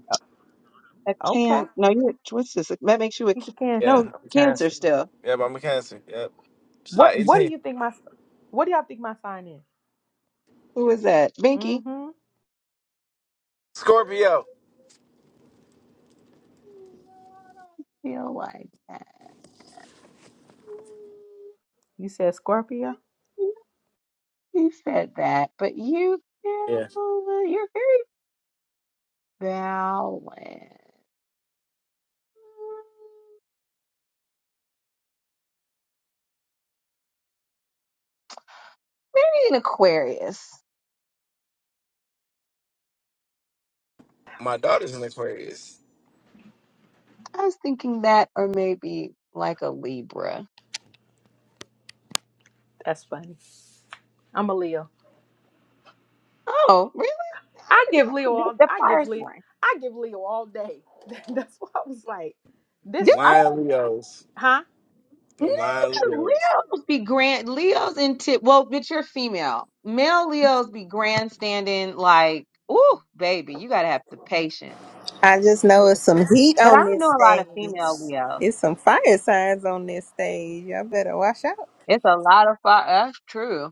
S: A
U: O- okay
S: can. No, you. What's this? That makes you a
U: he's a
T: Yeah.
U: cancer
S: No, cancer still.
T: Yeah, mama cancer. Yep. July
U: what what do
T: 18th.
U: you think my what do y'all think my sign is
S: Who is that? Binky?
U: mm-hmm
S: No,
T: Scorpio.
S: I don't feel like that.
U: you said scorpio
S: You said that, but you, you're very balanced. Maybe an Aquarius.
T: My daughter's in Aquarius.
S: I was thinking that, or maybe like a Libra.
U: That's funny. I'm a Leo.
S: Oh, really?
U: I give Leo
S: The,
U: all.
S: the
U: I
S: fire
U: give Leo.
S: sign.
U: I give Leo all day. That's why I was like,
S: Yeah,
U: this. I
T: Lion Leos.
U: huh?
S: No,
T: Them Lion
S: 'cause
T: Leos.
S: Leos be grand. Leos and tip. Well, but you're female. Male Leos be grandstanding like, ooh, baby, you gotta have the patience. But I don't know a lot of female Leos. It's a lot of fire. That's true.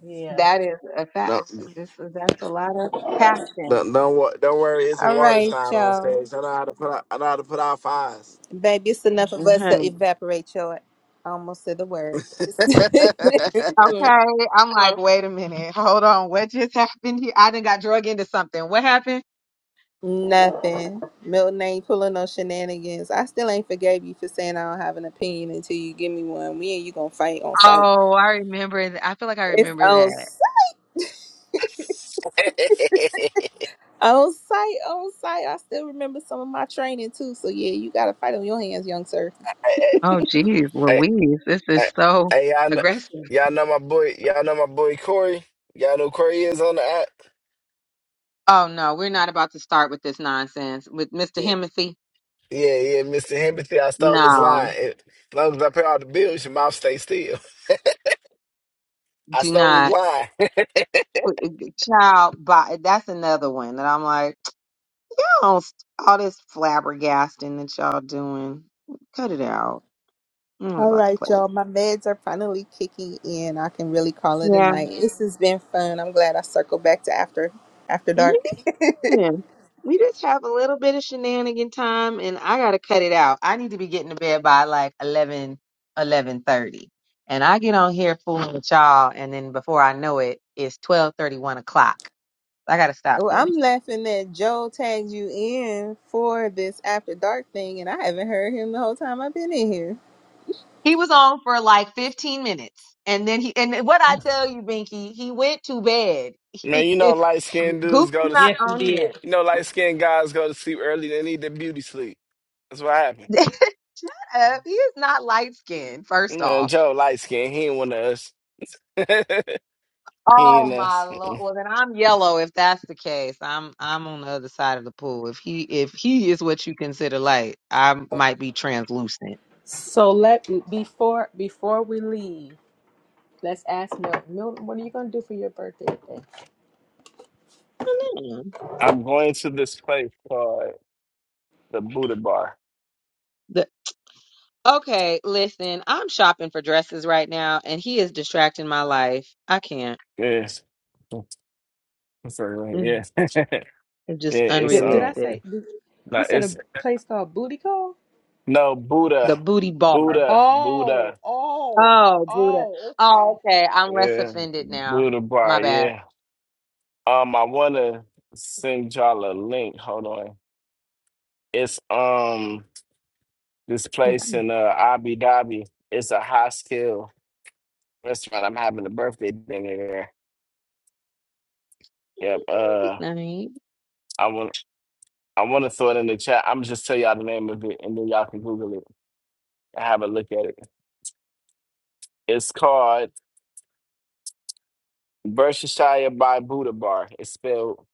U: Yeah.
S: That is a
T: No,
S: fact.
T: not
S: This is that's a lot of passion,
T: don't, don't, wo- don't worry, it's a water sign on stage. I know how to put out, I know how to put out fires.
S: mm, honey.
T: hey,
S: Okay, I'm like, wait a minute, hold on, what just happened here? I did got drug into something. What happened? Oh, I remember. th- I feel like I remember that.
T: hey,
S: Oh, geez,
T: hey,
S: Louise, this
T: hey,
S: is so
T: hey, y'all, know,
S: aggressive.
T: y'all know my boy, y'all know my boy Corey. Y'all know Corey is on the app.
S: Oh no, we're not about to start with this nonsense with Mr.
T: Yeah,
S: Himothy.
T: yeah, yeah. Mr. Hempathy, I stole his line.
S: No,
T: As long as I pay all the bills, your mouth stay still. I
S: do
T: stole his
S: not.
T: line.
S: Put- uh, Child, but That's another one that I'm like. all, all this flabbergasting that y'all doing. Cut it out. I'm not about to play. Yeah. Yeah. We just have a little bit of shenanigan time and I gotta cut it out. I need to be getting to bed by like eleven, eleven thirty, And I get on here fooling with y'all and then before I know it, it's 12.31 o'clock. I gotta stop this. He was on for like 15 minutes. And then he, and what I tell you, Binky, he went to bed.
T: Man,
S: He
T: you know
S: is,
T: light skinned
S: Goop
T: dudes go
S: is
T: to s-
S: not
U: Yes, you
S: on
U: did.
T: you know light skinned guys go to sleep early. They need their beauty sleep. That's what happened.
S: here. up. He is not light skinned, first
T: Man,
S: off.
T: Joe light skinned. He ain't one of us. he
S: Oh
T: ain't
S: my
T: us.
S: lord. Well then I'm yellow if that's the case. I'm I'm on the other side of the pool. If he if he is what you consider light, I might be translucent.
U: So let before before we leave, let's ask Milton. Milton, what are you gonna do for your birthday today?
S: Hmm.
T: I'm going to this place called the Buddha Bar.
S: The- okay, listen, I'm shopping for dresses right now and he is distracting my life. I can't.
T: Yes. I'm sorry, right?
S: Mm,
T: Yes. yeah,
S: It's just
T: it's
U: Did did I
T: um
S: unrealistic.
U: say? Did, you
T: no,
U: said a
T: it's
U: place called Booty Call.
T: no
S: The
T: Buddha.
S: booty bar.
T: Buddha.
U: Oh,
T: Buddha.
U: oh,
S: Oh, Buddha.
U: oh. Okay.
S: Oh, okay. I'm less
T: Yeah.
S: offended now.
T: Buddha
S: My
T: Bar,
S: bad.
T: yeah. Um I wanna send y'all a link. Hold on. It's um This
S: That
T: place in uh, Abu Dhabi, it's a high skill restaurant. I'm having a birthday dinner there. Yep.
S: would be
T: Uh,
S: nice.
T: I want I want to throw it in the chat. I'm just tell y'all the name of it, and then y'all can Google it and have a look at it. It's called Berkshire by Buddha Bar. It's spelled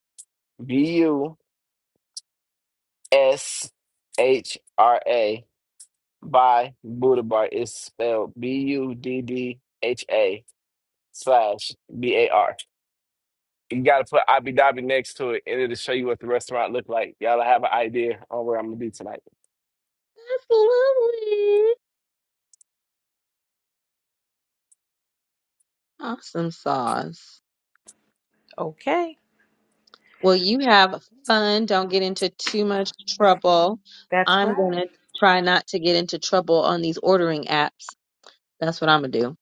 T: B U S H R A by Buddha Bar. It's spelled B U D D H A slash B A R. You gotta put Abu Dhabi next to it, and it'll show you what the restaurant look like. Y'all have an idea on where I'm gonna be tonight.
S: That's lovely. Awesome sauce.
U: Okay.
S: Well, you have fun. Don't get into too much trouble.
U: That's
S: I'm going
U: right.
S: to try not to get into trouble on these ordering apps. That's what I'm going to do.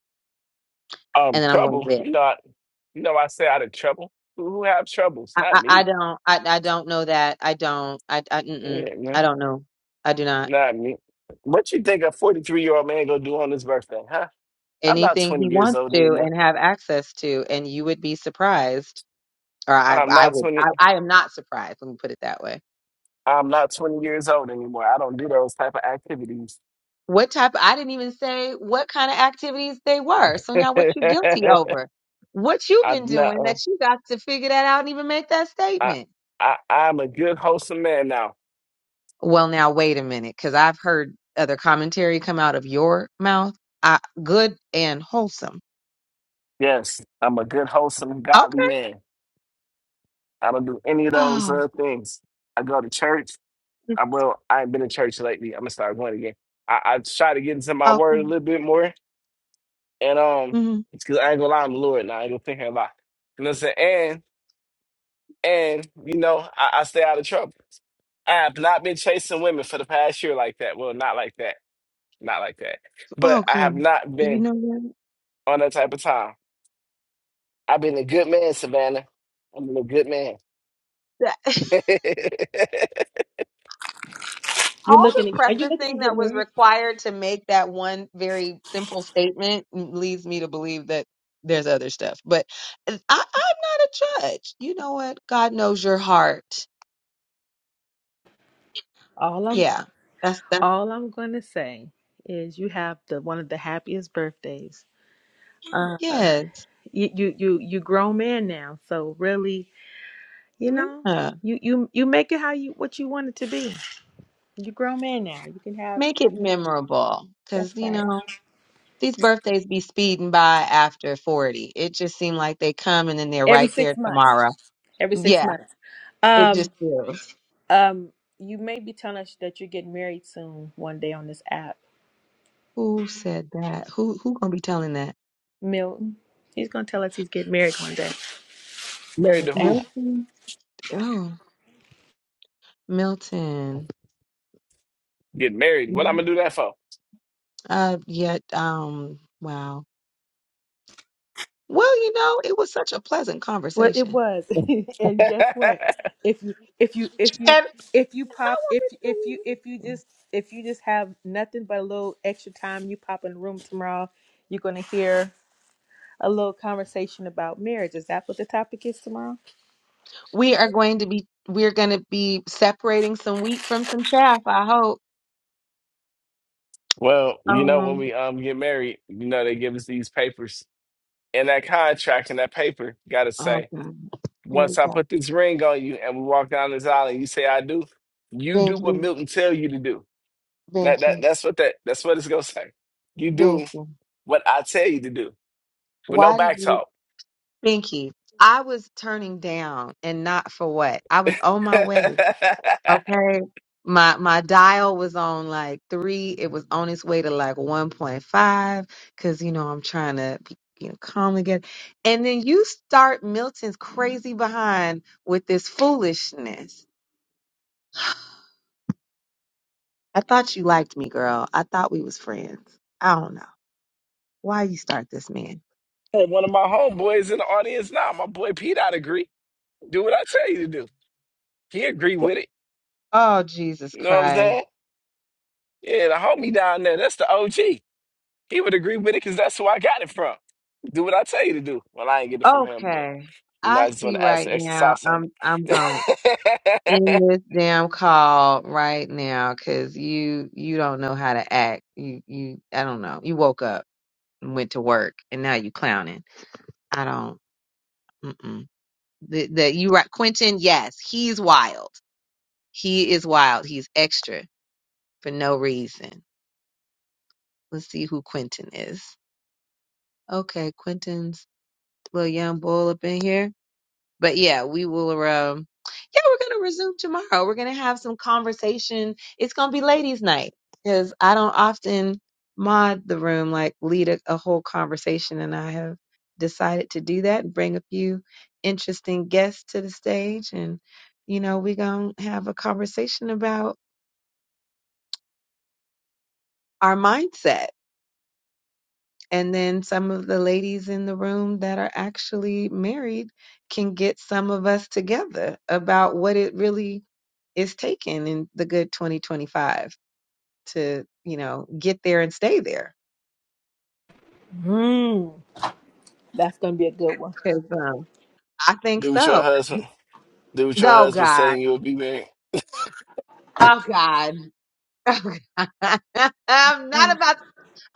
T: Um,
S: And then I'm going to
T: trouble.
S: bed.
T: You know, I, you know, I say out of trouble. Who who have troubles?
S: I,
T: Not
S: I, I
T: me.
S: don't, I, I don't know that. I don't, I, I, mm-mm,
T: Yeah, man,
S: I don't know. I do not.
T: not me. What you think a 43 year old man gonna do on his birthday, huh? I'm not
S: Anything
T: 20
S: he
T: years
S: wants
T: old
S: to
T: anymore.
S: and have access to, and you would be surprised, or I,
T: I'm
S: I
T: not
S: would,
T: 20.
S: I, I am not surprised. Let me put it that way.
T: I'm not 20 years old anymore. I don't do those type of activities.
S: What type? I didn't even say what kind of activities they were. So now what you guilty over? What you've been
T: I'm not.
S: doing
T: uh,
S: that you got to figure that out and even make that
T: I,
S: statement?
T: I, I'm a good wholesome man now.
S: Well, now wait a minute, because I've heard other commentary come out of your mouth. I, good and wholesome.
T: Yes, I'm a good wholesome godly
S: Okay.
T: man. I don't do any of those
S: Oh,
T: uh, things. I go to church. I well, I ain't been to church lately. I'm gonna start going again. I, I try to get into my word
S: okay.
T: a little bit more, and um,
S: hmm
T: it's because I ain't gonna lie, I'm the Lord now. I ain't gonna think a lot. You know what I'm saying? And and you know, I, I stay out of trouble. I have not been chasing women for the past year like that. Well, not like that, not like that. But
S: Okay.
T: I have not
S: You
T: been
S: know what?
T: on that type of time. I've been a good man, Savannah. I've been a good man.
U: You
S: all the
U: looking? To, are you looking to
S: prefacing
U: get
S: that was
U: married?
S: required to make that one very simple statement leads me to believe that there's other stuff. But uh, I, I'm not a judge. You know what? God knows your heart.
U: All I'm.
S: Yeah, that's that.
U: All I'm going to say is you have the one of the happiest birthdays. Uh,
S: Yes,
U: you you you you grown man now, so really, you know,
S: yeah.
U: you you you make it how you what you want it to be. You grown man now. You can have
S: Make it memorable,
U: that's
S: because you
U: right.
S: know these birthdays be speeding by after 40. It just seemed like they come and then they're
U: Every
S: right there
U: six months.
S: tomorrow.
U: Every six
S: Yeah,
U: months.
S: it just
U: Um
S: feels.
U: um. You may be telling us that you're getting married soon one day on this app,
S: Who said that? Who who gonna be telling that?
U: Milton. He's gonna tell us he's getting married one day on
T: married
U: this
T: to who?
U: app.
S: Nothing. Oh. Milton.
T: Get married. What I'm
S: Mhm.
T: gonna do that for?
S: Uh, yet, um, wow. Well, you know, it was such a pleasant
U: Well, it
S: conversation.
U: was, and guess what? If you if you if you
S: And
U: if you
S: I
U: pop if
S: wanted
U: if you if you
S: to
U: just if you just have nothing but a little extra time, you pop in the room tomorrow. You're gonna hear a little conversation about marriage. Is that what the topic is tomorrow?
S: We are going to be we're going to be separating some wheat from some chaff. I hope.
T: Well, you know, when
S: Um.
T: we um get married, you know, they give us these papers. And that contract and that paper gotta
S: Oh
T: say,
S: God. Here we
T: once I
S: go.
T: put this ring on you and we walk down this aisle and you say I do, you do what
S: Binky,
T: Milton tell you to do. That that
S: Binky,
T: that's what that that's what it's gonna say. You do
S: Binky.
T: what I tell you to do, with no
S: Why did
T: back
S: you,
T: talk.
S: Binky? I was turning down, and not for what. I was on my
T: and
S: way. Okay. My my dial was on like three. It was on its way to like 1.5 because you know I'm trying to be, you know calm again. And then you start Milton's crazy behind with this foolishness. I thought you liked me, girl. I thought we was friends. I don't know. Why you start this man?
T: one of my homeboys in the audience now, my boy Pete, I'd agree. Do what I tell you to do. He agree with it.
S: Oh, Jesus
T: You know what I'm
S: Christ.
T: saying? Yeah, the homie down there, that's the OG. He would agree with it because that's who I got it from. Do what I tell you to do. Well, I ain't get it from him, but
S: Okay.
T: you know,
S: I
T: I just want
S: see
T: to add
S: right
T: some extra
S: now.
T: sauce on
S: I'm I'm gone.
T: it.
S: in this damn call right now because you you don't know how to act. You you I don't know. You woke up and went to work and now you clowning. I don't. Mm-mm. The, the you right, Quentin? Yes, he's wild. He is wild. He's extra for no reason. Let's see who Quentin is. Okay, Quentin's little young bull up in here. But yeah, we will. Um, yeah, we're gonna resume tomorrow. We're gonna have some conversation. It's gonna be ladies' night because I don't often mod the room, like lead a, a whole conversation, and I have decided to do that and bring a few interesting guests to the stage, and you know, we're gonna have a conversation about our mindset. And then some of the ladies in the room that are actually married can get some of us together about what it really is taken in the good 2025 to, you know, get there and stay there.
U: Mm, that's gonna be a good one.
S: 'Cause, um, I think
T: do what your
S: so.
T: husband, do what your
S: No,
T: husband
S: God.
T: saying you'll be married.
S: Oh, God. Oh, God. I'm not
U: Um,
S: about to.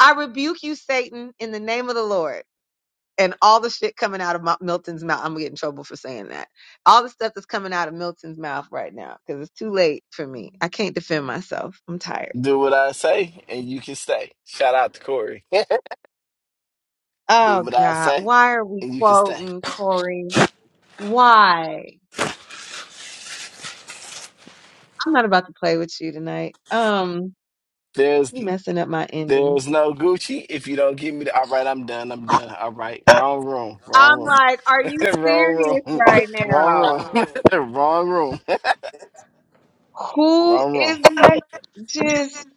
S: I rebuke you, Satan, in the name of the Lord. And all the shit coming out of Mil- Milton's mouth. I'm going to get in trouble for saying that. All the stuff that's coming out of Milton's mouth right now because it's too late for me. I can't defend myself. I'm tired.
T: Do what I say and you can stay. Shout out to Corey. do
S: Oh,
T: what I
S: God.
T: say
S: Why are we
T: and you can stay.
S: quoting Corey? Why? I'm not about to play with you tonight. Um,
T: There's
S: you messing up my ending.
T: there's no Gucci if you don't give me the all right, I'm done. I'm all right. Wrong room. Wrong
S: I'm
T: room.
S: like, are you
T: wrong
S: serious
T: room.
S: right
T: Wrong
S: now?
T: room. wrong room.
S: Who
T: Wrong room.
S: is let just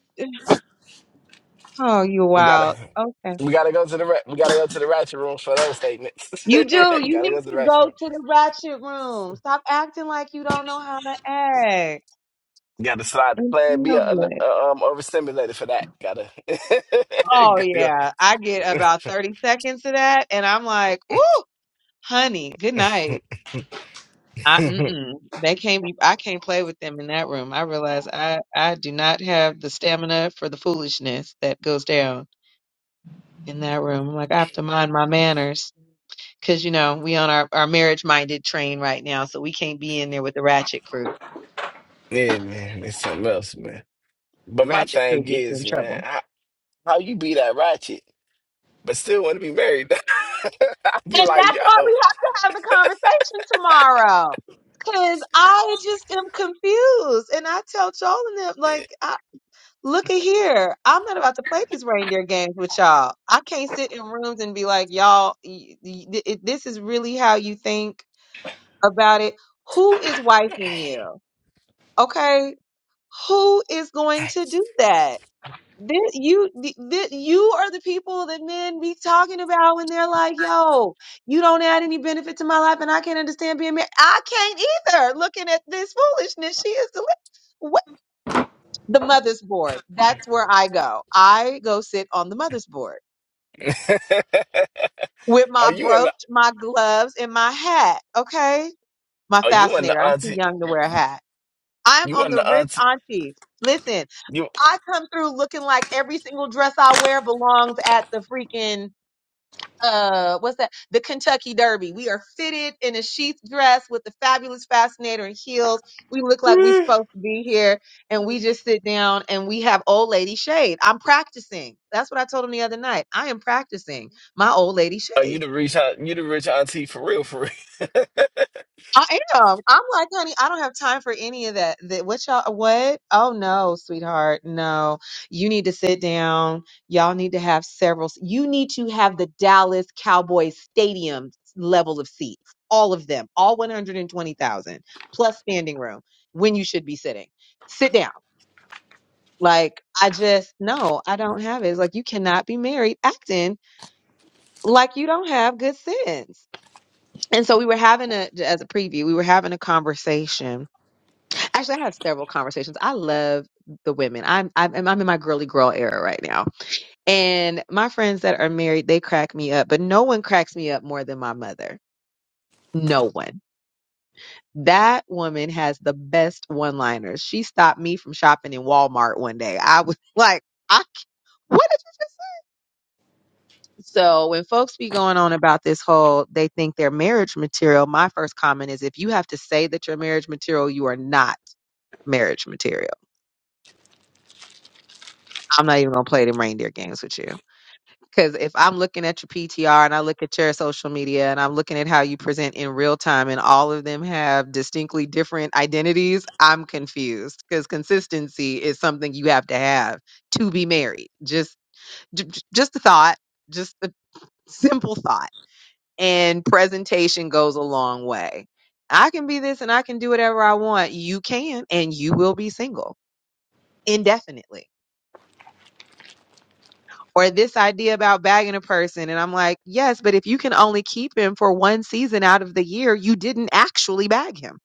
S: oh you
T: We gotta
S: wild. Okay.
T: we gotta go to the ra- we gotta go to the ratchet room for those statements.
S: You
T: we
S: do. You
T: gotta
S: need
T: go to the
S: to
T: ratchet
S: go
T: room.
S: to the ratchet room. Stop acting like you don't know how to act.
T: Gotta slide the
S: And
T: plan. Be
S: feel
T: uh,
S: good.
T: uh, um overstimulated for that. Gotta
S: Oh
T: gotta go.
S: yeah. I get about 30 seconds of that and I'm like, ooh, honey, good night. I mm-mm, they can't be. I can't play with them in that room. I realize I I do not have the stamina for the foolishness that goes down in that room. I'm like I have to mind my manners because you know we on our our marriage minded train right now, so we can't be in there with the ratchet crew.
T: yeah, man, it's something else, man.
S: The
T: But my
S: ratchet crew
T: thing
S: gets you in
T: is, man,
S: trouble,
T: how, how you be that ratchet, but still want to be married? I'd be
S: and
T: like,
S: that's why
T: yo,
S: we have to have the conversation tomorrow. Cause I just am confused, and I tell Joel and them like Look at here. I'm not about to play these reindeer games with y'all. I can't sit in rooms and be like, y'all, y- y- th- it- this is really how you think about it. Who is wiping you? Okay. Who is going to do that? This, you, th- th- you are the people that men be talking about when they're like, yo, you don't add any benefit to my life and I can't understand being married. I can't either looking at this foolishness she is the the mother's board. That's where I go. I go sit on the mother's board with
T: are
S: my
T: you in the
S: brooch, my gloves, and my hat. Okay. My
T: are you in
S: fascinator.
T: the
S: I'm too
T: auntie?
S: young to wear a hat. I'm
T: You
S: on
T: in
S: the
T: the
S: rich
T: auntie?
S: auntie. Listen,
T: You
S: I come through looking like every single dress I wear belongs at the freaking uh what's that the kentucky derby we are fitted in a sheath dress with the fabulous fascinator and heels we look like we're supposed to be here and we just sit down and we have old lady shade i'm practicing that's what i told him the other night i am practicing my old lady
T: are
S: shade
T: you the rich aunt- you the rich auntie for real? For real?
S: I am. I'm like, honey, I don't have time for any of that. That what y'all what? Oh no, sweetheart. No. You need to sit down. Y'all need to have several you need to have the Dallas Cowboys stadium level of seats. All of them. All 120,000 plus standing room when you should be sitting. Sit down. Like I just no, I don't have it. It's like you cannot be married acting like you don't have good sense. And so we were having a as a preview, we were having a conversation actually I have several conversations. I love the women. I'm I'm and I'm in my girly girl era right now. And my friends that are married, they crack me up, but no one cracks me up more than my mother. No one. That woman has the best one-liners. She stopped me from shopping in Walmart one day. I was like, I what did you just so when folks be going on about this whole they think they're marriage material, my first comment is if you have to say that you're marriage material, you are not marriage material. I'm not even gonna play them reindeer games with you. Because if I'm looking at your PTR and I look at your social media and I'm looking at how you present in real time and all of them have distinctly different identities, I'm confused because consistency is something you have to have to be married. Just, j- j- just a thought, just a simple thought. And presentation goes a long way. I can be this and I can do whatever I want. You can, and you will be single indefinitely or this idea about bagging a person. And I'm like, yes, but if you can only keep him for one season out of the year, you didn't actually bag him.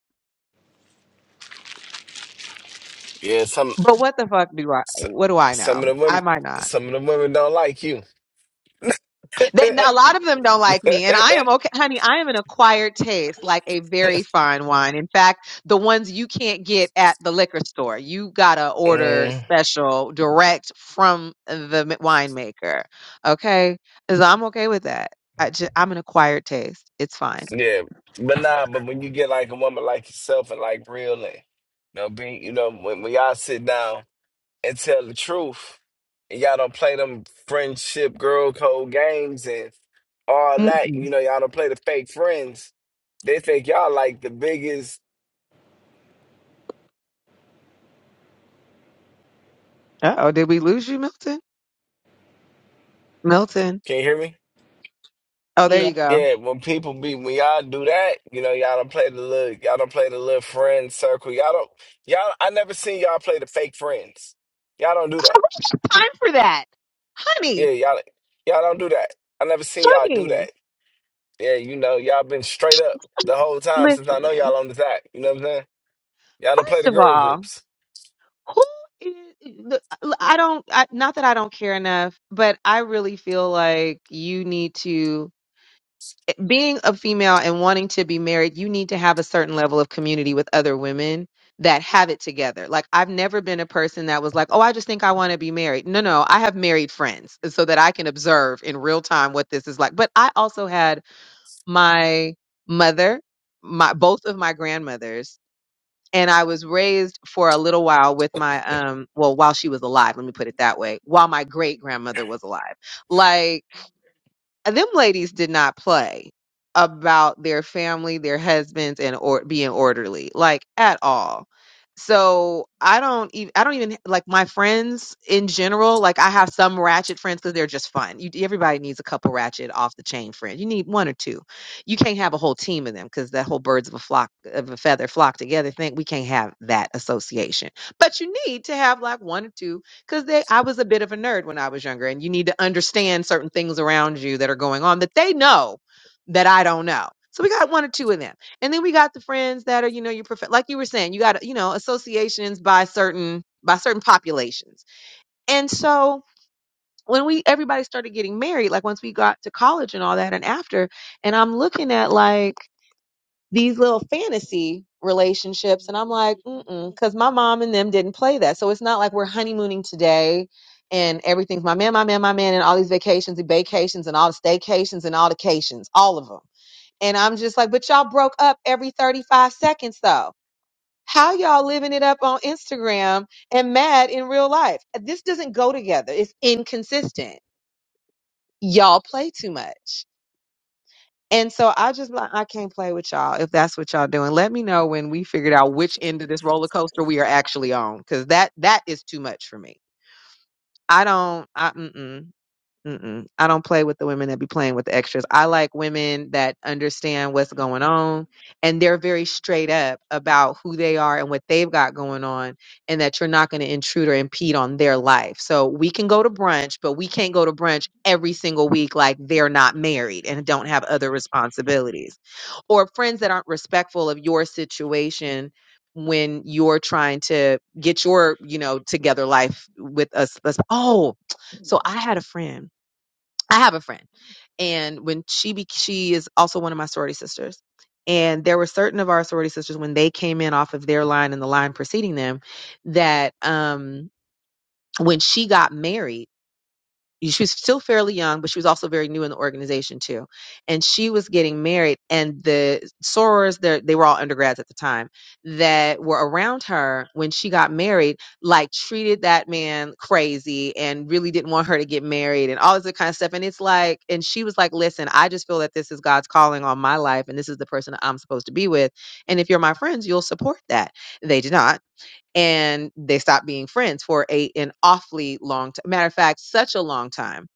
T: Yeah, some
S: But what the fuck do I,
T: S-
S: what do I
T: some of
S: know?
T: the
S: I
T: women,
S: might not.
T: some of the women don't like you.
S: They, a lot of them don't like me and I am okay, honey, I am an acquired taste, like a very fine wine. In fact, the ones you can't get at the liquor store, you gotta order
T: Mm,
S: special direct from the m- winemaker. Okay. So I'm okay with that. I just, I'm an acquired taste. It's fine.
T: yeah, but nah. But when you get like a woman like yourself and like real, and you know, be you know, when, when y'all sit down and tell the truth, and y'all don't play them friendship girl code games and all that.
S: Mm-mm.
T: You know, y'all don't play the fake friends. They think y'all like the biggest.
S: Uh-oh, did we lose you, Milton? Milton.
T: Can you hear me?
S: Oh, there
U: yeah.
S: you go.
T: Yeah, when people be when y'all do that, you know, y'all y'all don't play the little friend circle. Y'all don't. Y'all. I never seen y'all play the fake friends. Y'all don't do that.
S: Time for that.
T: Yeah,
S: Honey,
T: y'all. Y'all don't do that. I never seen y'all do
S: honey,
T: that. Yeah, you know, y'all been straight up the whole time since I know y'all
S: listen.
T: on the app. You know what I'm saying? Y'all don't play
S: First
T: the
S: of
T: girl
S: all,
T: groups.
S: who is, look, I don't, I, not that I don't care enough, but I really feel like you need to being a female and wanting to be married, you need to have a certain level of community with other women that have it together. Like I've never been a person that was like, "Oh, I just think I want to be married." No, no, I have married friends so that I can observe in real time what this is like. But I also had my mother, my both of my grandmothers, and I was raised for a little while with my um well, while she was alive, let me put it that way, while my great grandmother was alive. Like uh, them ladies did not play about their family, their husbands, and or being orderly, like at all. So I don't even I don't even like my friends in general. Like I have some ratchet friends because they're just fun. You everybody needs a couple ratchet off the chain friends. You need one or two. You can't have a whole team of them because that whole birds of a flock of a feather flock together thing. We can't have that association. But you need to have like one or two because they I was a bit of a nerd when I was younger, and you need to understand certain things around you that are going on that they know that I don't know. So we got one or two of them, and then we got the friends that are you know your prof- like you were saying you got you know associations by certain by certain populations, and so when we everybody started getting married, like once we got to college and all that, and after, and I'm looking at like these little fantasy relationships and i'm like mm because my mom and them didn't play that so it's not like we're honeymooning today and everything's my man my man my man and all these vacations and vacations and all the staycations and all the cations all of them and i'm just like but y'all broke up every 35 seconds though how y'all living it up on instagram and mad in real life this doesn't go together it's inconsistent y'all play too much and so I just like I can't play with y'all if that's what y'all doing. Let me know when we figured out which end of this roller coaster we are actually on, because that that is too much for me. I don't. I mm-mm. Mm-mm. I don't play with the women that be playing with the extras. I like women that understand what's going on and they're very straight up about who they are and what they've got going on, and that you're not going to intrude or impede on their life. So we can go to brunch, but we can't go to brunch every single week like they're not married and don't have other responsibilities. Or friends that aren't respectful of your situation when you're trying to get your, you know, together life with us. us- Oh, so I had a friend I have a friend, and when she be- she is also one of my sorority sisters, and there were certain of our sorority sisters when they came in off of their line and the line preceding them, that um when she got married she was still fairly young, but she was also very new in the organization too. And she was getting married, and the sorors, they're- they were all undergrads at the time, that were around her when she got married, like treated that man crazy and really didn't want her to get married and all this other kind of stuff. And it's like, and she was like, listen, I just feel that this is God's calling on my life, and this is the person that I'm supposed to be with. And if you're my friends, you'll support that. They did not and they stopped being friends for a an awfully long time. Matter of fact, such a long time.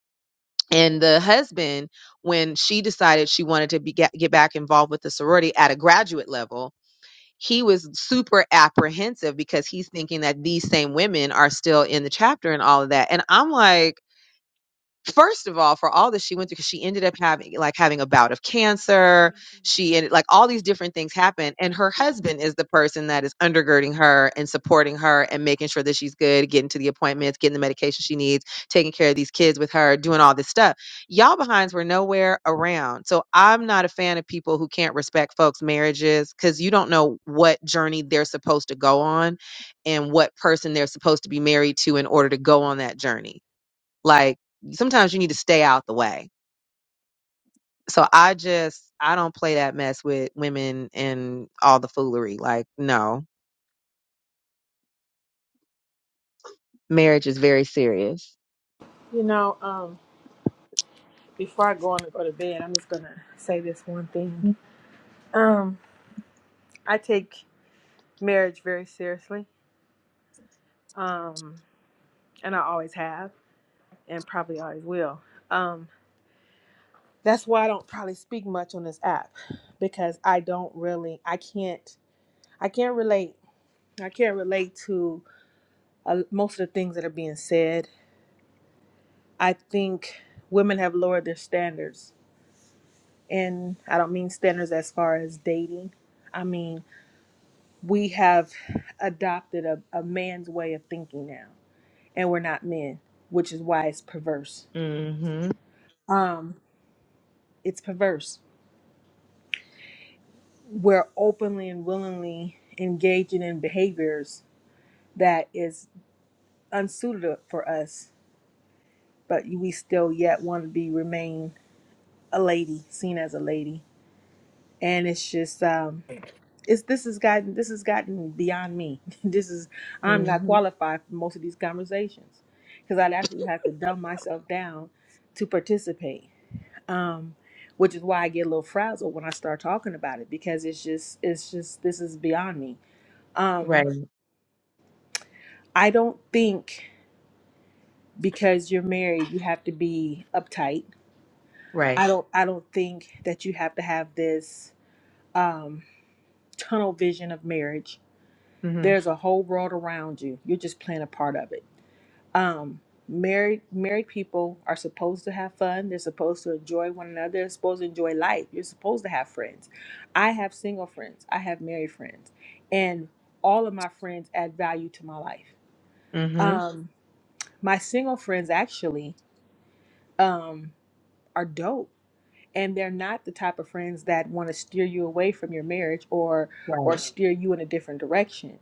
S: And the husband, when she decided she wanted to be, get, get back involved with the sorority at a graduate level, he was super apprehensive because he's thinking that these same women are still in the chapter and all of that. And I'm like, first of all, for all that she went through, because she ended up having like having a bout of cancer. She ended like all these different things happened, and her husband is the person that is undergirding her and supporting her and making sure that she's good, getting to the appointments, getting the medication she needs, taking care of these kids with her, doing all this stuff. Y'all behinds were nowhere around. So I'm not a fan of people who can't respect folks' marriages because you don't know what journey they're supposed to go on and what person they're supposed to be married to in order to go on that journey like sometimes you need to stay out the way. So I just I don't play that mess with women and all the foolery. Like no, marriage is very serious.
U: You know, um, before I go on and go to bed, I'm just gonna say this one thing. Um, I take marriage very seriously. Um, and I always have. and probably always will. Um, that's why I don't probably speak much on this app because I don't really, I can't, I can't relate. I can't relate to uh, most of the things that are being said. I think women have lowered their standards, and I don't mean standards as far as dating. I mean we have adopted a, a man's way of thinking now, and we're not men, which is why it's perverse.
S: Mhm.
U: Um, it's perverse we're openly and willingly engaging in behaviors that is unsuited for us, but we still yet want to be remain a lady, seen as a lady. And it's just um it's this has gotten this has gotten beyond me. this is I'm not
S: Mhm.
U: qualified for most of these conversations because I'd actually have to dumb myself down to participate. Um which is why I get a little frazzled when I start talking about it because it's just it's just this is beyond me. Um,
S: Right.
U: I don't think because you're married you have to be uptight.
S: Right.
U: I don't I don't think that you have to have this um tunnel vision of marriage.
S: Mhm.
U: There's a whole world around you. You're just playing a part of it. Um married married people are supposed to have fun. They're supposed to enjoy one another. They're supposed to enjoy life. You're supposed to have friends. I have single friends. I have married friends. And all of my friends add value to my life.
S: Mhm.
U: Um my single friends actually um are dope and they're not the type of friends that want to steer you away from your marriage or
S: Right.
U: or steer you in a different direction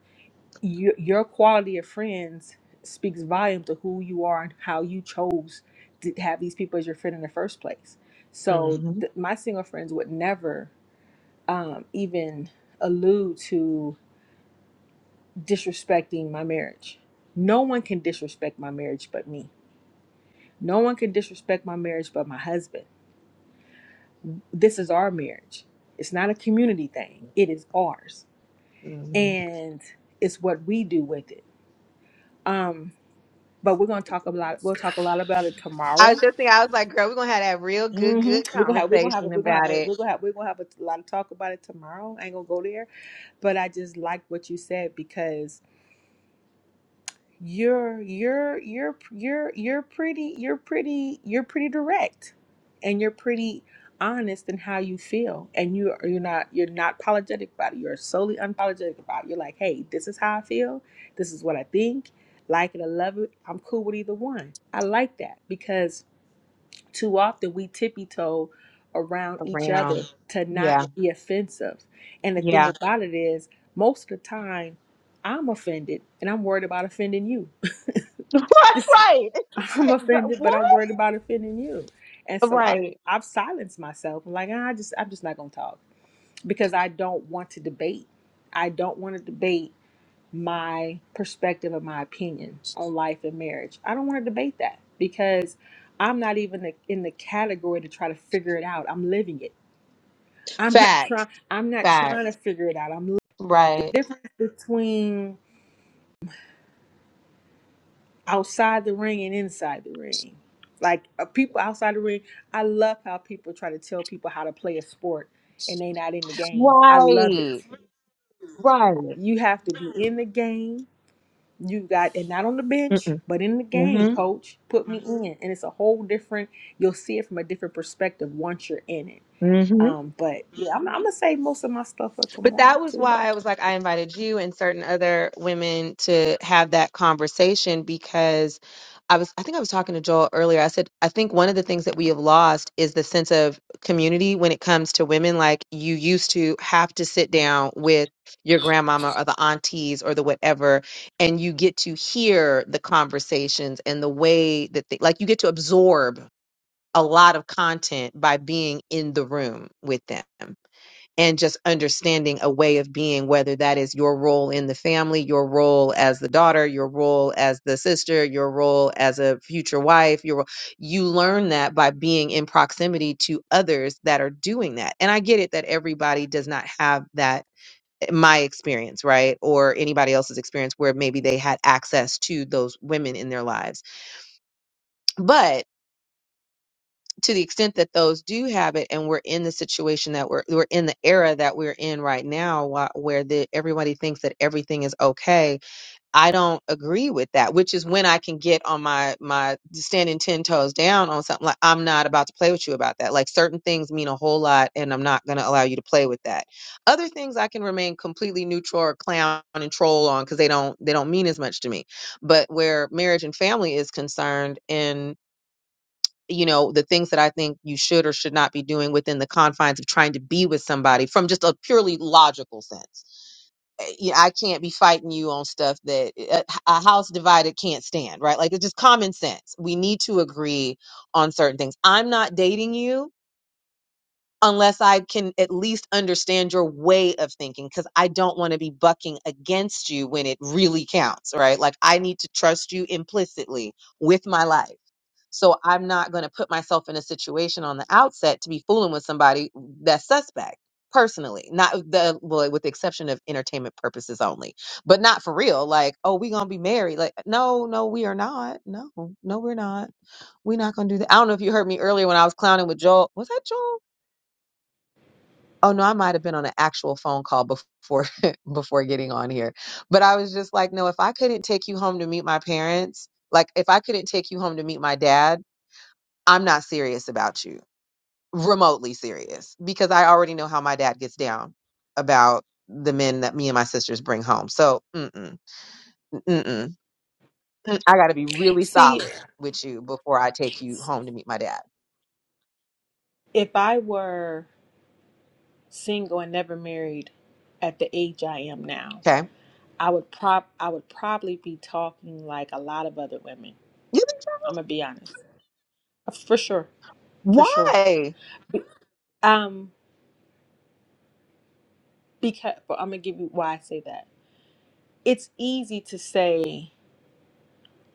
U: your, your quality of friends speaks volume to who you are and how you chose to have these people as your friend in the first place so
S: hmm
U: th- my single friends would never um, even allude to disrespecting my marriage no one can disrespect my marriage but me no one can disrespect my marriage but my husband this is our marriage. It's not a community thing. It is ours.
S: hmm
U: And it's what we do with it. Um, but we're gonna talk a lot we'll talk a lot about it
S: I
U: tomorrow.
S: was just thinking, I was like, girl, we're gonna have that real good,
U: hmm
S: good
U: We're gonna have we're gonna have a,
S: conversation
U: we're gonna have
S: about
U: a,
S: it
U: we're gonna have we're gonna have a lot of talk about it tomorrow. I ain't gonna go there. But I just like what you said because. you're you're you're you're you're pretty you're pretty you're pretty direct and you're pretty honest in how you feel and you you're not you're not apologetic about it you're solely unapologetic about it you're like hey this is how i feel this is what i think like it or love it i'm cool with either one i like that because too often we tippy toe around each
S: around.
U: other to not
S: Yeah,
U: be offensive and the thing
S: yeah.
U: about it is most of the time i'm offended and i'm worried about offending you
S: right. Right. It's just
U: I'm
S: like, girl,
U: offended, but
S: what?
U: I'm worried about offending you. And so I,
S: Right.
U: I've silenced myself. I'm like, "Ah, I just, I'm just not gonna talk because I don't want to debate. I don't want to debate my perspective and my opinion on life and marriage. I don't want to debate that because I'm not even the- in the category to try to figure it out. I'm living it. I'm not trying.
S: Facts.
U: I'm not trying to
S: Facts.
U: figure it out. I'm li- the
S: Right.
U: difference between. outside the ring and inside the ring. Like uh, people outside the ring, I love how people try to tell people how to play a sport and they not in the game. I love it.
S: Right. Right.
U: You have to be in the game. You got and not on the bench, but in the game,
S: Mm-hmm.
U: coach. Put me in, and it's a whole different. You'll see it from a different perspective once you're in it.
S: Mm-hmm.
U: Um, but yeah, I'm, I'm gonna save most of my stuff for
S: But that
U: tomorrow
S: was
U: too,
S: why
U: though.
S: I was like, I invited you and certain other women to have that conversation because I was, I think I was talking to Joel earlier. I said, I think one of the things that we have lost is the sense of community when it comes to women. Like you used to have to sit down with your grandmama or the aunties or the whatever, and you get to hear the conversations and the way that they, like you get to absorb a lot of content by being in the room with them and just understanding a way of being, whether that is your role in the family, your role as the daughter, your role as the sister, your role as a future wife, your role. You learn that by being in proximity to others that are doing that. And I get it that everybody does not have that eh, my experience right or anybody else's experience where maybe they had access to those women in their lives but to the extent that those do have it and we're in the situation that we're we're in the era that we're in right now wh- where the, everybody thinks that everything is okay i don't agree with that which is when i can get on my my standing 10 toes down on something like i'm not about to play with you about that like certain things mean a whole lot and i'm not going to allow you to play with that other things i can remain completely neutral or clown and troll on because they don't they don't mean as much to me but where marriage and family is concerned and you know the things that i think you should or should not be doing within the confines of trying to be with somebody from just a purely logical sense Uh, yeah, i can't be fighting you on stuff that a a house divided can't stand right like it's just common sense we need to agree on certain things i'm not dating you unless I can at least understand your way of thinking, because I don't want to be bucking against you when it really counts, right? Like I need to trust you implicitly with my life. So I'm not going to put myself in a situation on the outset to be fooling with somebody that's suspect personally not the well with the exception of entertainment purposes only but not for real like oh we gonna be married like no no we are not no no we're not we're not gonna do that i don't know if you heard me earlier when i was clowning with joel was that joel oh no, I might have been on an actual phone call before before getting on here. But I was just like, no, if I couldn't take you home to meet my parents, like if I couldn't take you home to meet my dad, I'm not serious about you. Remotely serious because I already know how my dad gets down about the men that me and my sisters bring home. So, mm-mm, mm-mm. mm, I got to be really
U: See,
S: solid with you before I take you home to meet my dad.
U: if I were single and never married at the age I am now,
S: Okay?
U: I would prob I would probably be talking like a lot of other women.
S: You- think-
U: I'm gonna be honest, for sure, for sure.
S: Why?
U: Um, because but I'm gonna give you why I say that. It's easy to say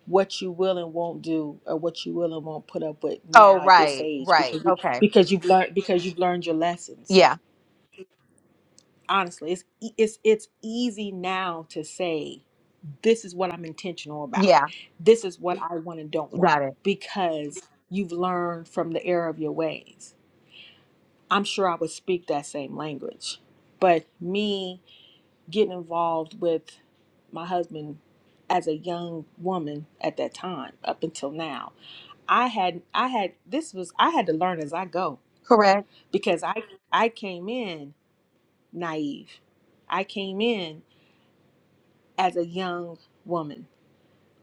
U: what you will and won't do, or what you will and won't put up with
S: Oh,
U: now at this
S: right,
U: age,
S: right.
U: because you,
S: Okay.
U: because you've learned because you've learned your lessons.
S: Yeah.
U: Honestly, it's e- it's it's easy now to say this is what I'm intentional about.
S: Yeah.
U: This is what I want and don't want
S: Got it.
U: because you've learned from the error of your ways. I'm sure I would speak that same language. But me getting involved with my husband as a young woman at that time up until now, I had I had this was I had to learn as I go
S: Correct.
U: because I I came in naive. I came in as a young woman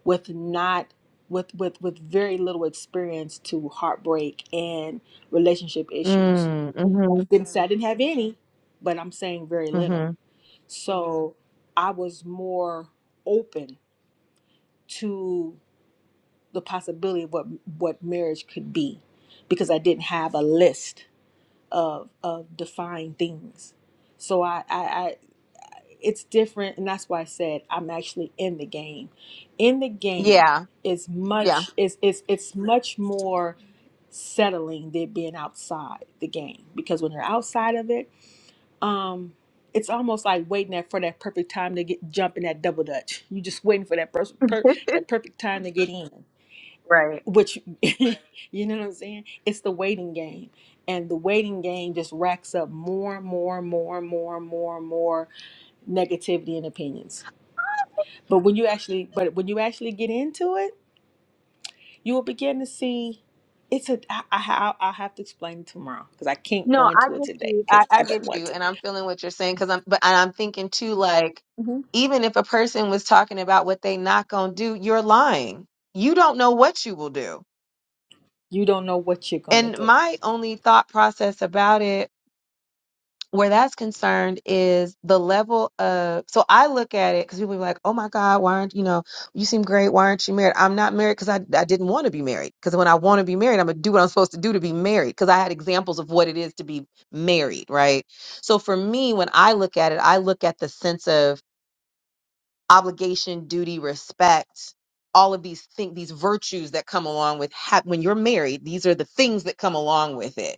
U: with not with with with very little experience to heartbreak and relationship issues.
S: Mm, mm-hmm.
U: Didn't say I didn't have any, but I'm saying very little.
S: Mm-hmm.
U: So I was more open to the possibility of what what marriage could be because I didn't have a list of of defined things. So I I, it's different and that's why i said i'm actually in the game in the game
S: Yeah.
U: is
S: Yeah.
U: much is it's it's much more settling than being outside the game because when you're outside of it um it's almost like waiting that for that perfect time to get jump in that double dutch you just waiting for that per, per, that perfect time to get in
S: Right.
U: which you know what i'm saying it's the waiting game and the waiting game just racks up more and more and more and more and more and more negativity and opinions but when you actually, but when you actually get into it, you will begin to see. It's a. I, I, I'll I'll have to explain it tomorrow because I can't
S: No,
U: go
S: I
U: into it
S: get
U: today
S: you. I,
U: because
S: I
U: I don't
S: get
U: want
S: you.
U: to.
S: And I'm feeling what you're saying because I'm, but and I'm thinking too, like,
U: hmm
S: even if a person was talking about what they not gonna do, you're lying. You don't know what you will do.
U: You don't know what you're gonna
S: And
U: do.
S: my only thought process about it where that's concerned is the level of so I look at it because people be like, oh my God, why aren't you know you seem great, why aren't you married? I'm not married because I I didn't want to be married because when I want to be married, I'm gonna do what I'm supposed to do to be married because I had examples of what it is to be married, right? So for me, when I look at it, I look at the sense of obligation, duty, respect, all of these things, these virtues that come along with ha- when you're married. These are the things that come along with it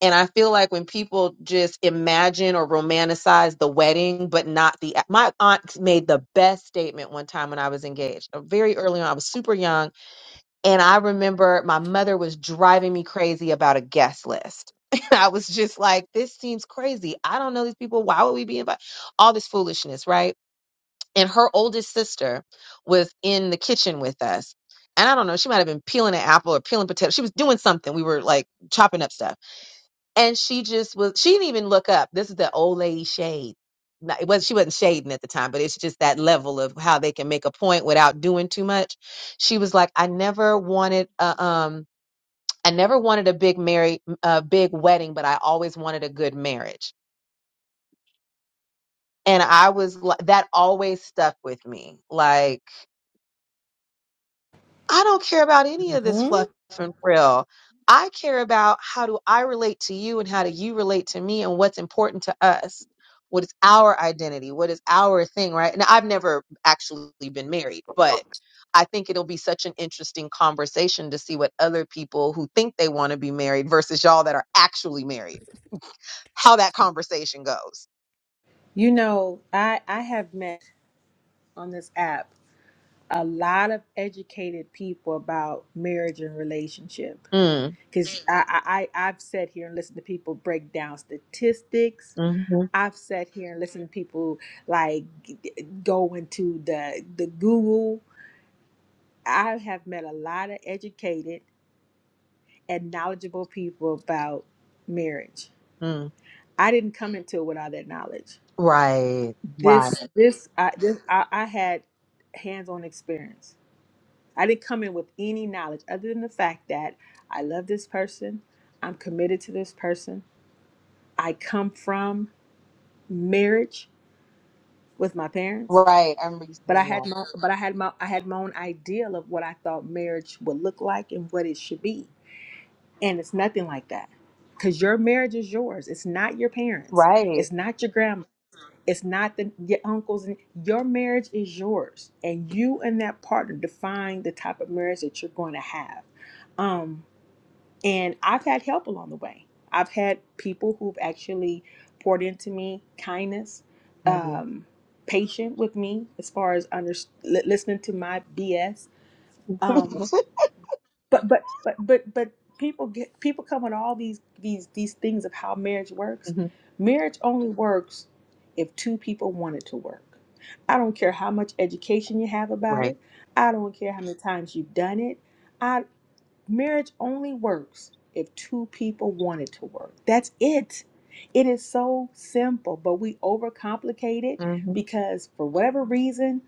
S: and I feel like when people just imagine or romanticize the wedding, but not the. My aunt made the best statement one time when I was engaged, uh, very early on. I was super young. And I remember my mother was driving me crazy about a guest list. I was just like, this seems crazy. I don't know these people. Why would we be invited? All this foolishness, right? And her oldest sister was in the kitchen with us. And I don't know, she might have been peeling an apple or peeling potato. She was doing something. We were like chopping up stuff and she just was she didn't even look up this is the old lady shade Not- it was she wasn't shading at the time but it's just that level of how they can make a point without doing too much she was like i never wanted a, um i never wanted a big married a big wedding but i always wanted a good marriage and i was like that always stuck with me like I don't care about any of this
U: hmm
S: fluff and frill. I care about how do I relate to you and how do you relate to me and what's important to us. What is our identity? What is our thing, right? And I've never actually been married, but I think it'll be such an interesting conversation to see what other people who think they want to be married versus y'all that are actually married, how that conversation goes.
U: You know, I I have met on this app a lot of educated people about marriage and relationship
S: Mm,
U: because I, I I- I've sat here and listened to people break down statistics
S: hmm
U: I've sat here and listened to people like g- go into the the Google. I have met a lot of educated and knowledgeable people about marriage.
S: mm.
U: I didn't come into it with all that knowledge.
S: Right, right,
U: This this I this I, I had hands-on experience. I didn't come in with any knowledge other than the fact that I love this person. I'm committed to this person. I come from marriage with my parents.
S: right. I am you
U: But I
S: saying
U: had
S: that.
U: my but I had my I had my own ideal of what I thought marriage would look like and what it should be. And it's nothing like that. Cause your marriage is yours. It's not your parents.
S: Right.
U: It's not your grandma. It's not the, your uncles. And your marriage is yours, and you and that partner define the type of marriage that you're going to have. Um, and I've had help along the way. I've had people who've actually poured into me kindness,
S: Mhm.
U: um, patient with me as far as under, li- listening to my BS. Um, but but but but but people get people come with all these these these things of how marriage works.
S: hmm
U: Marriage only works if two people want it to work. I don't care how much education you have about
S: Right.
U: it. I don't care how many times you've done it. I. Marriage only works if two people want it to work. That's it. It is so simple, but we overcomplicate it
S: Mm-hmm.
U: because for whatever reason,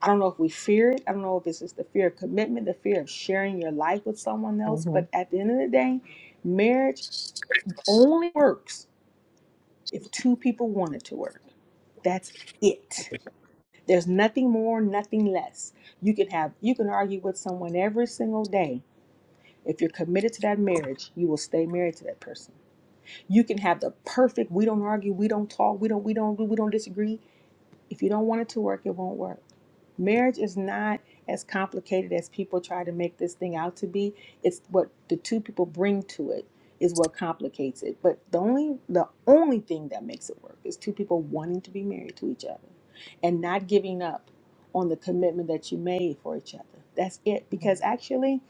U: I don't know if we fear it. I don't know if it's just the fear of commitment, the fear of sharing your life with someone else.
S: Mm-hmm.
U: But at the end of the day, marriage only works if two people want it to work. That's it. There's nothing more, nothing less. You can have you can argue with someone every single day If you're committed to that marriage, you will stay married to that person. You can have the perfect, we don't argue, we don't talk, we don't we don't we don't disagree. If you don't want it to work, it won't work. Marriage is not as complicated as people try to make this thing out to be. It's what the two people bring to it is what complicates it. But the only the only thing that makes it work is two people wanting to be married to each other and not giving up on the commitment that you made for each other. That's it because actually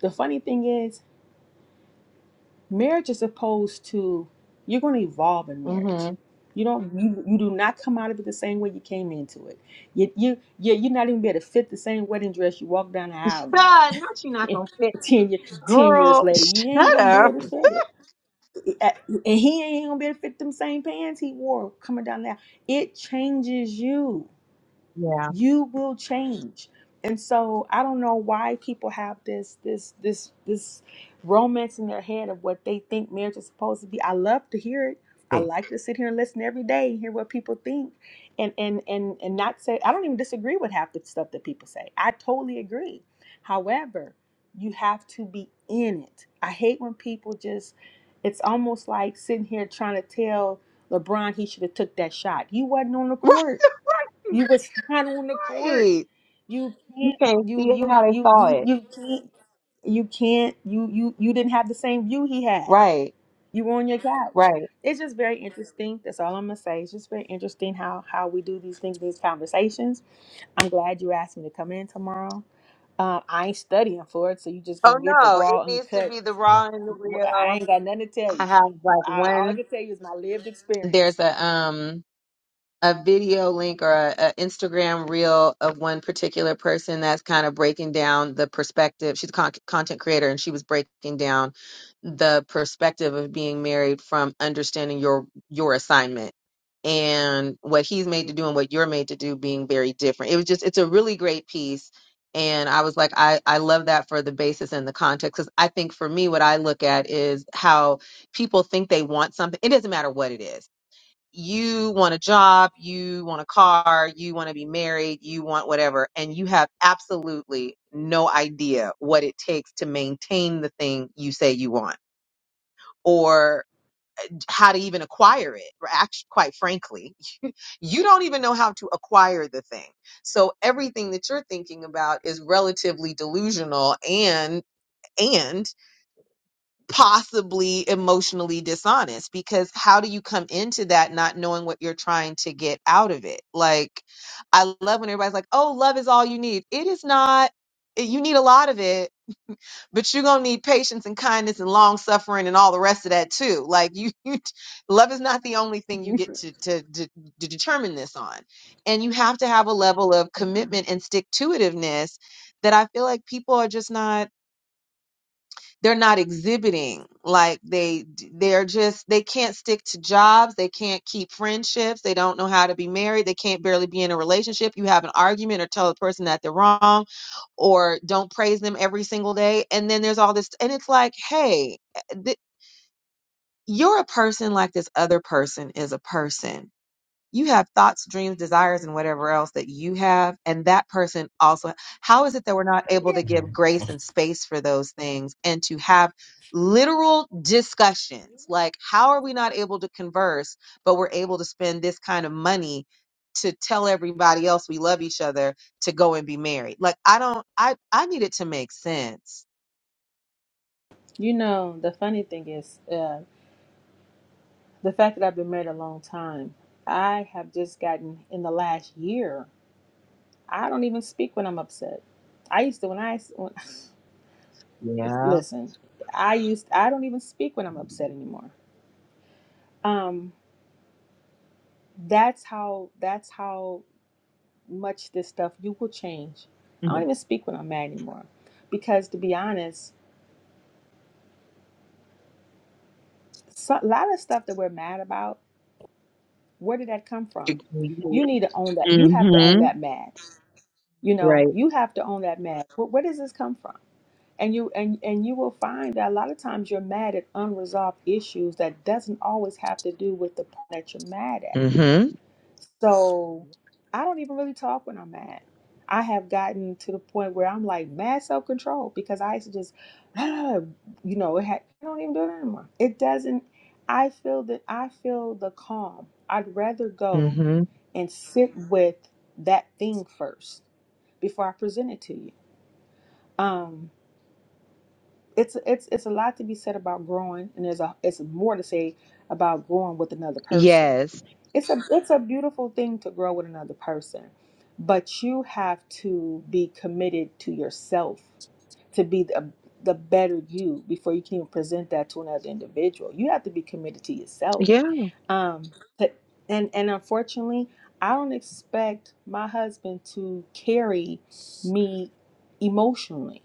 U: the funny thing is marriage is opposed to you're going to evolve in marriage
S: Mm-hmm.
U: you don't you, you do not come out of it the same way you came into it you you you- you're not even be able to fit the same wedding dress you walk down the aisle in
S: God, not you not gonna fit.
U: 10, year, 10 years
S: Girl,
U: later you ain't
S: shut
U: gonna be
S: up.
U: able to fit it Uh, and he ain't gonna be able to fit them same pants he wore coming down there it changes you
S: Yeah.
U: you will change and so i don't know why people have this this this this romance in their head of what they think marriage is supposed to be i love to hear it i
T: Hmm.
U: like to sit here and listen every day and hear what people think and and and and not say i don't even disagree with half the stuff that people say i totally agree however you have to be in it i hate when people just it's almost like sitting here trying to tell lebron he should have took that shot he wasn't on the court you was not on the court.
S: Right.
U: You
S: You
U: can't.
S: can't
U: You
S: see
U: you
S: how they
U: you
S: saw
U: you
S: it.
U: you can't. You can't. You you you didn't have the same view he had.
S: Right.
U: You were on your couch.
S: Right.
U: It's just very interesting. That's all I'm gonna say. It's just very interesting how how we do these things, these conversations. I'm glad you asked me to come in tomorrow. Uh, I ain't studying for it, so you just
S: Oh
U: gonna get the
S: no, it
U: raw,
S: needs to
U: uncut.
S: be the raw and the
U: I
S: real.
U: ain't got nothing to tell
S: I
U: you.
S: have like
U: I, all I
S: one
U: can tell you is my lived
S: there's
U: experience.
S: a um a video link or a, a Instagram reel of one particular person that's kind of breaking down the perspective. She's a con- content creator and she was breaking down the perspective of being married from understanding your your assignment and what he's made to do and what you're made to do being very different. It was just it's a really great piece and I was like I I love that for the basis and the context cuz I think for me what I look at is how people think they want something. It doesn't matter what it is you want a job, you want a car, you want to be married, you want whatever, and you have absolutely no idea what it takes to maintain the thing you say you want or how to even acquire it. Or act- Quite frankly, you don't even know how to acquire the thing. So everything that you're thinking about is relatively delusional and, and possibly emotionally dishonest because how do you come into that not knowing what you're trying to get out of it? Like, I love when everybody's like, oh, love is all you need. It is not. It- You need a lot of it, but you're gonna need patience and kindness and long suffering and all the rest of that too. Like you, you love is not the only thing you get to, to to to determine this on, and you have to have a level of commitment and stick to itiveness that I feel like people are just not they're not exhibiting like they they're just they can't stick to jobs they can't keep friendships they don't know how to be married they can't barely be in a relationship you have an argument or tell the person that they're wrong or don't praise them every single day and then there's all this and it's like hey eh, th- you're a person like this other person is a person you have thoughts, dreams, desires, and whatever else that you have, and that person also. How is it that we're not able to give grace and space for those things and to have literal discussions? Like, how are we not able to converse, but we're able to spend this kind of money to tell everybody else we love each other to go and be married? Like, I don't, I, I need it to make sense.
U: You know, the funny thing is, uh, the fact that I've been married a long time, I have just gotten in the last year. I don't even speak when I'm upset. I used to when I when,
S: Yeah.
U: listen. I used I don't even speak when I'm upset anymore. Um, that's how that's how much this stuff you will change. I don't
S: Mm-hmm.
U: even speak when I'm mad anymore, because to be honest, so, a lot of stuff that we're mad about, where did that come from? You need to own that. You have to own that mad. you know
S: Right.
U: you have to own that mad where, where does this come from and you and and you will find that a lot of times you're mad at unresolved issues that doesn't always have to do with the person that you're mad at
S: Mm-hmm.
U: so i don't even really talk when i'm mad i have gotten to the point where i'm like mad self-control because i used to just you know it had, i don't even do it anymore it doesn't i feel that i feel the calm i'd rather go
S: Mm-hmm.
U: and sit with that thing first before I present it to you. Um, it's it's it's a lot to be said about growing, and there's a it's more to say about growing with another person
S: Yes.
U: it's a it's a beautiful thing to grow with another person but you have to be committed to yourself to be the, the better you before you can even present that to another individual you have to be committed to yourself um but, and and unfortunately i don't expect my husband to carry me emotionally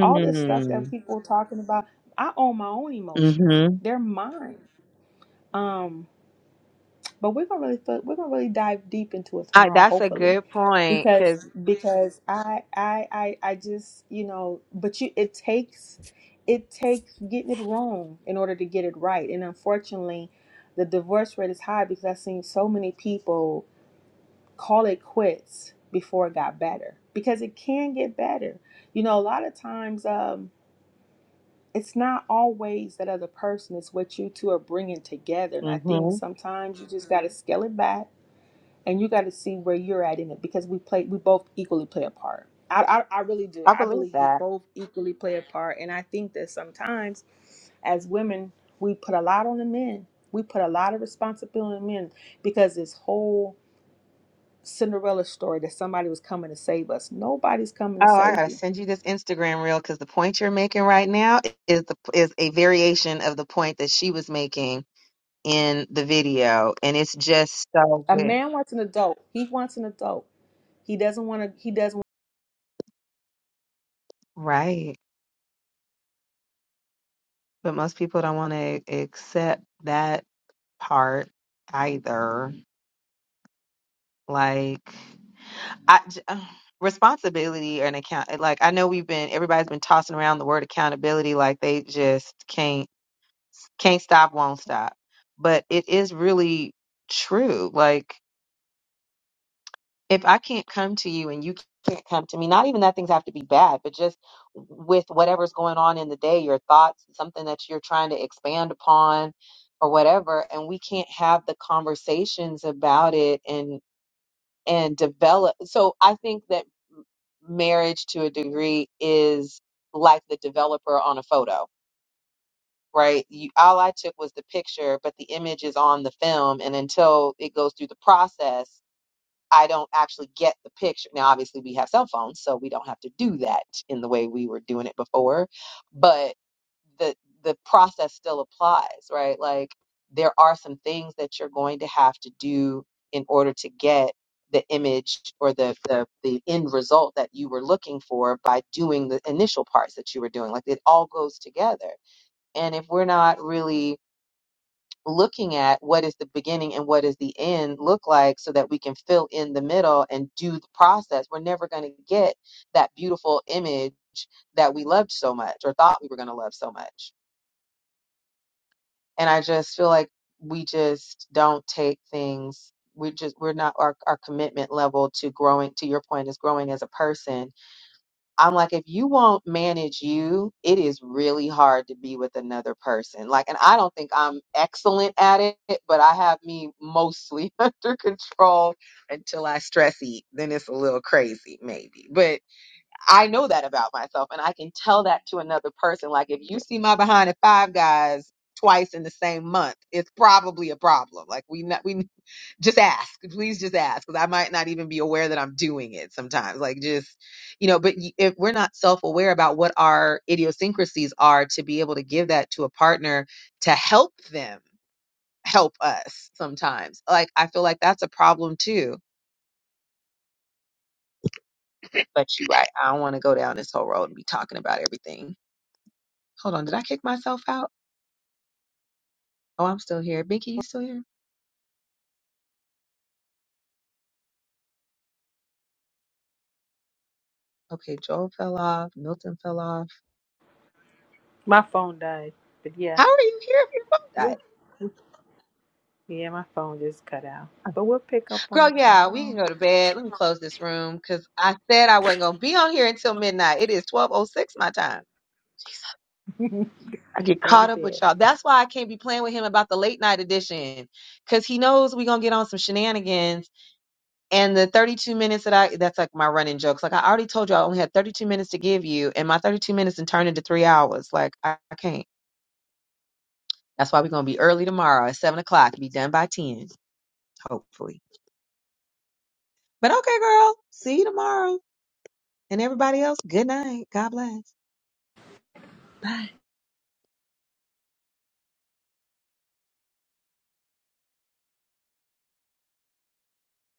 U: all this stuff that people are talking about i own my own emotions
S: Mhm.
U: they're mine um but we're gonna really fo- we're gonna really dive deep into it
S: I,
U: tomorrow,
S: that's a
U: hopefully,
S: good point because
U: because because I I I I just you know, but you it takes it takes getting it wrong in order to get it right, and unfortunately, the divorce rate is high because I've seen so many people call it quits before it got better because it can get better. You know, a lot of times um, it's not always that other person; it's what you two are bringing together, and I think
S: mhm.
U: sometimes you just got to scale it back and you got to see where you're at in it because we play we both equally play a part I, I i really do
S: I
U: i
S: believe
U: believe we
S: that.
U: both equally play a part and i think that sometimes as women we put a lot on the men we put a lot of responsibility on the men because this whole cinderella story that somebody was coming to save us nobody's coming to
S: Oh, I
U: save
S: gotta
U: you
S: send you this Instagram reel because the point you're making right now is the is a variation of the point that she was making in the video, and it's just so
U: a
S: good.
U: man wants an adult he wants an adult he doesn't want to he doesn't
S: Right. But most people don't want to accept that part either. Like. I j- uh, responsibility and account eh, like I know we've been everybody's been tossing around the word accountability like they just can't can't stop won't stop but it is really true like if I can't come to you and you can't come to me not even that things have to be bad but just with whatever's going on in the day your thoughts something that you're trying to expand upon or whatever and we can't have the conversations about it and develop. So I think that marriage to a degree is like the developer on a photo, right? You, all I took was the picture, but the image is on the film. And until it goes through the process I don't actually get the picture. Now, obviously, we have cell phones, so we don't have to do that in the way we were doing it before, but the the process still applies, right? Like there are some things that you're going to have to do in order to get the image or the the, the end result that you were looking for by doing the initial parts that you were doing. Like it all goes together. And if we're not really looking at what is the beginning and what is the end look like so that we can fill in the middle and do the process. We're never going to get that beautiful image that we loved so much or thought we were going to love so much. And I just feel like we just don't take things we just we're not our, our commitment level to growing to your point is growing as a person I'm like, if you won't manage you, it is really hard to be with another person. Like, and I don't think I'm excellent at it, but I have me mostly under control until I stress eat. Then it's a little crazy, maybe. But I know that about myself, and I can tell that to another person. Like, if you see my behind at Five Guys twice in the same month, it's probably a problem. Like, we not we just ask please just ask because i might not even be aware that i'm doing it sometimes like just you know but y- if we're not self-aware about what our idiosyncrasies are to be able to give that to a partner to help them help us sometimes like i feel like that's a problem too but you're right i don't want to go down this whole road and be talking about everything hold on did i kick myself out oh i'm still here binky you still here okay joel fell off milton fell off
U: My phone died, but yeah,
S: how are you here if your are died?
U: yeah, my phone just cut out. But we'll pick up on
S: Girl,
U: it
S: yeah, we can
U: tomorrow.
S: go to bed. Let me close this room because I said I wasn't gonna be on here until midnight. It is twelve oh six my time. I get
U: Go to
S: caught up with
U: bed.
S: y'all. That's why I can't be playing with him about the late night edition because he knows we gonna get on some shenanigans. And the thirty two minutes that I that's like my running jokes. Like I already told you, I only had thirty two minutes to give you, and my thirty two minutes and turn into three hours. Like I, I can't. That's why we're gonna be early tomorrow at seven o'clock. Be done by ten, hopefully. But okay, girl. See you tomorrow. And everybody else, good night. God bless.
U: Bye.